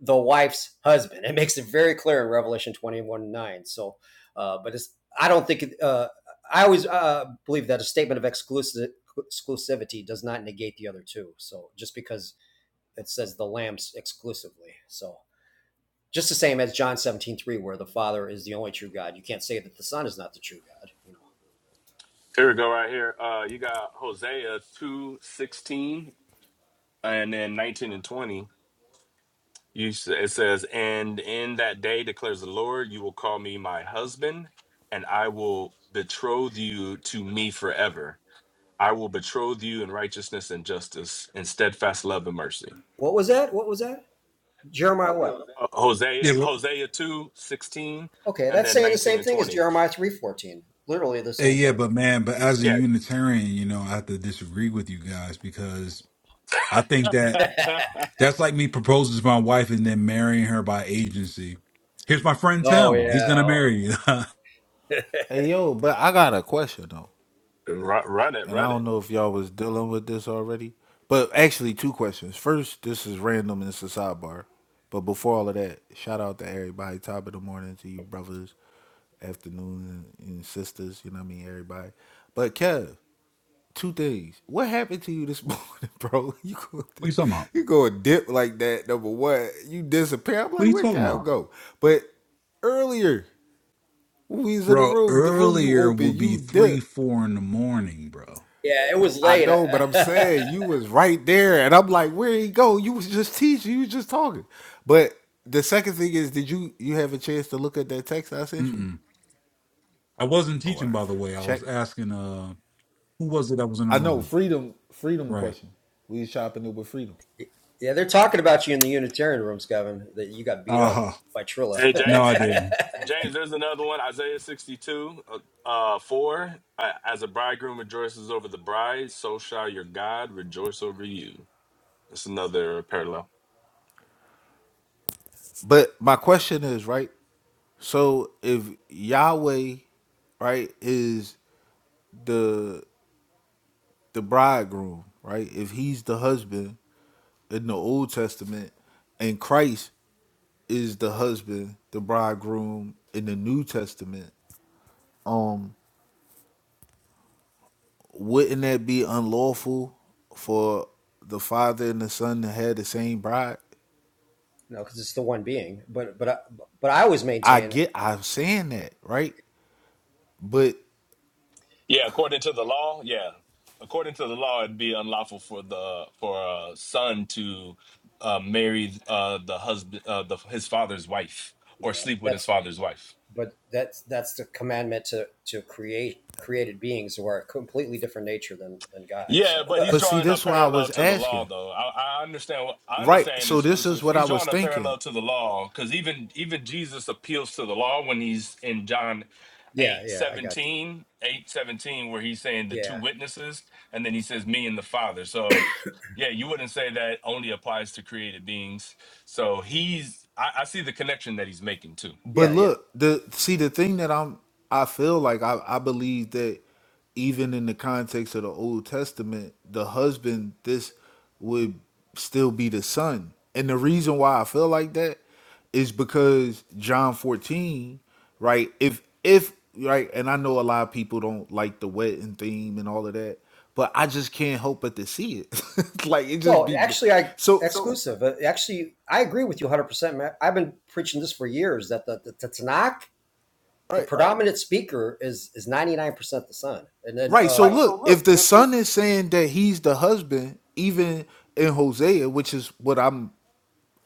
H: the wife's husband. It makes it very clear in Revelation 21 9. So, uh, but it's, I don't think, uh, I always uh, believe that a statement of exclusive, exclusivity does not negate the other two. So, just because it says the lambs exclusively. So, just the same as John 17 3, where the Father is the only true God. You can't say that the Son is not the true God. You know,
I: here we go right here uh you got hosea 2 16, and then 19 and 20 you s- it says and in that day declares the lord you will call me my husband and i will betroth you to me forever I will betroth you in righteousness and justice, in steadfast love and mercy.
H: what was that? What was that? Jeremiah what?
I: Uh,
A: yeah.
I: Hosea, Hosea 2 16,
H: Okay,
I: and
H: that's
I: then
H: saying the
I: 19
H: same
I: and
H: thing as
I: 20.
H: Jeremiah 3 14. Literally the
A: Hey,
H: same
A: yeah,
H: thing.
A: but man, but
H: So,
A: as a
I: Yeah.
A: Unitarian, you know, I have to disagree with you guys because I think that that's like me proposing to my wife and then marrying her by agency. Here's my friend
H: oh,
A: Sam. He's
H: yeah.
A: gonna
H: Oh,
A: marry you. what are
H: yeah.
J: Hey yo, but I got a question though,
I: run, run it,
J: and I
I: run
J: don't
I: it.
J: know if y'all was dealing with this already. But actually, two questions. First, this is random and it's a sidebar. But before all of that, shout out to everybody. Top of the morning to you, brothers, afternoon, and, and sisters. You know what I mean, everybody. But Kev, two things. What happened to you this morning, bro? You go,
A: you talking about?
J: you go a dip like that. Number one, you disappear. I'm
A: What are
J: like,
A: you
J: where
A: talking
J: Kev
A: about,
J: go? But earlier, when we was in the
A: bro?
J: room, the room you
A: Earlier will
J: open,
A: be
J: you
A: three,
J: dip.
A: four in the morning, bro.
H: Yeah, it was
J: I
H: late.
J: know, but I'm
H: yeah,
J: saying you was right there, and I'm like, where he go? You was just teaching, you was just talking. But the second thing is, did you you have a chance to look at that text I sent you?
A: Mm-mm. I wasn't
J: All
A: teaching,
J: right,
A: by the way. I
J: check.
A: was asking, uh, who was it that was in the
J: I know
A: room?
J: freedom, freedom
A: Right.
J: question. We shopping it with freedom.
H: they're talking about you in the Unitarian rooms, Gavin. That you got beat
A: Uh
H: up
A: huh.
H: by Trilla.
I: Hey,
H: no,
A: No,
I: James,
A: I
I: hey,
A: didn't.
I: James, there's another one, Isaiah 62, uh, uh, 4. Uh, As a bridegroom rejoices over the bride, so shall your God rejoice over you. That's another parallel.
J: But my question is right. So if Yahweh, right, is the the bridegroom, right? If he's the husband in the Old Testament, and Christ is the husband, the bridegroom in the New Testament, um, wouldn't that be unlawful for the father and the son to have the same bride?
H: because it's the one being. But but I, but I always
J: I
H: maintain.
J: get I'm saying that, right? But
I: Yeah, according to the law, yeah. According to the law, it'd be unlawful for the for a son to uh, marry uh, the husband, uh, the, his father's wife, or
H: Yeah,
I: sleep with his
H: that's
I: father's wife.
H: but that's that's the commandment to to create created beings who are a completely different nature than than God.
I: Yeah,
H: So
I: but he's
J: but see
I: drawing a
J: that's why I was
I: parallel to the law,
J: asking.
I: though. I, I understand. what- I
J: Right.
I: understand
J: So this is
I: exclusive.
J: what I
I: He's
J: was
I: drawing a
J: thinking.
I: parallel to the law because even even Jesus appeals to the law when he's in John
H: yeah,
I: 8
H: yeah, I got you.
I: 17 8 17, where he's saying the two
H: Yeah,
I: witnesses, and then he says me and the Father. So, yeah, you wouldn't say that only applies to created beings. So he's. I, I see the connection that he's making too.
J: But
H: yeah, yeah.
J: look, the see the thing that I'm I feel like I, I believe that even in the context of the Old Testament, the husband this would still be the son. And the reason why I feel like that is because John 14, right? If if right, and I know a lot of people don't like the wedding theme and all of that, but I just can't help but to see it. like it just
H: No,
J: be
H: actually, I
J: so
H: exclusive. So, Uh, actually, I agree with you 100. percent I've been preaching this for years that the, the, the Tanakh the
J: right.
H: predominant speaker is is 99% the sun and then
J: Right.
H: uh
J: So look, if the son is saying that he's the husband, even in Hosea, which is what I'm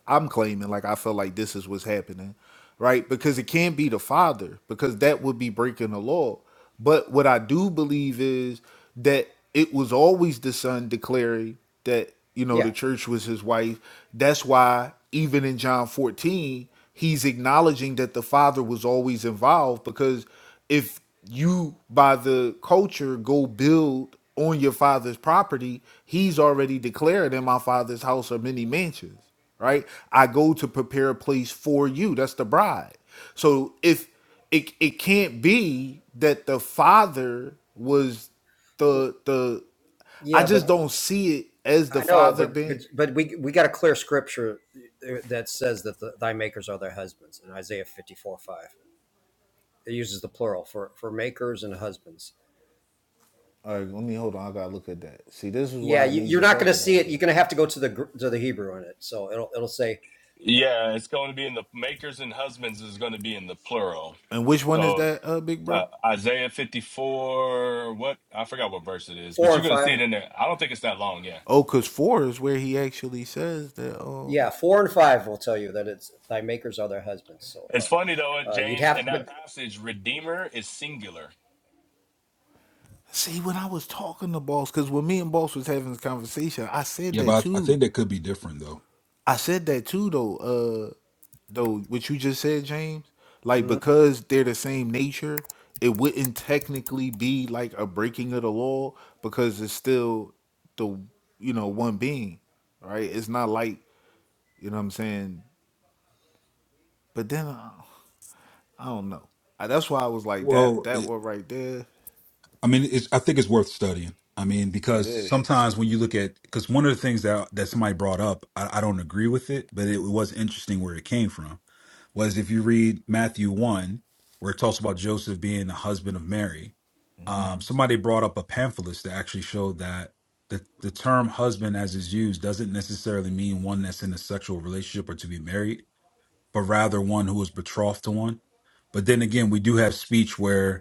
J: I'm claiming like I feel like this is what's happening, right? Because it can't be the father because that would be breaking the law. But what I do believe is that it was always the son declaring that you know
H: yeah
J: the church was his wife. That's why even in John 14, he's acknowledging that the father was always involved because if you by the culture go build on your father's property, he's already declared in my father's house are many mansions right? I go to prepare a place for you. That's the bride. So if it it can't be that the father was the the I
H: yeah
J: just
H: but
J: don't see it as the
H: i know
J: father
H: but but
J: being
H: but we we got a clear scripture uh, that says that the, thy makers are thy husbands in isaiah 54 5 it uses the plural for for makers and husbands
J: all right, let me hold on. I gotta look at that. See, this is
H: yeah
J: why I
H: you,
J: need
H: you're
J: to
H: not
J: talk
H: going to see
J: about
H: it
J: this.
H: you're going to have to go to the to the hebrew in it so it'll it'll say
I: Yeah, it's going to be in the makers and husbands is going to be in the plural.
J: And which one is
I: So
J: that, uh, big
I: uh,
J: bro?
I: Isaiah 54, what? I forgot what verse it is, but
H: four
I: you're
H: and
I: going to
H: five
I: see it in there. I don't think it's that long. Yeah.
J: Oh, cause four is where he actually says that. Um,
H: yeah four and five will tell you that it's thy makers are their husbands so
I: It's
H: uh,
I: funny, though, in
H: uh you'd
I: James,
H: have
I: in
H: to but
I: that passage, Redeemer is singular.
J: see, when I was talking to boss, cause when me and boss was having this conversation, I said
A: Yeah,
J: that
A: but I I
J: too.
A: think that could be different though.
J: I said that too though. Uh though what you just said, James, like
H: mm-hmm.
J: because they're the same nature, it wouldn't technically be like a breaking of the law because it's still the you know one being, right? It's not like you know what I'm saying. But then I, I don't know. I, that's why I was like that.
A: Well,
J: That one right there,
A: I mean, it's, I think it's worth studying. I mean,
J: it
A: because
J: is.
A: sometimes when you look at, because one of the things that that somebody brought up, I, I don't agree with it, but it was interesting where it came from. Was if you read Matthew one, where it talks about Joseph being the husband of Mary, um, somebody brought up a pamphlet that actually showed that the the term husband, as is used, doesn't necessarily mean one that's in a sexual relationship or to be married, but rather one who is betrothed to one. But then again, we do have speech where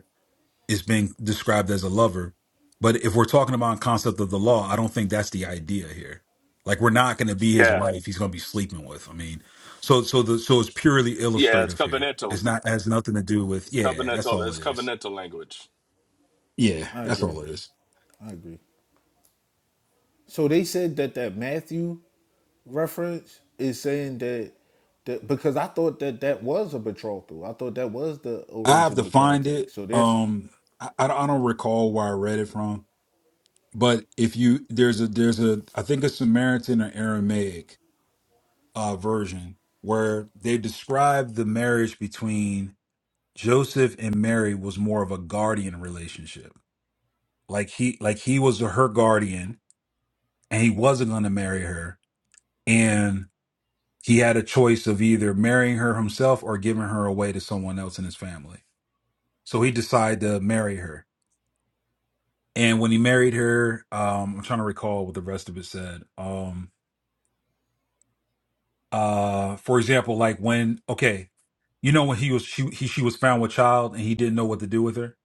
A: is being described as a lover. But if we're talking about a concept of the law, I don't think that's the idea here. Like we're not going to be his
I: Yeah,
A: wife; he's going to be sleeping with. I mean, so so the so it's purely
I: yeah, it's
A: illustrative here.
I: covenantal.
A: It's not has nothing to do with
I: It's
A: yeah. That's
I: covenantal.
A: all it
I: It's
A: is.
I: covenantal language.
A: Yeah,
J: I
A: that's
J: agree.
A: all it is.
J: I agree. So they said that that Matthew reference is saying that, that because I thought that that was a betrothal. I thought that was the
A: I have to
J: original
A: find it.
J: context. So there's
A: Um, I, I don't I don't recall where I read it from, but if you there's a there's a I think a Samaritan or Aramaic uh, version where they describe the marriage between Joseph and Mary was more of a guardian relationship. Like he like he was her guardian and he wasn't going to marry her and he had a choice of either marrying her himself or giving her away to someone else in his family. So he decided to marry her. And when he married her, um I'm trying to recall what the rest of it said. Um uh for example like when okay, you know when he was she he, she was found with child and he didn't know what to do with her?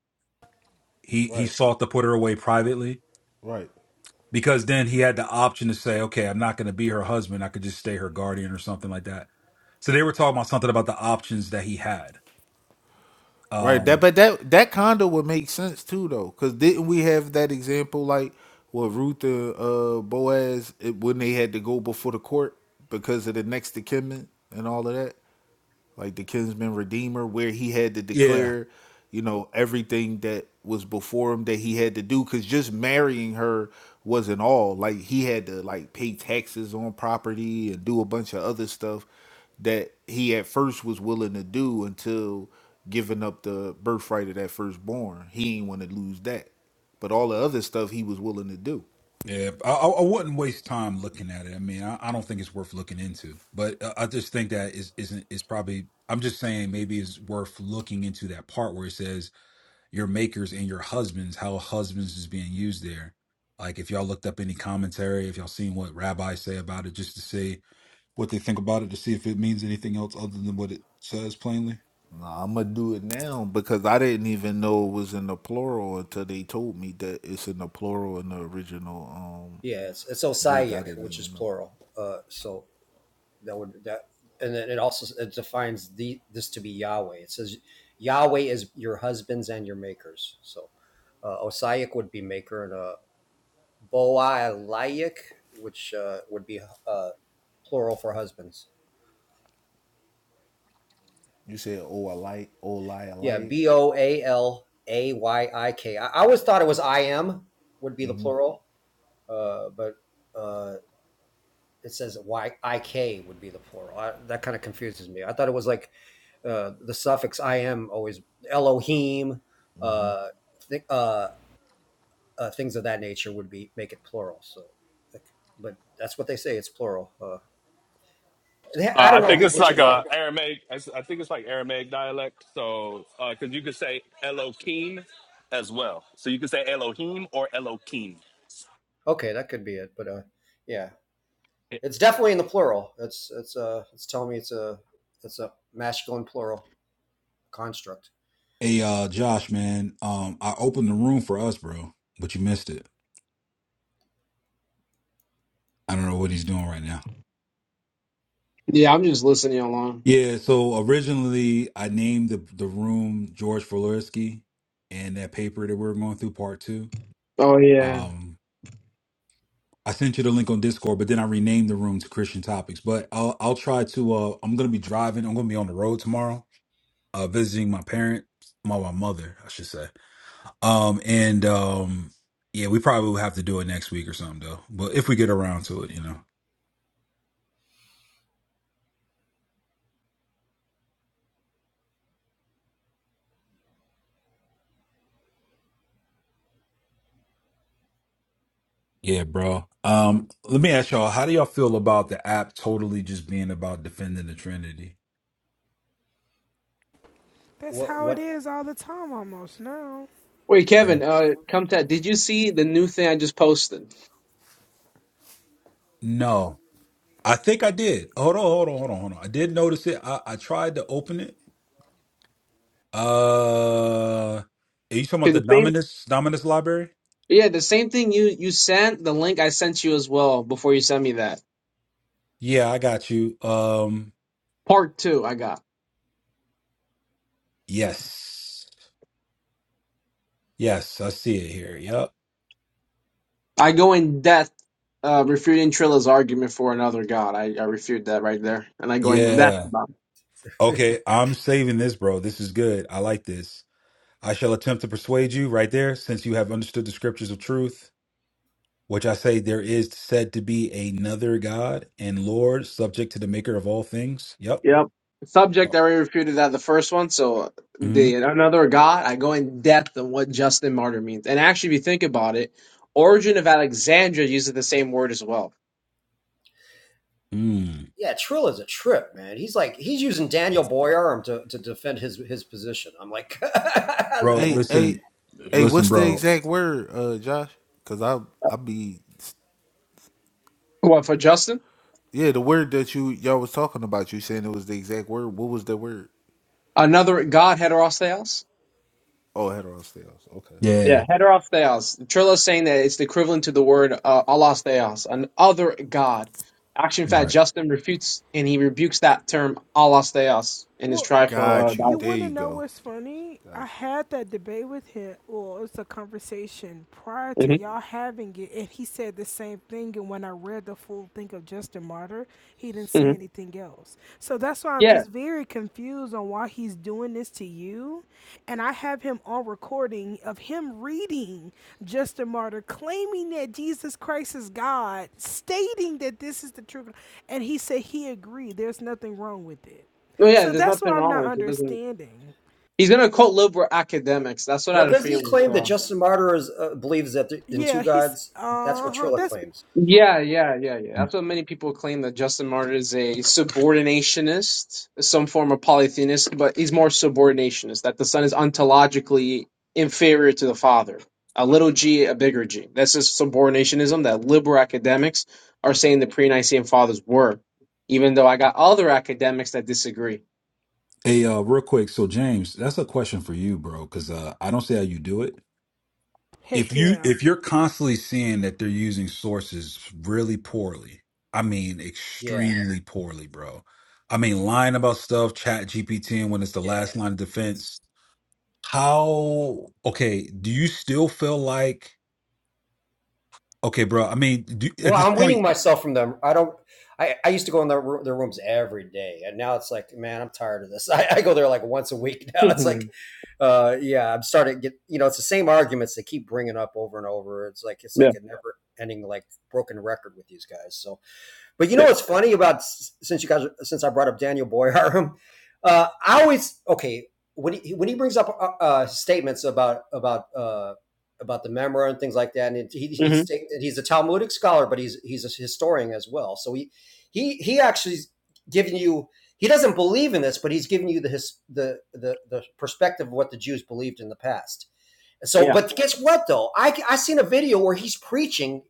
A: He he
J: right,
A: sought to put her away privately
J: right,
A: because then he had the option to say, okay, I'm not going to be her husband. I could just stay her guardian or something like that. So they were talking about something about the options that he had.
J: right. That
A: Um,
J: but that that kind of would make sense too though, because didn't we have that example like with Ruth and uh, Boaz it, when they had to go before the court because of the next of kin and all of that? like the kinsman redeemer, where he had to
A: yeah,
J: declare, you know, everything that was before him that he had to do. Cause just marrying her wasn't all. Like he had to like pay taxes on property and do a bunch of other stuff that he at first was willing to do until giving up the birthright of that firstborn. He ain't want to lose that. But all the other stuff he was willing to do.
A: yeah. I, I I wouldn't waste time looking at it. I mean, I, I don't think it's worth looking into, but I I just think that is isn't is probably. I'm just saying maybe it's worth looking into that part where it says your makers and your husbands, how husbands is being used there. Like if y'all looked up any commentary, if y'all seen what rabbis say about it, just to see what they think about it to see if it means anything else other than what it says plainly.
J: Nah, I'm gonna do it now because I didn't even know it was in the plural until they told me that it's in the plural in the original um
H: Yeah, it's it's
J: Greek.
H: osaic,
J: I
H: Okay.
J: didn't
H: which is
J: even know.
H: plural. Uh, so that would that, and then it also it defines the this to be Yahweh. It says Yahweh is your husbands and your makers. So uh, osaic would be maker, and uh, boalayik, which uh, would be uh, plural for husbands.
J: You said oh alike, oh lie
H: Yeah, b
J: alike.
H: o a l a y i k. I always thought it was I am would be the plural, uh, but uh, it says Y I K would be the plural. I, that kind of confuses me. I thought it was like uh, the suffix im always Elohim, uh, th- uh, uh, things of that nature would be make it plural. So, like, but that's what they say. It's plural. Uh, I
I: Uh,
H: don't
I: I
H: know
I: think it's
H: Hebrew too
I: like
H: well.
I: a Aramaic. I s- I think it's like Aramaic dialect. So, because you could say Elohim as well. So you could say Elohim or Elohim.
H: Okay, that could be it. But uh, yeah, it's definitely in the plural. It's it's uh it's telling me it's a it's a masculine plural construct.
A: Hey, uh, Josh, man, um, I opened the room for us, bro, but you missed it. I don't know what he's doing right now.
K: Yeah, I'm just listening along.
A: Yeah, so originally I named the the room George Floreski and that paper that we are going through, part two.
K: Oh yeah.
A: Um, I sent you the link on Discord, but then I renamed the room to Christian Topics. But I'll I'll try to. Uh, I'm gonna be driving. I'm gonna be on the road tomorrow, uh, visiting my parents, my my mother, I should say. Um, and um, yeah, we probably will have to do it next week or something though. But if we get around to it, you know. Yeah, bro. Um, let me ask y'all, how do y'all feel about the app totally just being about defending the Trinity?
F: That's
H: What
F: how it
H: what
F: is all the time, almost now.
K: Wait,
A: Yeah.
K: Kevin, uh come to did you see the new thing I just posted?
A: No. I think I did. Hold on, hold on, hold on, hold on. I did notice it. I, I tried to open it. Uh are you talking about
K: 'Cause
A: the
K: the same
A: Dominus Dominus library?
K: Yeah, the same thing you you sent, the link I sent you as well before you sent me that.
A: Yeah, I got you. Um
K: Part two I got.
A: yes. Yes, I see it here. Yep.
K: I go in depth uh refuting Trilla's argument for another god. I, I refute that right there. And I go in depth
A: Yeah.
K: about it.
A: Okay, I'm saving this, bro. This is good. I like this. I shall attempt to persuade you right there, since you have understood the scriptures of truth, which I say there is said to be another God and Lord, subject to the maker of all things. Yep.
K: Yep. Subject, I already refuted that the first one. So
A: hmm
K: the another God, I go in depth on what Justin Martyr means. And actually, if you think about it, Origin of Alexandria uses the same word as well.
A: Mm.
H: yeah, Trill is a trip, man. He's like he's using Daniel Boyarum to, to defend his his position. I'm like,
A: Bro,
J: Hey, hey,
A: listen,
J: hey,
A: listen,
J: what's the
A: bro.
J: exact word, uh, Josh? Cause I I be
K: What for Justin?
J: yeah, the word that you y'all was talking about, you saying it was the exact word. What was the word?
K: Another God, heteros theos?
J: Oh, heterostales. Okay.
K: Yeah,
A: Yeah.
K: heteros theos. Trillo's saying that it's the equivalent to the word uh, allos theos, an other God. Actually, in
A: All
K: fact,
A: right.
K: Justin refutes and he rebukes that term allos theos in his
F: Well,
K: trifle uh,
J: Got you.
F: You
K: dialog
J: There
F: want to
J: you
F: know
J: go.
F: what's funny? I
J: Got you.
F: had that debate with him, or it was a conversation prior to
K: hmm
F: y'all having it, and he said the same thing. And when I read the full thing of Justin Martyr, he didn't say
K: hmm
F: anything else. So that's why I'm
K: Yeah.
F: just very confused on why he's doing this to you. And I have him on recording of him reading Justin Martyr, claiming that Jesus Christ is God, stating that this is the true, God, and he said he agreed. There's nothing wrong with it.
K: No, yeah,
F: So
K: there's
F: that's what
K: nothing
F: I'm
K: wrong
F: not
K: with it. It doesn't.
F: understanding.
K: He's gonna cult live with academics. That's what I
H: well,
K: had a
H: doesn't he
K: feeling.
H: claim that
K: So.
H: Justin Martyr is, uh, believes that th- in two
F: Yeah, he's
H: gods? That's
F: uh
H: what
F: huh.
H: Trilla
F: That's
H: claims.
K: Yeah, yeah, yeah, yeah. That's what many people claim that Justin Martyr is a subordinationist, some form of polytheist, but he's more subordinationist. That the son is ontologically inferior to the father. A little g, a bigger g. That's just subordinationism that liberal academics are saying the pre-Nicene fathers were, even though I got other academics that disagree.
A: Hey, uh, real quick. So, James, that's a question for you, bro, because uh, I don't see how you do it. if
F: heck
A: you
F: yeah.
A: if you're constantly seeing that they're using sources really poorly i mean
H: Yeah,
A: extremely Yeah. poorly bro i mean lying about stuff chat gpt and when it's the
H: yeah.
A: last line of defense how okay do you still feel like okay bro i mean do, at
H: Well,
A: this
H: I'm weaning
A: point
H: myself from them. I don't. I, I used to go in their their rooms every day, and now it's like, man, I'm tired of this. I, I go there like once a week now. It's like,
K: yeah,
H: uh, yeah, I'm starting to get. You know, it's the same arguments they keep bringing up over and over. It's like it's like a never ending like broken record with these guys. So But you know
K: yeah,
H: what's funny about since you guys since I brought up Daniel Boyarum, uh, I always okay when he when he brings up uh, uh, statements about about uh, about the memoir and things like that, and he,
K: hmm
H: he's he's a Talmudic scholar, but he's he's a historian as well. So he he he actually is giving you he doesn't believe in this, but he's giving you the his, the, the the perspective of what the Jews believed in the past. So,
K: yeah,
H: but guess what though? I I seen a video where he's preaching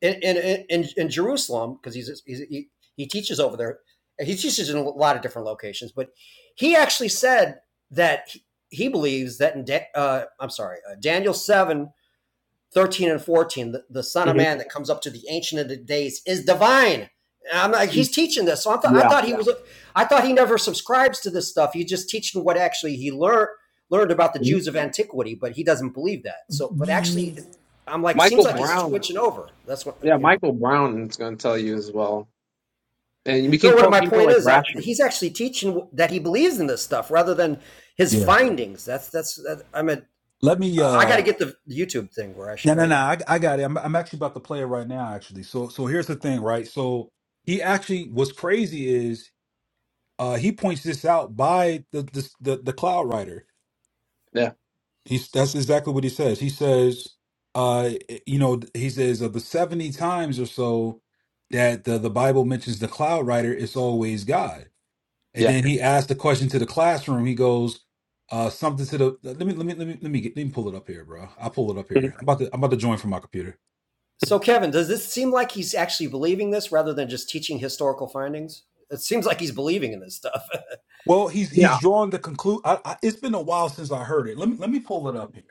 H: in in in, in Jerusalem because he's, he's he, he teaches over there. He teaches in a lot of different locations, but he actually said that he, believes that in da- uh, I'm sorry, uh, Daniel 7 13 and 14, the, the Son of
K: hmm
H: Man that comes up to the Ancient of the Days is divine. And I'm like, he's teaching this. So I, th- I
K: yeah.
H: thought he was, I thought he never subscribes to this stuff. He's just teaching what actually he learned learned about the
K: Mhm.
H: Jews of antiquity, but he doesn't believe that. So, but actually,
A: yeah
H: I'm like, seems
K: Michael
H: like he's
K: Brown.
H: switching over. That's what
K: Yeah,
H: you know.
K: Michael Brown is going to tell you as well. And we
H: No,
K: can
H: what
K: quote
H: my
K: people
H: point
K: like
H: is, I,
K: Rasher.
H: he's actually teaching that he believes in this stuff rather than his findings. That's that's. That, I'm a.
A: let me
H: I got
A: uh
H: to get the YouTube thing where I
A: no
H: should.
A: no
H: I,
A: no i, I got it I'm, I'm actually about to play it right now actually so so here's the thing right so he actually what's crazy is uh, he points this out by the the the, the cloud rider.
K: Yeah,
A: He's that's exactly what he says. He says, uh, you know, he says of the seventy times or so that the, the Bible mentions the cloud rider, it's always God. And
K: yeah.
A: then he asks the question to the classroom. He goes, uh, something to the let me let me let me let me get let me pull it up here, bro. I'll pull it up
K: Mhm.
A: here. I'm about to I'm about to join from my computer.
H: so, Kevin, does this seem like he's actually believing this rather than just teaching historical findings? It seems like he's believing in this stuff.
A: Well, he's
K: Yeah,
A: he's drawing the conclude. I, I, it's been a while since I heard it. Let me let me pull it up here.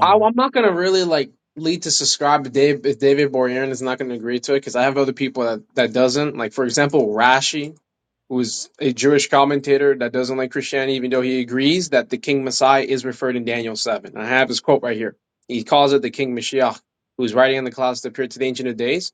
K: I, I'm not going to really like lead to subscribe to Dave if David Borean is not going to agree to it because I have other people that, that doesn't. Like, for example, Rashi, who's a Jewish commentator that doesn't like Christianity, even though he agrees that the King Messiah is referred in Daniel 7. And I have his quote right here. He calls it the King Mashiach, who's riding on the clouds to appear to the Ancient of Days.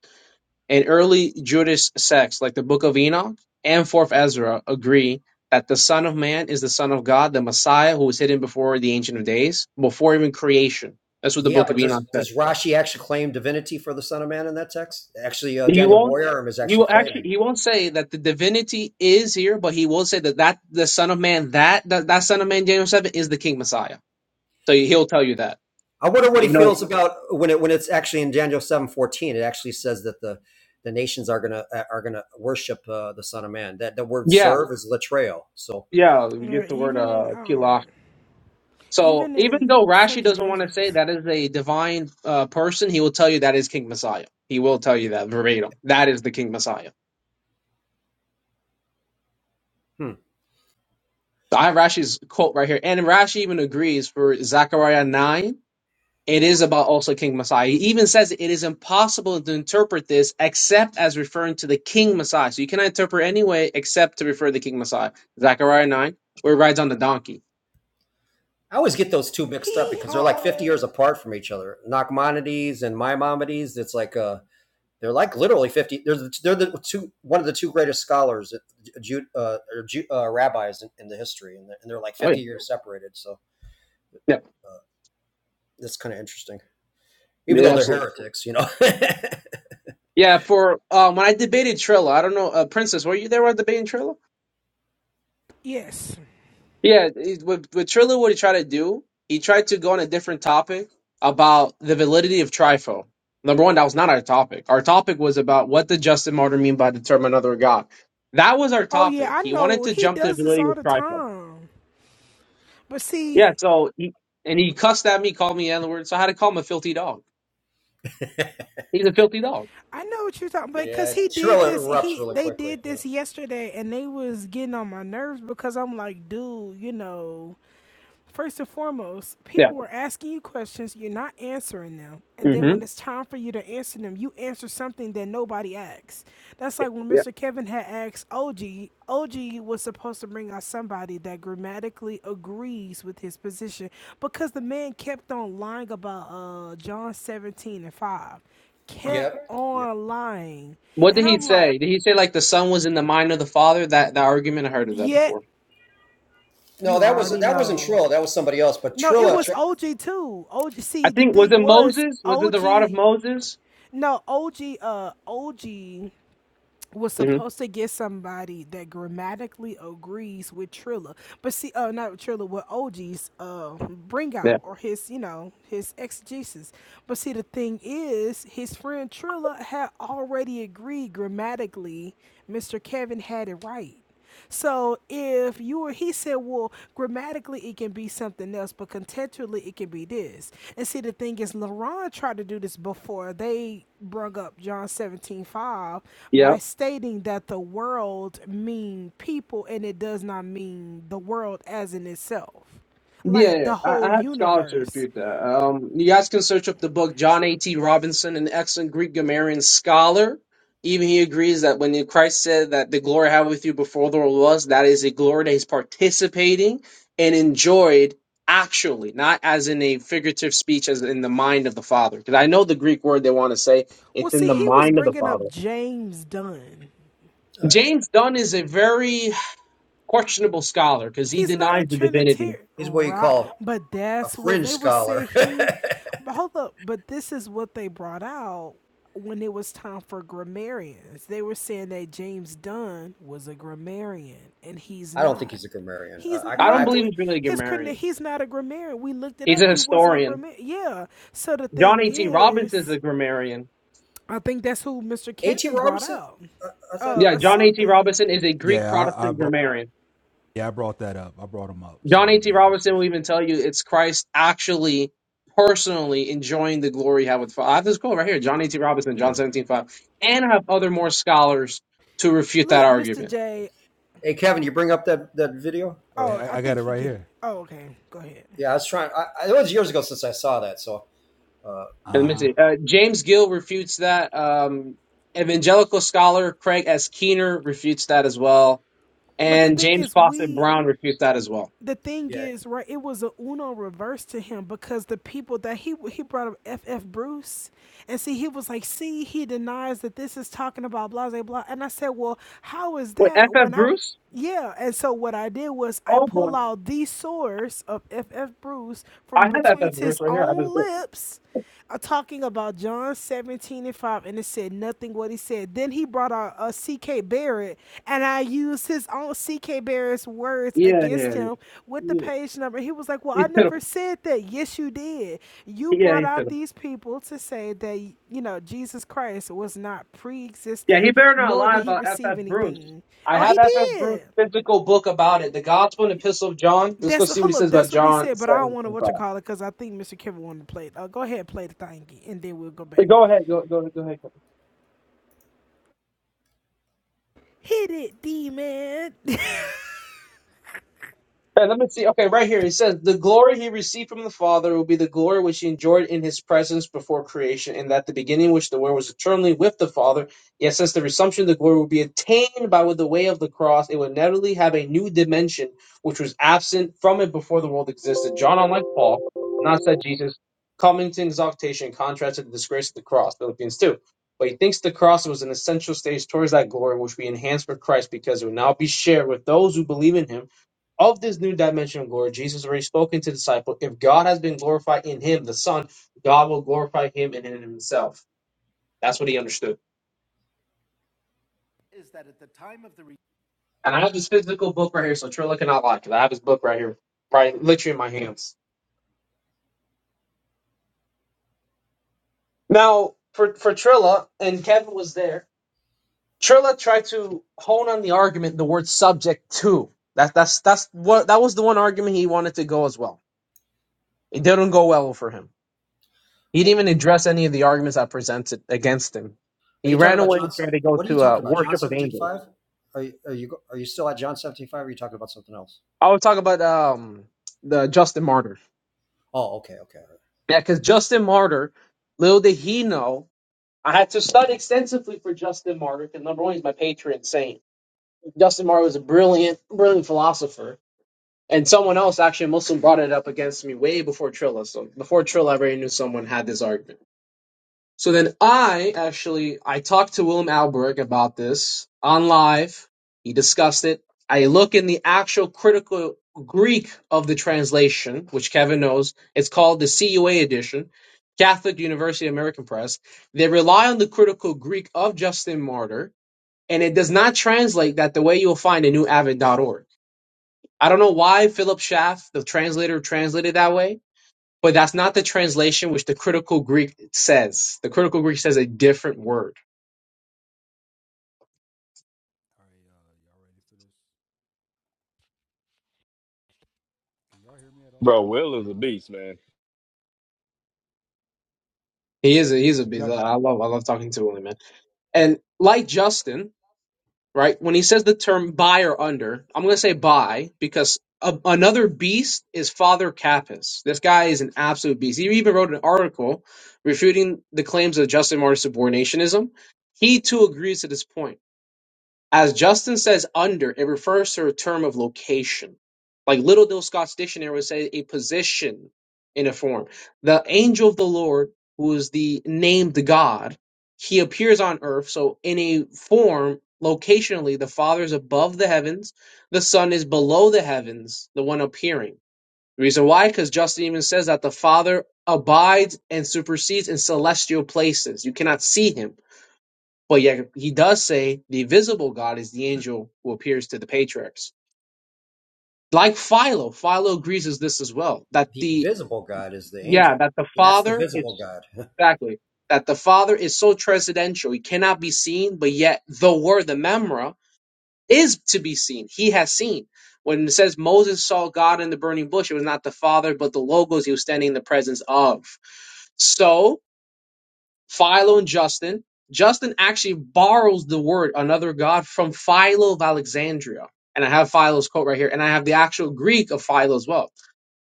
K: and early Jewish sects like the Book of Enoch and Fourth Ezra agree that the Son of Man is the Son of God, the Messiah who was hidden before the Ancient of Days, before even creation. That's what the
H: yeah,
K: Book
H: but
K: of
H: does
K: Enoch says.
H: does Rashi actually claim divinity for the Son of Man in that text? Actually, uh,
K: He
H: Daniel
K: won't.
H: Boyer is
K: He
H: actually
K: will
H: claiming.
K: actually. He won't say that the divinity is here, but he will say that that the Son of Man, that that, that Son of Man, Daniel seven, is the King Messiah. So he'll tell you that.
H: I wonder what he
K: You know.
H: feels about when it when it's actually in Daniel seven fourteen. It actually says that the the nations are gonna uh, are gonna worship uh, the Son of Man. That the word
K: Yeah.
H: "serve" is latreo. So
K: Yeah. We
F: Yeah,
K: get the word
F: even in
K: uh,
F: um,
K: So
F: even in
K: even though Rashi
F: Second
K: doesn't want to say
F: Ezra's,
K: that is a divine uh, person, he will tell you that is King Messiah. He will tell you that verbatim. That is the King Messiah.
H: hmm.
K: So, I have Rashi's quote right here, and Rashi even agrees for Zechariah nine. It is about also King Messiah. He even says it is impossible to interpret this except as referring to the King Messiah. So you cannot interpret any way except to refer to the King Messiah. Zechariah nine, where he rides on the donkey.
H: I always get those two mixed up
F: he
H: because they're like fifty
F: home.
H: years apart from each other. Nachmanides and Maimonides. It's like uh, they're like literally fifty. They're the, they're the two one of the two greatest scholars, Jude, uh, or Ju uh, rabbis in, in the history, and they're, and they're like
K: Oh yeah,
H: fifty years separated. So
K: yeah,
H: that's kind of interesting, even though
K: yeah,
H: they're
K: absolutely.
H: heretics, you know.
K: Yeah, for um, when I debated Trilla, I don't know, uh, Princess, were you there when I debated Trilla?
F: Yes.
K: Yeah, it, with, with Triller, what he tried to do, he tried to go on a different topic about the validity of TRIFO. Number one, that was not our topic. Our topic was about what did Justin Martyr mean by the term another God. That was our
F: Oh yeah,
K: topic.
F: I
K: He wanted
F: know
K: to
F: he
K: jump to the
F: does this
K: validity
F: all
K: of
F: the
K: TRIFO.
F: time. But see,
K: Yeah, so he and he cussed at me, called me N word, so I had to call him a filthy dog. He's a filthy dog.
F: I know what you're talking about because
H: Yeah,
F: he did
H: Trilla
F: this.
H: erupts
F: He
H: really
F: they
H: quickly.
F: did
H: You
F: this
H: know.
F: yesterday, and they was getting on my nerves because I'm like, dude, you know, First and foremost,
K: Yeah.
F: people are asking you questions, you're not answering them. And then
K: hmm
F: when it's time for you to answer them, you answer something that nobody asks. That's like when
K: Yeah.
F: Mr. Kevin had asked OG, OG was supposed to bring out somebody that grammatically agrees with his position because the man kept on lying about uh, John 17 and 5. Kept
H: Yep. Yep.
F: on lying.
K: What
F: And
K: did he
F: I'm like,
K: say? Did he say like the son was in the mind of the father? That that argument I heard of that
F: yet
K: before.
H: No,
F: you
H: that was
F: already
H: that wasn't
F: know.
H: Trilla. That was somebody else. But
F: No, it
H: Trilla,
F: was
H: Tr- uh,
F: OG too. OG. See,
K: I
F: the
K: think was
F: thing
K: it
F: was
K: Moses? Was it
F: OG.
K: the rod of Moses?
F: No, OG. Uh, OG was
K: hmm
F: supposed to get somebody that grammatically agrees with Trilla, but see, uh, not with Trilla, with OG's uh bring
K: Yeah.
F: out or his, you know, his exegesis. But see, the thing is, his friend Trilla had already agreed grammatically. Mr. Kevin had it right. So if you were, he said, well, grammatically it can be something else, but contextually it can be this. And see, the thing is, LaRon tried to do this before. They brought up John seventeen five
K: Yeah.
F: by stating that the world mean people and it does not mean the world as in itself,
K: Yeah,
F: like
K: yeah.
F: the
K: I,
F: whole
K: I have scholars to
F: universe.
K: refute that. Um, you guys can search up the book John A.T. Robinson, an excellent Greek grammarian scholar. Even he agrees that when Christ said that the glory I have with you before the world was, that is a glory that he's participating and enjoyed actually, not as in a figurative speech, as in the mind of the Father. Because I know the Greek word they want to say,
F: Well,
K: it's in
F: see,
K: the
F: he was
K: mind of the
F: bringing
K: Father.
F: up James Dunn.
K: James Dunn is a very questionable scholar because he
F: He's not a
K: denies the divinity.
F: Trinitarian,
H: he's what you
F: right?
H: call
F: But
H: a
F: that's what
H: fringe
F: they would say.
H: scholar.
F: He, but hold up. But this is what they brought out when it was time for grammarians. They were saying that James Dunn was a grammarian, and he's
H: I don't think
F: not.
H: he's a grammarian. Uh,
F: He's
H: I,
K: I
H: I,
K: don't believe
F: no,
K: he's really a
F: his credit.
K: grammarian.
F: He's not a grammarian. We looked it
K: He's
F: up.
K: a
F: He wasn't a
K: historian.
F: grammarian. Yeah. So the
K: John
F: thing
K: A.T. Robinson is a
F: is,
K: grammarian.
F: I think that's who Mr.
H: A T.
F: Kevin brought
H: Robertson.
F: out.
H: Uh, I thought.
K: Yeah,
F: Uh,
K: John A.T.
F: something.
K: Robinson is a Greek
A: Yeah, I, I
K: Protestant
A: brought.
K: grammarian.
A: Yeah, I brought that up. I brought them up.
K: John
A: So
K: A.T.
A: yeah, for
K: Robinson will
A: sure.
K: even tell you it's Christ actually personally enjoying the glory he had with the Father. I have this quote right here, John A.T. Robinson, John
A: Yeah,
K: 17 5, And I have other more scholars to refute that
F: Look, Mr.
K: argument.
F: J,
H: Hey, Kevin, you bring up that that video?
F: Oh,
H: Or
A: yeah,
F: I
A: I, I got
F: think
A: it
F: he
A: right
F: get.
A: here.
F: Oh, okay. Go ahead.
H: yeah, I was trying. I, it was years ago since I saw that. So uh,
A: Uh
K: And
A: huh.
K: let me see.
A: All
K: Uh, James Gill refutes that. Um, evangelical scholar Craig S. Keener refutes that as well.
F: But the
K: And
F: thing
K: James
F: is,
K: Fawcett
F: we.
K: Brown refutes that as well.
F: The thing
H: yeah.
F: is, right? It was a Uno reverse to him because the people that he he brought up, FF Bruce, and see, he was like, see, he denies that this is talking about blah blah blah. And I said, well, how is
K: Wait, F
F: that
K: F.
F: when I'm
K: Bruce?
F: yeah, and so what I did was I
K: Oh boy.
F: pull out the source of FF Bruce from
K: I had that
F: between
K: that verse
F: his
K: right here. I have this
F: own
K: book.
F: lips uh, talking about John 17 and 5, and it said nothing what he said. Then he brought out uh, C.K. Barrett, and I used his own C.K. Barrett's words
K: Yeah,
F: against
K: yeah,
F: him with the
K: yeah.
F: page number. He was like, Well,
K: He
F: I
K: said,
F: never said that. Yes, you did. You
K: yeah,
F: brought
K: he
F: out
K: said,
F: these people to say that, you know, Jesus Christ was not pre
K: yeah.
F: existing,
K: He better not
F: nor
K: lie
F: did he
K: about
F: receive
K: F.F. Bruce.
F: anything.
K: I
F: Oh,
K: have
F: he
K: F.F. Bruce
F: did.
K: physical book about it, the Gospel and Epistle of John. Let's
F: That's
K: go see what he
F: hold up.
K: says about
F: That's what he
K: John.
F: said, but I don't want to what you
K: 7:25.
F: call it because I think Mr. Kevin wanted to play it. Uh, go ahead, and play the thing, and then we'll go back.
K: Hey, Go ahead, go go go ahead.
F: Hit it, D man.
K: Hey, let me see. Okay, right here it says the glory he received from the Father will be the glory which he enjoyed in his presence before creation, and that the beginning which the Word was eternally with the Father. Yet since the resumption of the glory will be attained by the way of the cross, it will inevitably have a new dimension which was absent from it before the world existed. John, unlike Paul, not said Jesus coming to exaltation in contrast to the disgrace of the cross, Philippians two. But he thinks the cross was an essential stage towards that glory which we enhanced for Christ because it will now be shared with those who believe in him of this new dimension of glory, Jesus already spoken to the disciple. If God has been glorified in him, the Son, God will glorify him and in himself. That's what he understood. And I have this physical book right here, so Trilla cannot lie, because I have his book right here, right literally in my hands. Now, for, for Trilla, and Kevin was there, Trilla tried to hone on the argument, the word subject to. That, that's that's what that was the one argument he wanted to go as well. It didn't go well for him. He didn't
H: Well,
K: even address any of the arguments I presented against him.
H: are
K: He
H: you talking
K: ran
H: about
K: away
H: John?
K: and tried to go
H: What are you
K: to uh,
H: talking about? John
K: worship of
H: seventeen
K: angels.
H: five? Are you, are you are you still at John seventeen five? Or Are you talking about something else?
K: I would talk about um, the Justin Martyr.
H: Oh, okay, okay.
K: Yeah, because Justin Martyr, little did he know, I had to study extensively for Justin Martyr because number one, he's my patron saint. Justin Martyr was a brilliant, brilliant philosopher. And someone else, actually a Muslim, brought it up against me way before Trilla. So before Trilla, I already knew someone had this argument. So then I actually I talked to Willem Alberg about this on live. He discussed it. I look in the actual critical Greek of the translation, which Kevin knows. It's called the CUA edition, Catholic University American Press. They rely on the critical Greek of Justin Martyr, and it does not translate that the way you'll find in newavid dot org. I don't know why Philip Schaff, the translator, translated that way but that's not the translation which the critical Greek says. The critical Greek says a different word.
A: right, uh, y'all ready for this? Can y'all hear me at all?
I: Bro, Will is a beast, man.
K: He is a, he's a
A: Can you
K: beast.
A: got?
K: I love I love talking to him, man. And like Justin, right? When he says the term "by" or under, I'm gonna say "by" because a, another beast is Father Kappas. This guy is an absolute beast. He even wrote an article refuting the claims of Justin Martyr's subordinationism. He too agrees to this point. As Justin says under, it refers to a term of location. Like Little Dill Scott's dictionary would say a position in a form. The angel of the Lord, who is the named God, he appears on earth. So in a form, locationally, the Father is above the heavens, the Son is below the heavens, the one appearing. The reason why? Because Justin even says that the Father abides and supersedes in celestial places. You cannot see him but yet he does say the visible God is the angel who appears to the patriarchs. Like Philo, Philo agrees with this as well. That
H: the
K: the
H: invisible God is the
K: yeah,
H: angel.
K: that the
H: That's the
K: Father
H: visible
K: is
H: God.
K: exactly that the Father is so transcendental, he cannot be seen, but yet the word, the memra, is to be seen. He has seen. When it says Moses saw God in the burning bush, it was not the Father, but the logos he was standing in the presence of. So Philo and Justin. Justin actually borrows the word another god from Philo of Alexandria. And I have Philo's quote right here, and I have the actual Greek of Philo as well.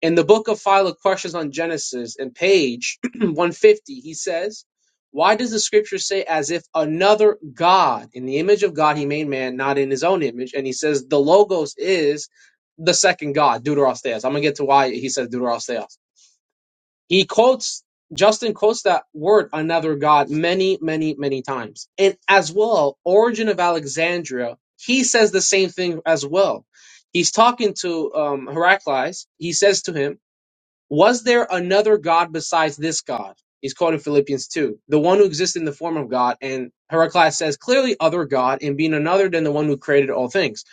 K: In the book of Philo, Questions on Genesis, in page 150, he says, Why does the scripture say, as if another God, in the image of God, he made man, not in his own image? And he says, The Logos is the second God, Deuterostheos. I'm going to get to why he says Deuterostheos. He quotes Justin quotes that word another god many, many, many times. And as well, Origin of Alexandria, he says the same thing as well. He's talking to um, Heraclius. He says to him, "Was there another god besides this god?" He's quoting Philippians two, the one who exists in the form of God. And Heraclius says clearly, "Other god," and being another than the one who created all things.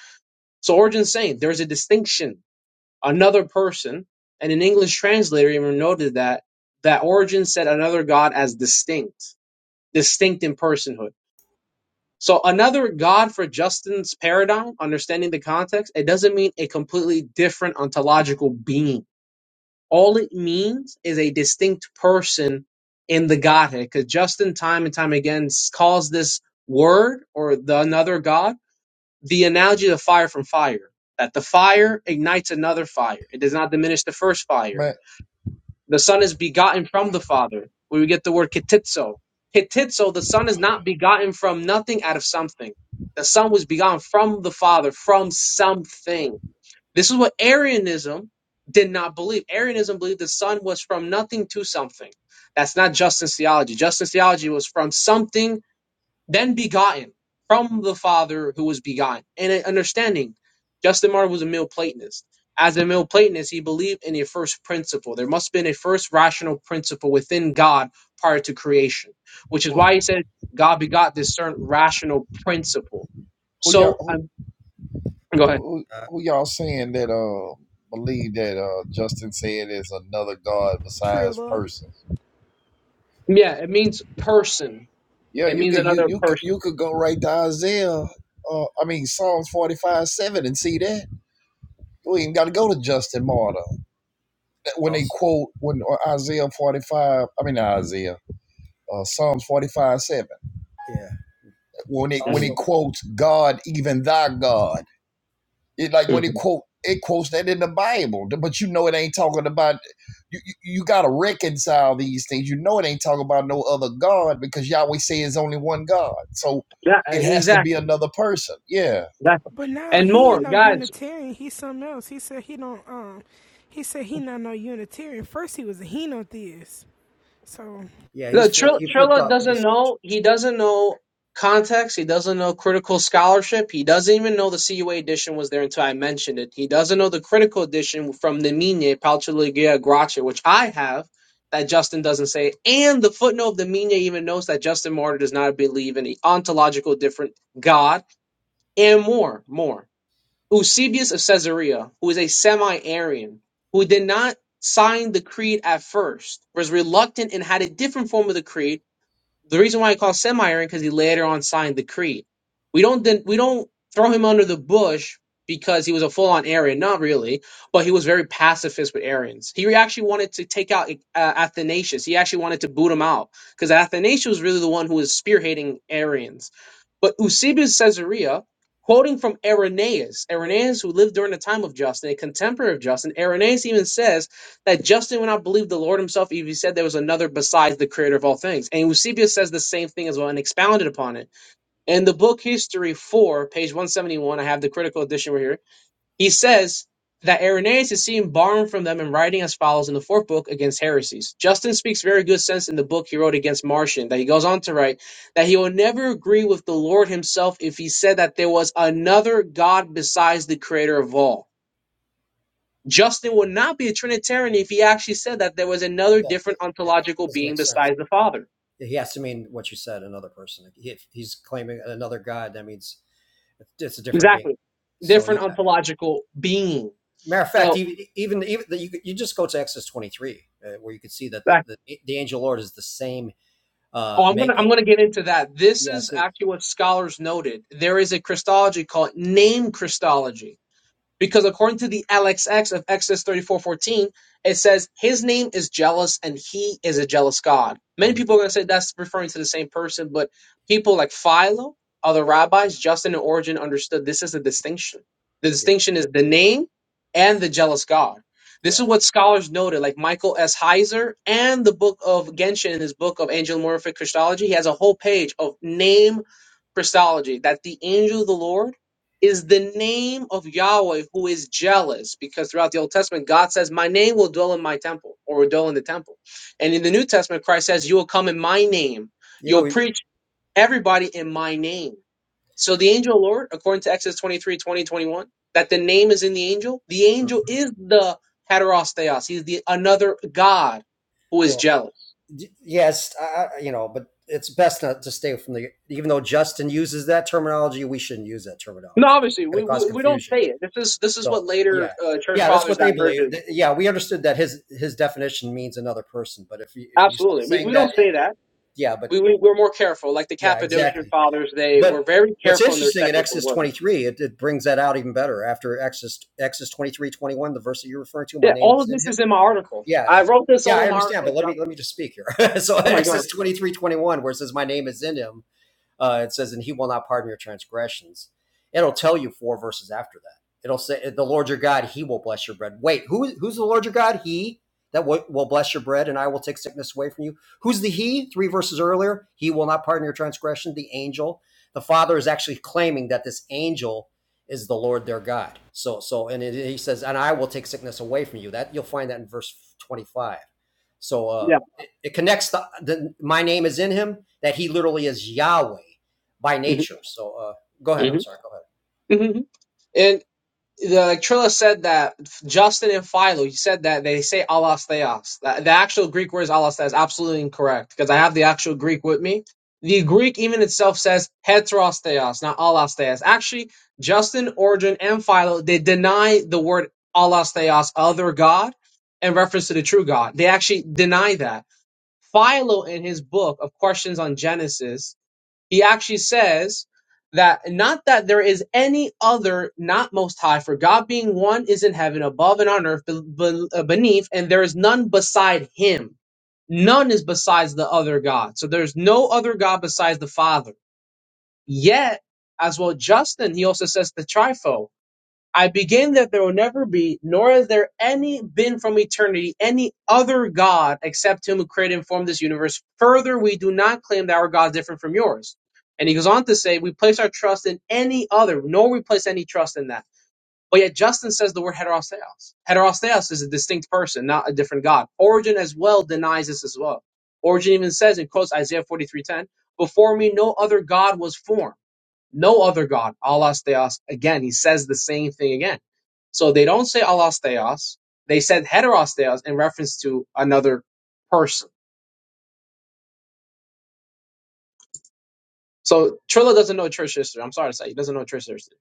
K: So Origin's saying there's a distinction another person, and an English translator even noted that that Origen said another god as distinct, distinct in personhood. So another god for Justin's paradigm, understanding the context, it doesn't mean a completely different ontological being. All it means is a distinct person in the Godhead, because Justin time and time again s- calls this word or the another god the analogy of fire from fire. That the fire ignites another fire. It does not diminish the first fire
C: Man,
K: the Son is begotten from the Father, where we get the word ketitzo. Ketitzo, the Son is not begotten from nothing out of something. The Son was begotten from the Father, from something. This is what Arianism did not believe. Arianism believed the Son was from nothing to something. That's not Justin's theology. Justin's theology was from something then begotten from the Father who was begotten. And an understanding, Justin Martyr was a male Platonist. As a male Platonist, he believed in a first principle. There must have been a first rational principle within God prior to creation, which is
C: who,
K: why he said God begot this certain rational principle.
C: who y'all
K: So, i
C: who,
K: go ahead.
C: who
H: Uh,
C: who y'all saying that uh believe that uh Justin said is another God besides
F: Triller.
C: persons?
K: Yeah, it means person.
C: Yeah,
K: It
C: you
K: means
C: could you
K: another
C: you could-
K: person.
C: you could go right to Isaiah. Uh, I mean Psalms forty five seven and see that you ain't got to go to Justin Martyr That- when they
H: also,
C: quote when or Isaiah forty five. I mean not Isaiah. Uh, Psalms forty five seven
H: yeah.
C: when it when it
K: Mhm.
H: Also,
C: quotes God even thy God It like when it
K: Mhm.
C: quote it quotes that in the Bible, but you know it ain't talking about you. You, you got to reconcile these things. You know it ain't talking about no other God because Yahweh say it's only one God, so
K: Yeah,
C: it has to be
K: exactly.
C: another person. Yeah.
K: Exactly.
F: But now
K: And
F: he ain't
K: more,
F: no
K: guys.
F: Unitarian. He's something else. He said he don't. Um, he said he not no Unitarian. First he was a henotheist. So
H: yeah. He's
K: No,
H: flipped.
K: Trill,
H: He flipped
K: Trilla
H: up.
K: doesn't
H: He's
K: know. He doesn't know context. He doesn't know critical scholarship. He doesn't even know the CUA edition was there until I mentioned it. He doesn't know the critical edition from Nemine Palchaligia Gracia, which I have that Justin doesn't say. And the footnote of Nemine even notes that Justin Martyr does not believe in the ontological different God and more, more. Eusebius of Caesarea, who is a semi-Arian, who did not sign the creed at first, was reluctant and had a different form of the creed the reason why he called semi-iron because he later on signed the Creed. We don't then we don't throw him under the bush because he was a full-on Arian, not really, but he was very pacifist with Arians. He actually wanted to take out uh, Athanasius. He actually wanted to boot him out because Athanasius was really the one who was spearheading Arians. But Eusebius Caesarea, quoting from Irenaeus, Irenaeus who lived during the time of Justin, a contemporary of Justin, Irenaeus even says that Justin would not believe the Lord himself if he said there was another besides the creator of all things. And Eusebius says the same thing as well and expounded upon it. In the book History 4, page 171, I have the critical edition right here. He says that Irenaeus is seen borrowing from them and writing as follows in the fourth book against heresies. Justin speaks very good sense in the book he wrote against Marcion, that he goes on to write that he will never agree with the Lord himself if he said that there was another God besides the creator of all Justin would not be a Trinitarian if he actually said that there was another
H: exactly.
K: different
H: Yeah. It
K: ontological
H: Doesn't
K: being
H: make sense.
K: besides the Father.
H: He has to mean what you said. Another person. If he's claiming another God, that means it's a different being.
K: Exactly.
H: So yeah.
K: Different ontological being.
H: Matter of fact,
K: So
H: even even, even the, you, you just go to Exodus twenty three, uh, where you can see that the,
K: that-
H: the the angel Lord is the same uh,
K: oh I'm gonna I'm
H: makeup.
K: gonna get into that. This
H: Yeah.
K: is
H: So
K: actually what scholars noted. There is a Christology called name Christology Because according to the LXX of Exodus 34:14, it says his name is jealous and he is a jealous God. Many
H: mm-hmm.
K: people are going to say that's referring to the same person, but people like Philo, other rabbis, Justin and Origin understood this is a distinction. The
H: yeah,
K: distinction is the name and the jealous God. This
H: yeah.
K: is what scholars noted, like Michael S. Heiser and the book of Genshin in his book of angelomorphic Christology. He has a whole page of name Christology, that the angel of the Lord is the name of Yahweh who is jealous because throughout the Old Testament, God says, My name will dwell in my temple or will dwell in the temple. And in the New Testament, Christ says, You will come in my name.
H: You know,
K: You'll
H: we,
K: preach everybody in my name. So the angel of the Lord, according to Exodus 23 20 21, that the name is in the angel, the angel is the heteros theos. He's the another God who is
H: well,
K: jealous.
H: yes, I, you know, but it's best not to stay from the. Even though Justin uses that terminology, we shouldn't use that
K: No,
H: terminology.
K: obviously,
H: It's going
K: we,
H: to cause
K: we, we don't
H: confusion.
K: say it. This is this is
H: So
K: what later
H: yeah,
K: uh, church
H: yeah, that's what
K: fathers
H: they
K: diverged.
H: believe. Yeah, we understood that his his definition means another person, but if you, if you start
K: Absolutely. We,
H: saying
K: we
H: that,
K: don't say that.
H: yeah, but
K: we, we we're more careful. Like the
H: yeah,
K: Cappadocian
H: exactly.
K: fathers, they were
H: But
K: very
H: what's
K: careful in their
H: interesting in
K: technical
H: Exodus
K: words.
H: 23, it, it brings that out even better after Exodus Exodus 23 21, the verse that you're referring to. My
K: Yeah,
H: name
K: all
H: is
K: of
H: in
K: this
H: him.
K: is in my article.
H: Yeah,
K: I wrote this
H: Yeah,
K: all
H: I
K: in my
H: understand, but
K: article.
H: let me
K: Just,
H: let me just speak here. so
K: oh my god.
H: Exodus twenty three twenty one, where it says, "My name is in him," Uh, it says, and he will not pardon your transgressions. It'll tell you four verses after that. It'll say, the Lord your God, he will bless your bread. Wait, who, who's the Lord your God? He that w- will bless your bread, and I will take sickness away from you. Who's the he? Three verses earlier, he will not pardon your transgression, the angel. The Father is actually claiming that this angel is the Lord their God. So, so, and it, he says, and I will take sickness away from you. That you'll find that in verse 25. So, uh,
K: Yeah.
H: it connects the, the my name is in him that he literally is Yahweh by
K: hmm
H: nature. So uh, go ahead.
K: hmm
H: I'm sorry. Go ahead.
K: hmm And the like Trilla said that Justin and Philo, you said that they say alasteos. The, the actual Greek word is alasteos. Absolutely incorrect because I have the actual Greek with me. The Greek even itself says heterosteos, not alasteos. Actually, Justin, Origen, and Philo they deny the word alasteos, other God, in reference to the true God. They actually deny that. Philo, in his book of Questions on Genesis, he actually says that not that there is any other not most high, for God being one is in heaven, above and on earth, be- be- uh, beneath, and there is none beside him. None is besides the other God. So there's no other God besides the Father. Yet, as well, Justin, he also says the trifo. I begin that there will never be, nor has there any been from eternity, any other God except him who created and formed this universe. Further, we do not claim that our God is different from yours. And he goes on to say, we place our trust in any other, nor we place any trust in that. But yet Justin says the word heterosteos. Heterosteos is a distinct person, not a different God. Origin as well denies this as well. Origin even says, in quotes Isaiah 43.10, before me no other God was formed. No other God. Allah's Theos. Again, he says the same thing again. So they don't say Allah's Theos. They said Heteros Theos in reference to another person. So Trilla doesn't know church history. I'm sorry to say. He doesn't know church history.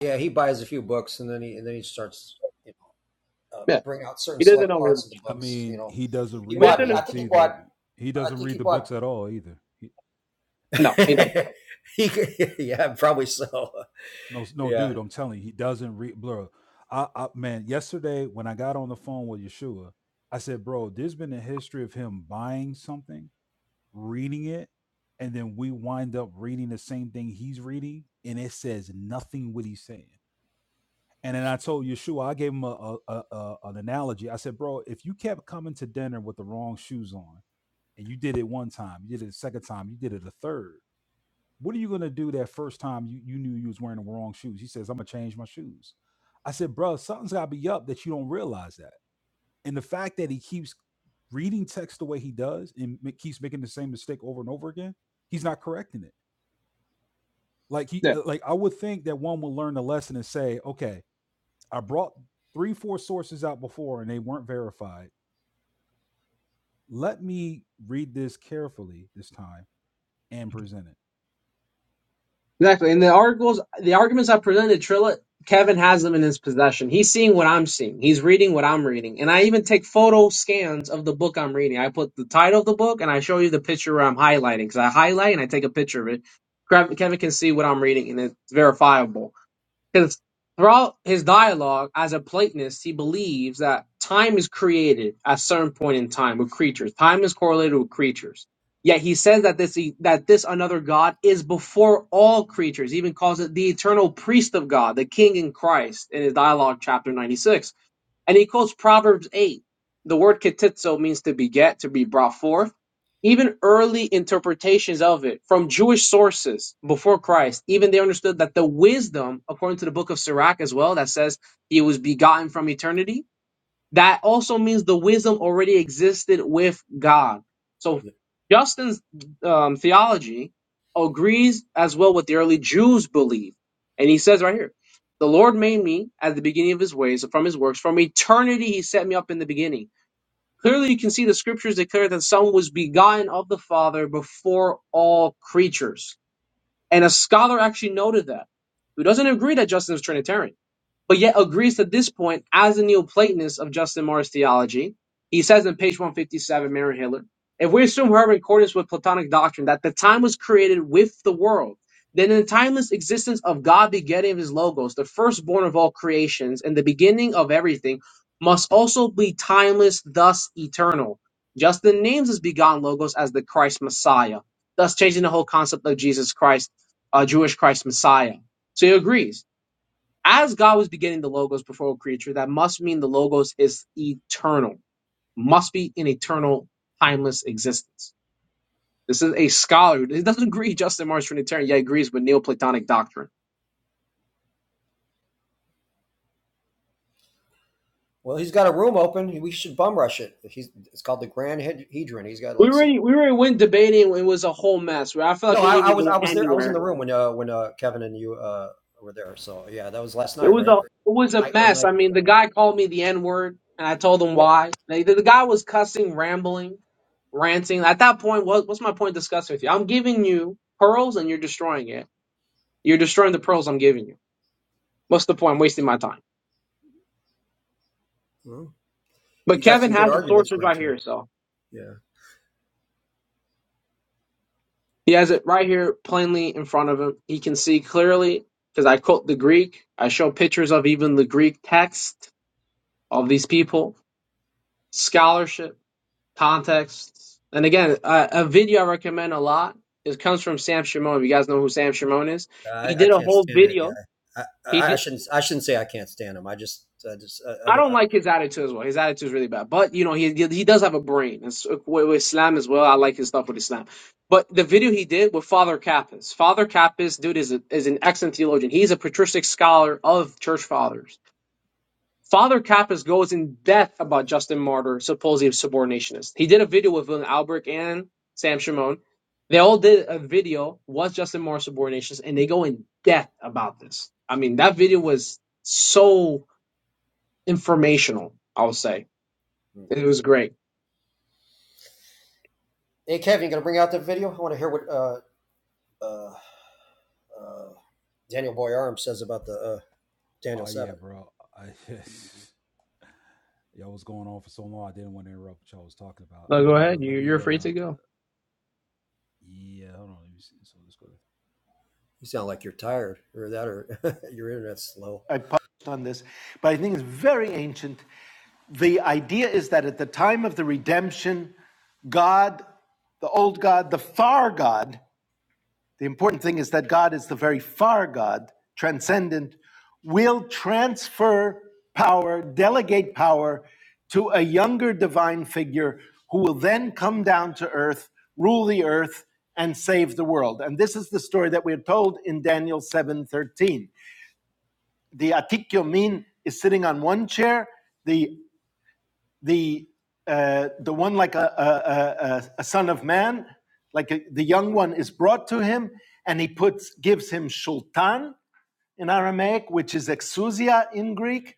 H: Yeah, he buys a few books and then he and then he starts you know, uh,
K: Yeah.
H: bring out certain
K: He doesn't
H: select
K: know
H: parts
K: really.
H: of the
A: I
H: books. You
A: mean,
H: know,
A: he doesn't
H: he
K: We
A: read
K: have
H: bought.
A: the
K: to
H: I
A: books
H: think
K: understand.
H: he
A: either.
H: bought.
A: He
H: I
A: doesn't
H: think
A: read
H: he
A: the
H: bought.
A: books at all either. He,
K: No, he doesn't.
H: he, yeah, probably so.
A: no, no,
H: Yeah.
A: dude, I'm telling you, he doesn't read. Bro, I, I, man, yesterday when I got on the phone with Yeshua, I said, bro, there's been a history of him buying something, reading it, and then we wind up reading the same thing he's reading, and it says nothing what he's saying. And then I told Yeshua, I gave him a, a, a, a- an analogy. I said, bro, if you kept coming to dinner with the wrong shoes on, and you did it one time, you did it a second time, you did it a third, what are you gonna do that first time you, you knew you was wearing the wrong shoes? He says, I'm gonna change my shoes. I said, bro, something's gotta be up that you don't realize that. And the fact that he keeps reading text the way he does and ma- keeps making the same mistake over and over again, he's not correcting it. Like
K: Yeah.
A: he, uh, like I would think that one will learn the lesson and say, okay. I brought three, four sources out before and they weren't verified. Let me read this carefully this time and present it.
K: Exactly. And the articles, the arguments I presented, Trilla, Kevin has them in his possession. He's seeing what I'm seeing. He's reading what I'm reading. And I even take photo scans of the book I'm reading. I put the title of the book and I show you the picture where I'm highlighting because I highlight and I take a picture of it. Kev- Kevin can see what I'm reading and it's verifiable. Because throughout his dialogue as a Platonist, he believes that time is created at a certain point in time with creatures. Time is correlated with creatures. Yet he says that this e, that this another God is before all creatures. He even calls it the eternal priest of God, the King in Christ, in his dialogue chapter ninety six. And he quotes Proverbs 8. The word ketitzo means to beget, to be brought forth. Even early interpretations of it from Jewish sources before Christ, even they understood that the wisdom, according to the book of Sirach as well, that says he was begotten from eternity, that also means the wisdom already existed with God. So Justin's um, theology agrees as well with the early Jews' belief. And he says right here, the Lord made me at the beginning of his ways from his works. From eternity, he set me up in the beginning. Clearly, you can see the scriptures declare that the Son was begotten of the Father before all creatures. And a scholar actually noted that, who doesn't agree that Justin is Trinitarian but yet agrees to this point as a Neoplatonist of Justin Martyr's theology. He says in page 157, Mary Hiller, if we assume however in accordance with Platonic doctrine that the time was created with the world, then in the timeless existence of God begetting his logos, the firstborn of all creations and the beginning of everything, must also be timeless, thus eternal. Justin names his begotten logos as the Christ Messiah, thus changing the whole concept of Jesus Christ, uh, Jewish Christ Messiah. So he agrees. As God was beginning the logos before creature, that must mean the logos is eternal, must be an eternal, timeless existence. This is a scholar. He doesn't agree Justin Marsh Trinitarian, yet agrees with Neoplatonic doctrine.
H: Well, he's got a room open. We should bum rush it. He's it's called the Grand Hedron. He's got
K: We
H: like six.
K: already we already went debating. It was a whole mess. Where I feel like
H: No,
K: we
H: I,
K: didn't
H: I
K: even
H: was
K: go
H: I was there. I was in
K: anywhere.
H: the room when uh when uh Kevin and you uh were there. So yeah, that was last
K: It
H: night,
K: was
H: right?
K: a it was a
H: Night or the
K: mess.
H: night
K: I mean,
H: before.
K: the guy called me the N word, and I told him
H: Well-
K: why. Like, The, the guy was cussing, rambling, ranting. At that point, what, what's my point discussing with you? I'm giving you pearls, and you're destroying it. You're destroying the pearls I'm giving you. What's the point? I'm wasting my time.
H: Well,
K: But
H: you got
K: Kevin
H: some good
K: has the
H: arguments. to
K: sources
H: Bring
K: right
H: to him.
K: here, so
H: Yeah.
K: he has
H: Yeah.
K: it right here plainly in front of him. He can see clearly because I quote the Greek. I show pictures of even the Greek text of these people, scholarship, context. And again, a, a video I recommend a lot. It comes from Sam Shimon. If you guys know who Sam Shimon is, he
H: I, I
K: did a
H: can't
K: whole
H: stand that
K: video.
H: guy. I,
K: He
H: I,
K: did.
H: shouldn't I shouldn't say I can't stand him. I just I just I,
K: I
H: I,
K: don't
H: I-
K: like his attitude as well. His attitude is really bad. But you know, he he does have a brain. It's, with, with Islam as well, I like his stuff with Islam. But the video he did with Father Kappas, Father Kappas, dude, is a, is an excellent theologian. He's a patristic scholar of church fathers. Father Kappas goes in depth about Justin Martyr, supposedly a subordinationist. He did a video with Willem Albrecht and Sam Shimon. They all did a video, was Justin Martyr subordinationist, and they go in depth about this. I mean, that video was so informational, I would say.
H: mm.
K: It was great.
H: Hey Kevin, you gonna bring out the video? I want to hear what uh, uh, uh, Daniel Boyarum says about the uh, Daniel
A: Oh yeah,
H: Seven.
A: bro. I just, y'all was going on for so long. I didn't want to interrupt what y'all was talking about.
K: No, go
A: Uh
K: ahead.
A: let
K: You, you're
A: me
K: free
A: uh
K: to go.
A: yeah, hold on. Let me see. So let's go to
H: You sound like you're tired, or that, or your internet's slow.
A: I
H: Yeah.
A: published on this, but I think it's very ancient. The idea is that at the time of the redemption, God, the old God, the far God, The important thing is that God is the very far God, transcendent, will transfer power, delegate power to a younger divine figure who will then come down to earth, rule the earth, and save the world. And this is the story that we're told in Daniel 7:13. The Atikyomin is sitting on one chair, the the uh, the one like a, a, a, a- son of man, like a, the young one is brought to him, and he puts gives him shultan in Aramaic, which is exousia in Greek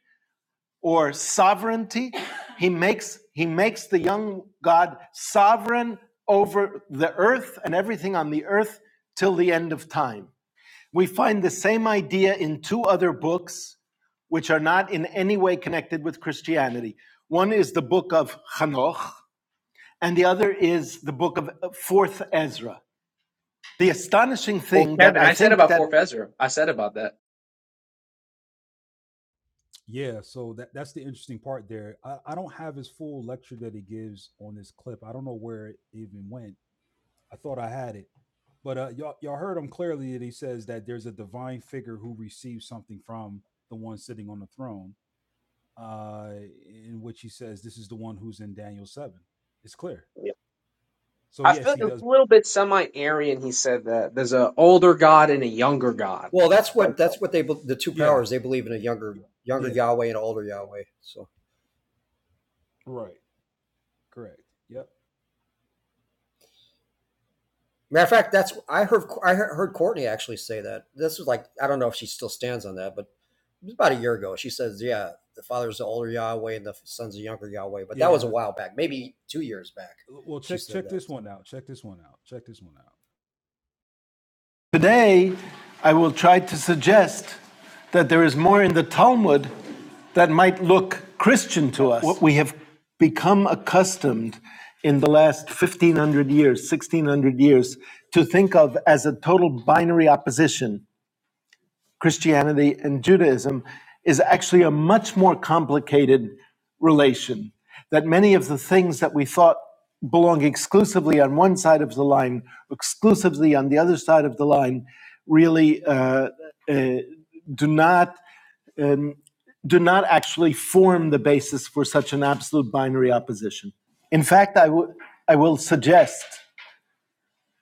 A: or sovereignty. He makes he makes the young God sovereign over the earth and everything on the earth till the end of time. We find the same idea in two other books, which are not in any way connected with Christianity. One is the book of Hanoch, and the other is the book of uh, Fourth Ezra. The astonishing
K: Well,
A: thing that
K: Kevin,
A: I
K: I said
A: think
K: about
A: that
K: Fort Ezra. I said about that.
A: Yeah, so that that's the interesting part there. I, I don't have his full lecture that he gives on this clip. I don't know where it even went. I thought I had it. But uh, y'all, y'all heard him clearly that he says that there's a divine figure who receives something from the one sitting on the throne. uh, in which he says, This is the one who's in Daniel 7. It's clear.
K: Yeah.
A: So,
K: I
A: yes,
K: feel
A: he
K: a
A: does.
K: little bit semi-Aryan. He said that there's an older God and a younger God.
H: Well, that's what that's what they the two
A: Yeah.
H: powers they believe in a younger younger
A: Yeah.
H: Yahweh and an older Yahweh. So
A: Right. Correct. Yep.
H: matter of fact, that's I heard I heard Courtney actually say that. This was like I don't know if she still stands on that, but it was about a year ago. She says, yeah, the father's the older Yahweh and the son's the younger Yahweh. But that was a
A: Yeah.
H: while back, maybe two years back.
A: Well,
H: She
A: check
H: said
A: check
H: that.
A: this one out. Check this one out. Check this one out. Today, I will try to suggest that there is more in the Talmud that might look Christian to us. What we have become accustomed in the last 1500 years, 1600 years, to think of as a total binary opposition Christianity and Judaism is actually a much more complicated relation. That many of the things that we thought belong exclusively on one side of the line, exclusively on the other side of the line, really uh, uh, do not. Um, do not actually form the basis for such an absolute binary opposition. In fact, I w- I will suggest,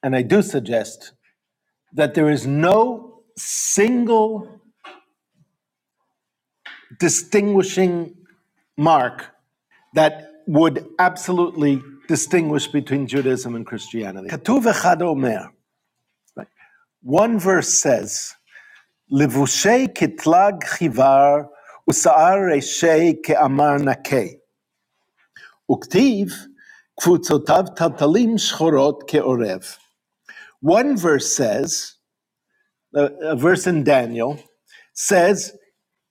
A: and I do suggest, that there is no single distinguishing mark that would absolutely distinguish between Judaism and Christianity. Katuv echad omer. One verse says, "Levushei kitlag chivar usa'ar reshei ke'amar nakei uktiv kfutzotav tatalim shchorot ke'orev." One verse says, a, a verse in Daniel says,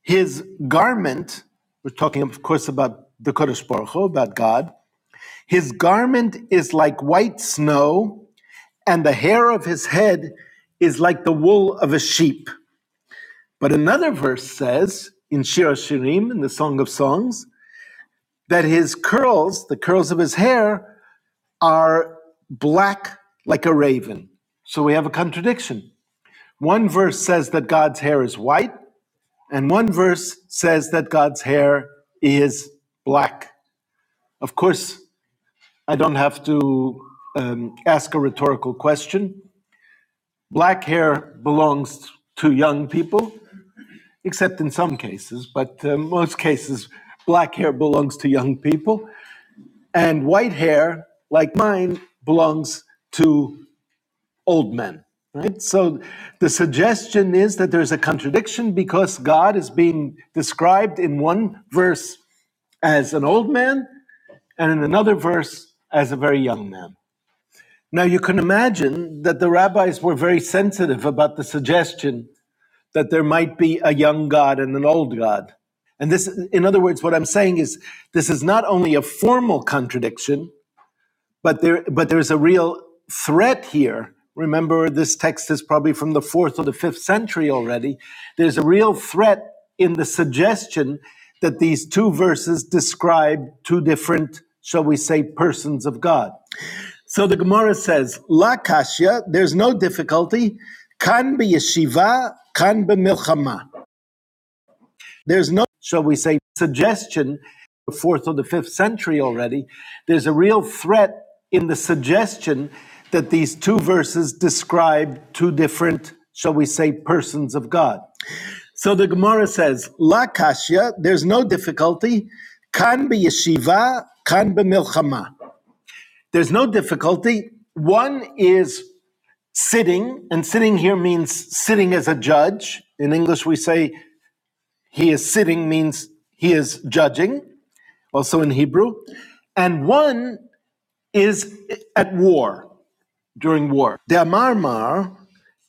A: "His garment." We're talking, of course, about the Kodesh Baruch Hu, about God. His garment is like white snow, and the hair of his head is like the wool of a sheep. But another verse says in Shir Hashirim, in the Song of Songs, that his curls, the curls of his hair, are black like a raven. So we have a contradiction. One verse says that God's hair is white, and one verse says that God's hair is black. Of course, I don't have to um, ask a rhetorical question. Black hair belongs to young people, except in some cases, but uh, most cases, black hair belongs to young people. And white hair, like mine, belongs to old men. Right? So the suggestion is that there's a contradiction because God is being described in one verse as an old man and in another verse as a very young man. Now you can imagine that the rabbis were very sensitive about the suggestion that there might be a young God and an old God. And this, in other words, what I'm saying is this is not only a formal contradiction, but there, but there's a real threat here. Remember, this text is probably from the fourth or the fifth century already. There's a real threat in the suggestion that these two verses describe two different, shall we say, persons of God. So the Gemara says, La kashya, there's no difficulty, kan be yeshiva, kan be milchama. There's no, shall we say, suggestion, the fourth or the fifth century already. There's a real threat in the suggestion that these two verses describe two different, shall we say, persons of God. So the Gemara says, La Kashya, there's no difficulty. Kan be yeshiva, kan be milchama. There's no difficulty. One is sitting, and sitting here means sitting as a judge. In English, we say he is sitting means he is judging, also in Hebrew. And one is at war, during war. De'amar mar,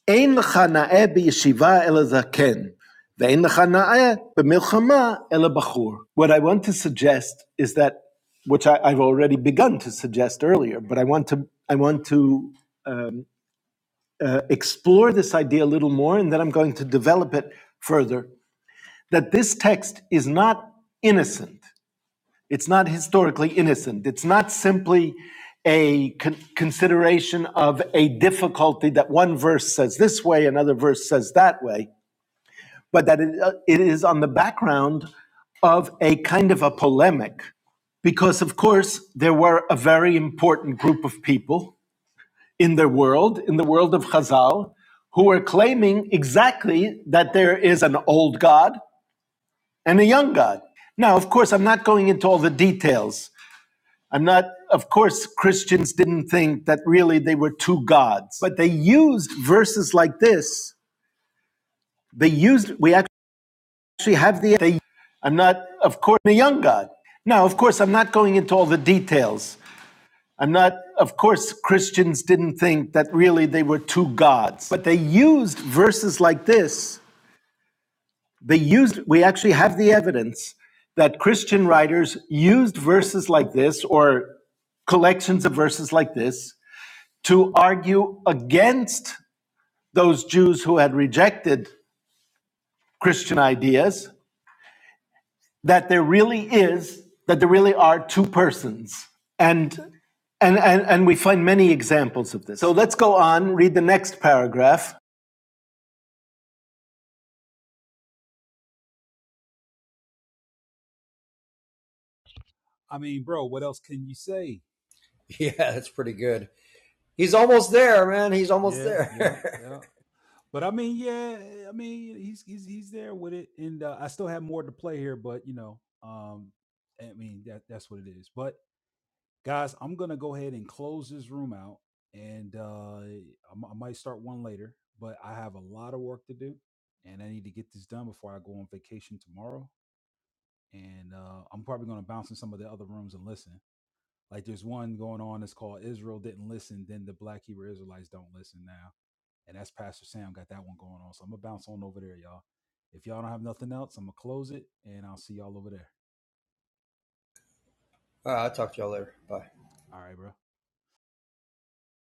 A: ein lecha na'eh b'yeshiva ela zaken, ve'ein lecha na'eh b'milchama ela bachur. What I want to suggest is that, which I, I've already begun to suggest earlier, but I want to, I want to um, uh, explore this idea a little more, and then I'm going to develop it further, that this text is not innocent. It's not historically innocent. It's not simply a con- consideration of a difficulty that one verse says this way, another verse says that way, but that it, uh, it is on the background of a kind of a polemic. Because, of course, there were a very important group of people in the world, in the world of Chazal, who were claiming exactly that there is an old God and a young God. Now, of course, I'm not going into all the details I'm not, of course, Christians didn't think that really they were two gods, but they used verses like this. They used, we actually have the, they, I'm not, of course, a young God. Now, of course, I'm not going into all the details. I'm not, of course, Christians didn't think that really they were two gods, but they used verses like this. They used, we actually have the evidence that Christian writers used verses like this or collections of verses like this to argue against those Jews who had rejected Christian ideas that there really is that there really are two persons and and and, and we find many examples of this so let's go on read the next paragraph I mean, bro, what else can you say?
H: Yeah, that's pretty good. He's almost there, man. He's almost
A: Yeah,
H: there.
A: yeah, yeah. But I mean, yeah, I mean, he's he's he's there with it, and uh, I still have more to play here, but you know, um, I mean that that's what it is. But guys i'm gonna go ahead and close this room out and uh I m- I might start one later but i have a lot of work to do and i need to get this done before i go on vacation tomorrow and uh i'm probably gonna bounce in some of the other rooms and listen like there's one going on that's called israel didn't listen then the black hebrew israelites don't listen now and that's pastor sam got that one going on so i'm gonna bounce on over there y'all if y'all don't have nothing else i'm gonna close it and i'll see y'all over there
H: All right, I'll talk to y'all later. Bye.
A: all right bro